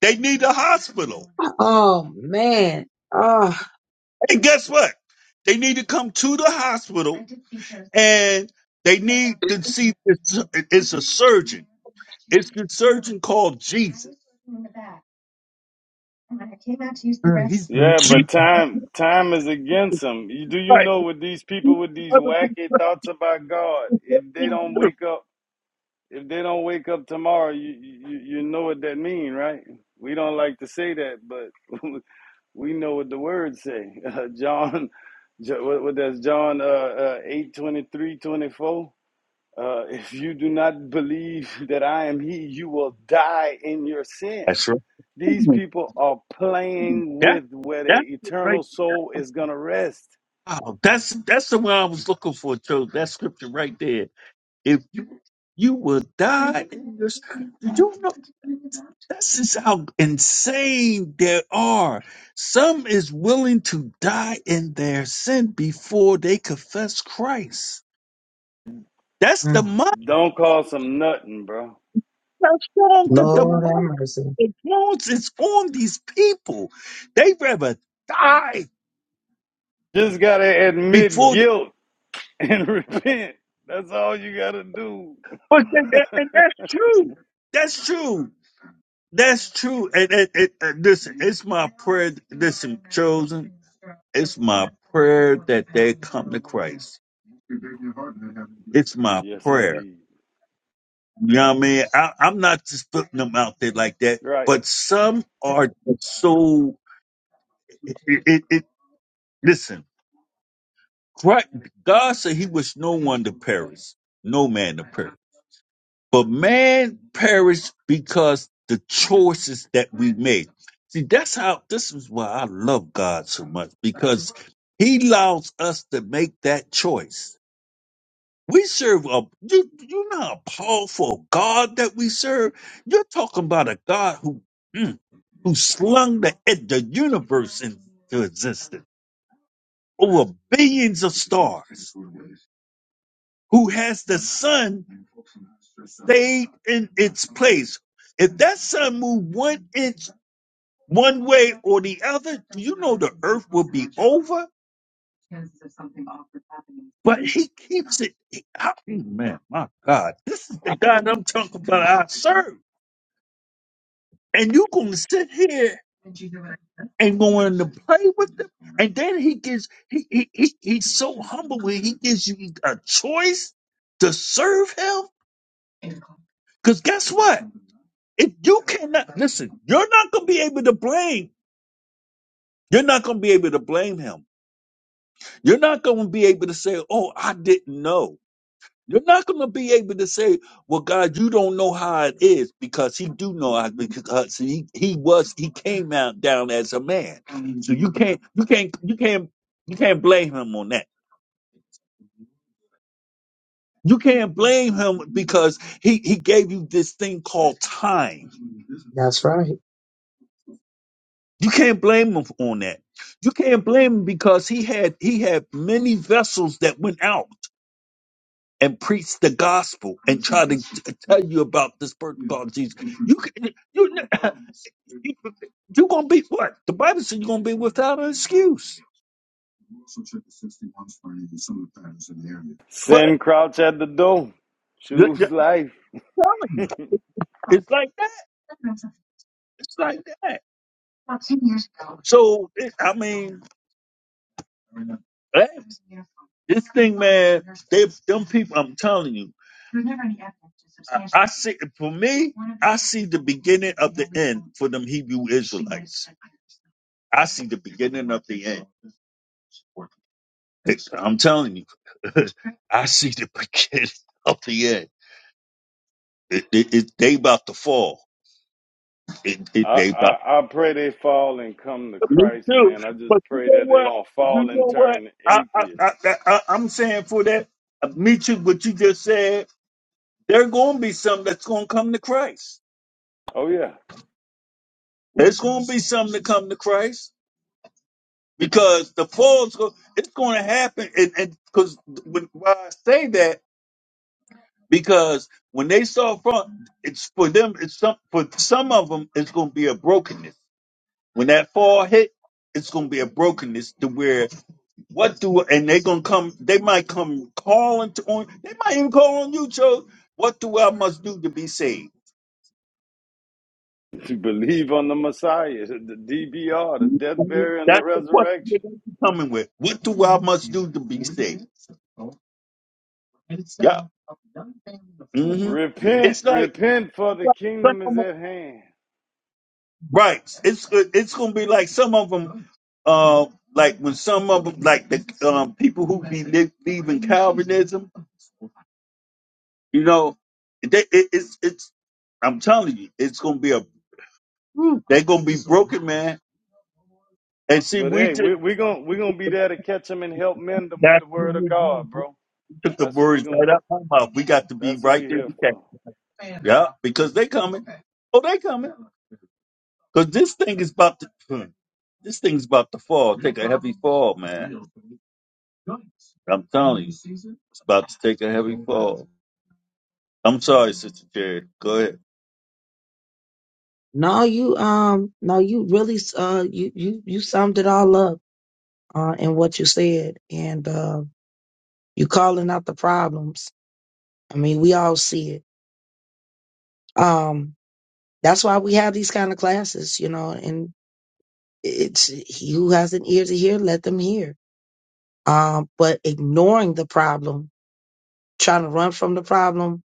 [SPEAKER 6] They need a hospital.
[SPEAKER 2] Oh man. Oh,
[SPEAKER 6] And guess what? They need to come to the hospital and they need to see it's, it's a surgeon. It's the surgeon called Jesus.
[SPEAKER 2] mm,
[SPEAKER 6] He's
[SPEAKER 2] mm,
[SPEAKER 4] yeah, but
[SPEAKER 6] Jesus
[SPEAKER 2] mm,
[SPEAKER 4] time time is against them. You, do you
[SPEAKER 6] Christ.
[SPEAKER 4] know what these
[SPEAKER 6] He's
[SPEAKER 4] people with
[SPEAKER 6] the
[SPEAKER 4] these
[SPEAKER 6] other
[SPEAKER 4] wacky thoughts about God? If they
[SPEAKER 6] person.
[SPEAKER 4] don't wake up if they don't wake up tomorrow, you you, you know what that mean, right? We don't like to say that, but we know what the words say. Uh, John, what, what that's John uh, uh, 8, 24. Uh, if you do not believe that I am he, you will die in your sin.
[SPEAKER 6] That's right.
[SPEAKER 4] These people are playing
[SPEAKER 6] That
[SPEAKER 4] with where their
[SPEAKER 6] that's it right.
[SPEAKER 4] eternal soul is going to rest.
[SPEAKER 6] Wow, that's that's the one I was looking for, Joe. That scripture right there. If you, you will die in your sin. This is how insane they are. Some is willing to die in their sin before they confess Christ. That's the
[SPEAKER 2] mm.
[SPEAKER 6] mind
[SPEAKER 4] Don't call some nothing, bro.
[SPEAKER 6] that's wrong. The
[SPEAKER 2] Lord have
[SPEAKER 6] demonic
[SPEAKER 2] mercy.
[SPEAKER 6] influence is on these people. They rather die
[SPEAKER 4] Just got to admit
[SPEAKER 6] before. They,
[SPEAKER 4] guilt and repent. That's all you gotta do.
[SPEAKER 6] but they, they- and that's true. That's true. That's true. And, and, and, and listen, it's my prayer. Listen, chosen. It's my prayer that they come to Christ. It's my
[SPEAKER 4] Yes,
[SPEAKER 6] prayer
[SPEAKER 4] indeed.
[SPEAKER 6] You know what I mean? I, I'm not just putting them out there like that,
[SPEAKER 4] Right.
[SPEAKER 6] but some are just so. It, it, it listen. Christ, God said He was no one to perish, no man to perish, but man perished because the choices that we made. See, that's how. This is why I love God so much because He allows us to make that choice. We serve a you, you know how powerful God that we serve. You're talking about a God who. mm, who slung the, ed- the universe into existence over billions of stars, who has the sun stayed in its place. If that sun moved one inch one way or the other, you know the earth would be over. But he keeps it. he- I- man, my God, this is the God I'm talking about. I serve. And you gonna sit here and going to play with them? And then he gives he, he, he he's so humble when he gives you a choice to serve him. Because guess what? If you cannot listen, you're not gonna be able to blame. You're not gonna be able to blame him. You're not gonna be able to say, Oh, I didn't know. You're not gonna be able to say, Well, God, you don't know how it is, because he do know how because he, he was he came out down as a man. So you can't you can't you can't you can't blame him on that. You can't blame him because he, he gave you this thing called time.
[SPEAKER 2] That's right.
[SPEAKER 6] You can't blame him on that. You can't blame him because he had he had many vessels that went out and preached the gospel and tried to t- tell you about this person called Jesus. You can, you you're gonna be what the Bible said you're gonna be without an excuse. But
[SPEAKER 4] Sin crouch at the door.
[SPEAKER 6] the-
[SPEAKER 4] Choose
[SPEAKER 6] the-
[SPEAKER 4] life.
[SPEAKER 6] I'm telling you, it's like that. It's like that. So it, I mean. Hey, This thing, man, they them people. I'm telling you, I, I see. For me, I see the beginning of the end for them Hebrew Israelites. I see the beginning of the end. I'm telling you, I see the beginning of the end. It, it, it, they about to fall. It,
[SPEAKER 4] I,
[SPEAKER 6] it, they about.
[SPEAKER 4] I I pray they fall and come to
[SPEAKER 6] Me
[SPEAKER 4] Christ,
[SPEAKER 6] too.
[SPEAKER 4] man. I just
[SPEAKER 6] But you
[SPEAKER 4] pray
[SPEAKER 6] know
[SPEAKER 4] that they
[SPEAKER 6] what?
[SPEAKER 4] don't
[SPEAKER 6] You
[SPEAKER 4] fall and
[SPEAKER 6] know what?
[SPEAKER 4] turn
[SPEAKER 6] I, I,
[SPEAKER 4] atheists.
[SPEAKER 6] I, I, I I'm saying for that. uh, Me too. What you just said. There gonna be some that's gonna come to Christ.
[SPEAKER 4] Oh yeah.
[SPEAKER 6] There's gonna be some that come to Christ because the fall's go. It's gonna happen, and and because when why I say that because when they saw from it's for them. It's some for some of them. It's gonna be a brokenness when that fall hit. It's gonna be a brokenness to where what do and they are gonna come. They might come calling to on. They might even call on you, Joe. What do I must do to be saved?
[SPEAKER 4] Believe on the Messiah, the DBR, the death, burial, and the
[SPEAKER 6] That's the question that
[SPEAKER 4] resurrection.
[SPEAKER 6] I'm coming with. What do I must do to be saved? Yeah. hmm
[SPEAKER 4] Repent,
[SPEAKER 6] It's like
[SPEAKER 4] repent, for the
[SPEAKER 6] some
[SPEAKER 4] kingdom is
[SPEAKER 6] of 'em-
[SPEAKER 4] at hand.
[SPEAKER 6] right. It's it's gonna be like some of them, uh, like when some of them, like the um, people who be li- leaving Calvinism, you know, they, it, it's it's. I'm telling you, it's gonna be a. They're gonna be broken, man. And see,
[SPEAKER 4] But
[SPEAKER 6] we
[SPEAKER 4] hey,
[SPEAKER 6] just
[SPEAKER 4] we we we gonna we gonna to be there to catch them and help mend them with
[SPEAKER 6] that's
[SPEAKER 4] the word
[SPEAKER 6] what
[SPEAKER 4] of
[SPEAKER 6] we do.
[SPEAKER 4] God, bro.
[SPEAKER 6] took the
[SPEAKER 4] That's what we're
[SPEAKER 6] words
[SPEAKER 4] gonna
[SPEAKER 6] right out my mouth. We got to be
[SPEAKER 4] That's what we
[SPEAKER 6] right there.
[SPEAKER 4] here
[SPEAKER 6] We
[SPEAKER 4] for.
[SPEAKER 6] got- Yeah, because they coming. Oh, they coming. Because this thing is about to. hmm, This thing's about to fall. Take a heavy fall, man. I'm telling you, it's about to take a heavy fall. I'm sorry, Sister Jerry. Go ahead.
[SPEAKER 2] No, you um, no, you really uh, you you you summed it all up uh in what you said, and uh, you calling out the problems. I mean, we all see it. Um, that's why we have these kind of classes, you know. And it's he who has an ear to hear, let them hear. Um, but ignoring the problem, trying to run from the problem,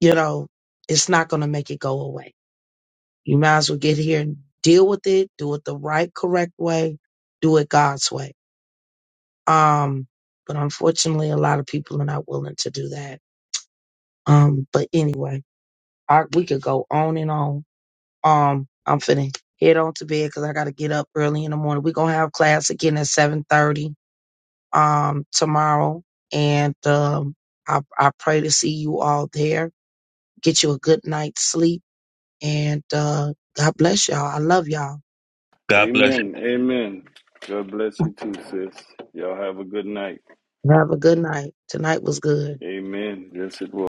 [SPEAKER 2] you know, it's not going to make it go away. You might as well get here and deal with it, do it the right, correct way, do it God's way. Um, but unfortunately, a lot of people are not willing to do that. Um, but anyway, I, we could go on and on. Um, I'm finna head on to bed because I got to get up early in the morning. We're going to have class again at 7:30. um, tomorrow, and um, I, I pray to see you all there. Get you a good night's sleep, and uh, God bless y'all. I love y'all.
[SPEAKER 6] God bless.
[SPEAKER 4] Amen. Amen. God bless you too, sis. Y'all have a good night.
[SPEAKER 2] Have a good night. Tonight was good.
[SPEAKER 4] Amen. Yes, it will.